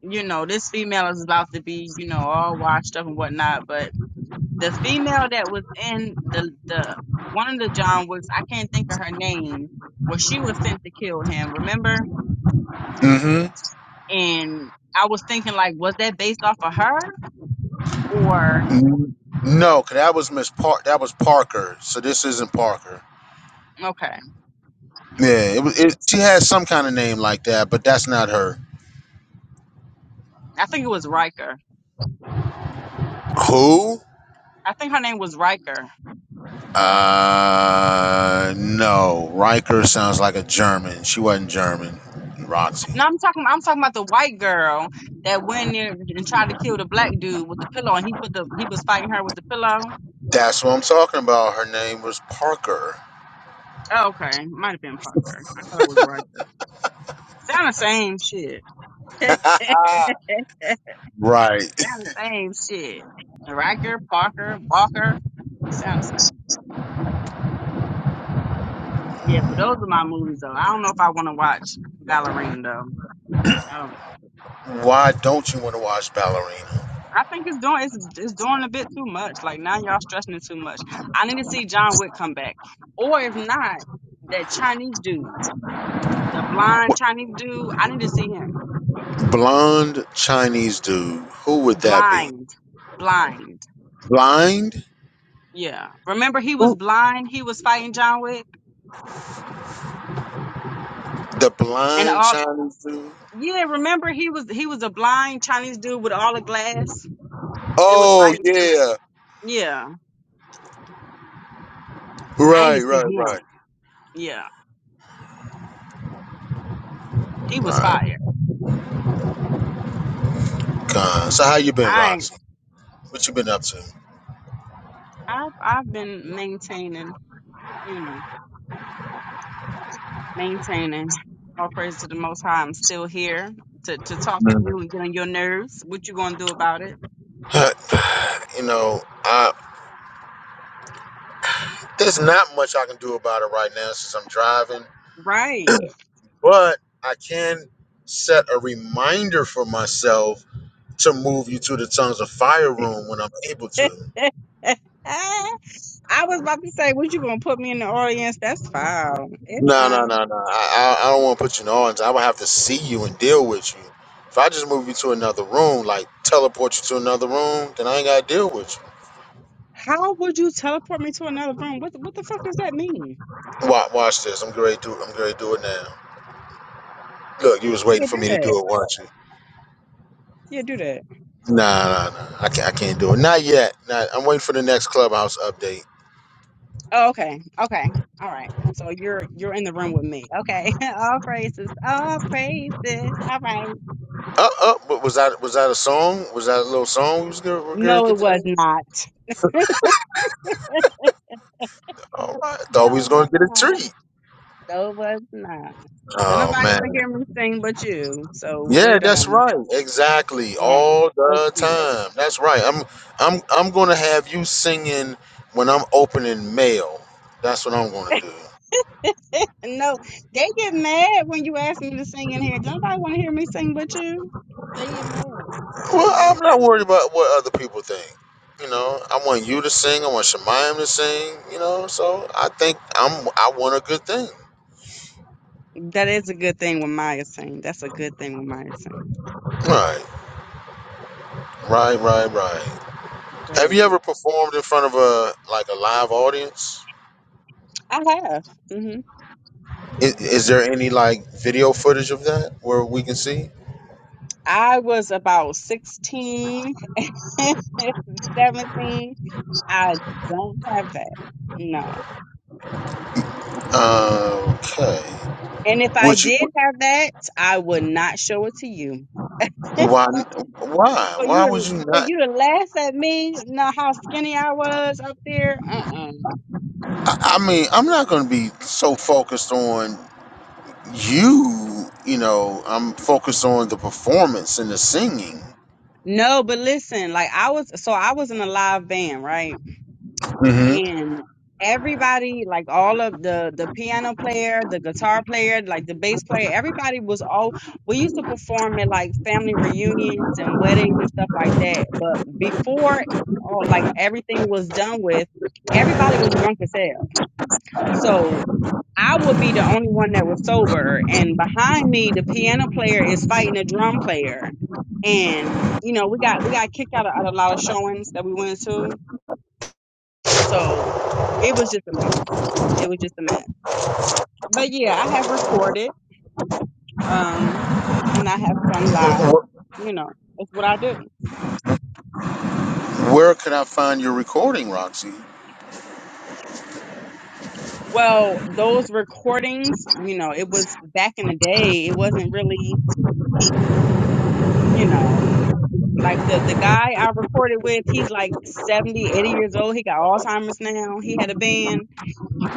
P: you know, this female is about to be, you know, all washed up and whatnot. But the female that was in the the one of the John Wicks, I can't think of her name, where she was sent to kill him. Remember?
H: Mm-hmm.
P: And I was thinking, like, was that based off of her or
H: No, cause that was Miss Park. That was Parker. So this isn't Parker.
P: okay, okay?
H: Yeah, it was. It, she has some kind of name like that, but that's not her.
P: I think it was Riker.
H: Who?
P: I think her name was Riker.
H: Uh, no. Riker sounds like a German. She wasn't German. Roxy.
P: No, I'm talking. I'm talking about the white girl that went in there and tried to kill the black dude with the pillow, and he put the he was fighting her with the pillow.
H: That's what I'm talking about. Her name was Parker.
P: Oh, okay, might have been Parker. I thought it was Riker. Sound the same shit. Sound
H: right.
P: the same shit. Riker, Parker, Walker. Sound the same. Yeah, but those are my movies though. I don't know if I want to watch Ballerina though. I
H: Why don't you want to watch Ballerina?
P: I think it's doing it's it's doing a bit too much. Like now y'all stressing it too much. I need to see John Wick come back, or if not, that Chinese dude, the blind
H: What,
P: Chinese dude. I need to see him
H: blonde Chinese dude. Who would that be?
P: blind, blind.
H: Blind?
P: Yeah, remember he was blind. He was fighting John Wick.
H: The
P: And
H: blind
P: all
H: Chinese dude?
P: Yeah, remember he was he was a blind Chinese dude with all the glass. They was
H: Oh
P: fighting. him.
H: yeah.
P: Yeah, I
H: Right,
P: didn't see
H: right,
P: him.
H: right,
P: Yeah, he was
H: right.
P: fired.
H: God. So how you been,
P: I ain't-
H: Roxy? What you been up to?
P: I've I've been maintaining, you know, maintaining. All praise to the Most High. I'm still here to to talk to you and get on your nerves. What you gonna do about it?
H: you know, uh, there's not much I can do about it right now since I'm driving,
P: Right.
H: but I can set a reminder for myself to move you to the tongues of fire room when I'm able to.
P: I was about to say, what you gonna put me in the audience? That's foul. It's
H: No, no,
P: fine.
H: no, no. I, I, I don't want to put you in orange. I would have to see you and deal with you. If I just move you to another room, like teleport you to another room, then I ain't gotta deal with
P: How would you teleport me to another room? What the- what the fuck does that mean?
H: you. Watch, watch this. I'm great. Do I'm great. Do it now. Look, you was waiting
P: Yeah,
H: for
P: do
H: me to do
P: that.
H: it, weren't you?
P: Yeah, do that.
H: Nah, nah, nah. I can't. I can't do it. Not yet. Not. I'm waiting for the next clubhouse update.
P: Oh, okay. Okay. All right. So you're you're in the room with me. Okay. All praises. All praises. All right.
H: Up, up. But was that was that a song? Was that a little song we was gonna, we're gonna
P: No,
H: get
P: it
H: to?
P: was not.
H: All right. I thought we
P: No,
H: was
P: it was
H: gonna get a
P: not.
H: treat.
P: No, it was not. Don't
H: Oh
P: nobody
H: man.
P: want to hear me sing but you. So we're
H: Yeah, that's
P: done.
H: right. Exactly.
P: Right.
H: All
P: But
H: the
P: you.
H: time. That's right. I'm I'm I'm gonna have you singing when I'm opening mail. That's what I'm gonna do.
P: No, they get mad when you ask me to sing in here. Don't nobody want to hear me sing but you. They get mad. You
H: Well,
P: know?
H: I'm not worried about what other people think. You know, I want you to sing. I want Shemayim to sing. You know, so I think I'm. I want a good thing.
P: That is a good thing with Maya's saying. That's a good thing with Maya's saying.
H: Right, right, right, right.
P: Very
H: Have you
P: good.
H: ever performed in front of a like a live audience?
P: I have. hmm
H: Is, is there any like video footage of that where we can see?
P: I was about 16, 17. I don't have that. No.
H: Okay.
P: And if I
H: Would you?
P: did have that, I would not show it to you.
H: Why? Why?
P: For you
H: Why would
P: to,
H: you
P: for
H: not?
P: you to laugh at me, know how skinny I was up there? Uh-uh.
H: I, I mean, I'm not going to be so focused on. You, you know, I'm focused on the performance and the singing.
P: No, but listen, like I was, so I was in a live band, right?
H: hmm
P: and everybody like all of the the piano player the guitar player like the bass player everybody was all we used to perform at like family reunions and weddings and stuff like that but before all like everything was done with everybody was drunk as hell so i would be the only one that was sober and behind me the piano player is fighting the drum player and you know we got we got kicked out of, out of a lot of showings that we went to so it was just a mess. It was just a mess. But yeah, I have recorded, um, and I have sung live. You know, it's what I do.
H: Where could I find your recording, Roxy?
P: Well, those recordings, you know, it was back in the day. It wasn't really, you know, like the the guy I recorded with, he's like 70, 80 years old. He got Alzheimer's now. He had a band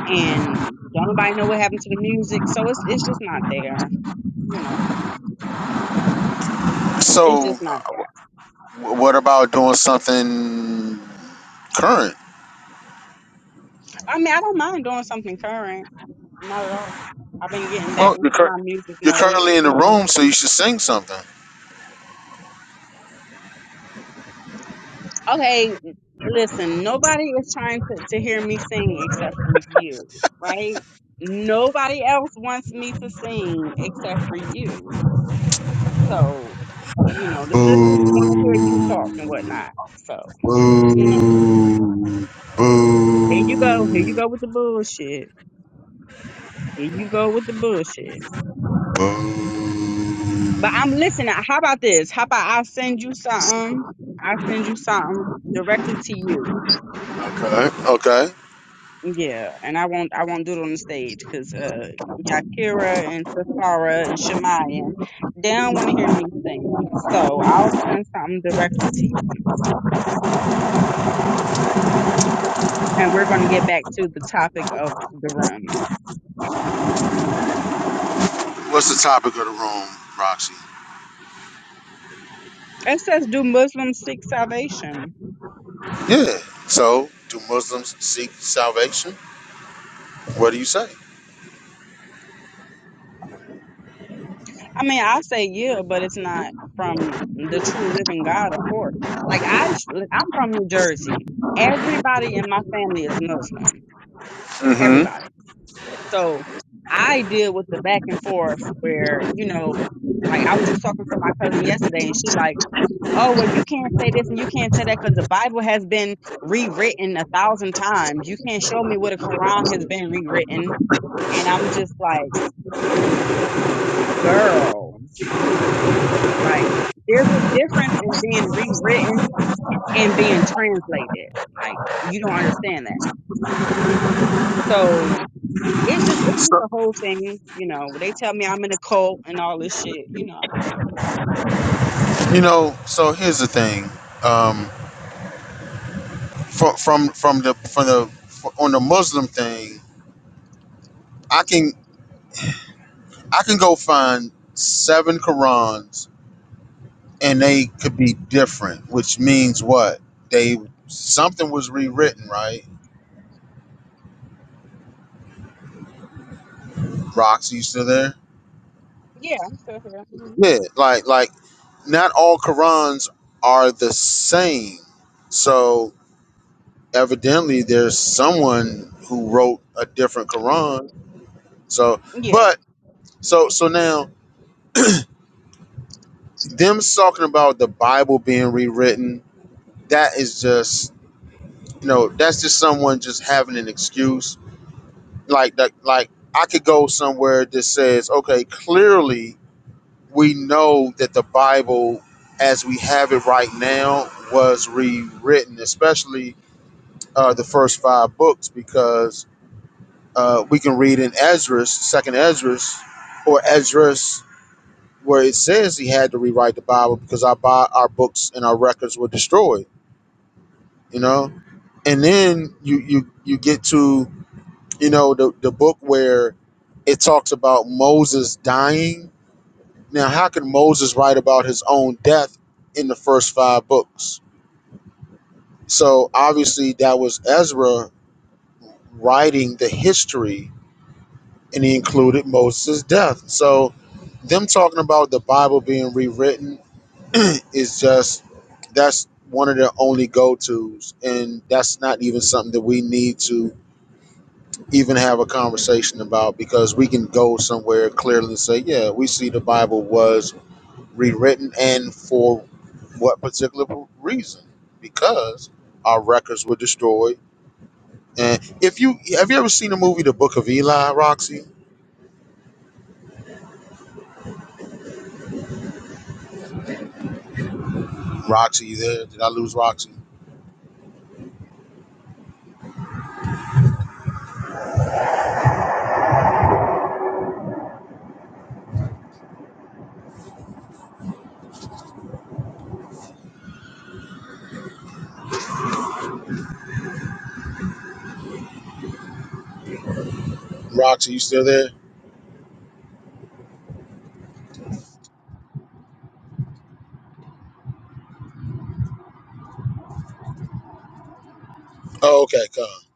P: and don't nobody know what happened to the music. So it's it's just not there, you know. It's
H: So,
P: just
H: uh,
P: not there.
H: what about doing something current?
P: I mean, I don't mind doing something current Not at all. I've been getting back
H: Well,
P: into
H: you're, cur-
P: my music
H: you're
P: mode,
H: currently in
P: you
H: the
P: know.
H: room, so you should sing something.
P: Okay, listen, nobody is trying to, to hear me sing except for you, right? Nobody else wants me to sing except for you. So, you know, the sisters want to hear you
H: Boo,
P: talk and whatnot. So,
H: boo,
P: you know,
H: boo, boo.
P: here you go. Here you go with the bullshit. Here you go with the bullshit. But I'm listening. How about this? How about I send you something? I send you something directly to you.
H: Okay, okay.
P: Yeah, and I won't I won't do it on the stage because uh Yakira and Safara and Shemayim, they don't want to hear me sing. So I'll send something directly to you. And we're going to get back to the topic of the room.
H: What's the topic of the room, Roxy?
P: It says, "Do Muslims seek salvation?"
H: Yeah. So, do Muslims seek salvation? What do you say?
P: I mean, I say yeah, but it's not from the true living God, of course. Like I, I'm from New Jersey. Everybody in my family is Muslim. Everybody So I deal with the back and forth where, you know, like I was just talking to my cousin yesterday and she like, oh, well, you can't say this and you can't say that because the Bible has been rewritten a thousand times. You can't show me where the Quran has been rewritten. And I'm just like, girl, like there's a difference in being rewritten and being translated. Like you don't understand that. So it's just it's just a whole thing, you know. They tell me I'm in a cult and all this shit, you know. I don't care.
H: You know. So here's the thing. Um, from from from the from the fr- on the Muslim thing, I can I can go find seven Qurans, and they could be different, which means what they something was rewritten, right? Roxy, you still there?
P: Yeah, I'm still here. Mhm.
H: Yeah. Like like, not all Qurans are the same. So evidently there's someone who wrote a different Quran. So,
P: Yeah.
H: but so so now them talking about the Bible being rewritten, that is just you know that's just someone just having an excuse. Like that, like I could go somewhere that says, okay, clearly we know that the Bible as we have it right now was rewritten, especially uh, the first five books, because Uh, we can read in Ezra's, Second Ezra's, or Ezra's, where it says he had to rewrite the Bible because our Bi- our books and our records were destroyed. You know, and then you you you get to you know the the book where it talks about Moses dying. Now, how could Moses write about his own death in the first five books? So obviously, that was Ezra writing the history and he included Moses' death. So, them talking about the Bible being rewritten is just that's one of their only go tos, and that's not even something that we need to even have a conversation about because we can go somewhere clearly and say, yeah, we see the Bible was rewritten and for what particular reason? Because our records were destroyed. And if you have you ever seen the movie The Book of Eli, Roxy? Roxy, you there? Did I lose Roxy? Rox, are you still there? Oh, okay, come.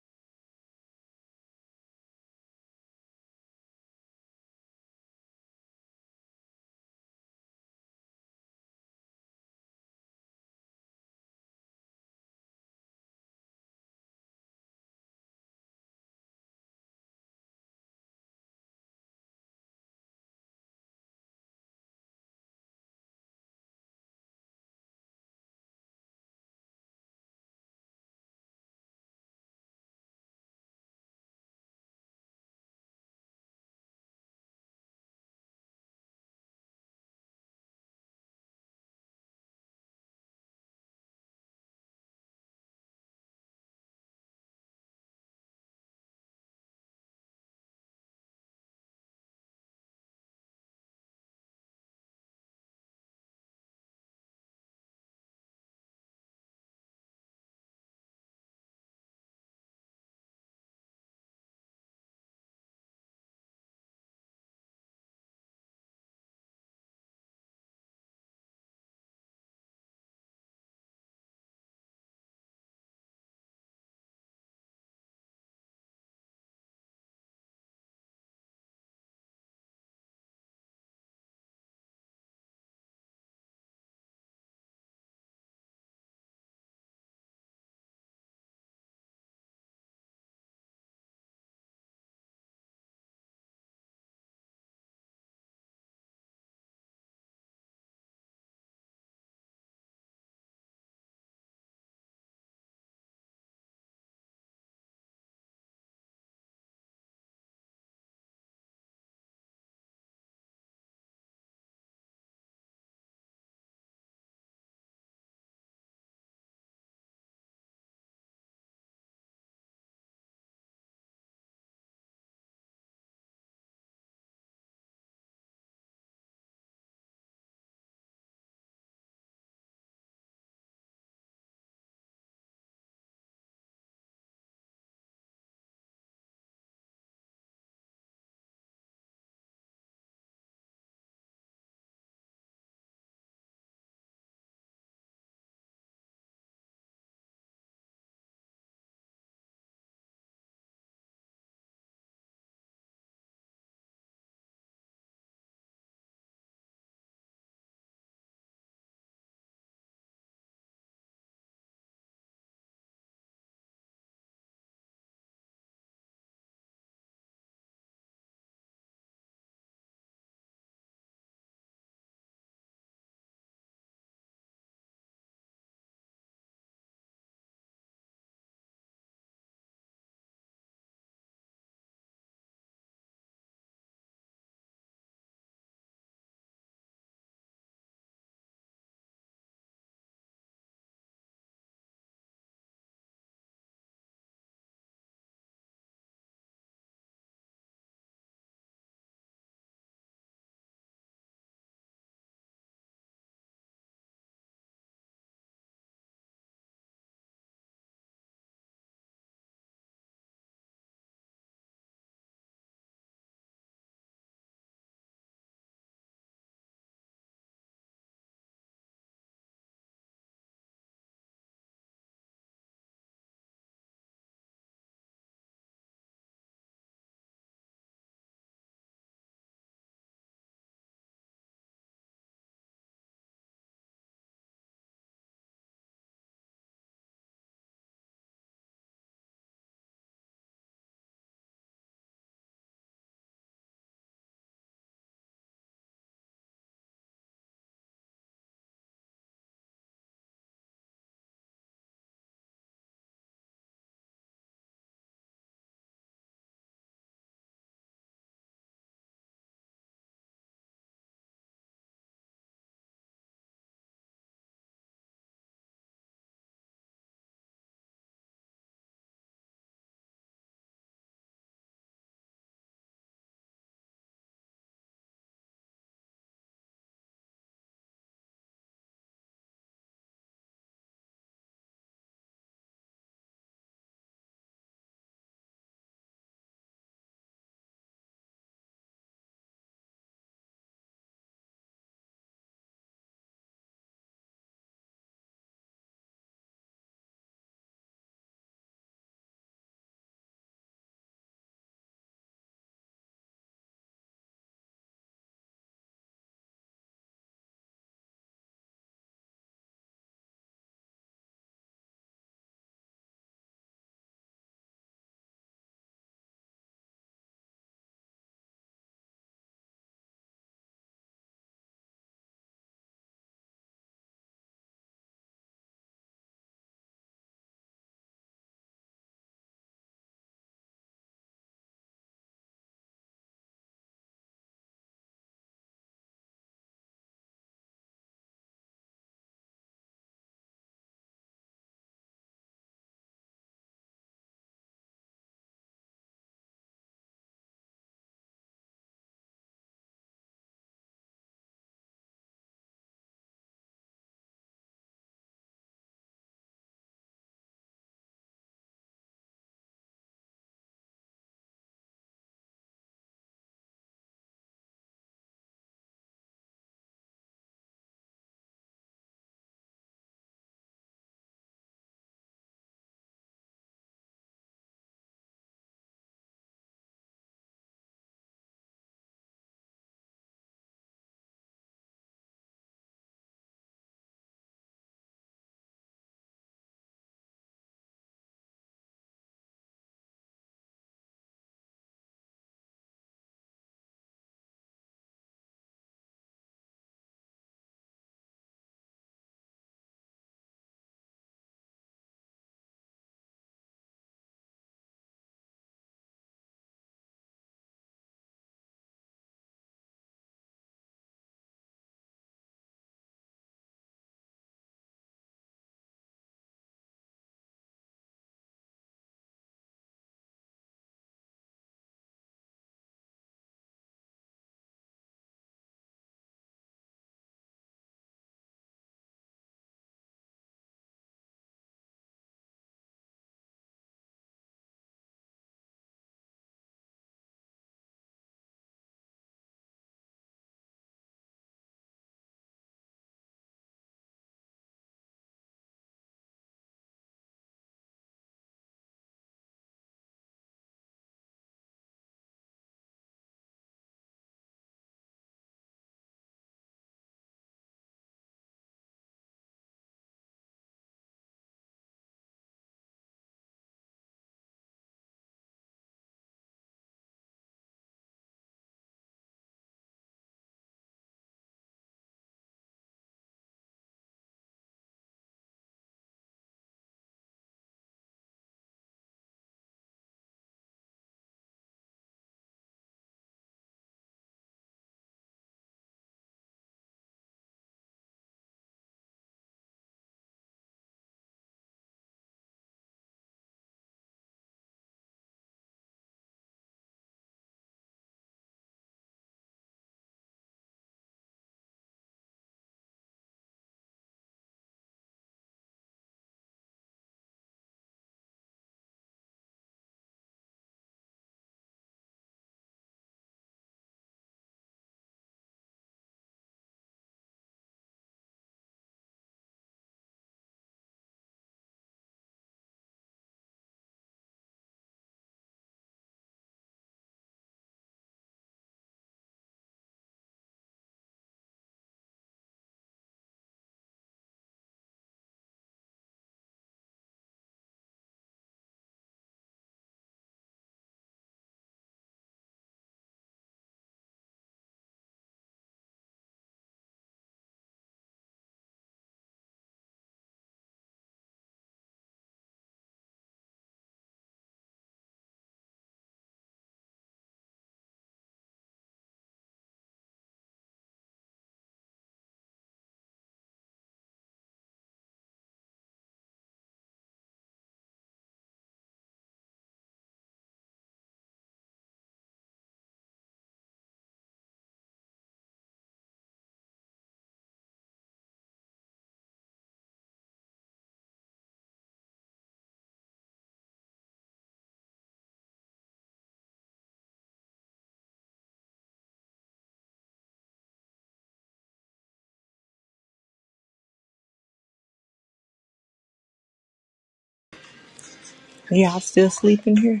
Q: Y'all still sleeping here?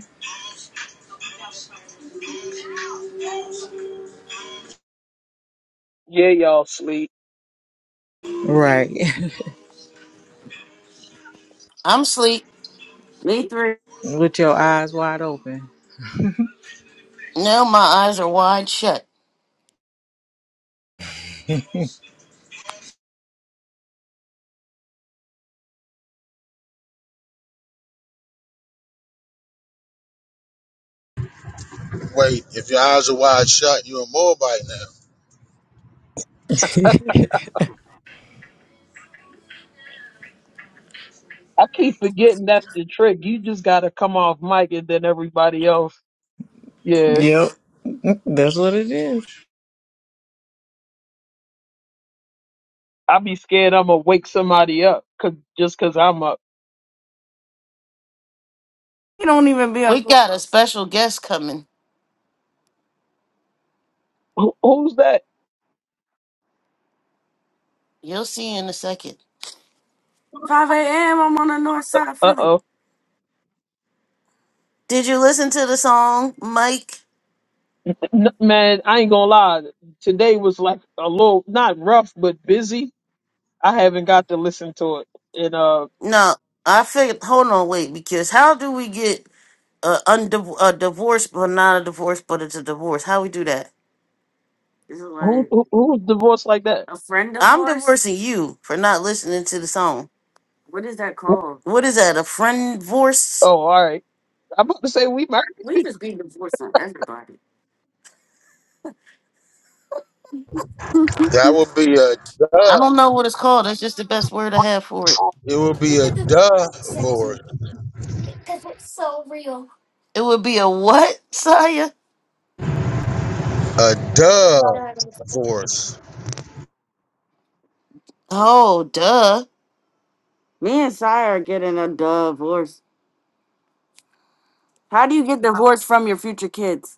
J: Yeah, y'all sleep.
Q: Right.
B: I'm asleep. Me three.
Q: With your eyes wide open.
B: No, my eyes are wide shut.
H: Wait, if your eyes are wide shut, you're a Moabite now.
J: I keep forgetting that's the trick. You just gotta come off mic and then everybody else. Yeah.
Q: Yep. That's what it is.
J: I be scared I'm gonna wake somebody up cause, just cause I'm up.
B: Be on We got a clubhouse. special guest coming.
J: Who, who's that?
B: You'll see in a second. 5 a.m. I'm on the north side of
J: Uh
B: Philly.
J: oh.
B: Did you listen to the song, Mike?
J: N- man, I ain't gonna lie. Today was like a little, not rough, but busy. I haven't got to listen to it. And, uh,
B: No, I figured. Hold on, wait. Because how do we get a, undiv- a divorce, but not a divorce, but it's a divorce? How we do that? Is it
J: who,
B: like
J: who who's divorced like that?
B: a friend I'm divorce? divorcing you for not listening to the song. What is that called? What is that? A friend divorce?
J: Oh, all right. I'm about to say we
B: We
J: married.
B: just be divorcing everybody.
H: That would be a duh.
B: I don't know what it's called. That's just the best word I have for it.
H: It would be a
B: It
H: duh divorce.
B: would be a what, Saya?
H: A duh divorce.
B: Oh, duh. Me and Sire are getting a divorce. How do you get divorced from your future kids?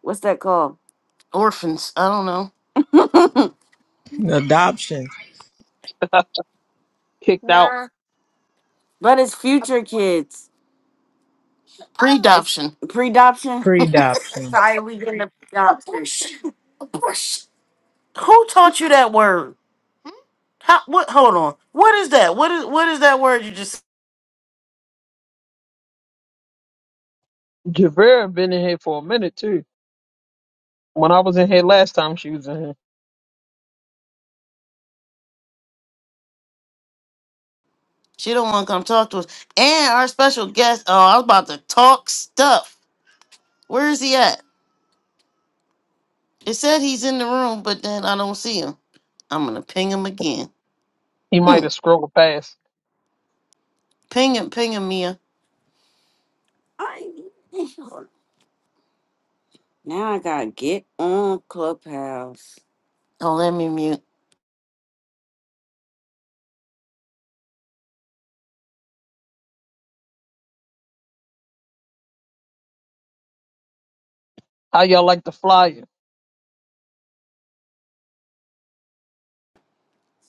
B: What's that called? Orphans. I don't know.
Q: Adoption.
J: kicked out.
B: but it's future kids. Pre-adoption. Pre-adoption?
Q: Pre-adoption.
B: Sorry, we getting the pre-adoption. Who taught you that word? How, what? Hold on. What is that? What is what is that word you just?
J: Javera been in here for a minute too. When I was in here last time, she was in here.
B: She don't want to come talk to us. And our special guest. Oh, I was about to talk stuff. Where is he at? It said he's in the room, but then I don't see him. I'm gonna ping him again.
J: He might
B: Hmm.
J: have scrolled past.
B: Ping him, ping him, Mia. I, now I gotta get on Clubhouse. Oh, let me mute.
J: How y'all like the flyer?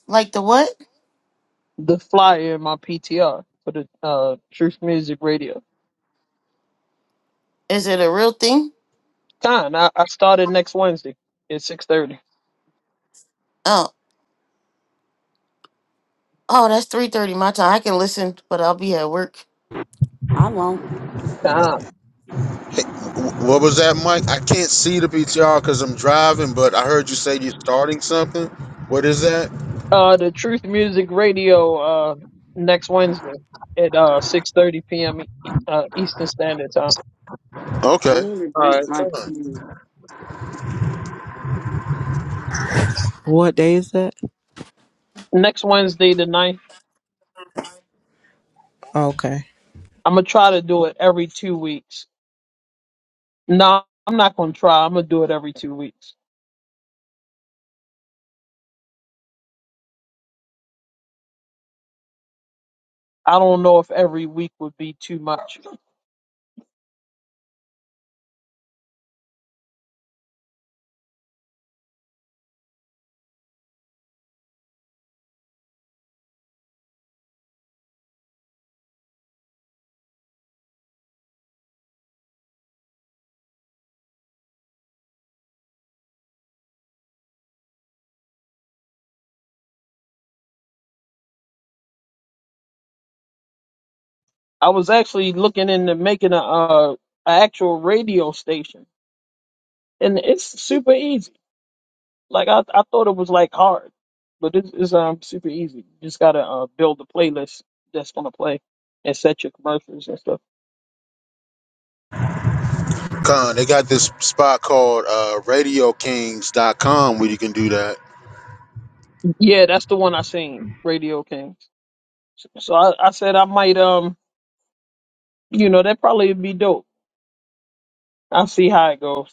B: Like the what?
J: The flyer in my PTR for the uh Truth Music Radio.
B: Is it a real thing?
J: Con, I, I started next Wednesday at six thirty.
B: Oh, oh, that's three thirty my time. I can listen, but I'll be at work. I won't.
J: Con,
H: Wh- What was that, Mike? I can't see the PTR because I'm driving, but I heard you say you're starting something. What is that?
J: uh, the Truth Music Radio uh next Wednesday at uh six thirty p.m. E- uh, Eastern Standard Time.
B: I
H: Okay.
B: need to drink my tea.
Q: What day is that?
J: Next Wednesday the ninth.
Q: Okay.
J: I'm gonna try to do it every two weeks. No, I'm not gonna try. I'm gonna do it every two weeks. I don't know if every week would be too much. I was actually looking into making a, uh a actual radio station, and it's super easy. Like I, I thought it was like hard, but it's, it's um super easy. You just gotta uh, build a playlist that's gonna play and set your commercials and stuff.
H: Con, they got this spot called uh, RadioKings.com where you can do that.
J: Yeah, that's the one I seen, Radio Kings. So, so I, I said I might um you know that probably be dope. I'll see how it goes.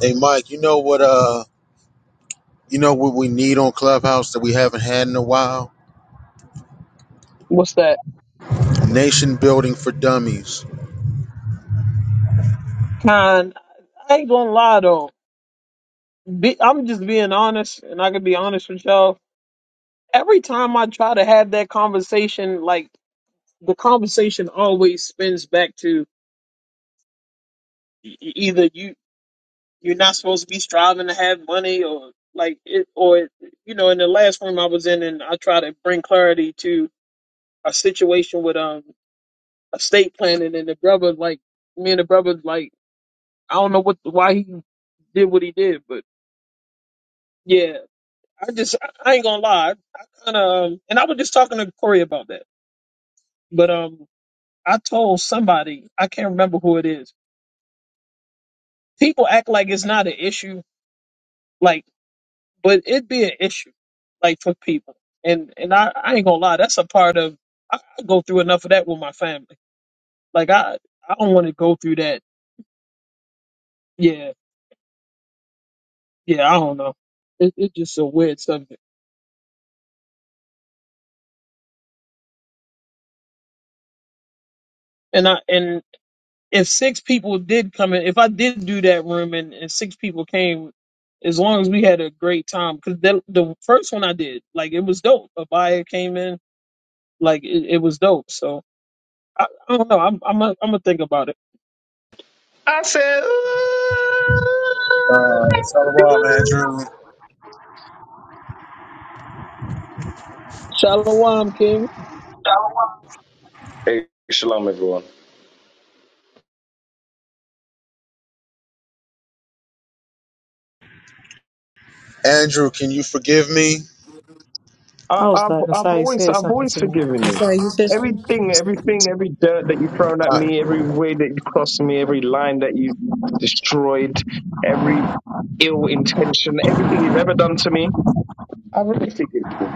H: Hey, Mike, you know what? Uh, you know what we need on Clubhouse that we haven't had in a while?
J: What's that?
H: Nation Building for Dummies.
J: Con, I ain't gonna lie though. Be, I'm just being honest, and I can be honest with y'all. Every time I try to have that conversation, like the conversation always spins back to e- e- either you you're not supposed to be striving to have money, or like it, or you know, in the last room I was in, and I try to bring clarity to a situation with um estate planning, and the brother like me and the brother like I don't know what why he did what he did, but yeah, I just I, I ain't gonna lie, I kind of um, and I was just talking to Corey about that. But um, I told somebody I can't remember who it is. People act like it's not an issue, like, but it be an issue, like for people. And and I, I ain't gonna lie, that's a part of. I, I go through enough of that with my family. Like I I don't want to go through that. Yeah, yeah. I don't know. It, it's just a weird subject. And I and if six people did come in, if I did do that room and, and six people came, as long as we had a great time, because the the first one I did, like it was dope. Abaya came in Like it, it was dope. So I, I don't know. I'm I'm gonna I'm gonna think about it.
R: I said, "Ooh." baby."
J: Shalom, King.
R: hey, shalom, everyone.
H: Andrew, can you forgive me?
R: I,
Q: I was
R: I've,
Q: like,
R: I've
Q: Nasai
R: always,
Q: said
R: I've
Q: something
R: always
Q: to me.
R: forgiven
Q: That's
R: you.
Q: why you said something?
R: Everything, everything, every dirt that you've thrown at
H: Uh,
R: me, every way that you crossed me, every line that you destroyed, every ill intention, everything you've ever done to me, I've already forgiven you.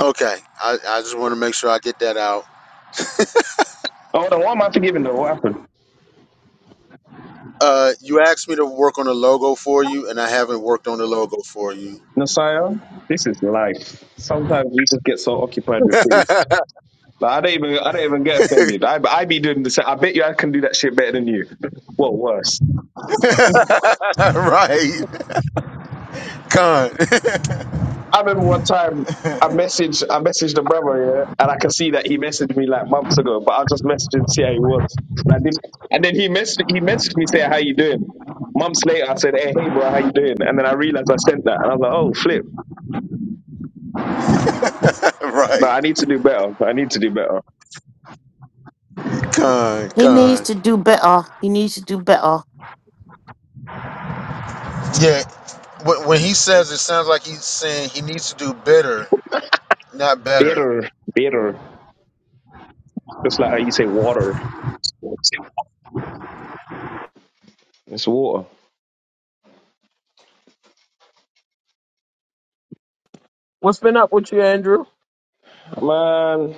H: okay, I, I just want to make sure I get that out.
R: Hold on, why am I forgiving though? What happened?
H: Uh, you asked me to work on a logo for you, and I haven't worked on the logo for you.
R: Messiah, this is life. Sometimes we just get so occupied with things.
H: right,
R: Like, I don't even I don't even get offended. I I be doing the same. I bet you I can do that shit better than you. Well, worse.
H: con,
R: I remember one time I messaged I messaged the brother, yeah, and I can see that he messaged me like months ago, but I just messaged him to see how he was. And I didn't and then he messaged he messaged me saying, How you doing? Months later I said, Hey hey bro, how you doing? And then I realized I sent that and I was like, Oh flip. No,
H: right,
R: I need to do better. I need to do better.
H: con,
B: He needs
H: con.
B: to do better. He needs to do better.
H: Yeah, when, when he says it sounds like he's saying he needs to do better, not better.
R: Better, better. Just like how you say water. It's water.
J: What's been up with you, Andrew?
R: Man,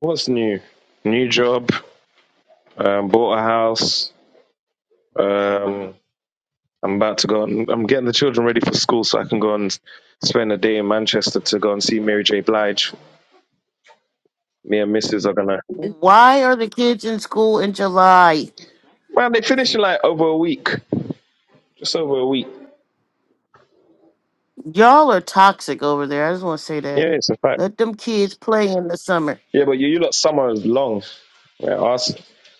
R: what's new? New job. Um, bought a house. Um, I'm about to go. On, I'm getting the children ready for school so I can go and spend a day in Manchester to go and see Mary J. Blige. Me and Mrs. are gonna.
B: Why are the kids in school in July?
R: Man, they finish in like over a week, just over a week.
B: Y'all are toxic over there. I just want to say
R: Yeah,
B: that.
R: it's a fact.
B: Let them kids play in the summer.
R: Yeah, but you, you lot summer is long. Yeah, our, s-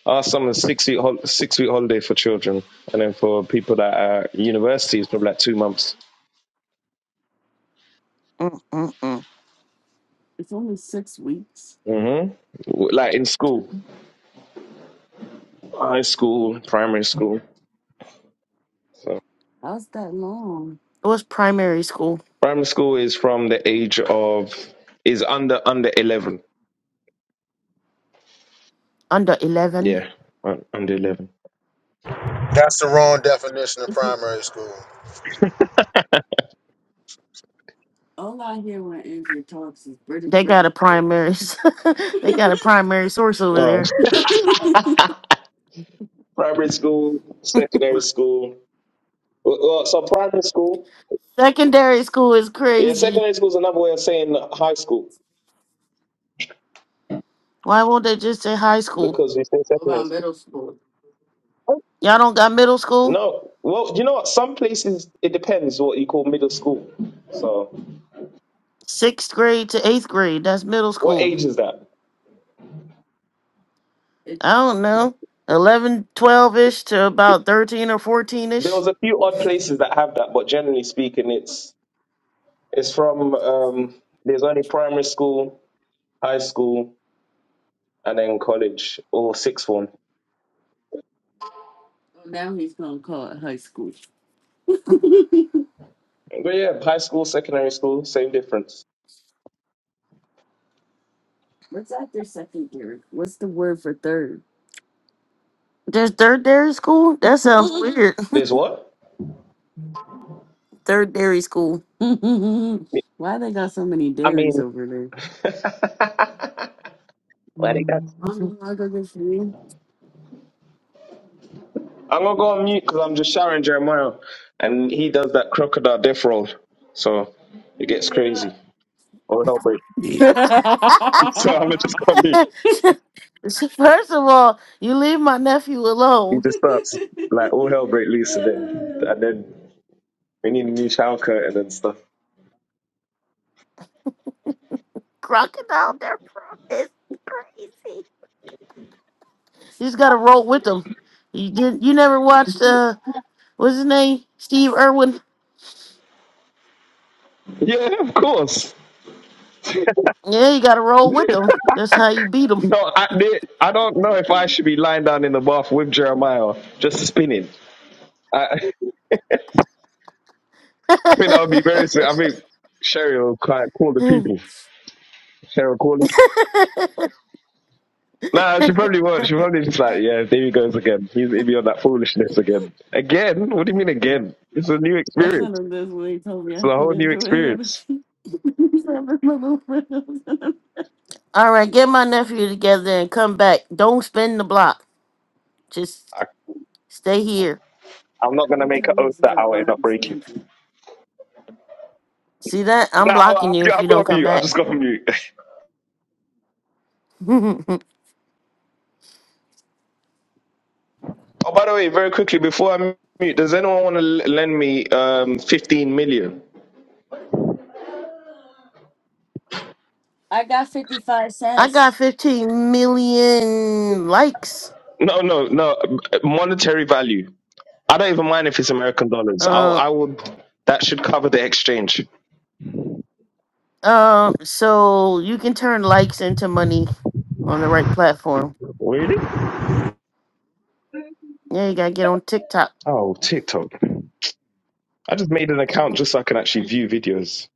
R: our summer's six week hol- six week holiday for children, and then for people that are at university, it's probably like two months.
B: Mm-mm-mm. It's only six weeks.
R: hmm Like in school, high school, primary school. So.
B: How's that long? It was primary school
R: Primary school is from the age of is under under eleven.
B: under eleven.
R: Yeah, un- under eleven.
H: That's the wrong definition of primary school.
B: All I hear when Andrew talks is British They got a primary. s- they got a primary source over
R: Uh,
B: there.
R: primary school, secondary school. Well, well, so primary school.
B: Secondary school is
R: Yeah,
B: crazy.
R: secondary school is another way of saying high school
B: Why won't they just say high school?
R: because we say
B: What
R: secondary
B: about
R: school.
B: middle school? Y'all don't got middle school?
R: No, well, you know what? Some places it depends what you call middle school. So,
B: Sixth grade to eighth grade. That's middle
R: what
B: school.
R: age is that?
B: It I don't know. Eleven, twelve ish to about 13 or 14
R: There
B: ish.
R: was a few odd places that have that, but generally speaking, it's it's from um, there's only primary school, high school, and then college or sixth form.
B: oh, now he's gonna call it high school.
R: But yeah, high school, secondary school, same difference.
B: What's after secondary? What's the word for third? There's third dairy school? That sounds weird.
R: There's what?
B: Third dairy school. Why they got so many
R: I
B: dairies
R: mean,
B: over there?
R: I think
B: Mhm.
R: that's.
B: Mama, I go get you.
R: I'm gonna go on mute because I'm just showering Jeremiah, and he does that crocodile death roll, so it gets crazy. All hell break. So I'm gonna just go on mute.
B: First of all, you leave my nephew
R: He
B: alone.
R: just starts like all hell break loose, and then and then we need a new shower curtain and stuff.
B: Crocodile Dundee is crazy. You just gotta roll with them. You did. You never watched uh, what's his name? Steve Irwin.
R: Yeah, of course.
B: Yeah, you gotta roll with them. That's how you beat
R: No, I, they- I don't know if I should be lying down in the bath with Jeremiah just spinning. I, think I'll be very soon. I think Sherry will call, call the people.
B: them.
R: Sherry will call the people. Nah, she probably won't. She probably just like, yeah, there he goes again. He's he'll be on that foolishness again. Again? What do you mean again? It's a new
B: I sent
R: experience.
B: him this when he told me
R: It's
B: I
R: a
B: could
R: whole new
B: enjoy him.
R: experience.
B: He said, "Bring my little friends." All right, get my nephew together and come back. Don't spin the block. Just stay here.
R: I'm not gonna
B: Every
R: make an
B: time
R: oath
B: this is
R: that
B: a
R: I will
B: block,
R: not
B: he
R: break it.
B: spins it. See that?
R: Nah,
B: I'm blocking you
R: I've,
B: if
R: I've
B: you don't
R: got
B: come
R: mute. I
B: back.
R: just got mute.
B: I
R: Oh, by the way, very quickly before I mute, does anyone want to lend me um 15 million?
B: got 55 cents. I cents. got 15 million likes.
R: No, no, no. Monetary value. I don't even mind if it's American dollars. I'll,
B: Uh,
R: I would. That should cover the exchange.
B: uh, so you can turn likes into money on the right platform.
R: Really?
B: Yeah, you gotta get on TikTok.
R: Oh, TikTok. I just made an account
B: Mm-hmm.
R: just so I can actually view videos.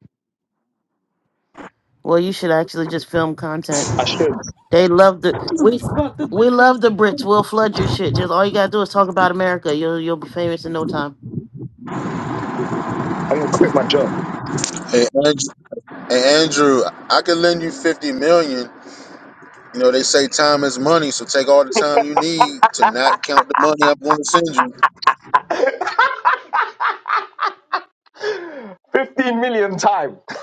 B: Well, you should actually just film content.
R: I should.
B: They love the we Fuck the we love the Brits. We'll flood your shit. Just all you gotta do is talk about America. You'll you'll be famous in no time.
R: I'm gonna quit my job.
H: Hey, Andrew, hey, Andrew I could lend you fifty million, You know, they say time is money, so take all the time you need to not count the money I'm going to send you.
R: Fifteen million time.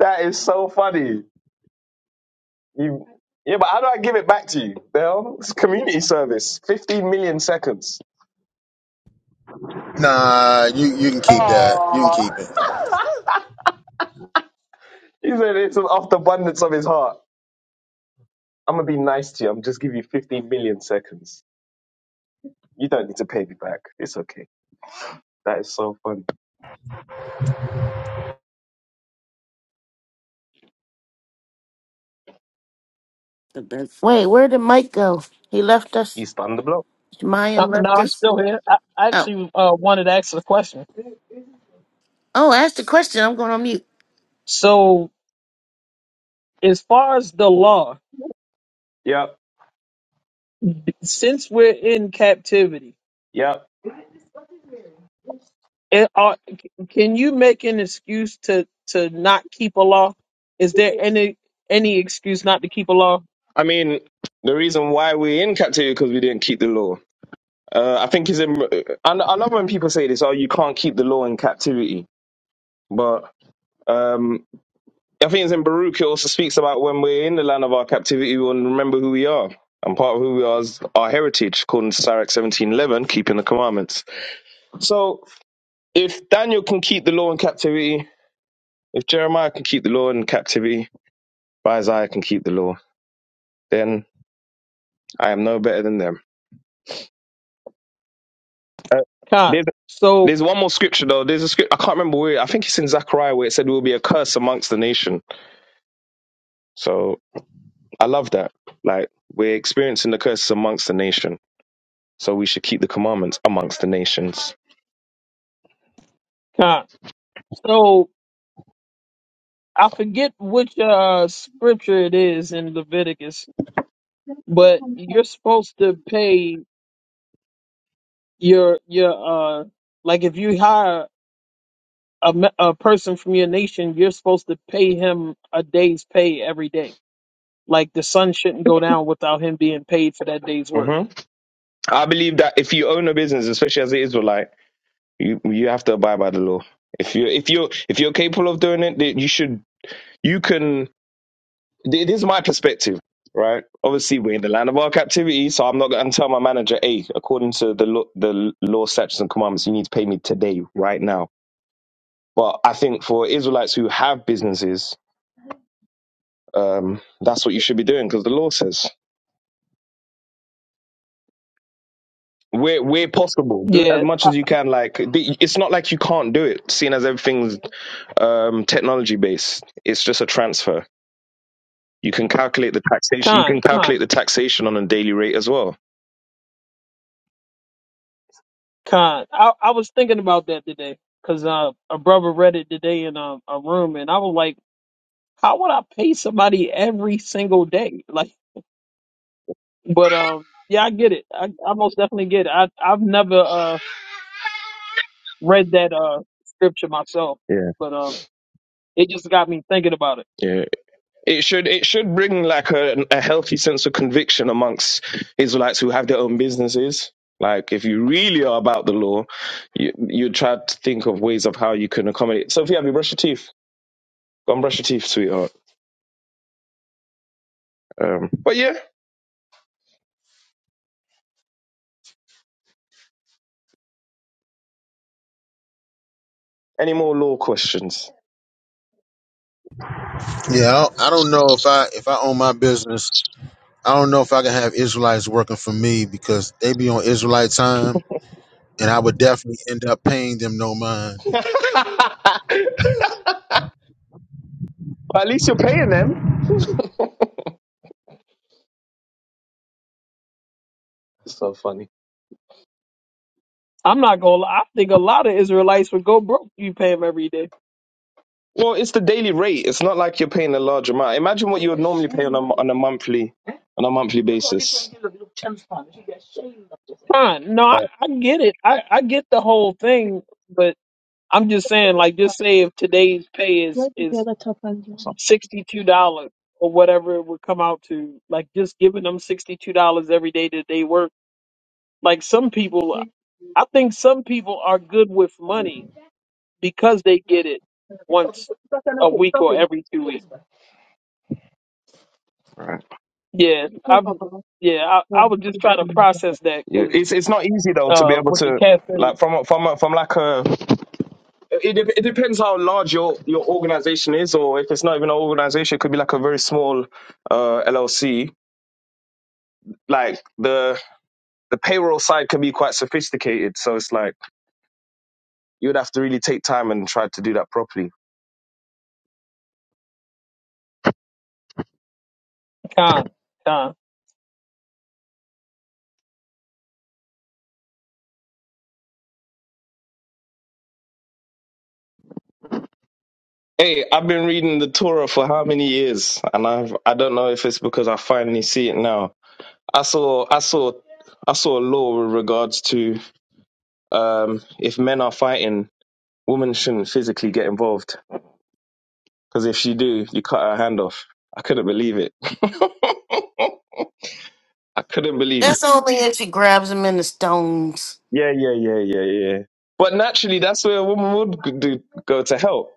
R: That is so funny. You. Yeah, but how do I give it back to you? Well, it's community service. 15 million seconds.
H: Nah, you, you can keep that. You can
R: Ah,
H: keep it.
R: he said it's off the abundance of his heart. I'm gonna be nice to you. I'm just give you 15 million seconds. You don't need to pay me back. It's okay. That is so funny.
B: the best. Wait, where did Mike go? He left us.
R: He's on the block.
B: Mayim
J: Uh, no,
B: left
J: I'm
B: us.
J: still here. I, I
B: Oh,
J: actually uh, wanted to ask a question.
B: oh, ask the question. I'm going on mute.
J: So as far as the law,
R: Yep,
J: since we're in captivity,
R: yep.
J: it, are, can you make an excuse to to not keep a law? Is there any any excuse not to keep a law?
R: I mean, the reason why we're in captivity because we didn't keep the law. Uh, I think is in. I, I love when people say this. Oh, you can't keep the law in captivity. But um, I think it's in Baruch. It also speaks about when we're in the land of our captivity, we'll remember who we are. And part of who we are is our heritage, according to Sirach seventeen eleven, keeping the commandments. So if Daniel can keep the law in captivity, if Jeremiah can keep the law in captivity, if Isaiah can keep the law, then I am no better than
J: Con.
R: them.
J: So
R: There's one more scripture though. There's a script I can't remember where. I think it's in Zechariah where it said there will be a curse amongst the nation. So I love that. Like we're experiencing the curses amongst the nation. So we should keep the commandments amongst the nations.
J: con. So I forget which uh scripture it is in Leviticus But you're supposed to pay your your uh like if you hire a me- a person from your nation, you're supposed to pay him a day's pay every day. Like the sun shouldn't go down without him being paid for that day's work.
R: hmm I believe that if you own a business, especially as an Israelite, you you have to abide by the law. If you if you if you're capable of doing it, then you should. You can. It is my perspective, right? Obviously, we're in the land of our captivity, so I'm not going to tell my manager, "Hey, according to the law, the law, statutes, and commandments, you need to pay me today, right now." But I think for Israelites who have businesses, um, that's what you should be doing because the law says. Where, where possible, do it as
J: Yeah,
R: much
J: uh,
R: as you can. Like the- it's not like you can't do it, seeing as everything's um, technology based. It's just a transfer. You can calculate the taxation. You can
J: con
R: calculate
J: con
R: the taxation on a daily rate as well.
J: con. I I was thinking about that today because uh, a brother read it today in a, a room, and I was like, how would I pay somebody every single day? Like, but um, yeah, I get it. I I most definitely get it. I I've never uh read that uh scripture myself,
R: Yeah,
J: but um it just got me thinking about it.
R: yeah. it should it should bring like a, a healthy sense of conviction amongst Israelites who have their own businesses. Like if you really are about the law, you you try to think of ways of how you can accommodate. Sophia, have you brushed your teeth? Go and brush your teeth, sweetheart. Um, but yeah, any more law questions?
H: Yeah, I don't, I don't know if I if I own my business, I don't know if I can have Israelites working for me because they be on Israelite time, and I would definitely end up paying them no mind.
R: But at least you're paying them.
J: I'm not gonna lie, I think a lot of Israelites would go broke if you pay them every day.
R: Well, it's the daily rate. It's not like you're paying a large amount. Imagine what you would normally pay on a, on a monthly on a monthly basis.
J: Fine. No, I, I get it. I, I get the whole thing, but I'm just saying, like just say if today's pay is is sixty two dollars or whatever it would come out to, like just giving them sixty two dollars every day that they work. Like some people I think some people are good with money because they get it once a week or every two weeks. Yeah, I'm. Yeah, I, I was just trying to process that
R: Yeah,
J: 'cause,
R: it's it's not easy though to be
J: uh,
R: able
J: with the
R: to
J: caffeine,
R: like from a- from a- from like a it, dep- it depends how large your your organization is or if it's not even an organization it could be like a very small uh LLC like the the payroll side can be quite sophisticated so it's like you would have to really take time and try to do that properly.
J: con, con.
R: Hey, I've been reading the Torah for how many years and I've I don't know if it's because I finally see it now. I saw I saw I saw a law with regards to um if men are fighting Women shouldn't physically get involved because if she do, you cut her hand off. I couldn't believe it. I couldn't believe it.
B: That's only if she grabs him in the stones.
R: Yeah, yeah, yeah, yeah, yeah. But naturally, that's where a woman would do, go to help.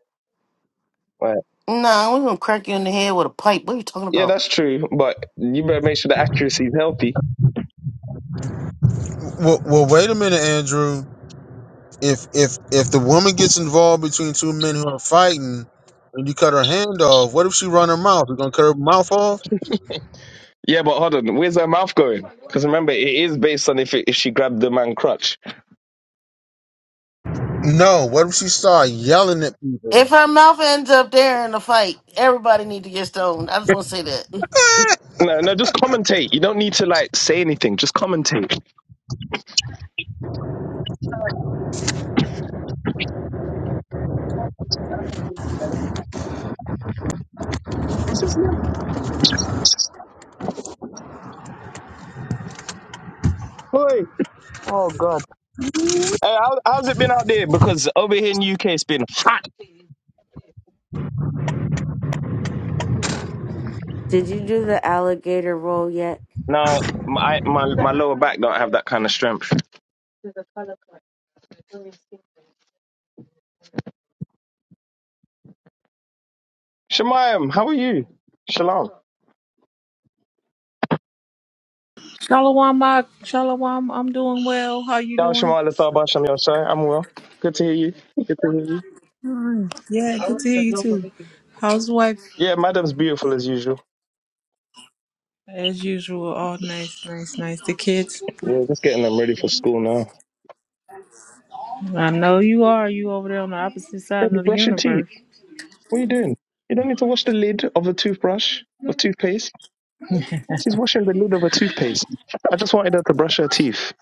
R: Right.
B: No, nah, we're gonna crack you in the head with a pipe. What are you talking
R: Yeah,
B: about?
R: that's true. But you better make sure the accuracy is healthy.
H: Well, well wait a minute, Andrew. If if if the woman gets involved between two men who are fighting, and you cut her hand off, what if she run her mouth? You gonna cut her mouth off?
R: Yeah, but hold on. Where's her mouth going? Because remember, it is based on if it, if she grabbed the man crutch.
H: No, what if she started yelling at people?
B: If her mouth ends up there in the fight, everybody need to get stoned. I just want to say that.
R: No, no, just commentate. You don't need to like say anything. Just commentate. This is your boy. Oh God. Hey, how, how's it been out there? Because over here in the UK, it's been hot.
E: Did you do the alligator roll yet?
R: No, my my, my lower back don't have that kind of strength. Shemayim, how are you? Shalom.
Q: Shalom, ma. Shalom, I'm doing well. How you
R: Down
Q: doing?
R: Shemayim Lathabah Shem Yosai. I'm well. Good to hear you. Good to hear you.
Q: Mm, Yeah, good to hear you too. How's the wife?
R: Yeah, madam's beautiful as usual.
Q: As usual, all nice, nice, nice. The kids?
R: Yeah, just getting them ready for school now.
Q: I know you are. You over there on the opposite side
R: Baby,
Q: of the
R: brush your teeth.
Q: universe.
R: What are you doing? You don't need to wash the lid of the toothbrush of toothpaste. She's washing the lid of a toothpaste. I just wanted her to brush her teeth.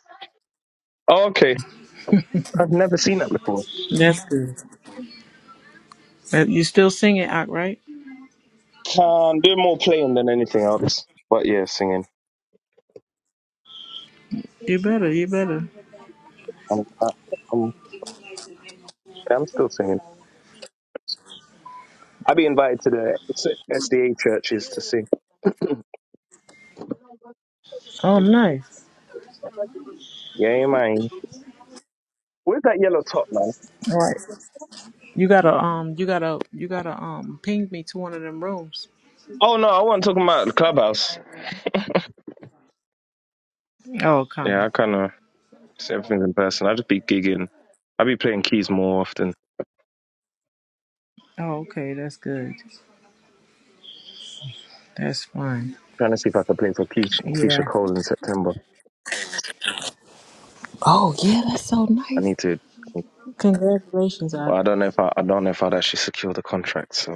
R: Oh, okay. I've never seen that before.
Q: That's good. Uh, You still singing, Ak, right?
R: Can do more playing than anything else, but yeah, singing.
Q: You better, you better.
R: I'm, I, I'm, yeah, I'm still singing. I be invited to the S- SDA churches to sing.
Q: Oh, nice.
R: Yeah, man. Where's that yellow top, man?
Q: All right. You gotta um you gotta you gotta um ping me to one of them rooms.
R: Oh no, I wasn't talking about the clubhouse.
Q: Oh,
R: Yeah,
Q: kind.
R: I kind of see everything in person. I just be gigging. I be playing keys more often.
Q: Oh, okay. That's good. That's fine.
R: Trying to see if I could play for Keisha, Keisha
Q: Yeah.
R: Cole in September.
Q: Oh yeah, that's so
R: I
Q: nice.
R: need to.
Q: Congratulations, Ak.
R: Well, I don't know if I, I don't know if I'd actually secure the contract. So,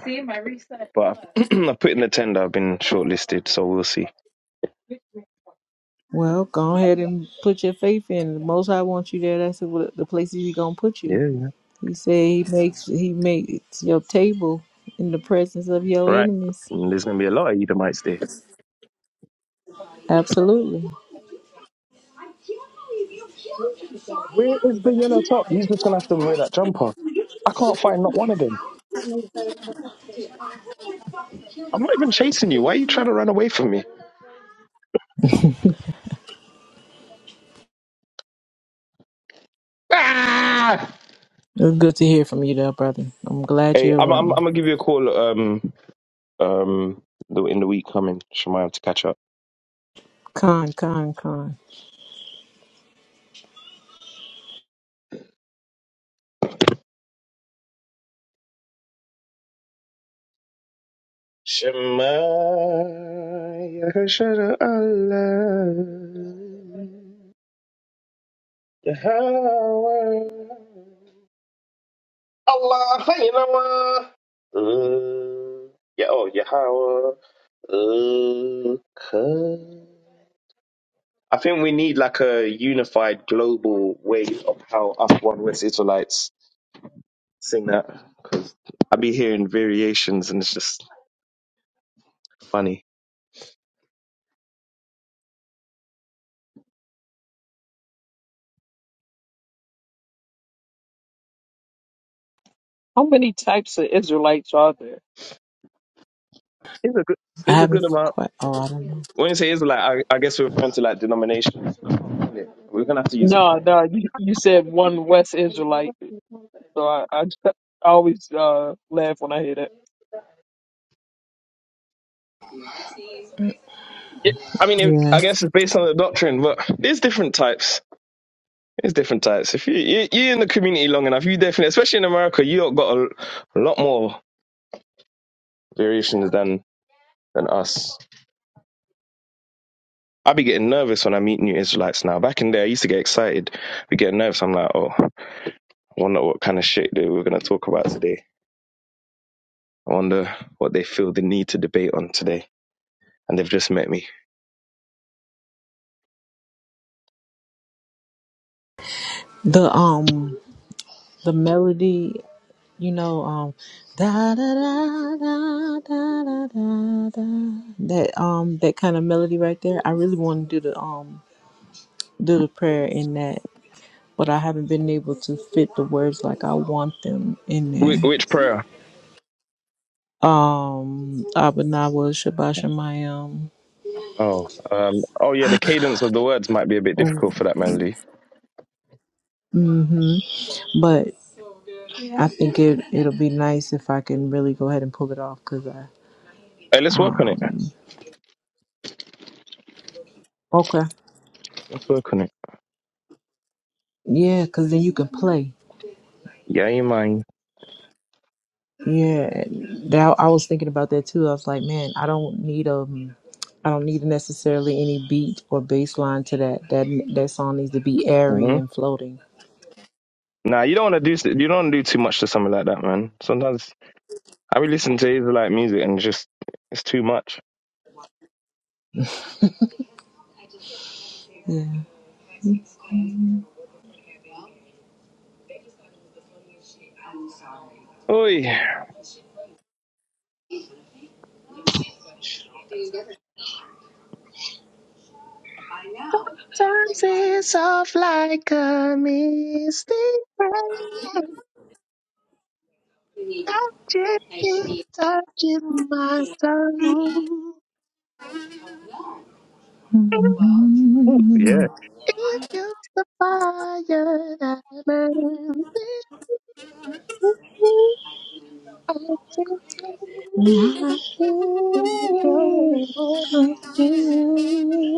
R: but I've- I put in the tender. I've been shortlisted, so we'll see.
Q: Well, go ahead and put your faith in. The most High wants you there, that's the the places he gonna put you.
R: Yeah.
Q: He said he makes he makes your table in the presence of your
R: Right.
Q: enemies.
R: Mm, There's going to be a lot of Edomites there.
Q: Absolutely.
R: Where is the yellow top? He's just gonna have to wear that jumper. I can't find not one of them. I'm not even chasing you. Why are you trying to run away from me? Ah!
Q: It's good to hear from you, though, brother. I'm glad
R: Hey,
Q: you're
R: I'm I'm,
Q: around.
R: I'm gonna give you a call um um the, in the week coming, Shemaya, to catch up.
Q: Con, con, con.
R: Shemaya Hashara Allah. Yahweh. Allah, Hayyinawa. Uh, Yeah, oh, Yahweh. Okay. I think we need like a unified global way of how us one West Israelites sing that. I be hearing variations and it's just funny.
J: How many types of Israelites are there?
R: It's a good,
Q: I
R: it's a
Q: haven't
R: good amount.
Q: quite. Oh, I don't know.
R: When you say Israelite, I, I guess we're referring to like denominations. We're gonna have to use the joke.
J: No, no, you, you said one West Israelite, so I, I, just- I always uh, laugh when I hear that.
R: Yeah, I mean, it,
Q: Yeah.
R: I guess it's based on the doctrine, but there's different types. There's different types. If you, you you're in the community long enough, you definitely, especially in America, you lot got a, a lot more variations than than us. I be getting nervous when I meet new Israelites now. Back in the day, I used to get excited. We get nervous. I'm like, oh, I wonder what kind of shit they we're gonna talk about today. I wonder what they feel the need to debate on today. And they've just met me.
Q: The um, the melody. You know, um, da da da da da da da da. That um, that kind of melody right there. I really want to do the um, do the prayer in that, but I haven't been able to fit the words like I want them in
R: Wh-
Q: there.
R: which prayer?
Q: Um, Abanawa Shabashamayam.
R: Oh, um, oh yeah, the cadence of the words might be a bit difficult for that melody.
Q: Mm-hmm. I think it it'll be nice if I can really go ahead and pull it off because I
R: Hey, let's work on it.
Q: um okay
R: Let's work on it.
Q: yeah because then you can play
R: Yeah, you mind?
Q: yeah that I was thinking about that too I was like man I don't need um I don't need necessarily any beat or bass line to that that that song needs to be airy
R: hmm
Q: and floating
R: Nah, you don't want to do you don't want to do too much to something like that, man. Sometimes I be listening to Israelite music and just it's too much. Oi. Sometimes it's off like a misty rain. touch it, touch it, my soul. Ooh, yeah. It fuels the fire that burns it. I see you in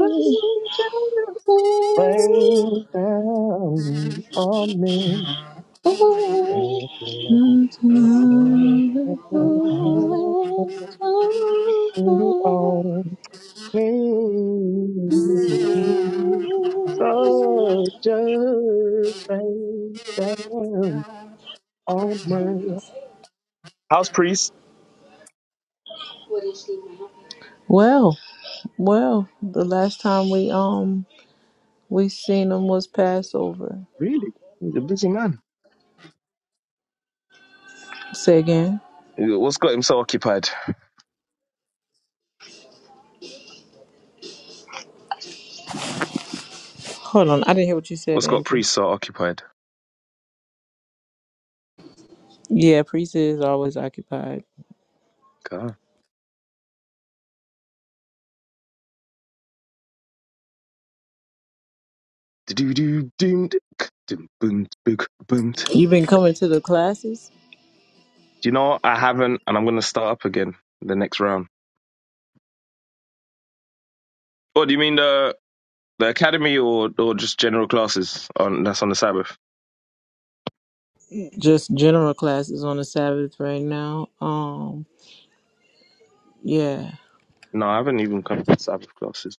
R: angels.
Q: yeah
R: Rain down on me. Thank you, Lord. Thank you, Lord. Soldiers rain down on my house priest.
Q: Well, well, the last time we um we seen them was Passover.
R: Really, he's a busy man.
Q: Say again.
R: What's got him so occupied?
Q: Hold on, I didn't hear what you said,
R: What's got
Q: Andrew.
R: priest so occupied?
Q: Yeah, priest is always occupied.
R: God. Do-do-do, doom, dick, doom, boom, boom, boom. Do
Q: You've been coming to the classes,
R: you know what? I haven't, and I'm gonna start up again the next round. What do you mean the the academy or or just general classes on that's on the Sabbath?
Q: just general classes on the Sabbath right now. Um, yeah.
R: No, I haven't even come to the Sabbath classes.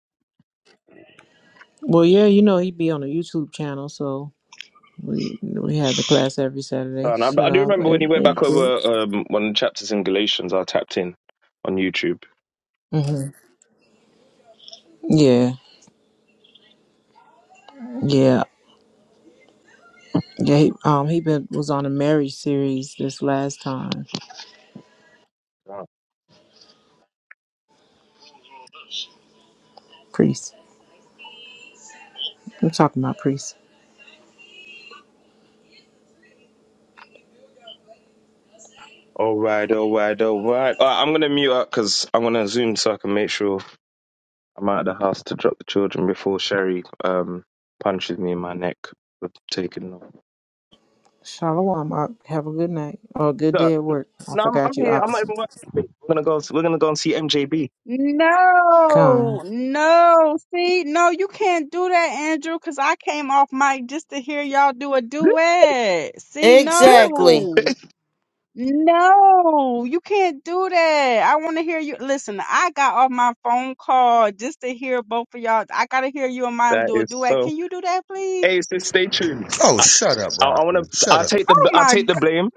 Q: Well, yeah, you know he'd be on a YouTube channel, so We we had the class every Saturday,
R: Oh, And I,
Q: so
R: I do
Q: uh,
R: remember when he went
Q: everything
R: back
Q: good.
R: over um, one of the chapters in Galatians, I tapped in on YouTube.
Q: hmm Yeah, yeah, yeah. He, um, he been was on a marriage series this last time. Priest, I'm talking about priest.
R: All right, all right, all right. All right I'm going to mute up because I'm going to zoom so I can make sure I'm out of the house to drop the children before Sherry um, punches me in my neck for taking off.
Q: Shalom. Op. Have a good night or a good
R: So,
Q: day at work. I
R: no, I'm, I'm
Q: forgot you
R: here. I'm not even
Q: opposite.
R: working. We're going to go we're gonna go and see MJB.
P: No,
Q: Con.
P: no. See, no, you can't do that, Andrew, because I came off mic just to hear y'all do a duet. See,
B: Exactly.
P: no, no, you can't do that. I want to hear you. Listen, I got off my phone call just to hear both of y'all. I got to hear you and mom
R: That
P: do a
R: is
P: duet.
R: so.
P: Can you do that, please?
R: Hey, so stay tuned.
H: Oh,
R: I,
H: shut up,
R: I, I want
H: Roxy.
R: to.
H: Shut
R: I'll
H: up.
R: take
P: Oh,
R: the. I'll
P: my
R: take the
P: God.
R: blame.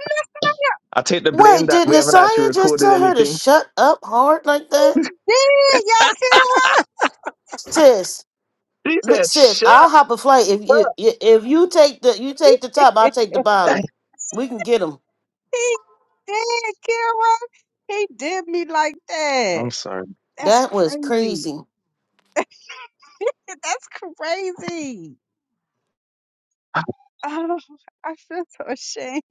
R: I'll take the blame
B: Wait,
R: that
B: did
R: we haven't actually
B: Nasaya just
R: recorded
B: tell her to
R: anything.
B: shut up hard like that?
P: Did y'all, Kira?
B: Sis,
R: He
B: li-
R: said,
B: sis, I'll
R: "Shut."
B: hop a flight if you i- if you take the you take the top, I'll take the bottom. We can get them.
P: He did, Kira. He did me like that.
R: I'm sorry.
P: That's
B: That was
P: crazy.
B: crazy.
P: That's crazy. Oh, I feel so ashamed.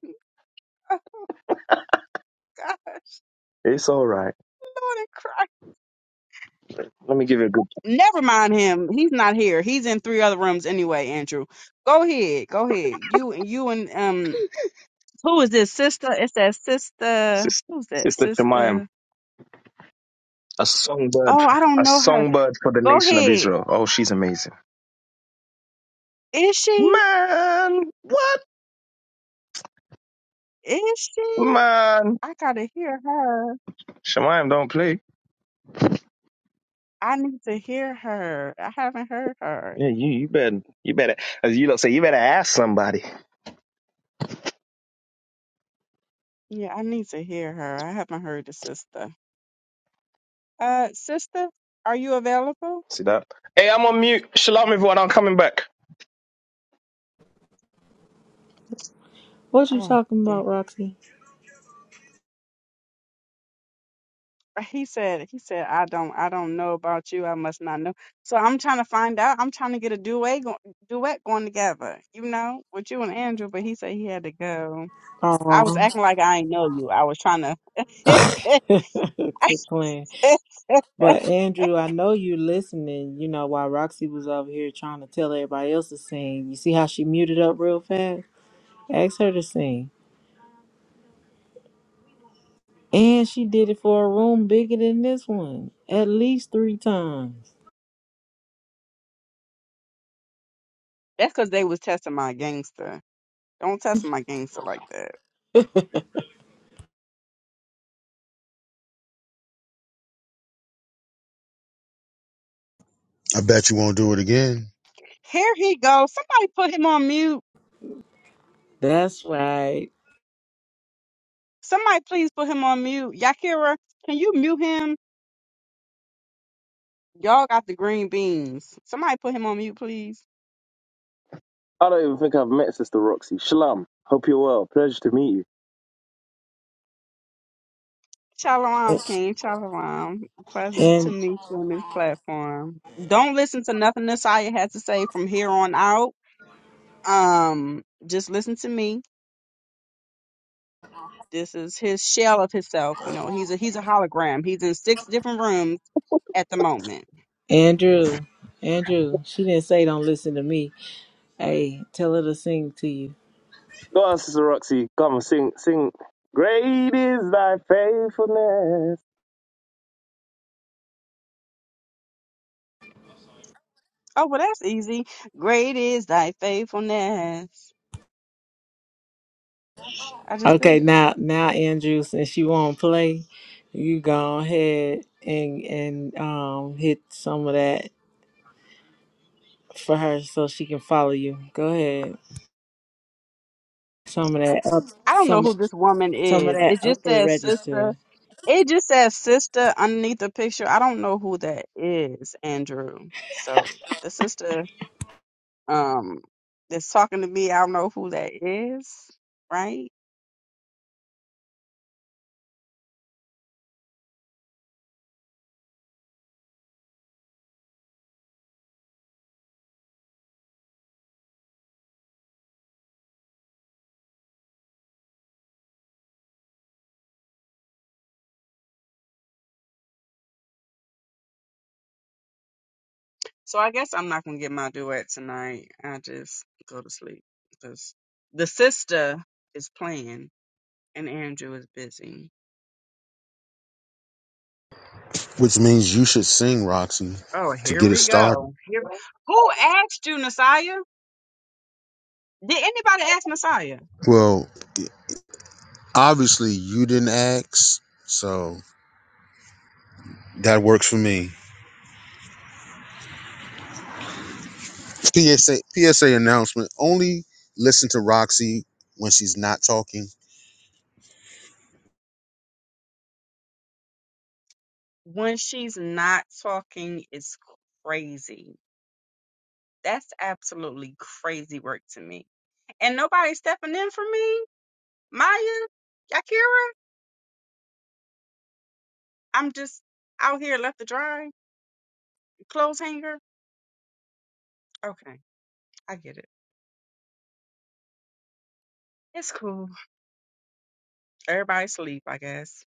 P: I
R: It's all right.
P: want to cry.
R: Let me give you a good
P: Never mind him. He's not here. He's in three other rooms anyway, Andrew. Go ahead. Go ahead. You and you and um who is this sister? It's that sister.
R: sister,
P: Who's that
R: sister Shemayim,
P: sister?
R: a songbird,
P: Oh, I don't
R: a
P: know her.
R: songbird for the
P: Go
R: nation of
P: ahead.
R: Israel. Oh, she's amazing.
P: Is she?
R: Man, what
P: Is she?
R: man?
P: I gotta hear her.
R: Shemayim don't play.
P: I need to hear her. I haven't heard her.
R: Yeah, you you better you better as you lot say you better ask somebody.
P: Yeah, I need to hear her. I haven't heard the sister. Uh, sister, are you available?
R: See that? Hey, I'm on mute. Shalom, everyone. I'm coming back.
Q: What you
P: Oh,
Q: talking
P: dang.
Q: about, Roxy?
P: He said, he said, I don't, I don't know about you. I must not know. So I'm trying to find out. I'm trying to get a duet, go- duet going together, you know, with you and Andrew. But he said he had to go. I was
Q: Aw.
P: acting like I ain't know you. I was trying to.
Q: Quit playing.
P: That's
Q: But Andrew, I know you listening. You know, while Roxy was over here trying to tell everybody else to sing, you see how she muted up real fast? Ask her to sing. And she did it for a room bigger than this one, at least three times.
P: because they was testing my gangster. Don't test my gangster like that.
H: I bet you won't do it again.
P: Here he goes. Somebody put him on mute.
Q: That's right.
P: Somebody please put him on mute. Yakira, can you mute him? Y'all got the green beans. Somebody put him on mute, please.
R: I don't even think I've met Sister Roxy. Shalom. Hope you're well. Pleasure to meet you.
P: Shalom, King. Shalom. Pleasure to
Q: And
P: meet you on this platform. Don't listen to nothing Nasiah has to say from here on out. Um, just listen to me. This is his shell of himself. You know, he's a he's a hologram. He's in six different rooms at the moment.
Q: Andrew, Andrew, she didn't say don't listen to me. Hey, tell her to sing to you.
R: Go on, Sister Roxy. Come and sing, sing. Great is thy faithfulness.
P: Oh well, that's easy. Great is thy faithfulness. I just did
Q: Okay,
P: it.
Q: now now Andrew, since she won't play, you go ahead and and um hit some of that for her so she can follow you. Go ahead. Some of that up
P: I don't know
Q: some
P: who this woman
Q: some of
P: is.
Q: that
P: It just
Q: upper
P: says sister
Q: register.
P: It just says sister underneath the picture. I don't know who that is, Andrew. So the sister um that's talking to me, I don't know who that is, right? So I guess I'm not gonna get my duet tonight. I just go to sleep because the sister is playing and Andrew is busy.
H: Which means you should sing, Roxy,
P: Oh,
H: to
P: here
H: get it
P: we
H: started.
P: go. Here, who asked you, Messiah? Did anybody ask Messiah?
H: Well, obviously you didn't ask, so that works for me. PSA PSA announcement. Only listen to Roxy when she's not talking.
P: When she's not talking, it's crazy That's absolutely crazy work to me. And nobody's stepping in for me. Maya, Yakira, I'm just out here left to dry, clothes hanger. Okay, I get it. It's cool. Everybody sleep, I guess.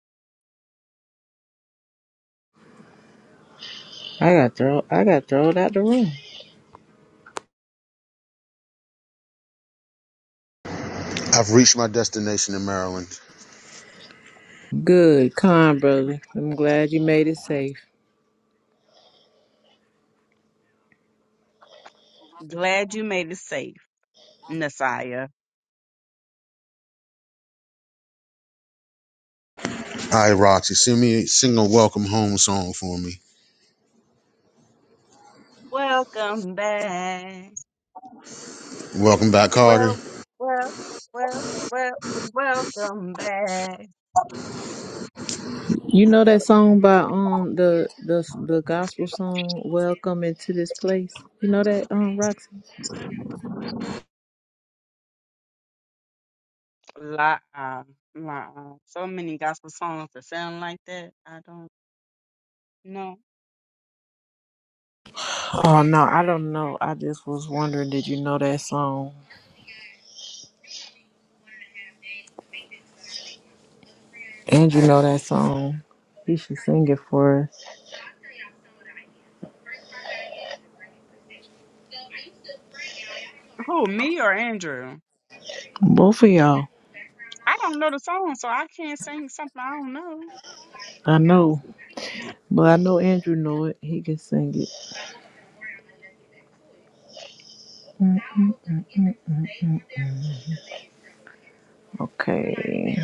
Q: I got thrown. I got thrown out the room.
H: I've reached my destination in Maryland.
Q: Good, con brother. I'm glad you made it safe.
P: Glad you made it safe, Nasaya.
H: All right, Roxy, sing me sing a welcome home song for me.
P: Welcome back.
H: Welcome back, Carter.
P: Well, well, well, well, welcome back.
Q: You know that song by um the the the gospel song "Welcome into This Place." You know that um Roxy.
P: La, la, so many gospel songs that sound like that. I don't know.
Q: Oh no, I don't know. I just was wondering, did you know that song? And you know that song. He should sing it for us.
P: Who, me or Andrew?
Q: Both of y'all.
P: I don't know the song, so I can't sing something I don't know.
Q: I know. But I know Andrew know it. He can sing it. Mm, mm, mm, mm, mm, mm. Okay.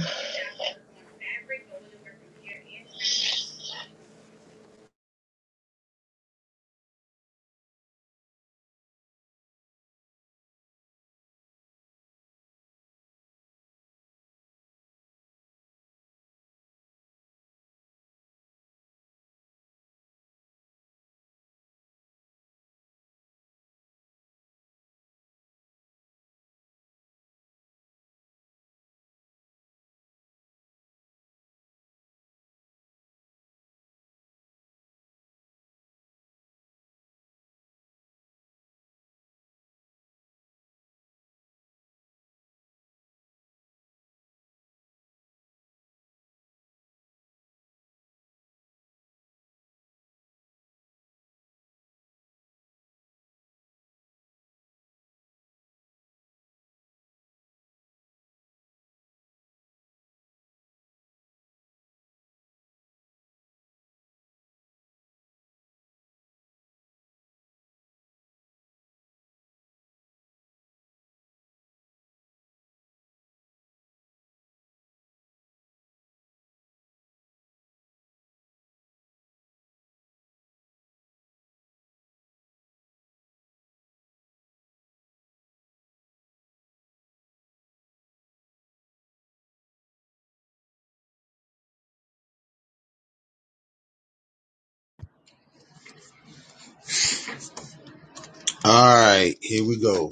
H: All right, here we go.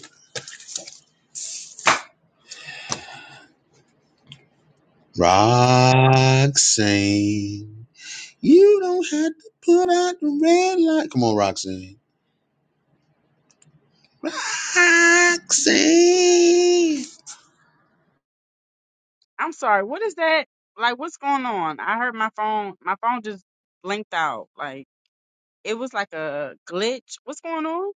H: Roxanne, you don't have to put out the red light. Come on, Roxanne. Roxanne.
P: I'm sorry. What is that? Like, what's going on? I heard my phone. My phone just blinked out. Like it was like a glitch. What's going on?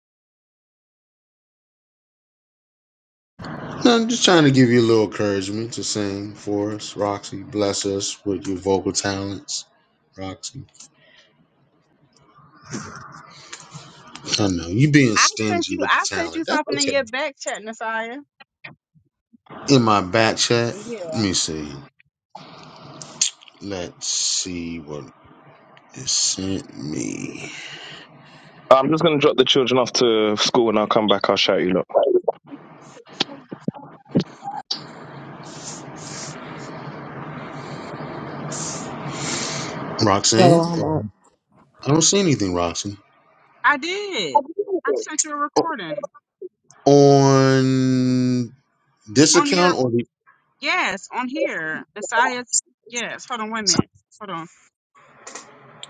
H: No, I'm just trying to give you a little encouragement to sing for us, Roxy. Bless us with your vocal talents, Roxy. I know you being
P: I sent
H: stingy
P: you.
H: with the
P: I sent you
H: talent. That's
P: something in
H: okay.
P: your back chat, Nasiah.
H: in my back chat. Let
P: Yeah,
H: me see. Let's see what it sent me.
R: I'm just gonna drop the children off to school and I'll come back. I'll shout you lot.
H: Roxanne?
Q: Shalom.
H: I don't see anything, Roxanne.
P: I did. I sent you a recording
H: On this
P: on
H: account
P: your
H: or the
P: yes on here, Nasiah's yes. Hold on, wait a minute. Hold on.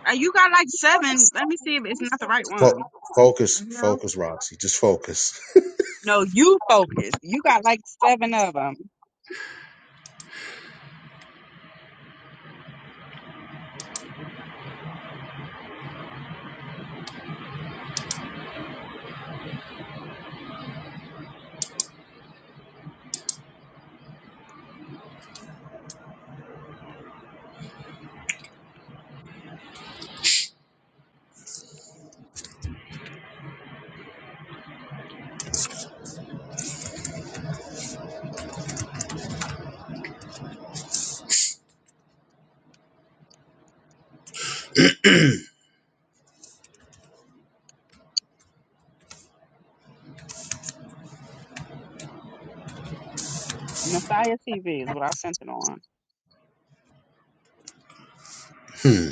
P: Uh, you got like seven. Let me see if it's not the right
H: fo-
P: one.
H: focus,
P: No,
H: focus, Roxy. Just focus.
P: no, you focus. You got like seven of them. Messiah TV is what I sent it on.
H: Hmm.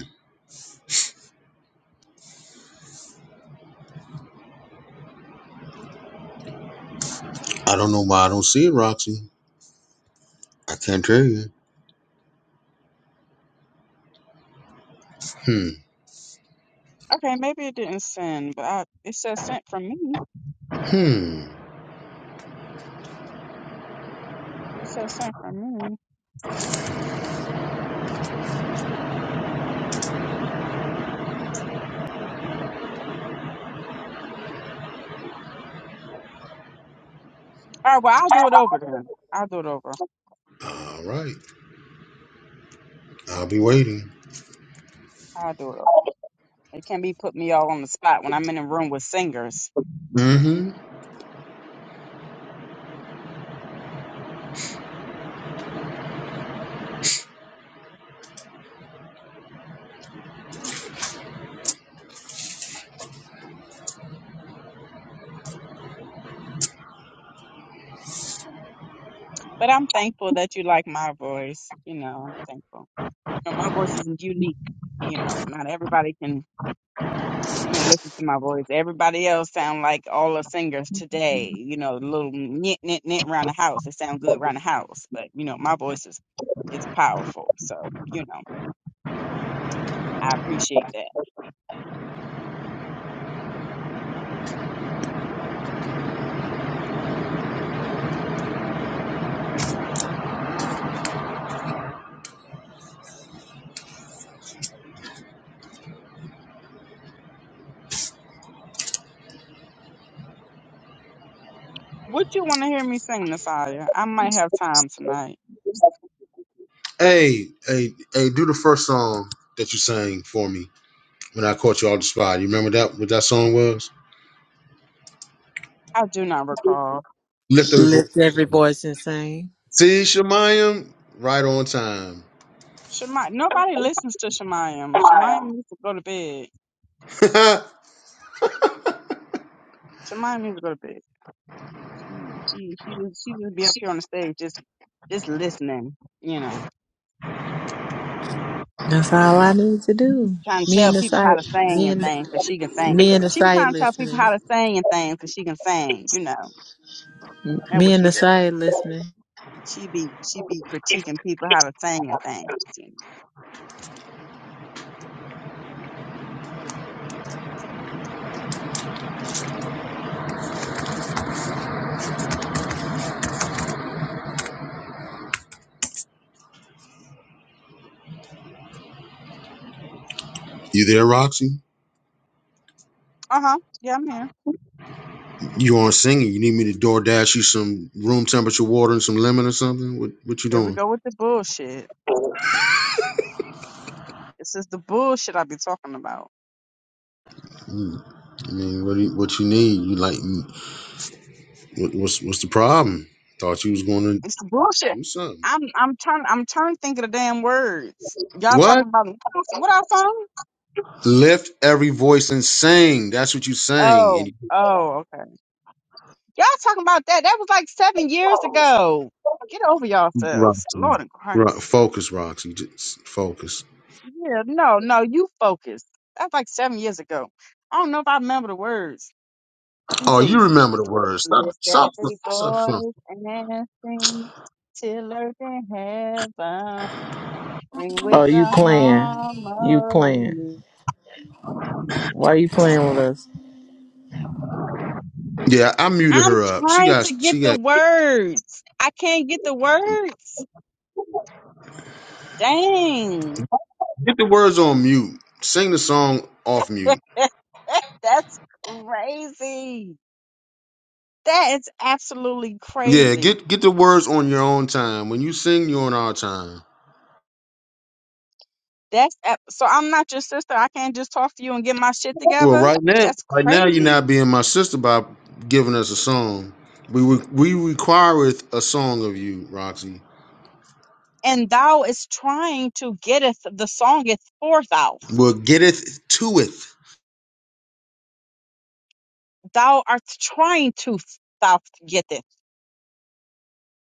H: I don't know why I don't see it, Roxy. I can't tell you. Hmm.
P: Okay, maybe it didn't send, but I, it says sent from me.
H: Hmm.
P: It says sent from me. All right, well, I'll do it over then. I'll do it over.
H: All right. I'll be waiting.
P: I'll do it over. It can be put me all on the spot when I'm in a room with singers.
H: Mm-hmm.
P: But I'm thankful that you like my voice. You know, I'm thankful. You know, my voice isn't unique. You know, not everybody can you know, listen to my voice. Everybody else sound like all the singers today. You know, little knit, knit, knit around the house. It sound good around the house, but you know, my voice is it's powerful. So you know, I appreciate that. Would you want to hear me sing, Nasaya? I might have time tonight.
H: Hey, hey, hey, do the first song that you sang for me when I caught you off the spot. You remember that what that song was?
P: I do not recall.
H: Lift every voice.
Q: Lift every voice and sing.
H: See, Shemayim, right on time.
P: Shemai, nobody listens to Shemayam. Shemayam needs to go to bed. Shemayam needs to go to bed. She she she just she just be up here on the stage just just listening. You know.
Q: That's all I need to do.
P: trying to
Q: Me
P: tell
Q: and the
P: people how
Q: side,
P: to sing
Q: me
P: and
Q: and
P: things because she can sing.
Q: me and the
P: She be
Q: side
P: trying to tell people
Q: listening.
P: how to sing and things because she can sing. You know, that's
Q: Me
P: what
Q: and
P: she
Q: the
P: does.
Q: side listening.
P: She be she be critiquing people how to sing and things.
H: you there, Roxy?
P: Uh huh. Yeah, I'm here.
H: You on singing? You need me to door dash you some room temperature water and some lemon or something? What What you
P: Here we
H: doing?
P: go with the bullshit. This is the bullshit I be talking about.
H: Mm, I mean, what do you, What you need? You like? What, what's What's the problem? Thought you was going to
P: It's the bullshit.
H: do something.
P: I'm I'm trying I'm trying to think of the damn words. Y'all
H: What?
P: talking about what I song?
H: Lift every voice and sing. That's what you sang. And
P: Oh,
H: you,
P: oh, okay. Y'all talking about that. That was like seven years ago. Get over yourselves.
H: Roxy,
P: Lord in
H: Ro-
P: Christ.
H: focus, Roxy. Just focus.
P: Yeah, no, no, you focus. That's like seven years ago. I don't know if I remember the words. Let me
H: Oh, you
P: see.
H: remember the words. Stop.
P: Lift that
H: Stop.
P: big
H: Stop.
P: voice and sing till earth and heaven ring with
Q: Oh, you
P: the
Q: playing? You playing?
P: harmony.
Q: Why you playing with us?
H: Yeah, I muted
P: I'm
H: her up. She
P: trying
H: got
P: to get
H: she
P: the
H: got
P: words. I can't get the words. Dang.
H: get the words on mute. Sing the song off mute.
P: That's crazy. That is absolutely
H: Yeah,
P: crazy.
H: get get the words on your own time. When you sing, you're on our time.
P: That's ab- so I'm not your sister. I can't just talk to you and get my shit
H: Well,
P: together.
H: right now,
P: That's
H: right now you're
P: crazy.
H: not being my sister by giving us a song. We re- we requireth a song of you, Roxy.
P: And thou is trying to getteth the songeth is for thou.
H: Well, getteth to it.
P: Thou art trying to thou getteth,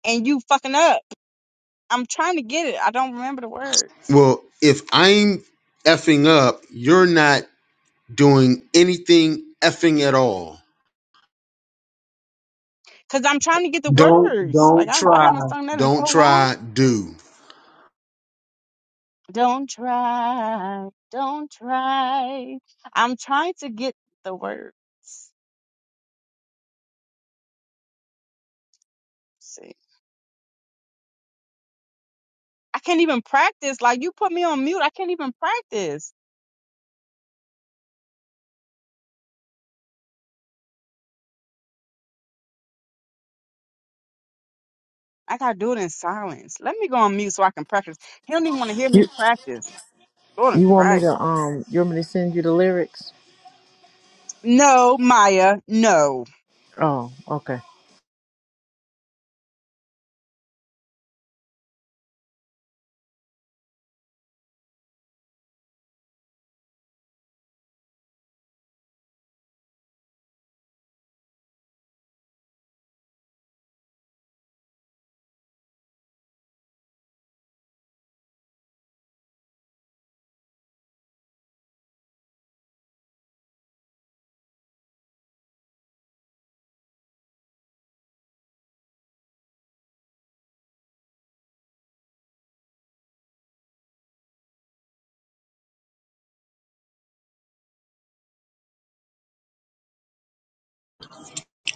P: and you fucking up. I'm trying to get it. I don't remember the words
H: Well, if I'm effing up, you're not doing anything effing at all.
P: because I'm trying to get the
H: Don't
P: words. Like
H: don't
P: I, I
H: try.
P: haven't sung that in so
H: Don't
P: long.
H: try. Do.
P: Don't try, don't try. I'm trying to get the words. I can't even practice. Like you put me on mute. I can't even practice. I gotta do it in silence. Let me go on mute so I can practice. He don't even want to hear me
Q: You
P: practice. Lord in
Q: you want me
P: Christ.
Q: to um? You want me to send you the lyrics?
P: No, Maya, no.
Q: Oh, okay.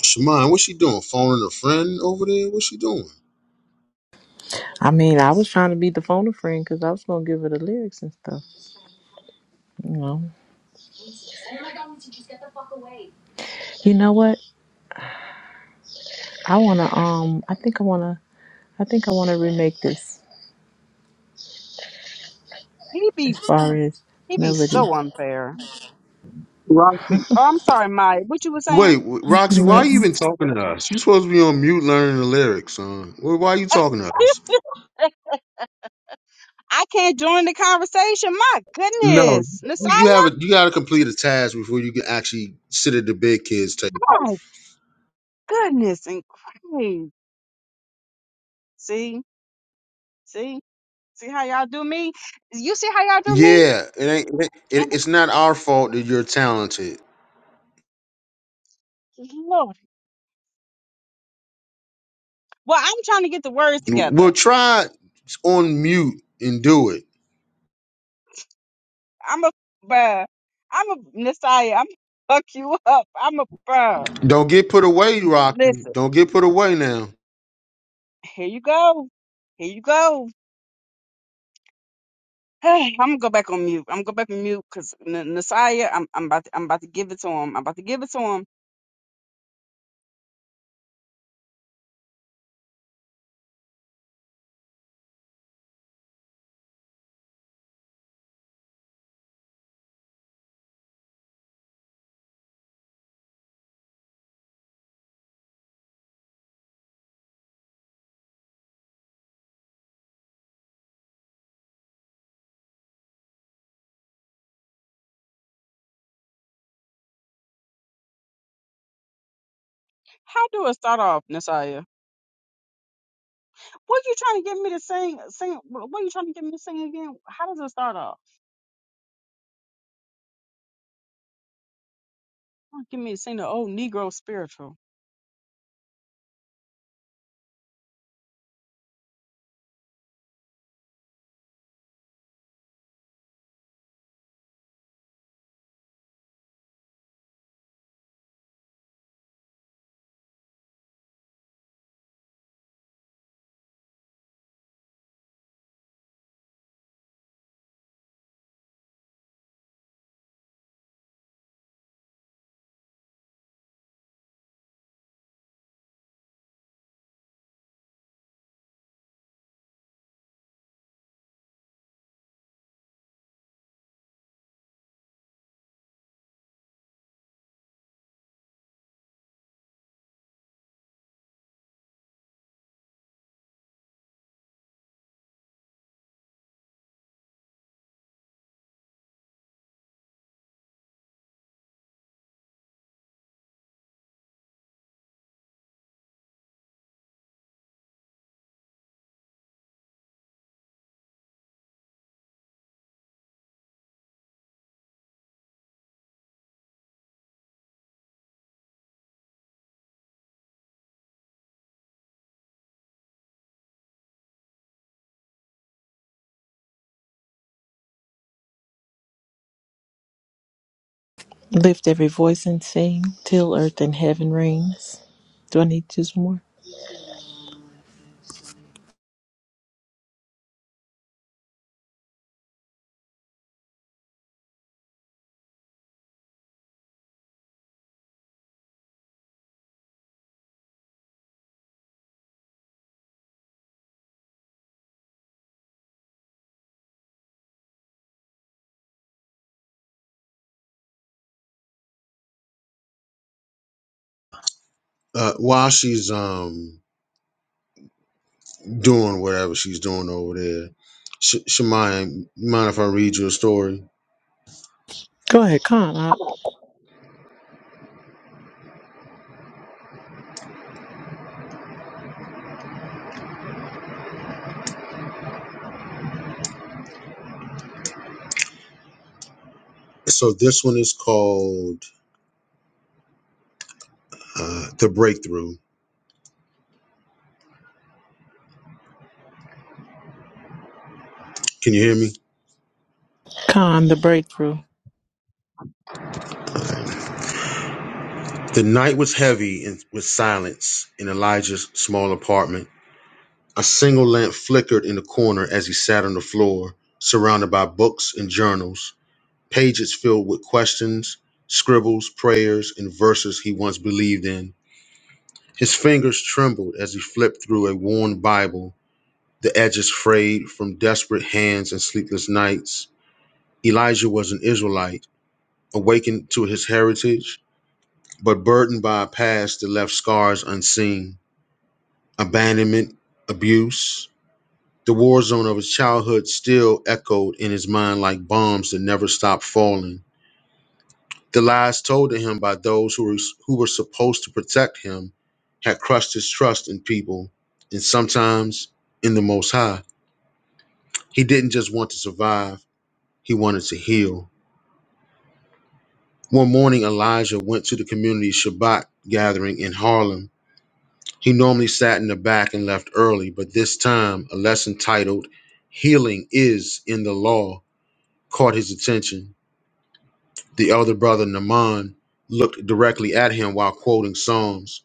H: Shemai, what's she doing? Phoning a friend over there? What's she doing?
Q: I mean, I was trying to be the phone a friend because I was gonna give her the lyrics and stuff. You know. You know what? I wanna um. I think I wanna. I think I wanna remake this
P: He be
Q: as far as
P: he be
Q: melody.
P: so unfair.
H: Roxy,
P: Oh, I'm sorry, Maya. What you were saying?
H: Wait, w- Roxy, why are you even talking to us? you supposed to be on mute learning the lyrics, son. Why why are you talking to us?
P: I can't join the conversation. My
H: no,
P: goodness. Messiah.
H: You you have a, you got to complete a task before you can actually sit at the big kids table.
P: My goodness and Christ. See? See? See how y'all do me? You see how y'all do me?
H: Yeah, it ain't. It,
P: And
H: it- it's not our fault that you're talented.
P: Lord. Well, I'm trying to get the words together.
H: We'll try on mute and do it.
P: I'm a bruh. I'm a Messiah. I'm fuck you up. I'm a bruh.
H: Don't get put away, Rocky.
P: Listen,
H: Don't get put away now.
P: here you go. Here you go. I'm gonna go back on mute. I'm gonna go back on mute because Nasiah, I'm, I'm about to, I'm about to give it to him. I'm about to give it to him. How do I start off, Nasiah? What you trying to get me to sing? Sing? What what you trying to get me to sing again? How does it start off? Trying to get me to sing the old Negro spiritual.
Q: Lift every voice and sing till earth and heaven rings. Do I need to do some more?
H: Uh, while she's um doing whatever she's doing over there. Sh- Shemaya, mind if I read you a story?
Q: Go ahead, con. I,
H: So this one is called uh, The Breakthrough. Can you hear me?
Q: con the breakthrough.
H: The night was heavy and with silence in Elijah's small apartment. A single lamp flickered in the corner as he sat on the floor, surrounded by books and journals, pages filled with questions, scribbles, prayers, and verses he once believed in. His fingers trembled as he flipped through a worn Bible The edge is frayed from desperate hands and sleepless nights. Elijah was an Israelite, awakened to his heritage, but burdened by a past that left scars unseen. Abandonment, abuse, the war zone of his childhood still echoed in his mind like bombs that never stopped falling. The lies told to him by those who were, who were supposed to protect him had crushed his trust in people and sometimes in the Most High. He didn't just want to survive, he wanted to heal. One morning, Elijah went to the community Shabbat gathering in Harlem. He normally sat in the back and left early, but this time, a lesson titled Healing is in the Law caught his attention. The elder brother, Naaman, looked directly at him while quoting Psalms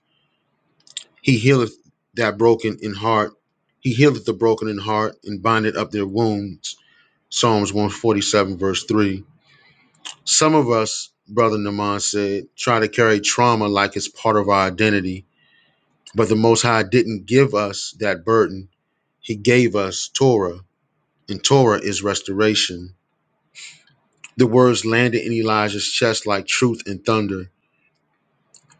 H: He healeth that broken in heart, he healeth the broken in heart and bindeth up their wounds. Psalms 147, verse 3. Some of us, Brother Naaman said, try to carry trauma like it's part of our identity But the Most High didn't give us that burden. He gave us Torah, and Torah is restoration. The words landed in Elijah's chest like truth and thunder.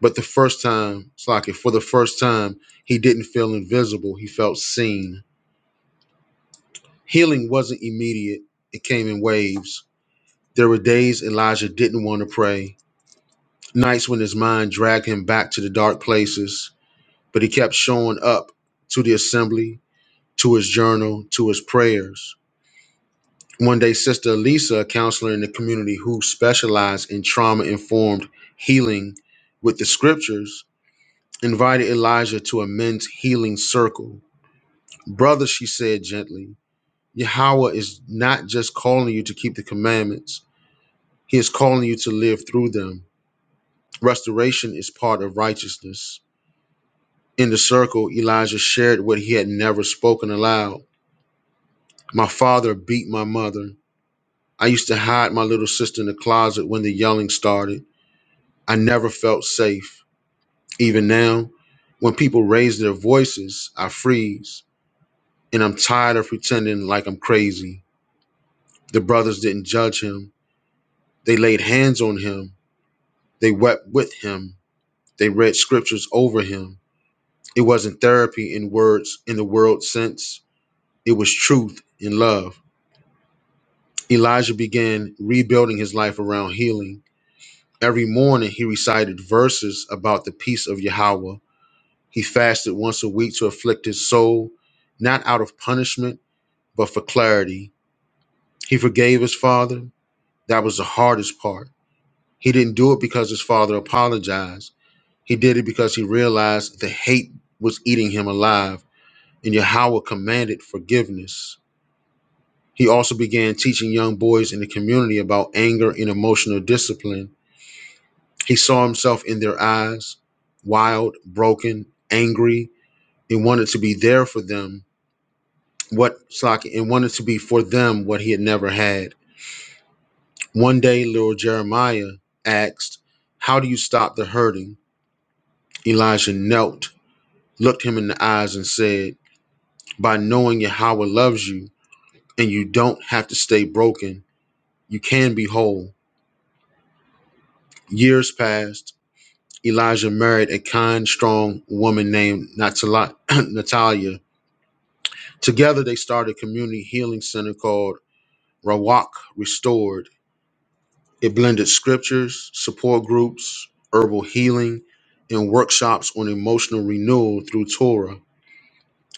H: But the first time, Slocket, for the first time, he didn't feel invisible. He felt seen. Healing wasn't immediate, it came in waves. There were days Elijah didn't want to pray, nights when his mind dragged him back to the dark places, but he kept showing up to the assembly, to his journal, to his prayers. one day sister lisa a counselor in the community who specialized in trauma informed healing with the scriptures invited elijah to a men's healing circle brother she said gently yahweh is not just calling you to keep the commandments he is calling you to live through them restoration is part of righteousness in the circle elijah shared what he had never spoken aloud my father beat my mother i used to hide my little sister in the closet when the yelling started I never felt safe. Even now, when people raise their voices, I freeze, and I'm tired of pretending like I'm crazy. The brothers didn't judge him. They laid hands on him. They wept with him. They read scriptures over him. It wasn't therapy in words in the world sense, it was truth in love. Elijah began rebuilding his life around healing. Every morning, he recited verses about the peace of Yahweh He fasted once a week to afflict his soul, not out of punishment, but for clarity. He forgave his father. That was the hardest part. He didn't do it because his father apologized. He did it because he realized the hate was eating him alive, and Yahweh commanded forgiveness. He also began teaching young boys in the community about anger and emotional discipline. He saw himself in their eyes, wild, broken, angry, and wanted to be there for them what Slocky and wanted to be for them what he had never had. One day, little Jeremiah asked, How do you stop the hurting? Elijah knelt, looked him in the eyes, and said, By knowing Yahweh loves you and you don't have to stay broken, you can be whole. Years passed. Elijah married a kind, strong woman named Natala- Natalia. Together, they started a community healing center called Rawak Restored It blended scriptures, support groups, herbal healing, and workshops on emotional renewal through Torah.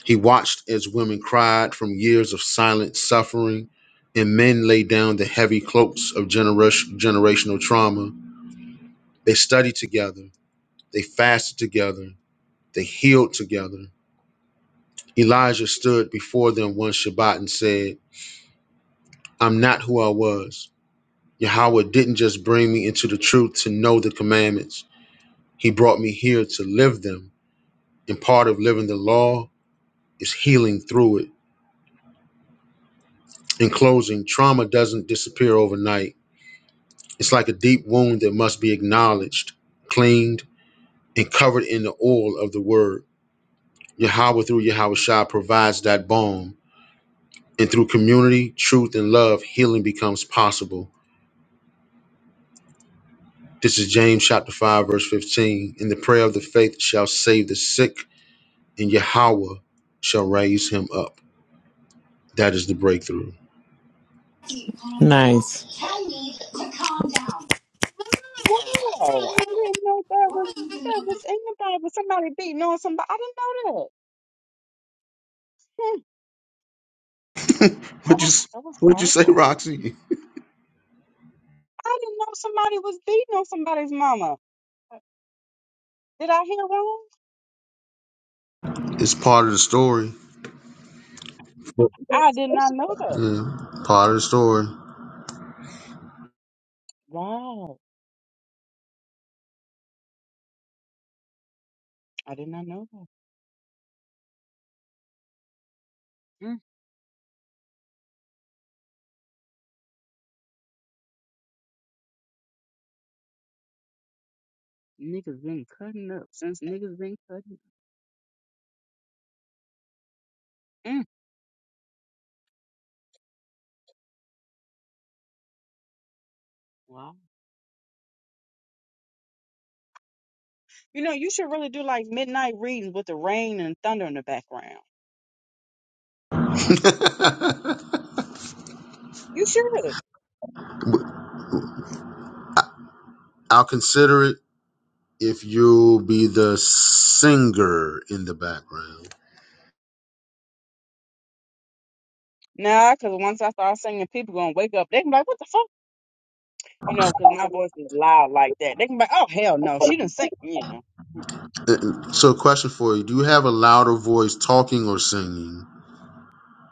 H: He watched as women cried from years of silent suffering and men laid down the heavy cloaks of generation, generational trauma. They studied together, they fasted together, they healed together. Elijah stood before them one Shabbat and said, I'm not who I was. Yahweh didn't just bring me into the truth to know the commandments. He brought me here to live them. And part of living the law is healing through it. In closing, trauma doesn't disappear overnight. It's like a deep wound that must be acknowledged, cleaned, and covered in the oil of the word. Yahweh through Yahweh Shah provides that balm. And through community, truth, and love, healing becomes possible. This is James chapter 5, verse 15. And the prayer of the faith shall save the sick, and Yahweh shall raise him up. That is the breakthrough.
Q: Nice.
P: Wow, I didn't know that was that was in the Bible. Somebody beating on somebody. I didn't know that.
H: What you s-
P: That was
H: What you say,
P: powerful.
H: Roxy?
P: I didn't know somebody was beating on somebody's mama. Did I hear wrong?
H: It's part of the story.
P: I did not know that.
H: Yeah, part of the story.
P: Wow. I did not know that. Mm, niggas been cutting up since niggas been cutting up. Mm, wow. You know, you should really do like midnight readings with the rain and thunder in the background. You should.
H: I'll consider it if you'll be the singer in the background.
P: Nah, because once I start singing, people gonna wake up. They can be like, what the fuck? You know, because my voice is loud like that. They can be like, oh, hell no. She didn't sing, you know,
H: Uh, So, question for you: Do you have a louder voice, talking or singing?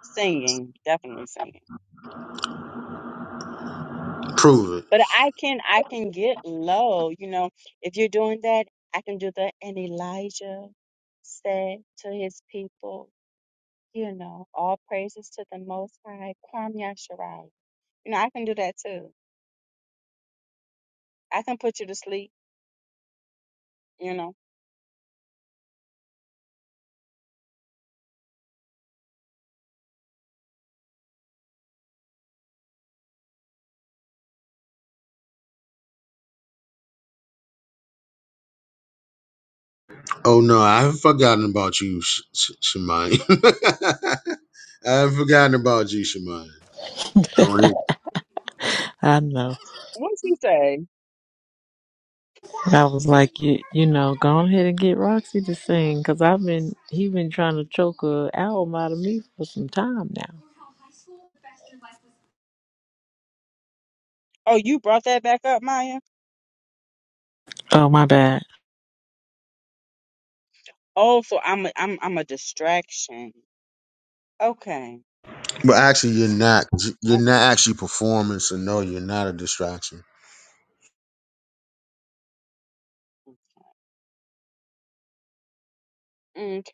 P: singing, definitely singing.
H: Prove it.
P: But I can I can get low, you know. If you're doing that, I can do that. And Elijah said to his people, you know, all praises to the Most High, Kwam Yasharai. You know, I can do that too. I can put you to sleep, you know.
H: Oh no, I haven't forgotten about you, Sh- Sh- Shemai. I haven't forgotten about you, Shemai.
Q: I know.
P: What's he say?
Q: I was like, you, you know, go on ahead and get Roxy to sing because I've been he been trying to choke a album out of me for some time now.
P: Oh, you brought that back up, Maya.
Q: Oh my bad.
P: Oh, so I'm a, I'm I'm a distraction. Okay,
H: But actually, you're not. You're not
P: okay,
H: actually performing, so no, you're not a distraction.
P: okay.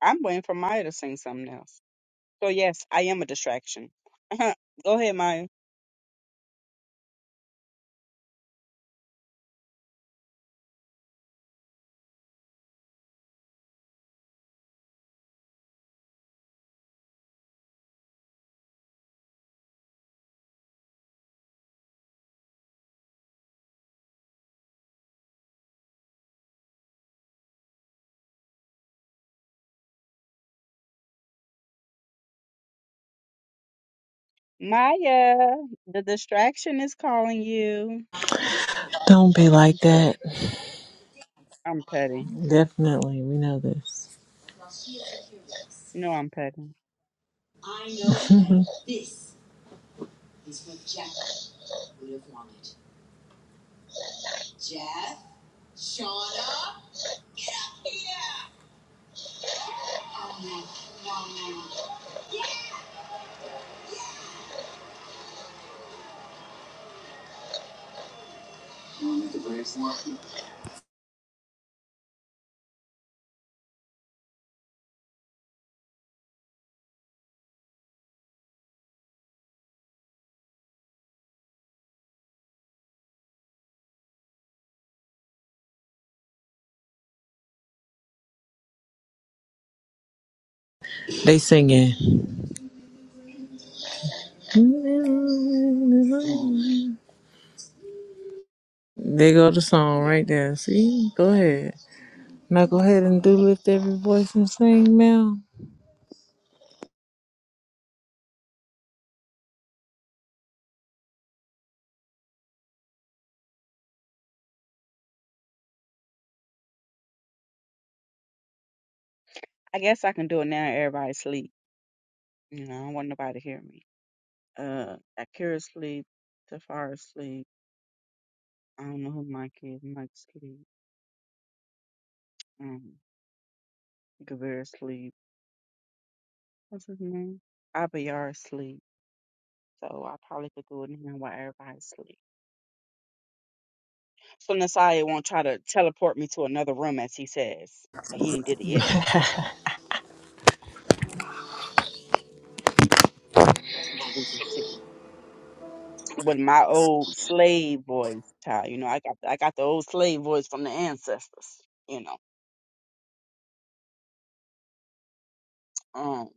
P: I'm waiting for Maya to sing something else. So yes, I am a distraction. Go ahead, Maya. Maya, the distraction is calling you.
Q: Don't be
P: No,
Q: like
P: I'm petty.
Q: that.
P: I'm petty.
Q: Definitely, we know this.
P: No, I'm petty.
Q: They singing. There go the song right there. See, go ahead. Now go ahead and do lift every voice and sing, ma'am.
P: I guess I can do it now. Everybody sleep. You know, I don't want nobody to hear me. Uh, Akira sleep. Tafara sleep. I don't know who Mike is. Mike sleep. Um, Gavir sleep. What's his name? Abayar sleep. So I probably could do it now while everybody sleep. So Nasaya won't try to teleport me to another room as he says. He ain't did it yet. So We can see. with my old slave voice, child. You know, I got I got the old slave voice from the ancestors. You know. Um.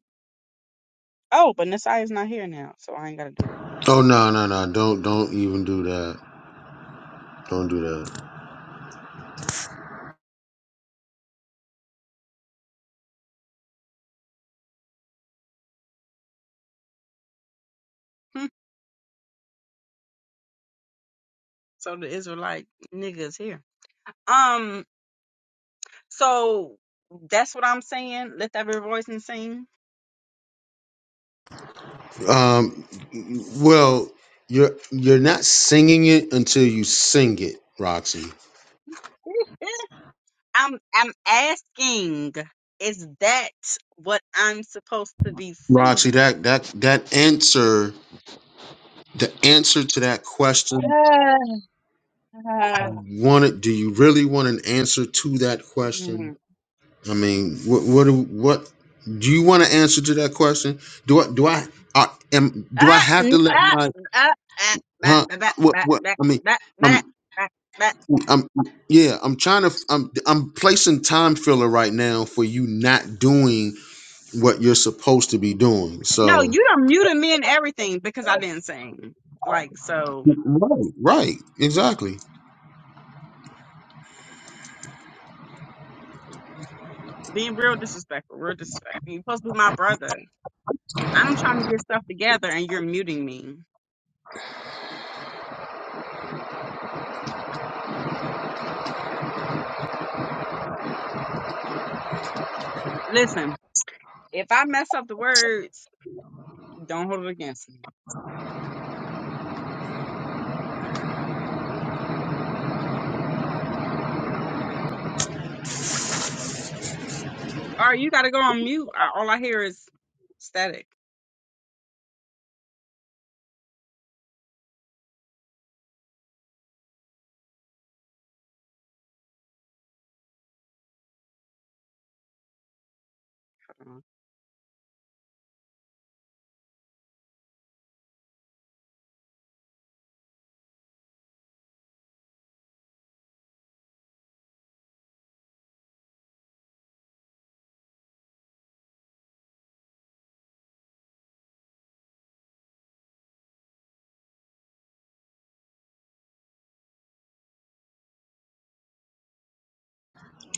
P: Oh, but Nasai is not here now, so I ain't gotta do it.
H: Oh no, no, no! Don't don't even do that. Don't do
P: Hmm. So the Israelite nigga is here. Um. So that's what I'm saying. Lift every voice and sing.
H: that. Um, well, you're you're not singing it until you sing it, Roxy.
P: I'm I'm asking, is that what I'm supposed to be
H: Roxy,
P: singing?
H: that that that answer, the answer to that question, wanted. Do you really want an answer to that
P: Mm.
H: question? I mean, what what do what do you want an answer to that question? Do I do I, I am do I
P: Ah,
H: have
P: mm,
H: to let
P: ah,
H: my
P: mm, ah, ah, bah,
H: huh?
P: bah,
H: What
P: bah,
H: what
P: bah,
H: I mean?
P: bah, bah,
H: um,
P: bah, bah, bah.
H: I'm yeah, I'm trying to I'm I'm placing time filler right now for you not doing what you're supposed to be doing.
P: No,
H: So
P: you done muted me and everything because I didn't sing. Like, so
H: right, right, exactly.
P: being real disrespectful, real disrespectful. You're supposed to be my brother. I'm trying to get stuff together and you're muting me. Listen, if I mess up the words, don't hold it against me. Or you got to go on mute. I- All I hear is static.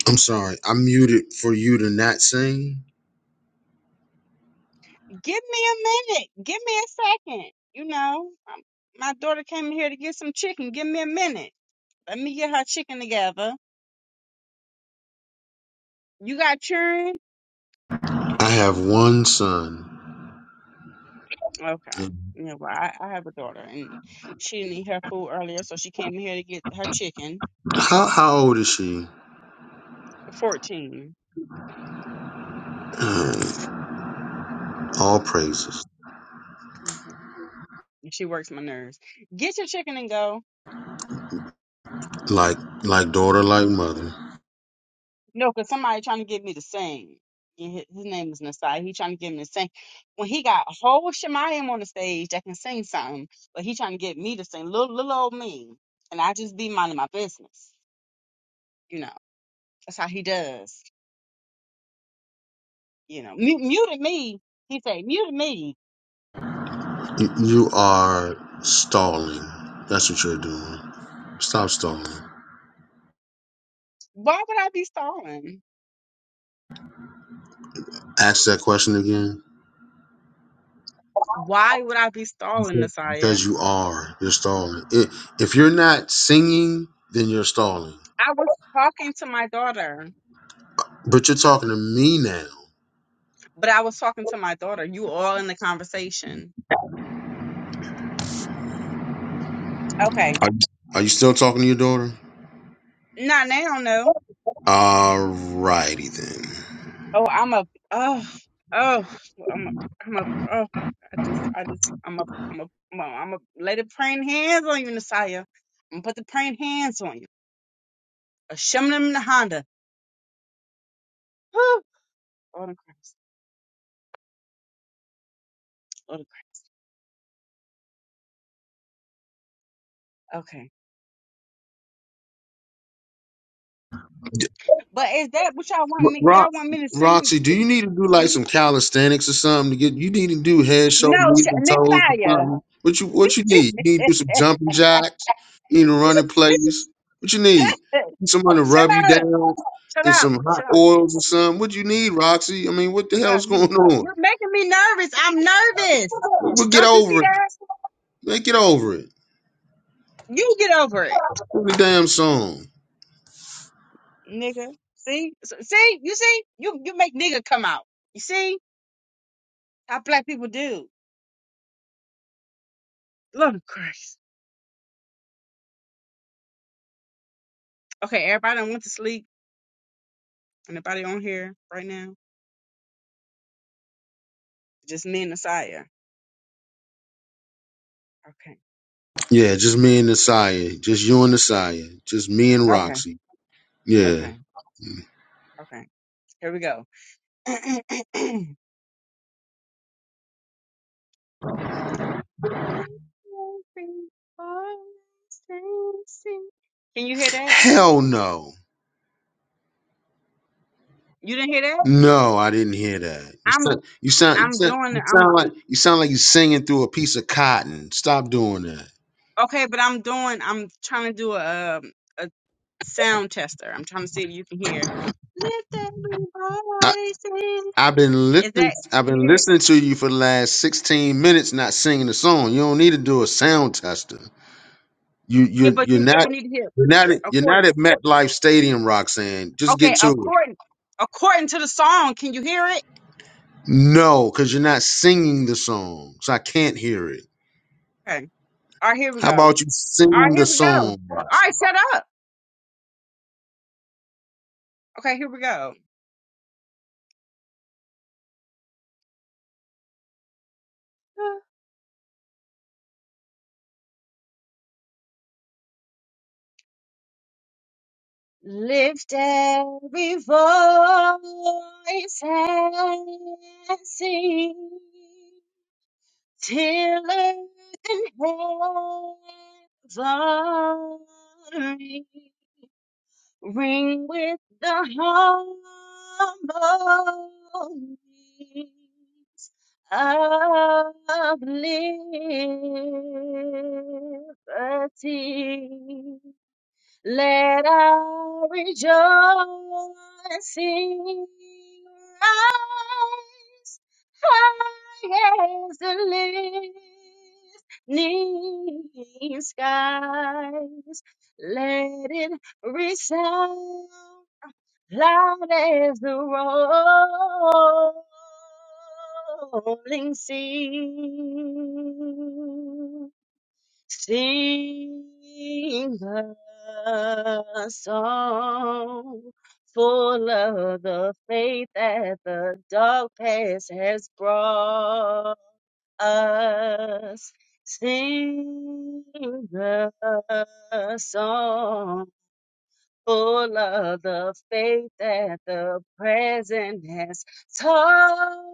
H: I'm sorry. I muted for you to not sing.
P: give me a minute. Give me a second. You know, um, my daughter came in here to get some chicken. Give me a minute. Let me get her chicken together. You got children?
H: I have one son.
P: Okay. Yeah, well, I, I have a daughter and she didn't eat her food earlier, so she came in here to get her chicken.
H: How how old is she?
P: 14.
H: Mm, All praises.
P: Mm-hmm. She works my nerves. Get your chicken and go.
H: Like like daughter, like mother.
P: No, because somebody trying to get me to sing. And hi- His name was Nasai. He trying to get me to sing. When he got a whole Shemayim on the stage that can sing something, but he trying to get me to sing little little old me, and I just be minding my business. You know, that's how he does. You know, Mu- muted me. He say muted me.
H: You, you are stalling. That's what you're doing. Stop stalling.
P: Why would I be stalling?
H: Ask that question again.
P: Why would I be stalling, Nasaya?
H: because you are. You're stalling. I- If you're not singing, then you're stalling.
P: I was talking to my daughter,
H: But you're talking to me now.
P: but I was talking to my daughter. You all in the conversation. Okay.
H: Are you, are you still talking to your daughter?
P: Not now, no.
H: All righty then.
P: Oh, I'm a oh oh I'm a I'm a oh I just I just I'm a I'm a I'm a, I'm a lay the praying hands on you, Messiah. I'm gonna put the praying hands on you. A shimmin in the Honda. Whew. Lord of Christ. Lord of Christ. Okay. But is that what y'all want
H: R-
P: me
H: Ro-
P: y'all want me to sing
H: Roxy, do
P: to,
H: you need to do
P: to
H: like
P: me?
H: some calisthenics or something to get? You need to do head,
P: No,
H: shoulders, knees,
P: sh-
H: and toes or
P: Messiah.
H: something. What you What you need? You need to do some jumping jacks. You need to run in place. What you need? Someone to
P: shut
H: rub you
P: up.
H: down
P: Shut
H: in
P: up.
H: some hot
P: Shut up.
H: oils or something. What you need, Roxy? I mean, what the
P: Shut up.
H: hell's
P: You
H: going on?
P: you're making me nervous. I'm nervous.
H: But get
P: Don't you see
H: over it.
P: that?
H: Man, get over it.
P: You get over it.
H: Sing the damn song.
P: nigga. See, S- see, you see, you you make nigga come out. You see how black people do. Lord of Christ. Okay, everybody done went to sleep. Anybody on here right now? Just me and Nasiah. Okay,
H: Yeah, just me and Nasaya. Just you and Nasaya. Just me and
P: okay,
H: Roxy. Yeah.
P: okay, okay. Here we go. Let every voice sing. Can you hear that?
H: Hell no.
P: You didn't hear that?
H: No, I didn't hear that. You
P: I'm
H: sound, you sound, you
P: I'm
H: sound,
P: doing
H: you
P: it.
H: sound like you sound like you are singing through a piece of cotton. Stop doing that.
P: Okay, but I'm doing. I'm trying to do a um, a sound tester. I'm trying to see if you can hear. Lift every
H: I,
P: voice.
H: I've been
P: Is
H: listening.
P: that
H: I've
P: can you
H: been
P: hear? it?
H: listening to you for the last sixteen minutes, not singing a song. You don't need to do a sound tester. You,
P: Yeah,
H: you,
P: but
H: you're
P: you
H: not,
P: you need to hear
H: you're not, you're
P: according.
H: not at MetLife Stadium, Roxanne. Just
P: Okay,
H: get to it.
P: according according to the song. Can you hear it?
H: No, because you're not singing the song, so I can't hear it.
P: Okay. All right, here we
H: How
P: go. All
H: about you sing
P: right, here
H: the
P: we go. All
H: song?
P: right, shut up. Okay, here we go. Lift every voice and sing. till earth and heaven ring, ring with the harmonies of liberty. Let I rejoicing rise high as the listening skies. Let it resound loud as the rolling sea. Sing a song full of the faith that the dark past has brought us. Sing a song full of the faith that the present has taught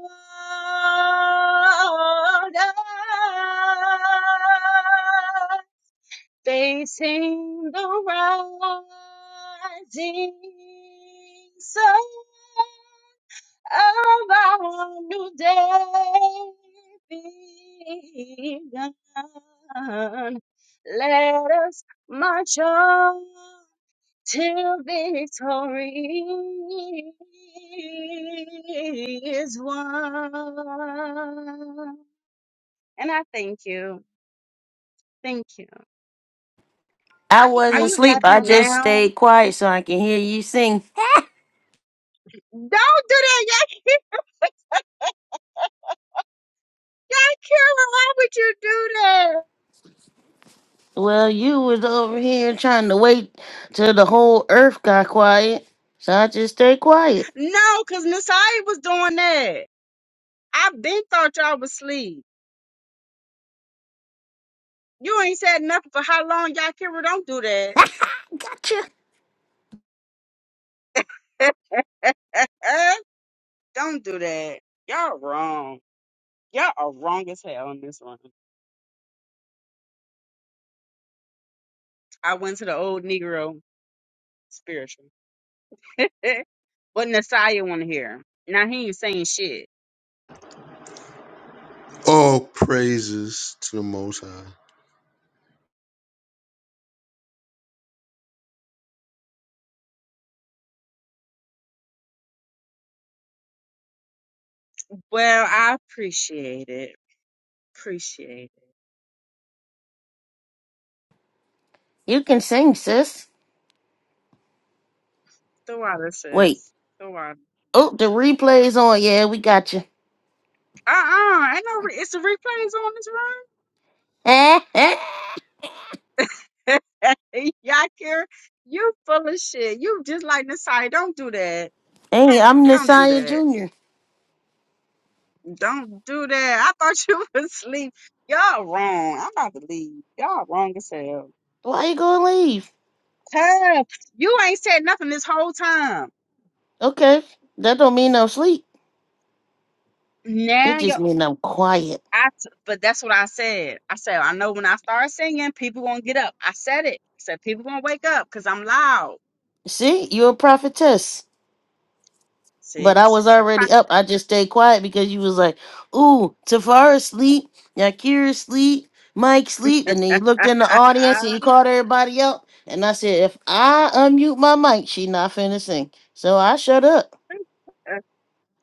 P: Facing the rising sun of our new day begun. Let us march on till victory is won. And I thank you. Thank you.
B: I
P: Are
B: wasn't
P: you
B: asleep.
P: happy
B: I just
P: now?
B: stayed quiet so I can hear you sing.
P: Don't do that. Kara, why would you do that?
B: Well, you was over here trying to wait till the whole earth got quiet, so I just stayed quiet.
P: No, because Miss I was doing that. I been thought y'all was asleep. You ain't said nothing for how long y'all Kira don't do that. don't do that. Y'all wrong. Y'all are wrong as hell on this one. I went to the old Negro spiritual. what Nasiah want to hear. Now he ain't saying shit.
H: Oh, praises to the Most High.
P: Well, I appreciate it. Appreciate
B: You can sing, sis.
P: it. The water
B: Wait.
P: says. The water.
B: Oh, the replay's on. Yeah, we got you.
P: Uh uh Ain't no. Re- it's the replays on this room. Yakir, you full of shit. You just like Nasai. Don't do that.
B: Dang it, I'm
P: Don't do
B: Nasiah
P: that.
B: Jr.
P: Don't do that. I thought you was asleep. Y'all wrong. I'm about to leave. Y'all wrong as hell.
B: Why you gonna leave?
P: Tough. You ain't said nothing this whole time.
B: Okay, that don't mean no sleep. It
P: Now you
B: just mean I'm quiet.
P: I t- but that's what I said. I said, I know when I start singing, people gonna get up. I said it. I said people gonna wake up because I'm loud.
B: See, you're a prophetess. But
P: See?
B: I was already up. I just stayed quiet because you was like, ooh, Tafara sleep, Yakira sleep, Mike sleep. And then you looked in the audience and
P: I
B: you called everybody up. And I said, if I unmute my mic, she not finna sing. So I shut up.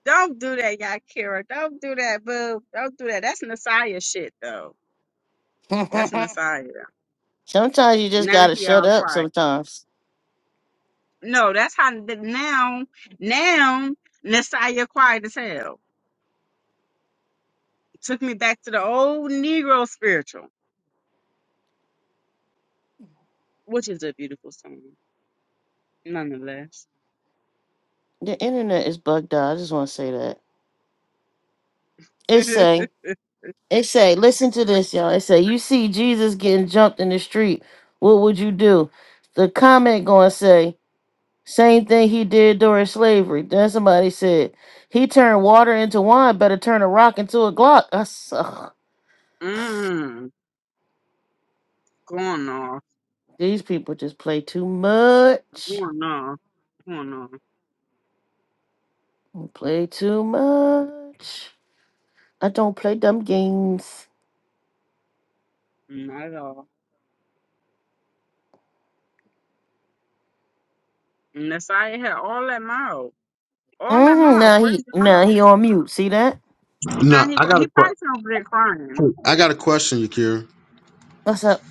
P: Don't do that, Yakira. Don't do that, boo. Don't do that. That's Messiah shit, though. That's Messiah.
B: sometimes you just
P: Now
B: gotta
P: he
B: shut
P: all
B: up
P: quiet.
B: sometimes.
P: No, that's how the, now, now Messiah quiet as hell. Took me back to the old Negro spiritual, which is a beautiful song, nonetheless.
B: The internet is bugged out. I just wanna say that. It
P: mm,
B: say, it say, listen to this, y'all. It say, you see Jesus getting jumped in the street. What would you do? The comment gonna say, same thing he did during slavery. Then somebody said, he turned water into wine, better turn a rock into a Glock. I s- ugh.
P: going off,
B: These people just play too much.
P: going off, going off.
B: Play too much. I don't play dumb games.
P: Not at all. Messiah had all that mouth, all that
B: hmm
P: mouth.
B: Now
P: Where's
B: he,
P: the
B: now
P: mouth?
B: he on mute. See that?
P: Now
H: No,
P: he
H: I
P: cry-
H: got
P: he
H: a
P: probably
H: que-
P: sitting over there crying.
H: I got a question, Yakira.
B: What's up?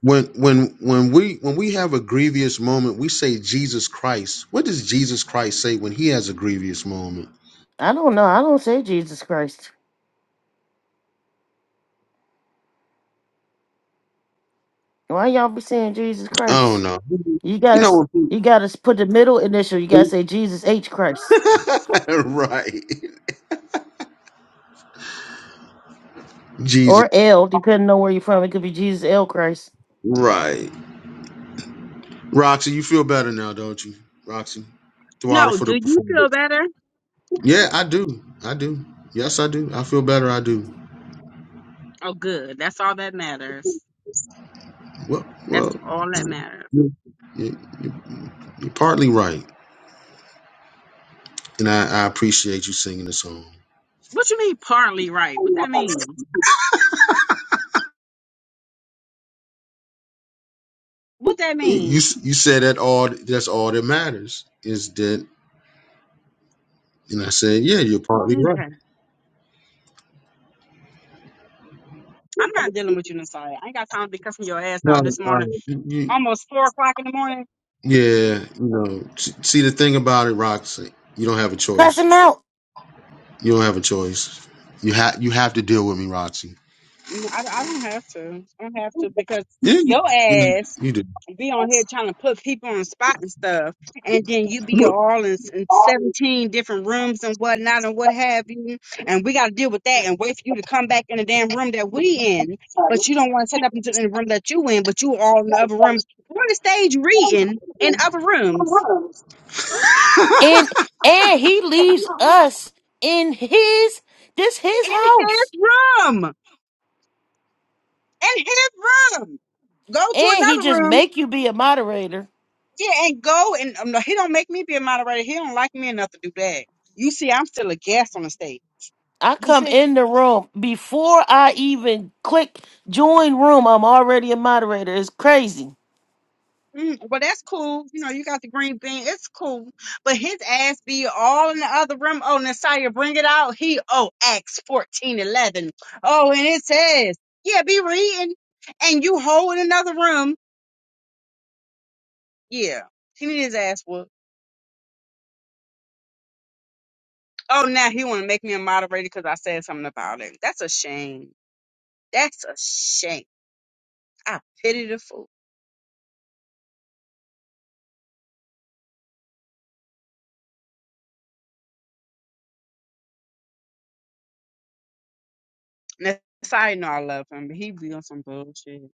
H: When when when we when we have a grievous moment, we say Jesus Christ. What does Jesus Christ say when he has a grievous moment?
B: I don't know. I don't say Jesus Christ. Why y'all be saying Jesus
H: I don't
B: Christ?
H: know.
B: You
H: You
B: gotta s-
H: know,
B: you gotta s- put the middle initial. You gotta say Jesus H Christ
H: right? Jesus,
B: or L, depending on where you're from. It could be Jesus L Christ.
H: right? Roxy, you feel better now, don't you? Roxy, Throttle
P: No,
H: for the
P: do you
H: performance.
P: feel better?
H: Yeah, I do. I do. Yes, I do. I feel better. I do.
P: Oh, good. That's all that matters.
H: Well,
P: That's
H: well,
P: all that matters.
H: you, you, you're partly right, and I, I appreciate you singing the song.
P: What you mean partly right? What that mean? What that
H: You
P: mean?
H: you said that all that's all that matters is that, and I said, yeah, you're partly right.
P: Okay. I'm not dealing with you, Nasiah. I ain't got time to be cussing your ass out
H: Well,
P: this
H: uh,
P: morning,
H: you, you-
P: almost four o'clock in the morning.
H: yeah, you know, s- see the thing about it, Roxy, you don't have a
B: Pass
H: choice.
B: him out,
H: You don't have a choice. You have you have to deal with me, Roxy.
P: Mm, I, I don't have to. I don't have to because
H: Yeah,
P: your
H: you,
P: ass
H: you do.
P: be on here trying to put people on the spot and stuff, and then you be all in, s- in 17 different rooms and whatnot and what have you, and we got to deal with that and wait for you to come back in the damn room that we in, but you don't want to set up into the room that you in, but you all in the other rooms. We're on the stage reading in other rooms,
B: and and he leaves us in his this his
P: in his
B: house,
P: room, in his room. Go to
B: and he
P: another
B: just
P: room,
B: make you be a moderator.
P: yeah, and go and um, no, he don't make me be a moderator. He don't like me enough to do that. You see, I'm still a guest on the stage.
B: I
P: You
B: come
P: see.
B: in the room before I even click join room. I'm already a moderator. It's crazy.
P: Mm, well, that's cool. You know, you got the green bean. It's cool. But his ass be all in the other room. Oh, Nasiah, bring it out. He, oh, Acts fourteen eleven. Oh, and it says, yeah, be reading. And you hold in another room. Yeah, he need his ass whooped. Oh, now he want to make me a moderator because I said something about him. That's a shame. That's a shame. I pity the fool. Nasiah know I love him, but he be on some bullshit.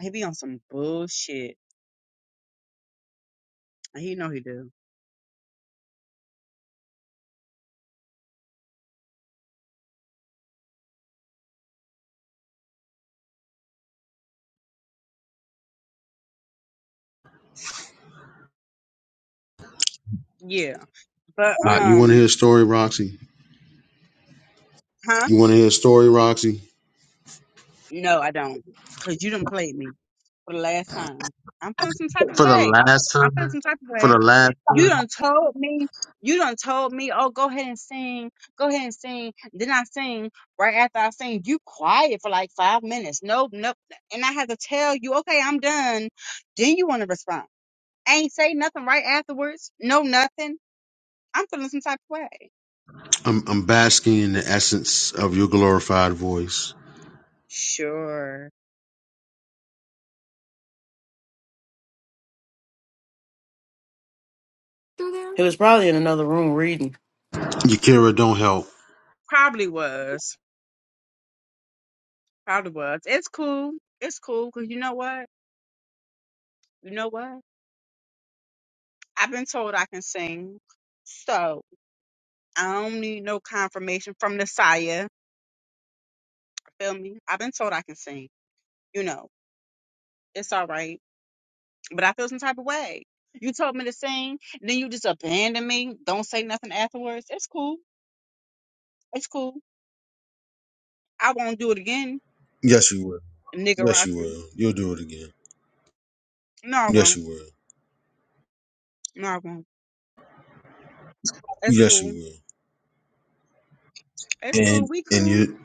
P: He be on some bullshit. And He know he do. Yeah. But
H: Uh, you want to
P: um,
H: hear a story, Roxy?
P: huh?
H: You want to hear a story, Roxy?
P: No, I don't. Cause you done played me for the last time. I'm feeling some type of way. I'm feeling some type of way. You done told me. You done told me. Oh, go ahead and sing. Go ahead and sing. Then I sing. Right after I sing, you quiet for like five minutes. Nope, nope. And I have to tell you, okay, I'm done. Then you want to respond. ain't say nothing right afterwards. No, nothing. I'm feeling some type of way.
H: I'm, I'm basking in the essence of your glorified voice.
P: Sure.
B: He was probably in another room reading.
H: Yakira, don't help.
P: Probably was. Probably was. It's cool. It's cool because you know what? You know what? I've been told I can sing. So I don't need no confirmation from the sire. Feel me? I've been told I can sing. You know, it's all right. But I feel some type of way. You told me to sing, then you just abandon me. Don't say nothing afterwards. It's cool. It's cool. I won't do it again,
H: Yes, you will.
P: nigga
H: Yes, you
P: rocker.
H: will. You'll do it again.
P: No, I
H: Yes,
P: won't.
H: you will.
P: No, I won't. It's
H: Yes,
P: cool.
H: you will.
P: It's cool.
H: And
P: We
H: and
P: cool.
H: you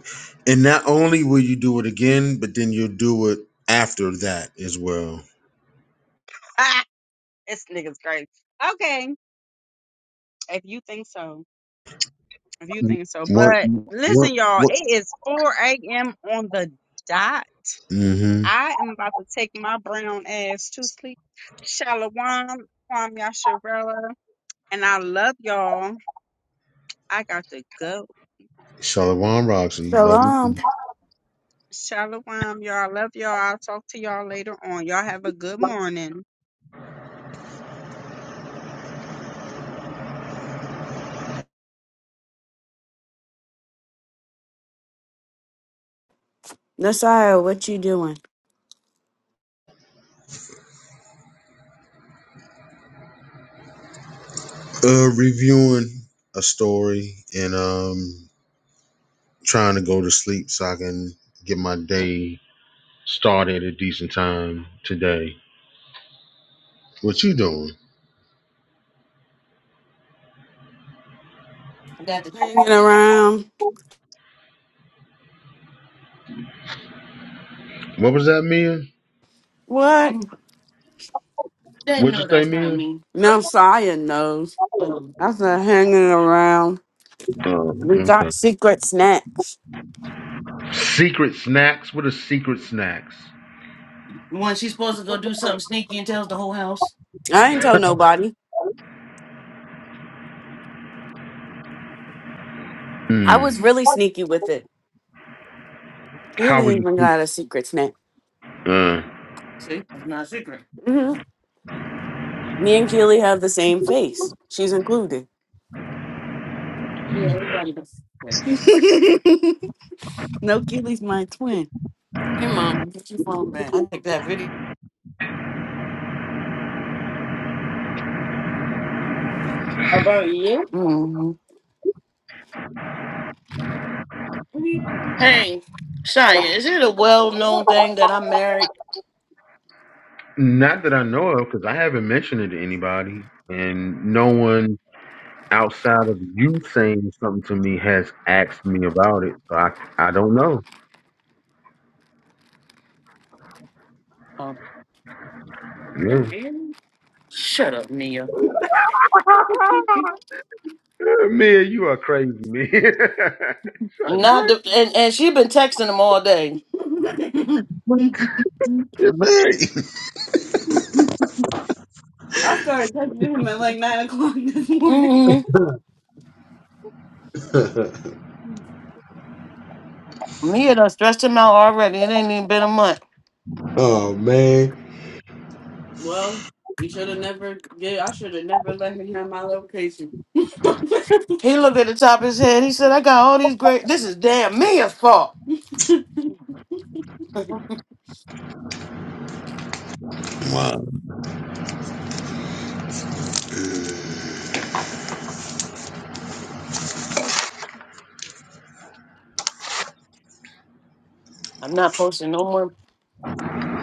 H: and not only will you do it again, but then you'll do it after that as well.
P: Ah, this nigga's great. Okay, if you think so. If you think so.
H: What?
P: But
H: What?
P: listen, y'all,
H: What?
P: it is 4 a.m. on the dot.
H: Mm-hmm.
P: I am about to take my brown ass to sleep. Shalawam, Kwam Yasharella, and I love y'all. I got to go.
H: Shalom, Roxy. Love you.
P: Shalawam, y'all. I love y'all. I'll talk to y'all later on. Y'all have a good morning.
B: What you doing?
H: Uh, reviewing a story and um trying to go to sleep so I can get my day Started at a decent time today. What you doing?
B: Hanging around.
H: What was that, Mia?
B: What?
H: What'd you say, Mia?
B: Mount Zion knows. Um, That's not hanging around.
H: Oh,
B: We
H: okay.
B: got secret snacks.
H: Secret snacks? What are secret snacks?
B: When she's supposed to go do something sneaky and tells the whole house. I ain't tell nobody. I
H: Hmm.
B: was really sneaky with it.
H: How
B: Keely
H: were you?
B: even got a secret snack.
H: Uh,
B: See, that's not a secret. hmm Me and Keely have the same face. She's included. Yeah, everybody does. no, Keely's my twin. Here, mom, get your phone back. I think that video. About you? Hey, Shia, is it a well known thing that I'm married?
H: not that I know of, because I haven't mentioned it to anybody, and no one outside of you saying something to me has asked me about it. So I, I don't know.
B: Oh,
H: Yeah.
B: shut up, Mia.
H: Mia, you are crazy, man. like
B: Not
H: what?
B: the, and, and she been texting him all day. I started texting him at like nine o'clock this morning. hmm Mia done stressed him out already. It ain't even been a month. Well, you should have never. Yeah, I should have never let him have my location. He looked at the top of his head. He said, I got all these great. This is damn Mia's fault. I'm not posting no more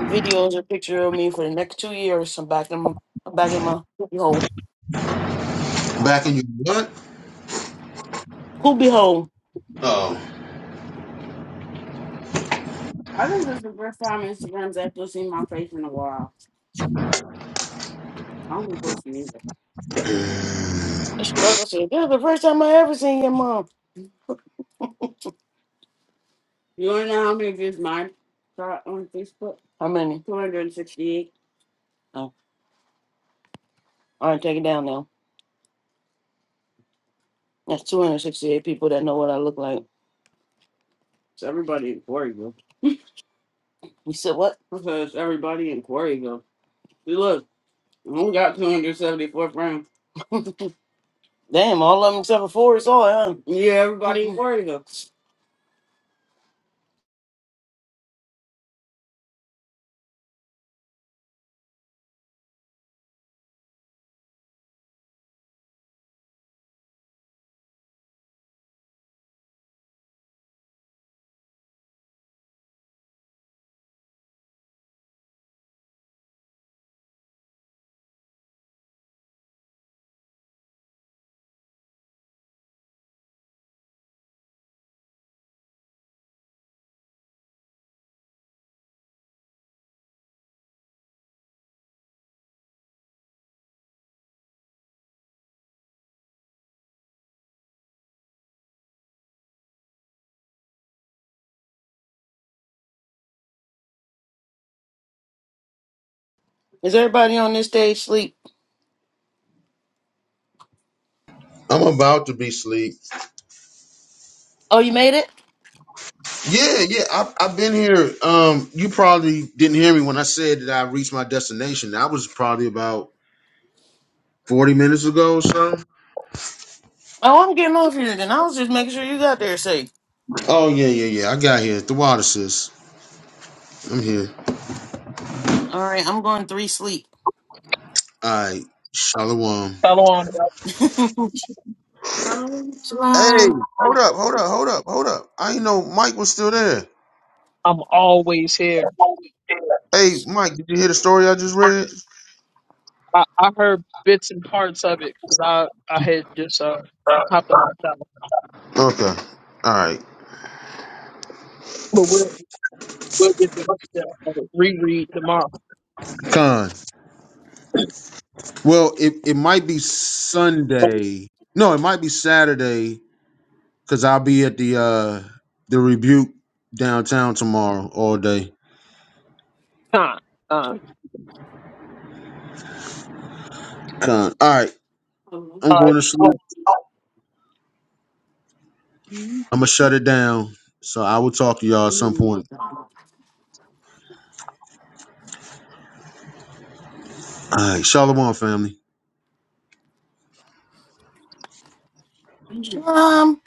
B: videos or picture of me for the next two years. I'm back in my I'm back in my poopy hole. Poopy hole.
H: Oh,
B: I think this is the first time Instagram's actually seen my face in a while. I don't be posting either. I struggle said, This is the first time I ever seen your mom. You wanna know how many views mine got on Facebook? How many? 268. Oh, all right, take it down now. That's 268 people that know what I look like. It's everybody in Quarryville. You said what? I said it's everybody in Quarryville. See, look, we only got 274 friends. Damn, all of them except for four is all, huh? Yeah, everybody. Where you go? Is everybody on this stage sleep?
H: I'm about to be asleep.
B: Oh, you made it?
H: Yeah, yeah. I've, I've been here. Um, you probably didn't hear me when I said that I reached my destination. That was probably about 40 minutes ago or so.
B: Oh, I'm getting off here then. I was just making sure you got there safe.
H: Oh, yeah, yeah, yeah. I got here. The water, sis. I'm here.
B: All right, I'm going three sleep.
H: All right. Shalom.
J: Shalom,
H: Hey,
B: Shalom.
H: hold up, hold up, hold up, hold up. I didn't know Mike was still there.
J: I'm always here.
H: Hey, Mike, did you hear the story I just read?
J: I, I heard bits and parts of it 'cause I, I had just uh, hopped out of town.
H: Okay. All right.
J: But we'll, we'll get to uh, reread tomorrow.
H: Con. Well, it, it might be Sunday. No, it might be Saturday Cause I'll be at the uh the rebuke downtown tomorrow all day.
J: Con, con.
H: Con. All right, I'm
J: Uh,
H: going to sleep. I'm gonna shut down. So, all right, family.
B: Shalom.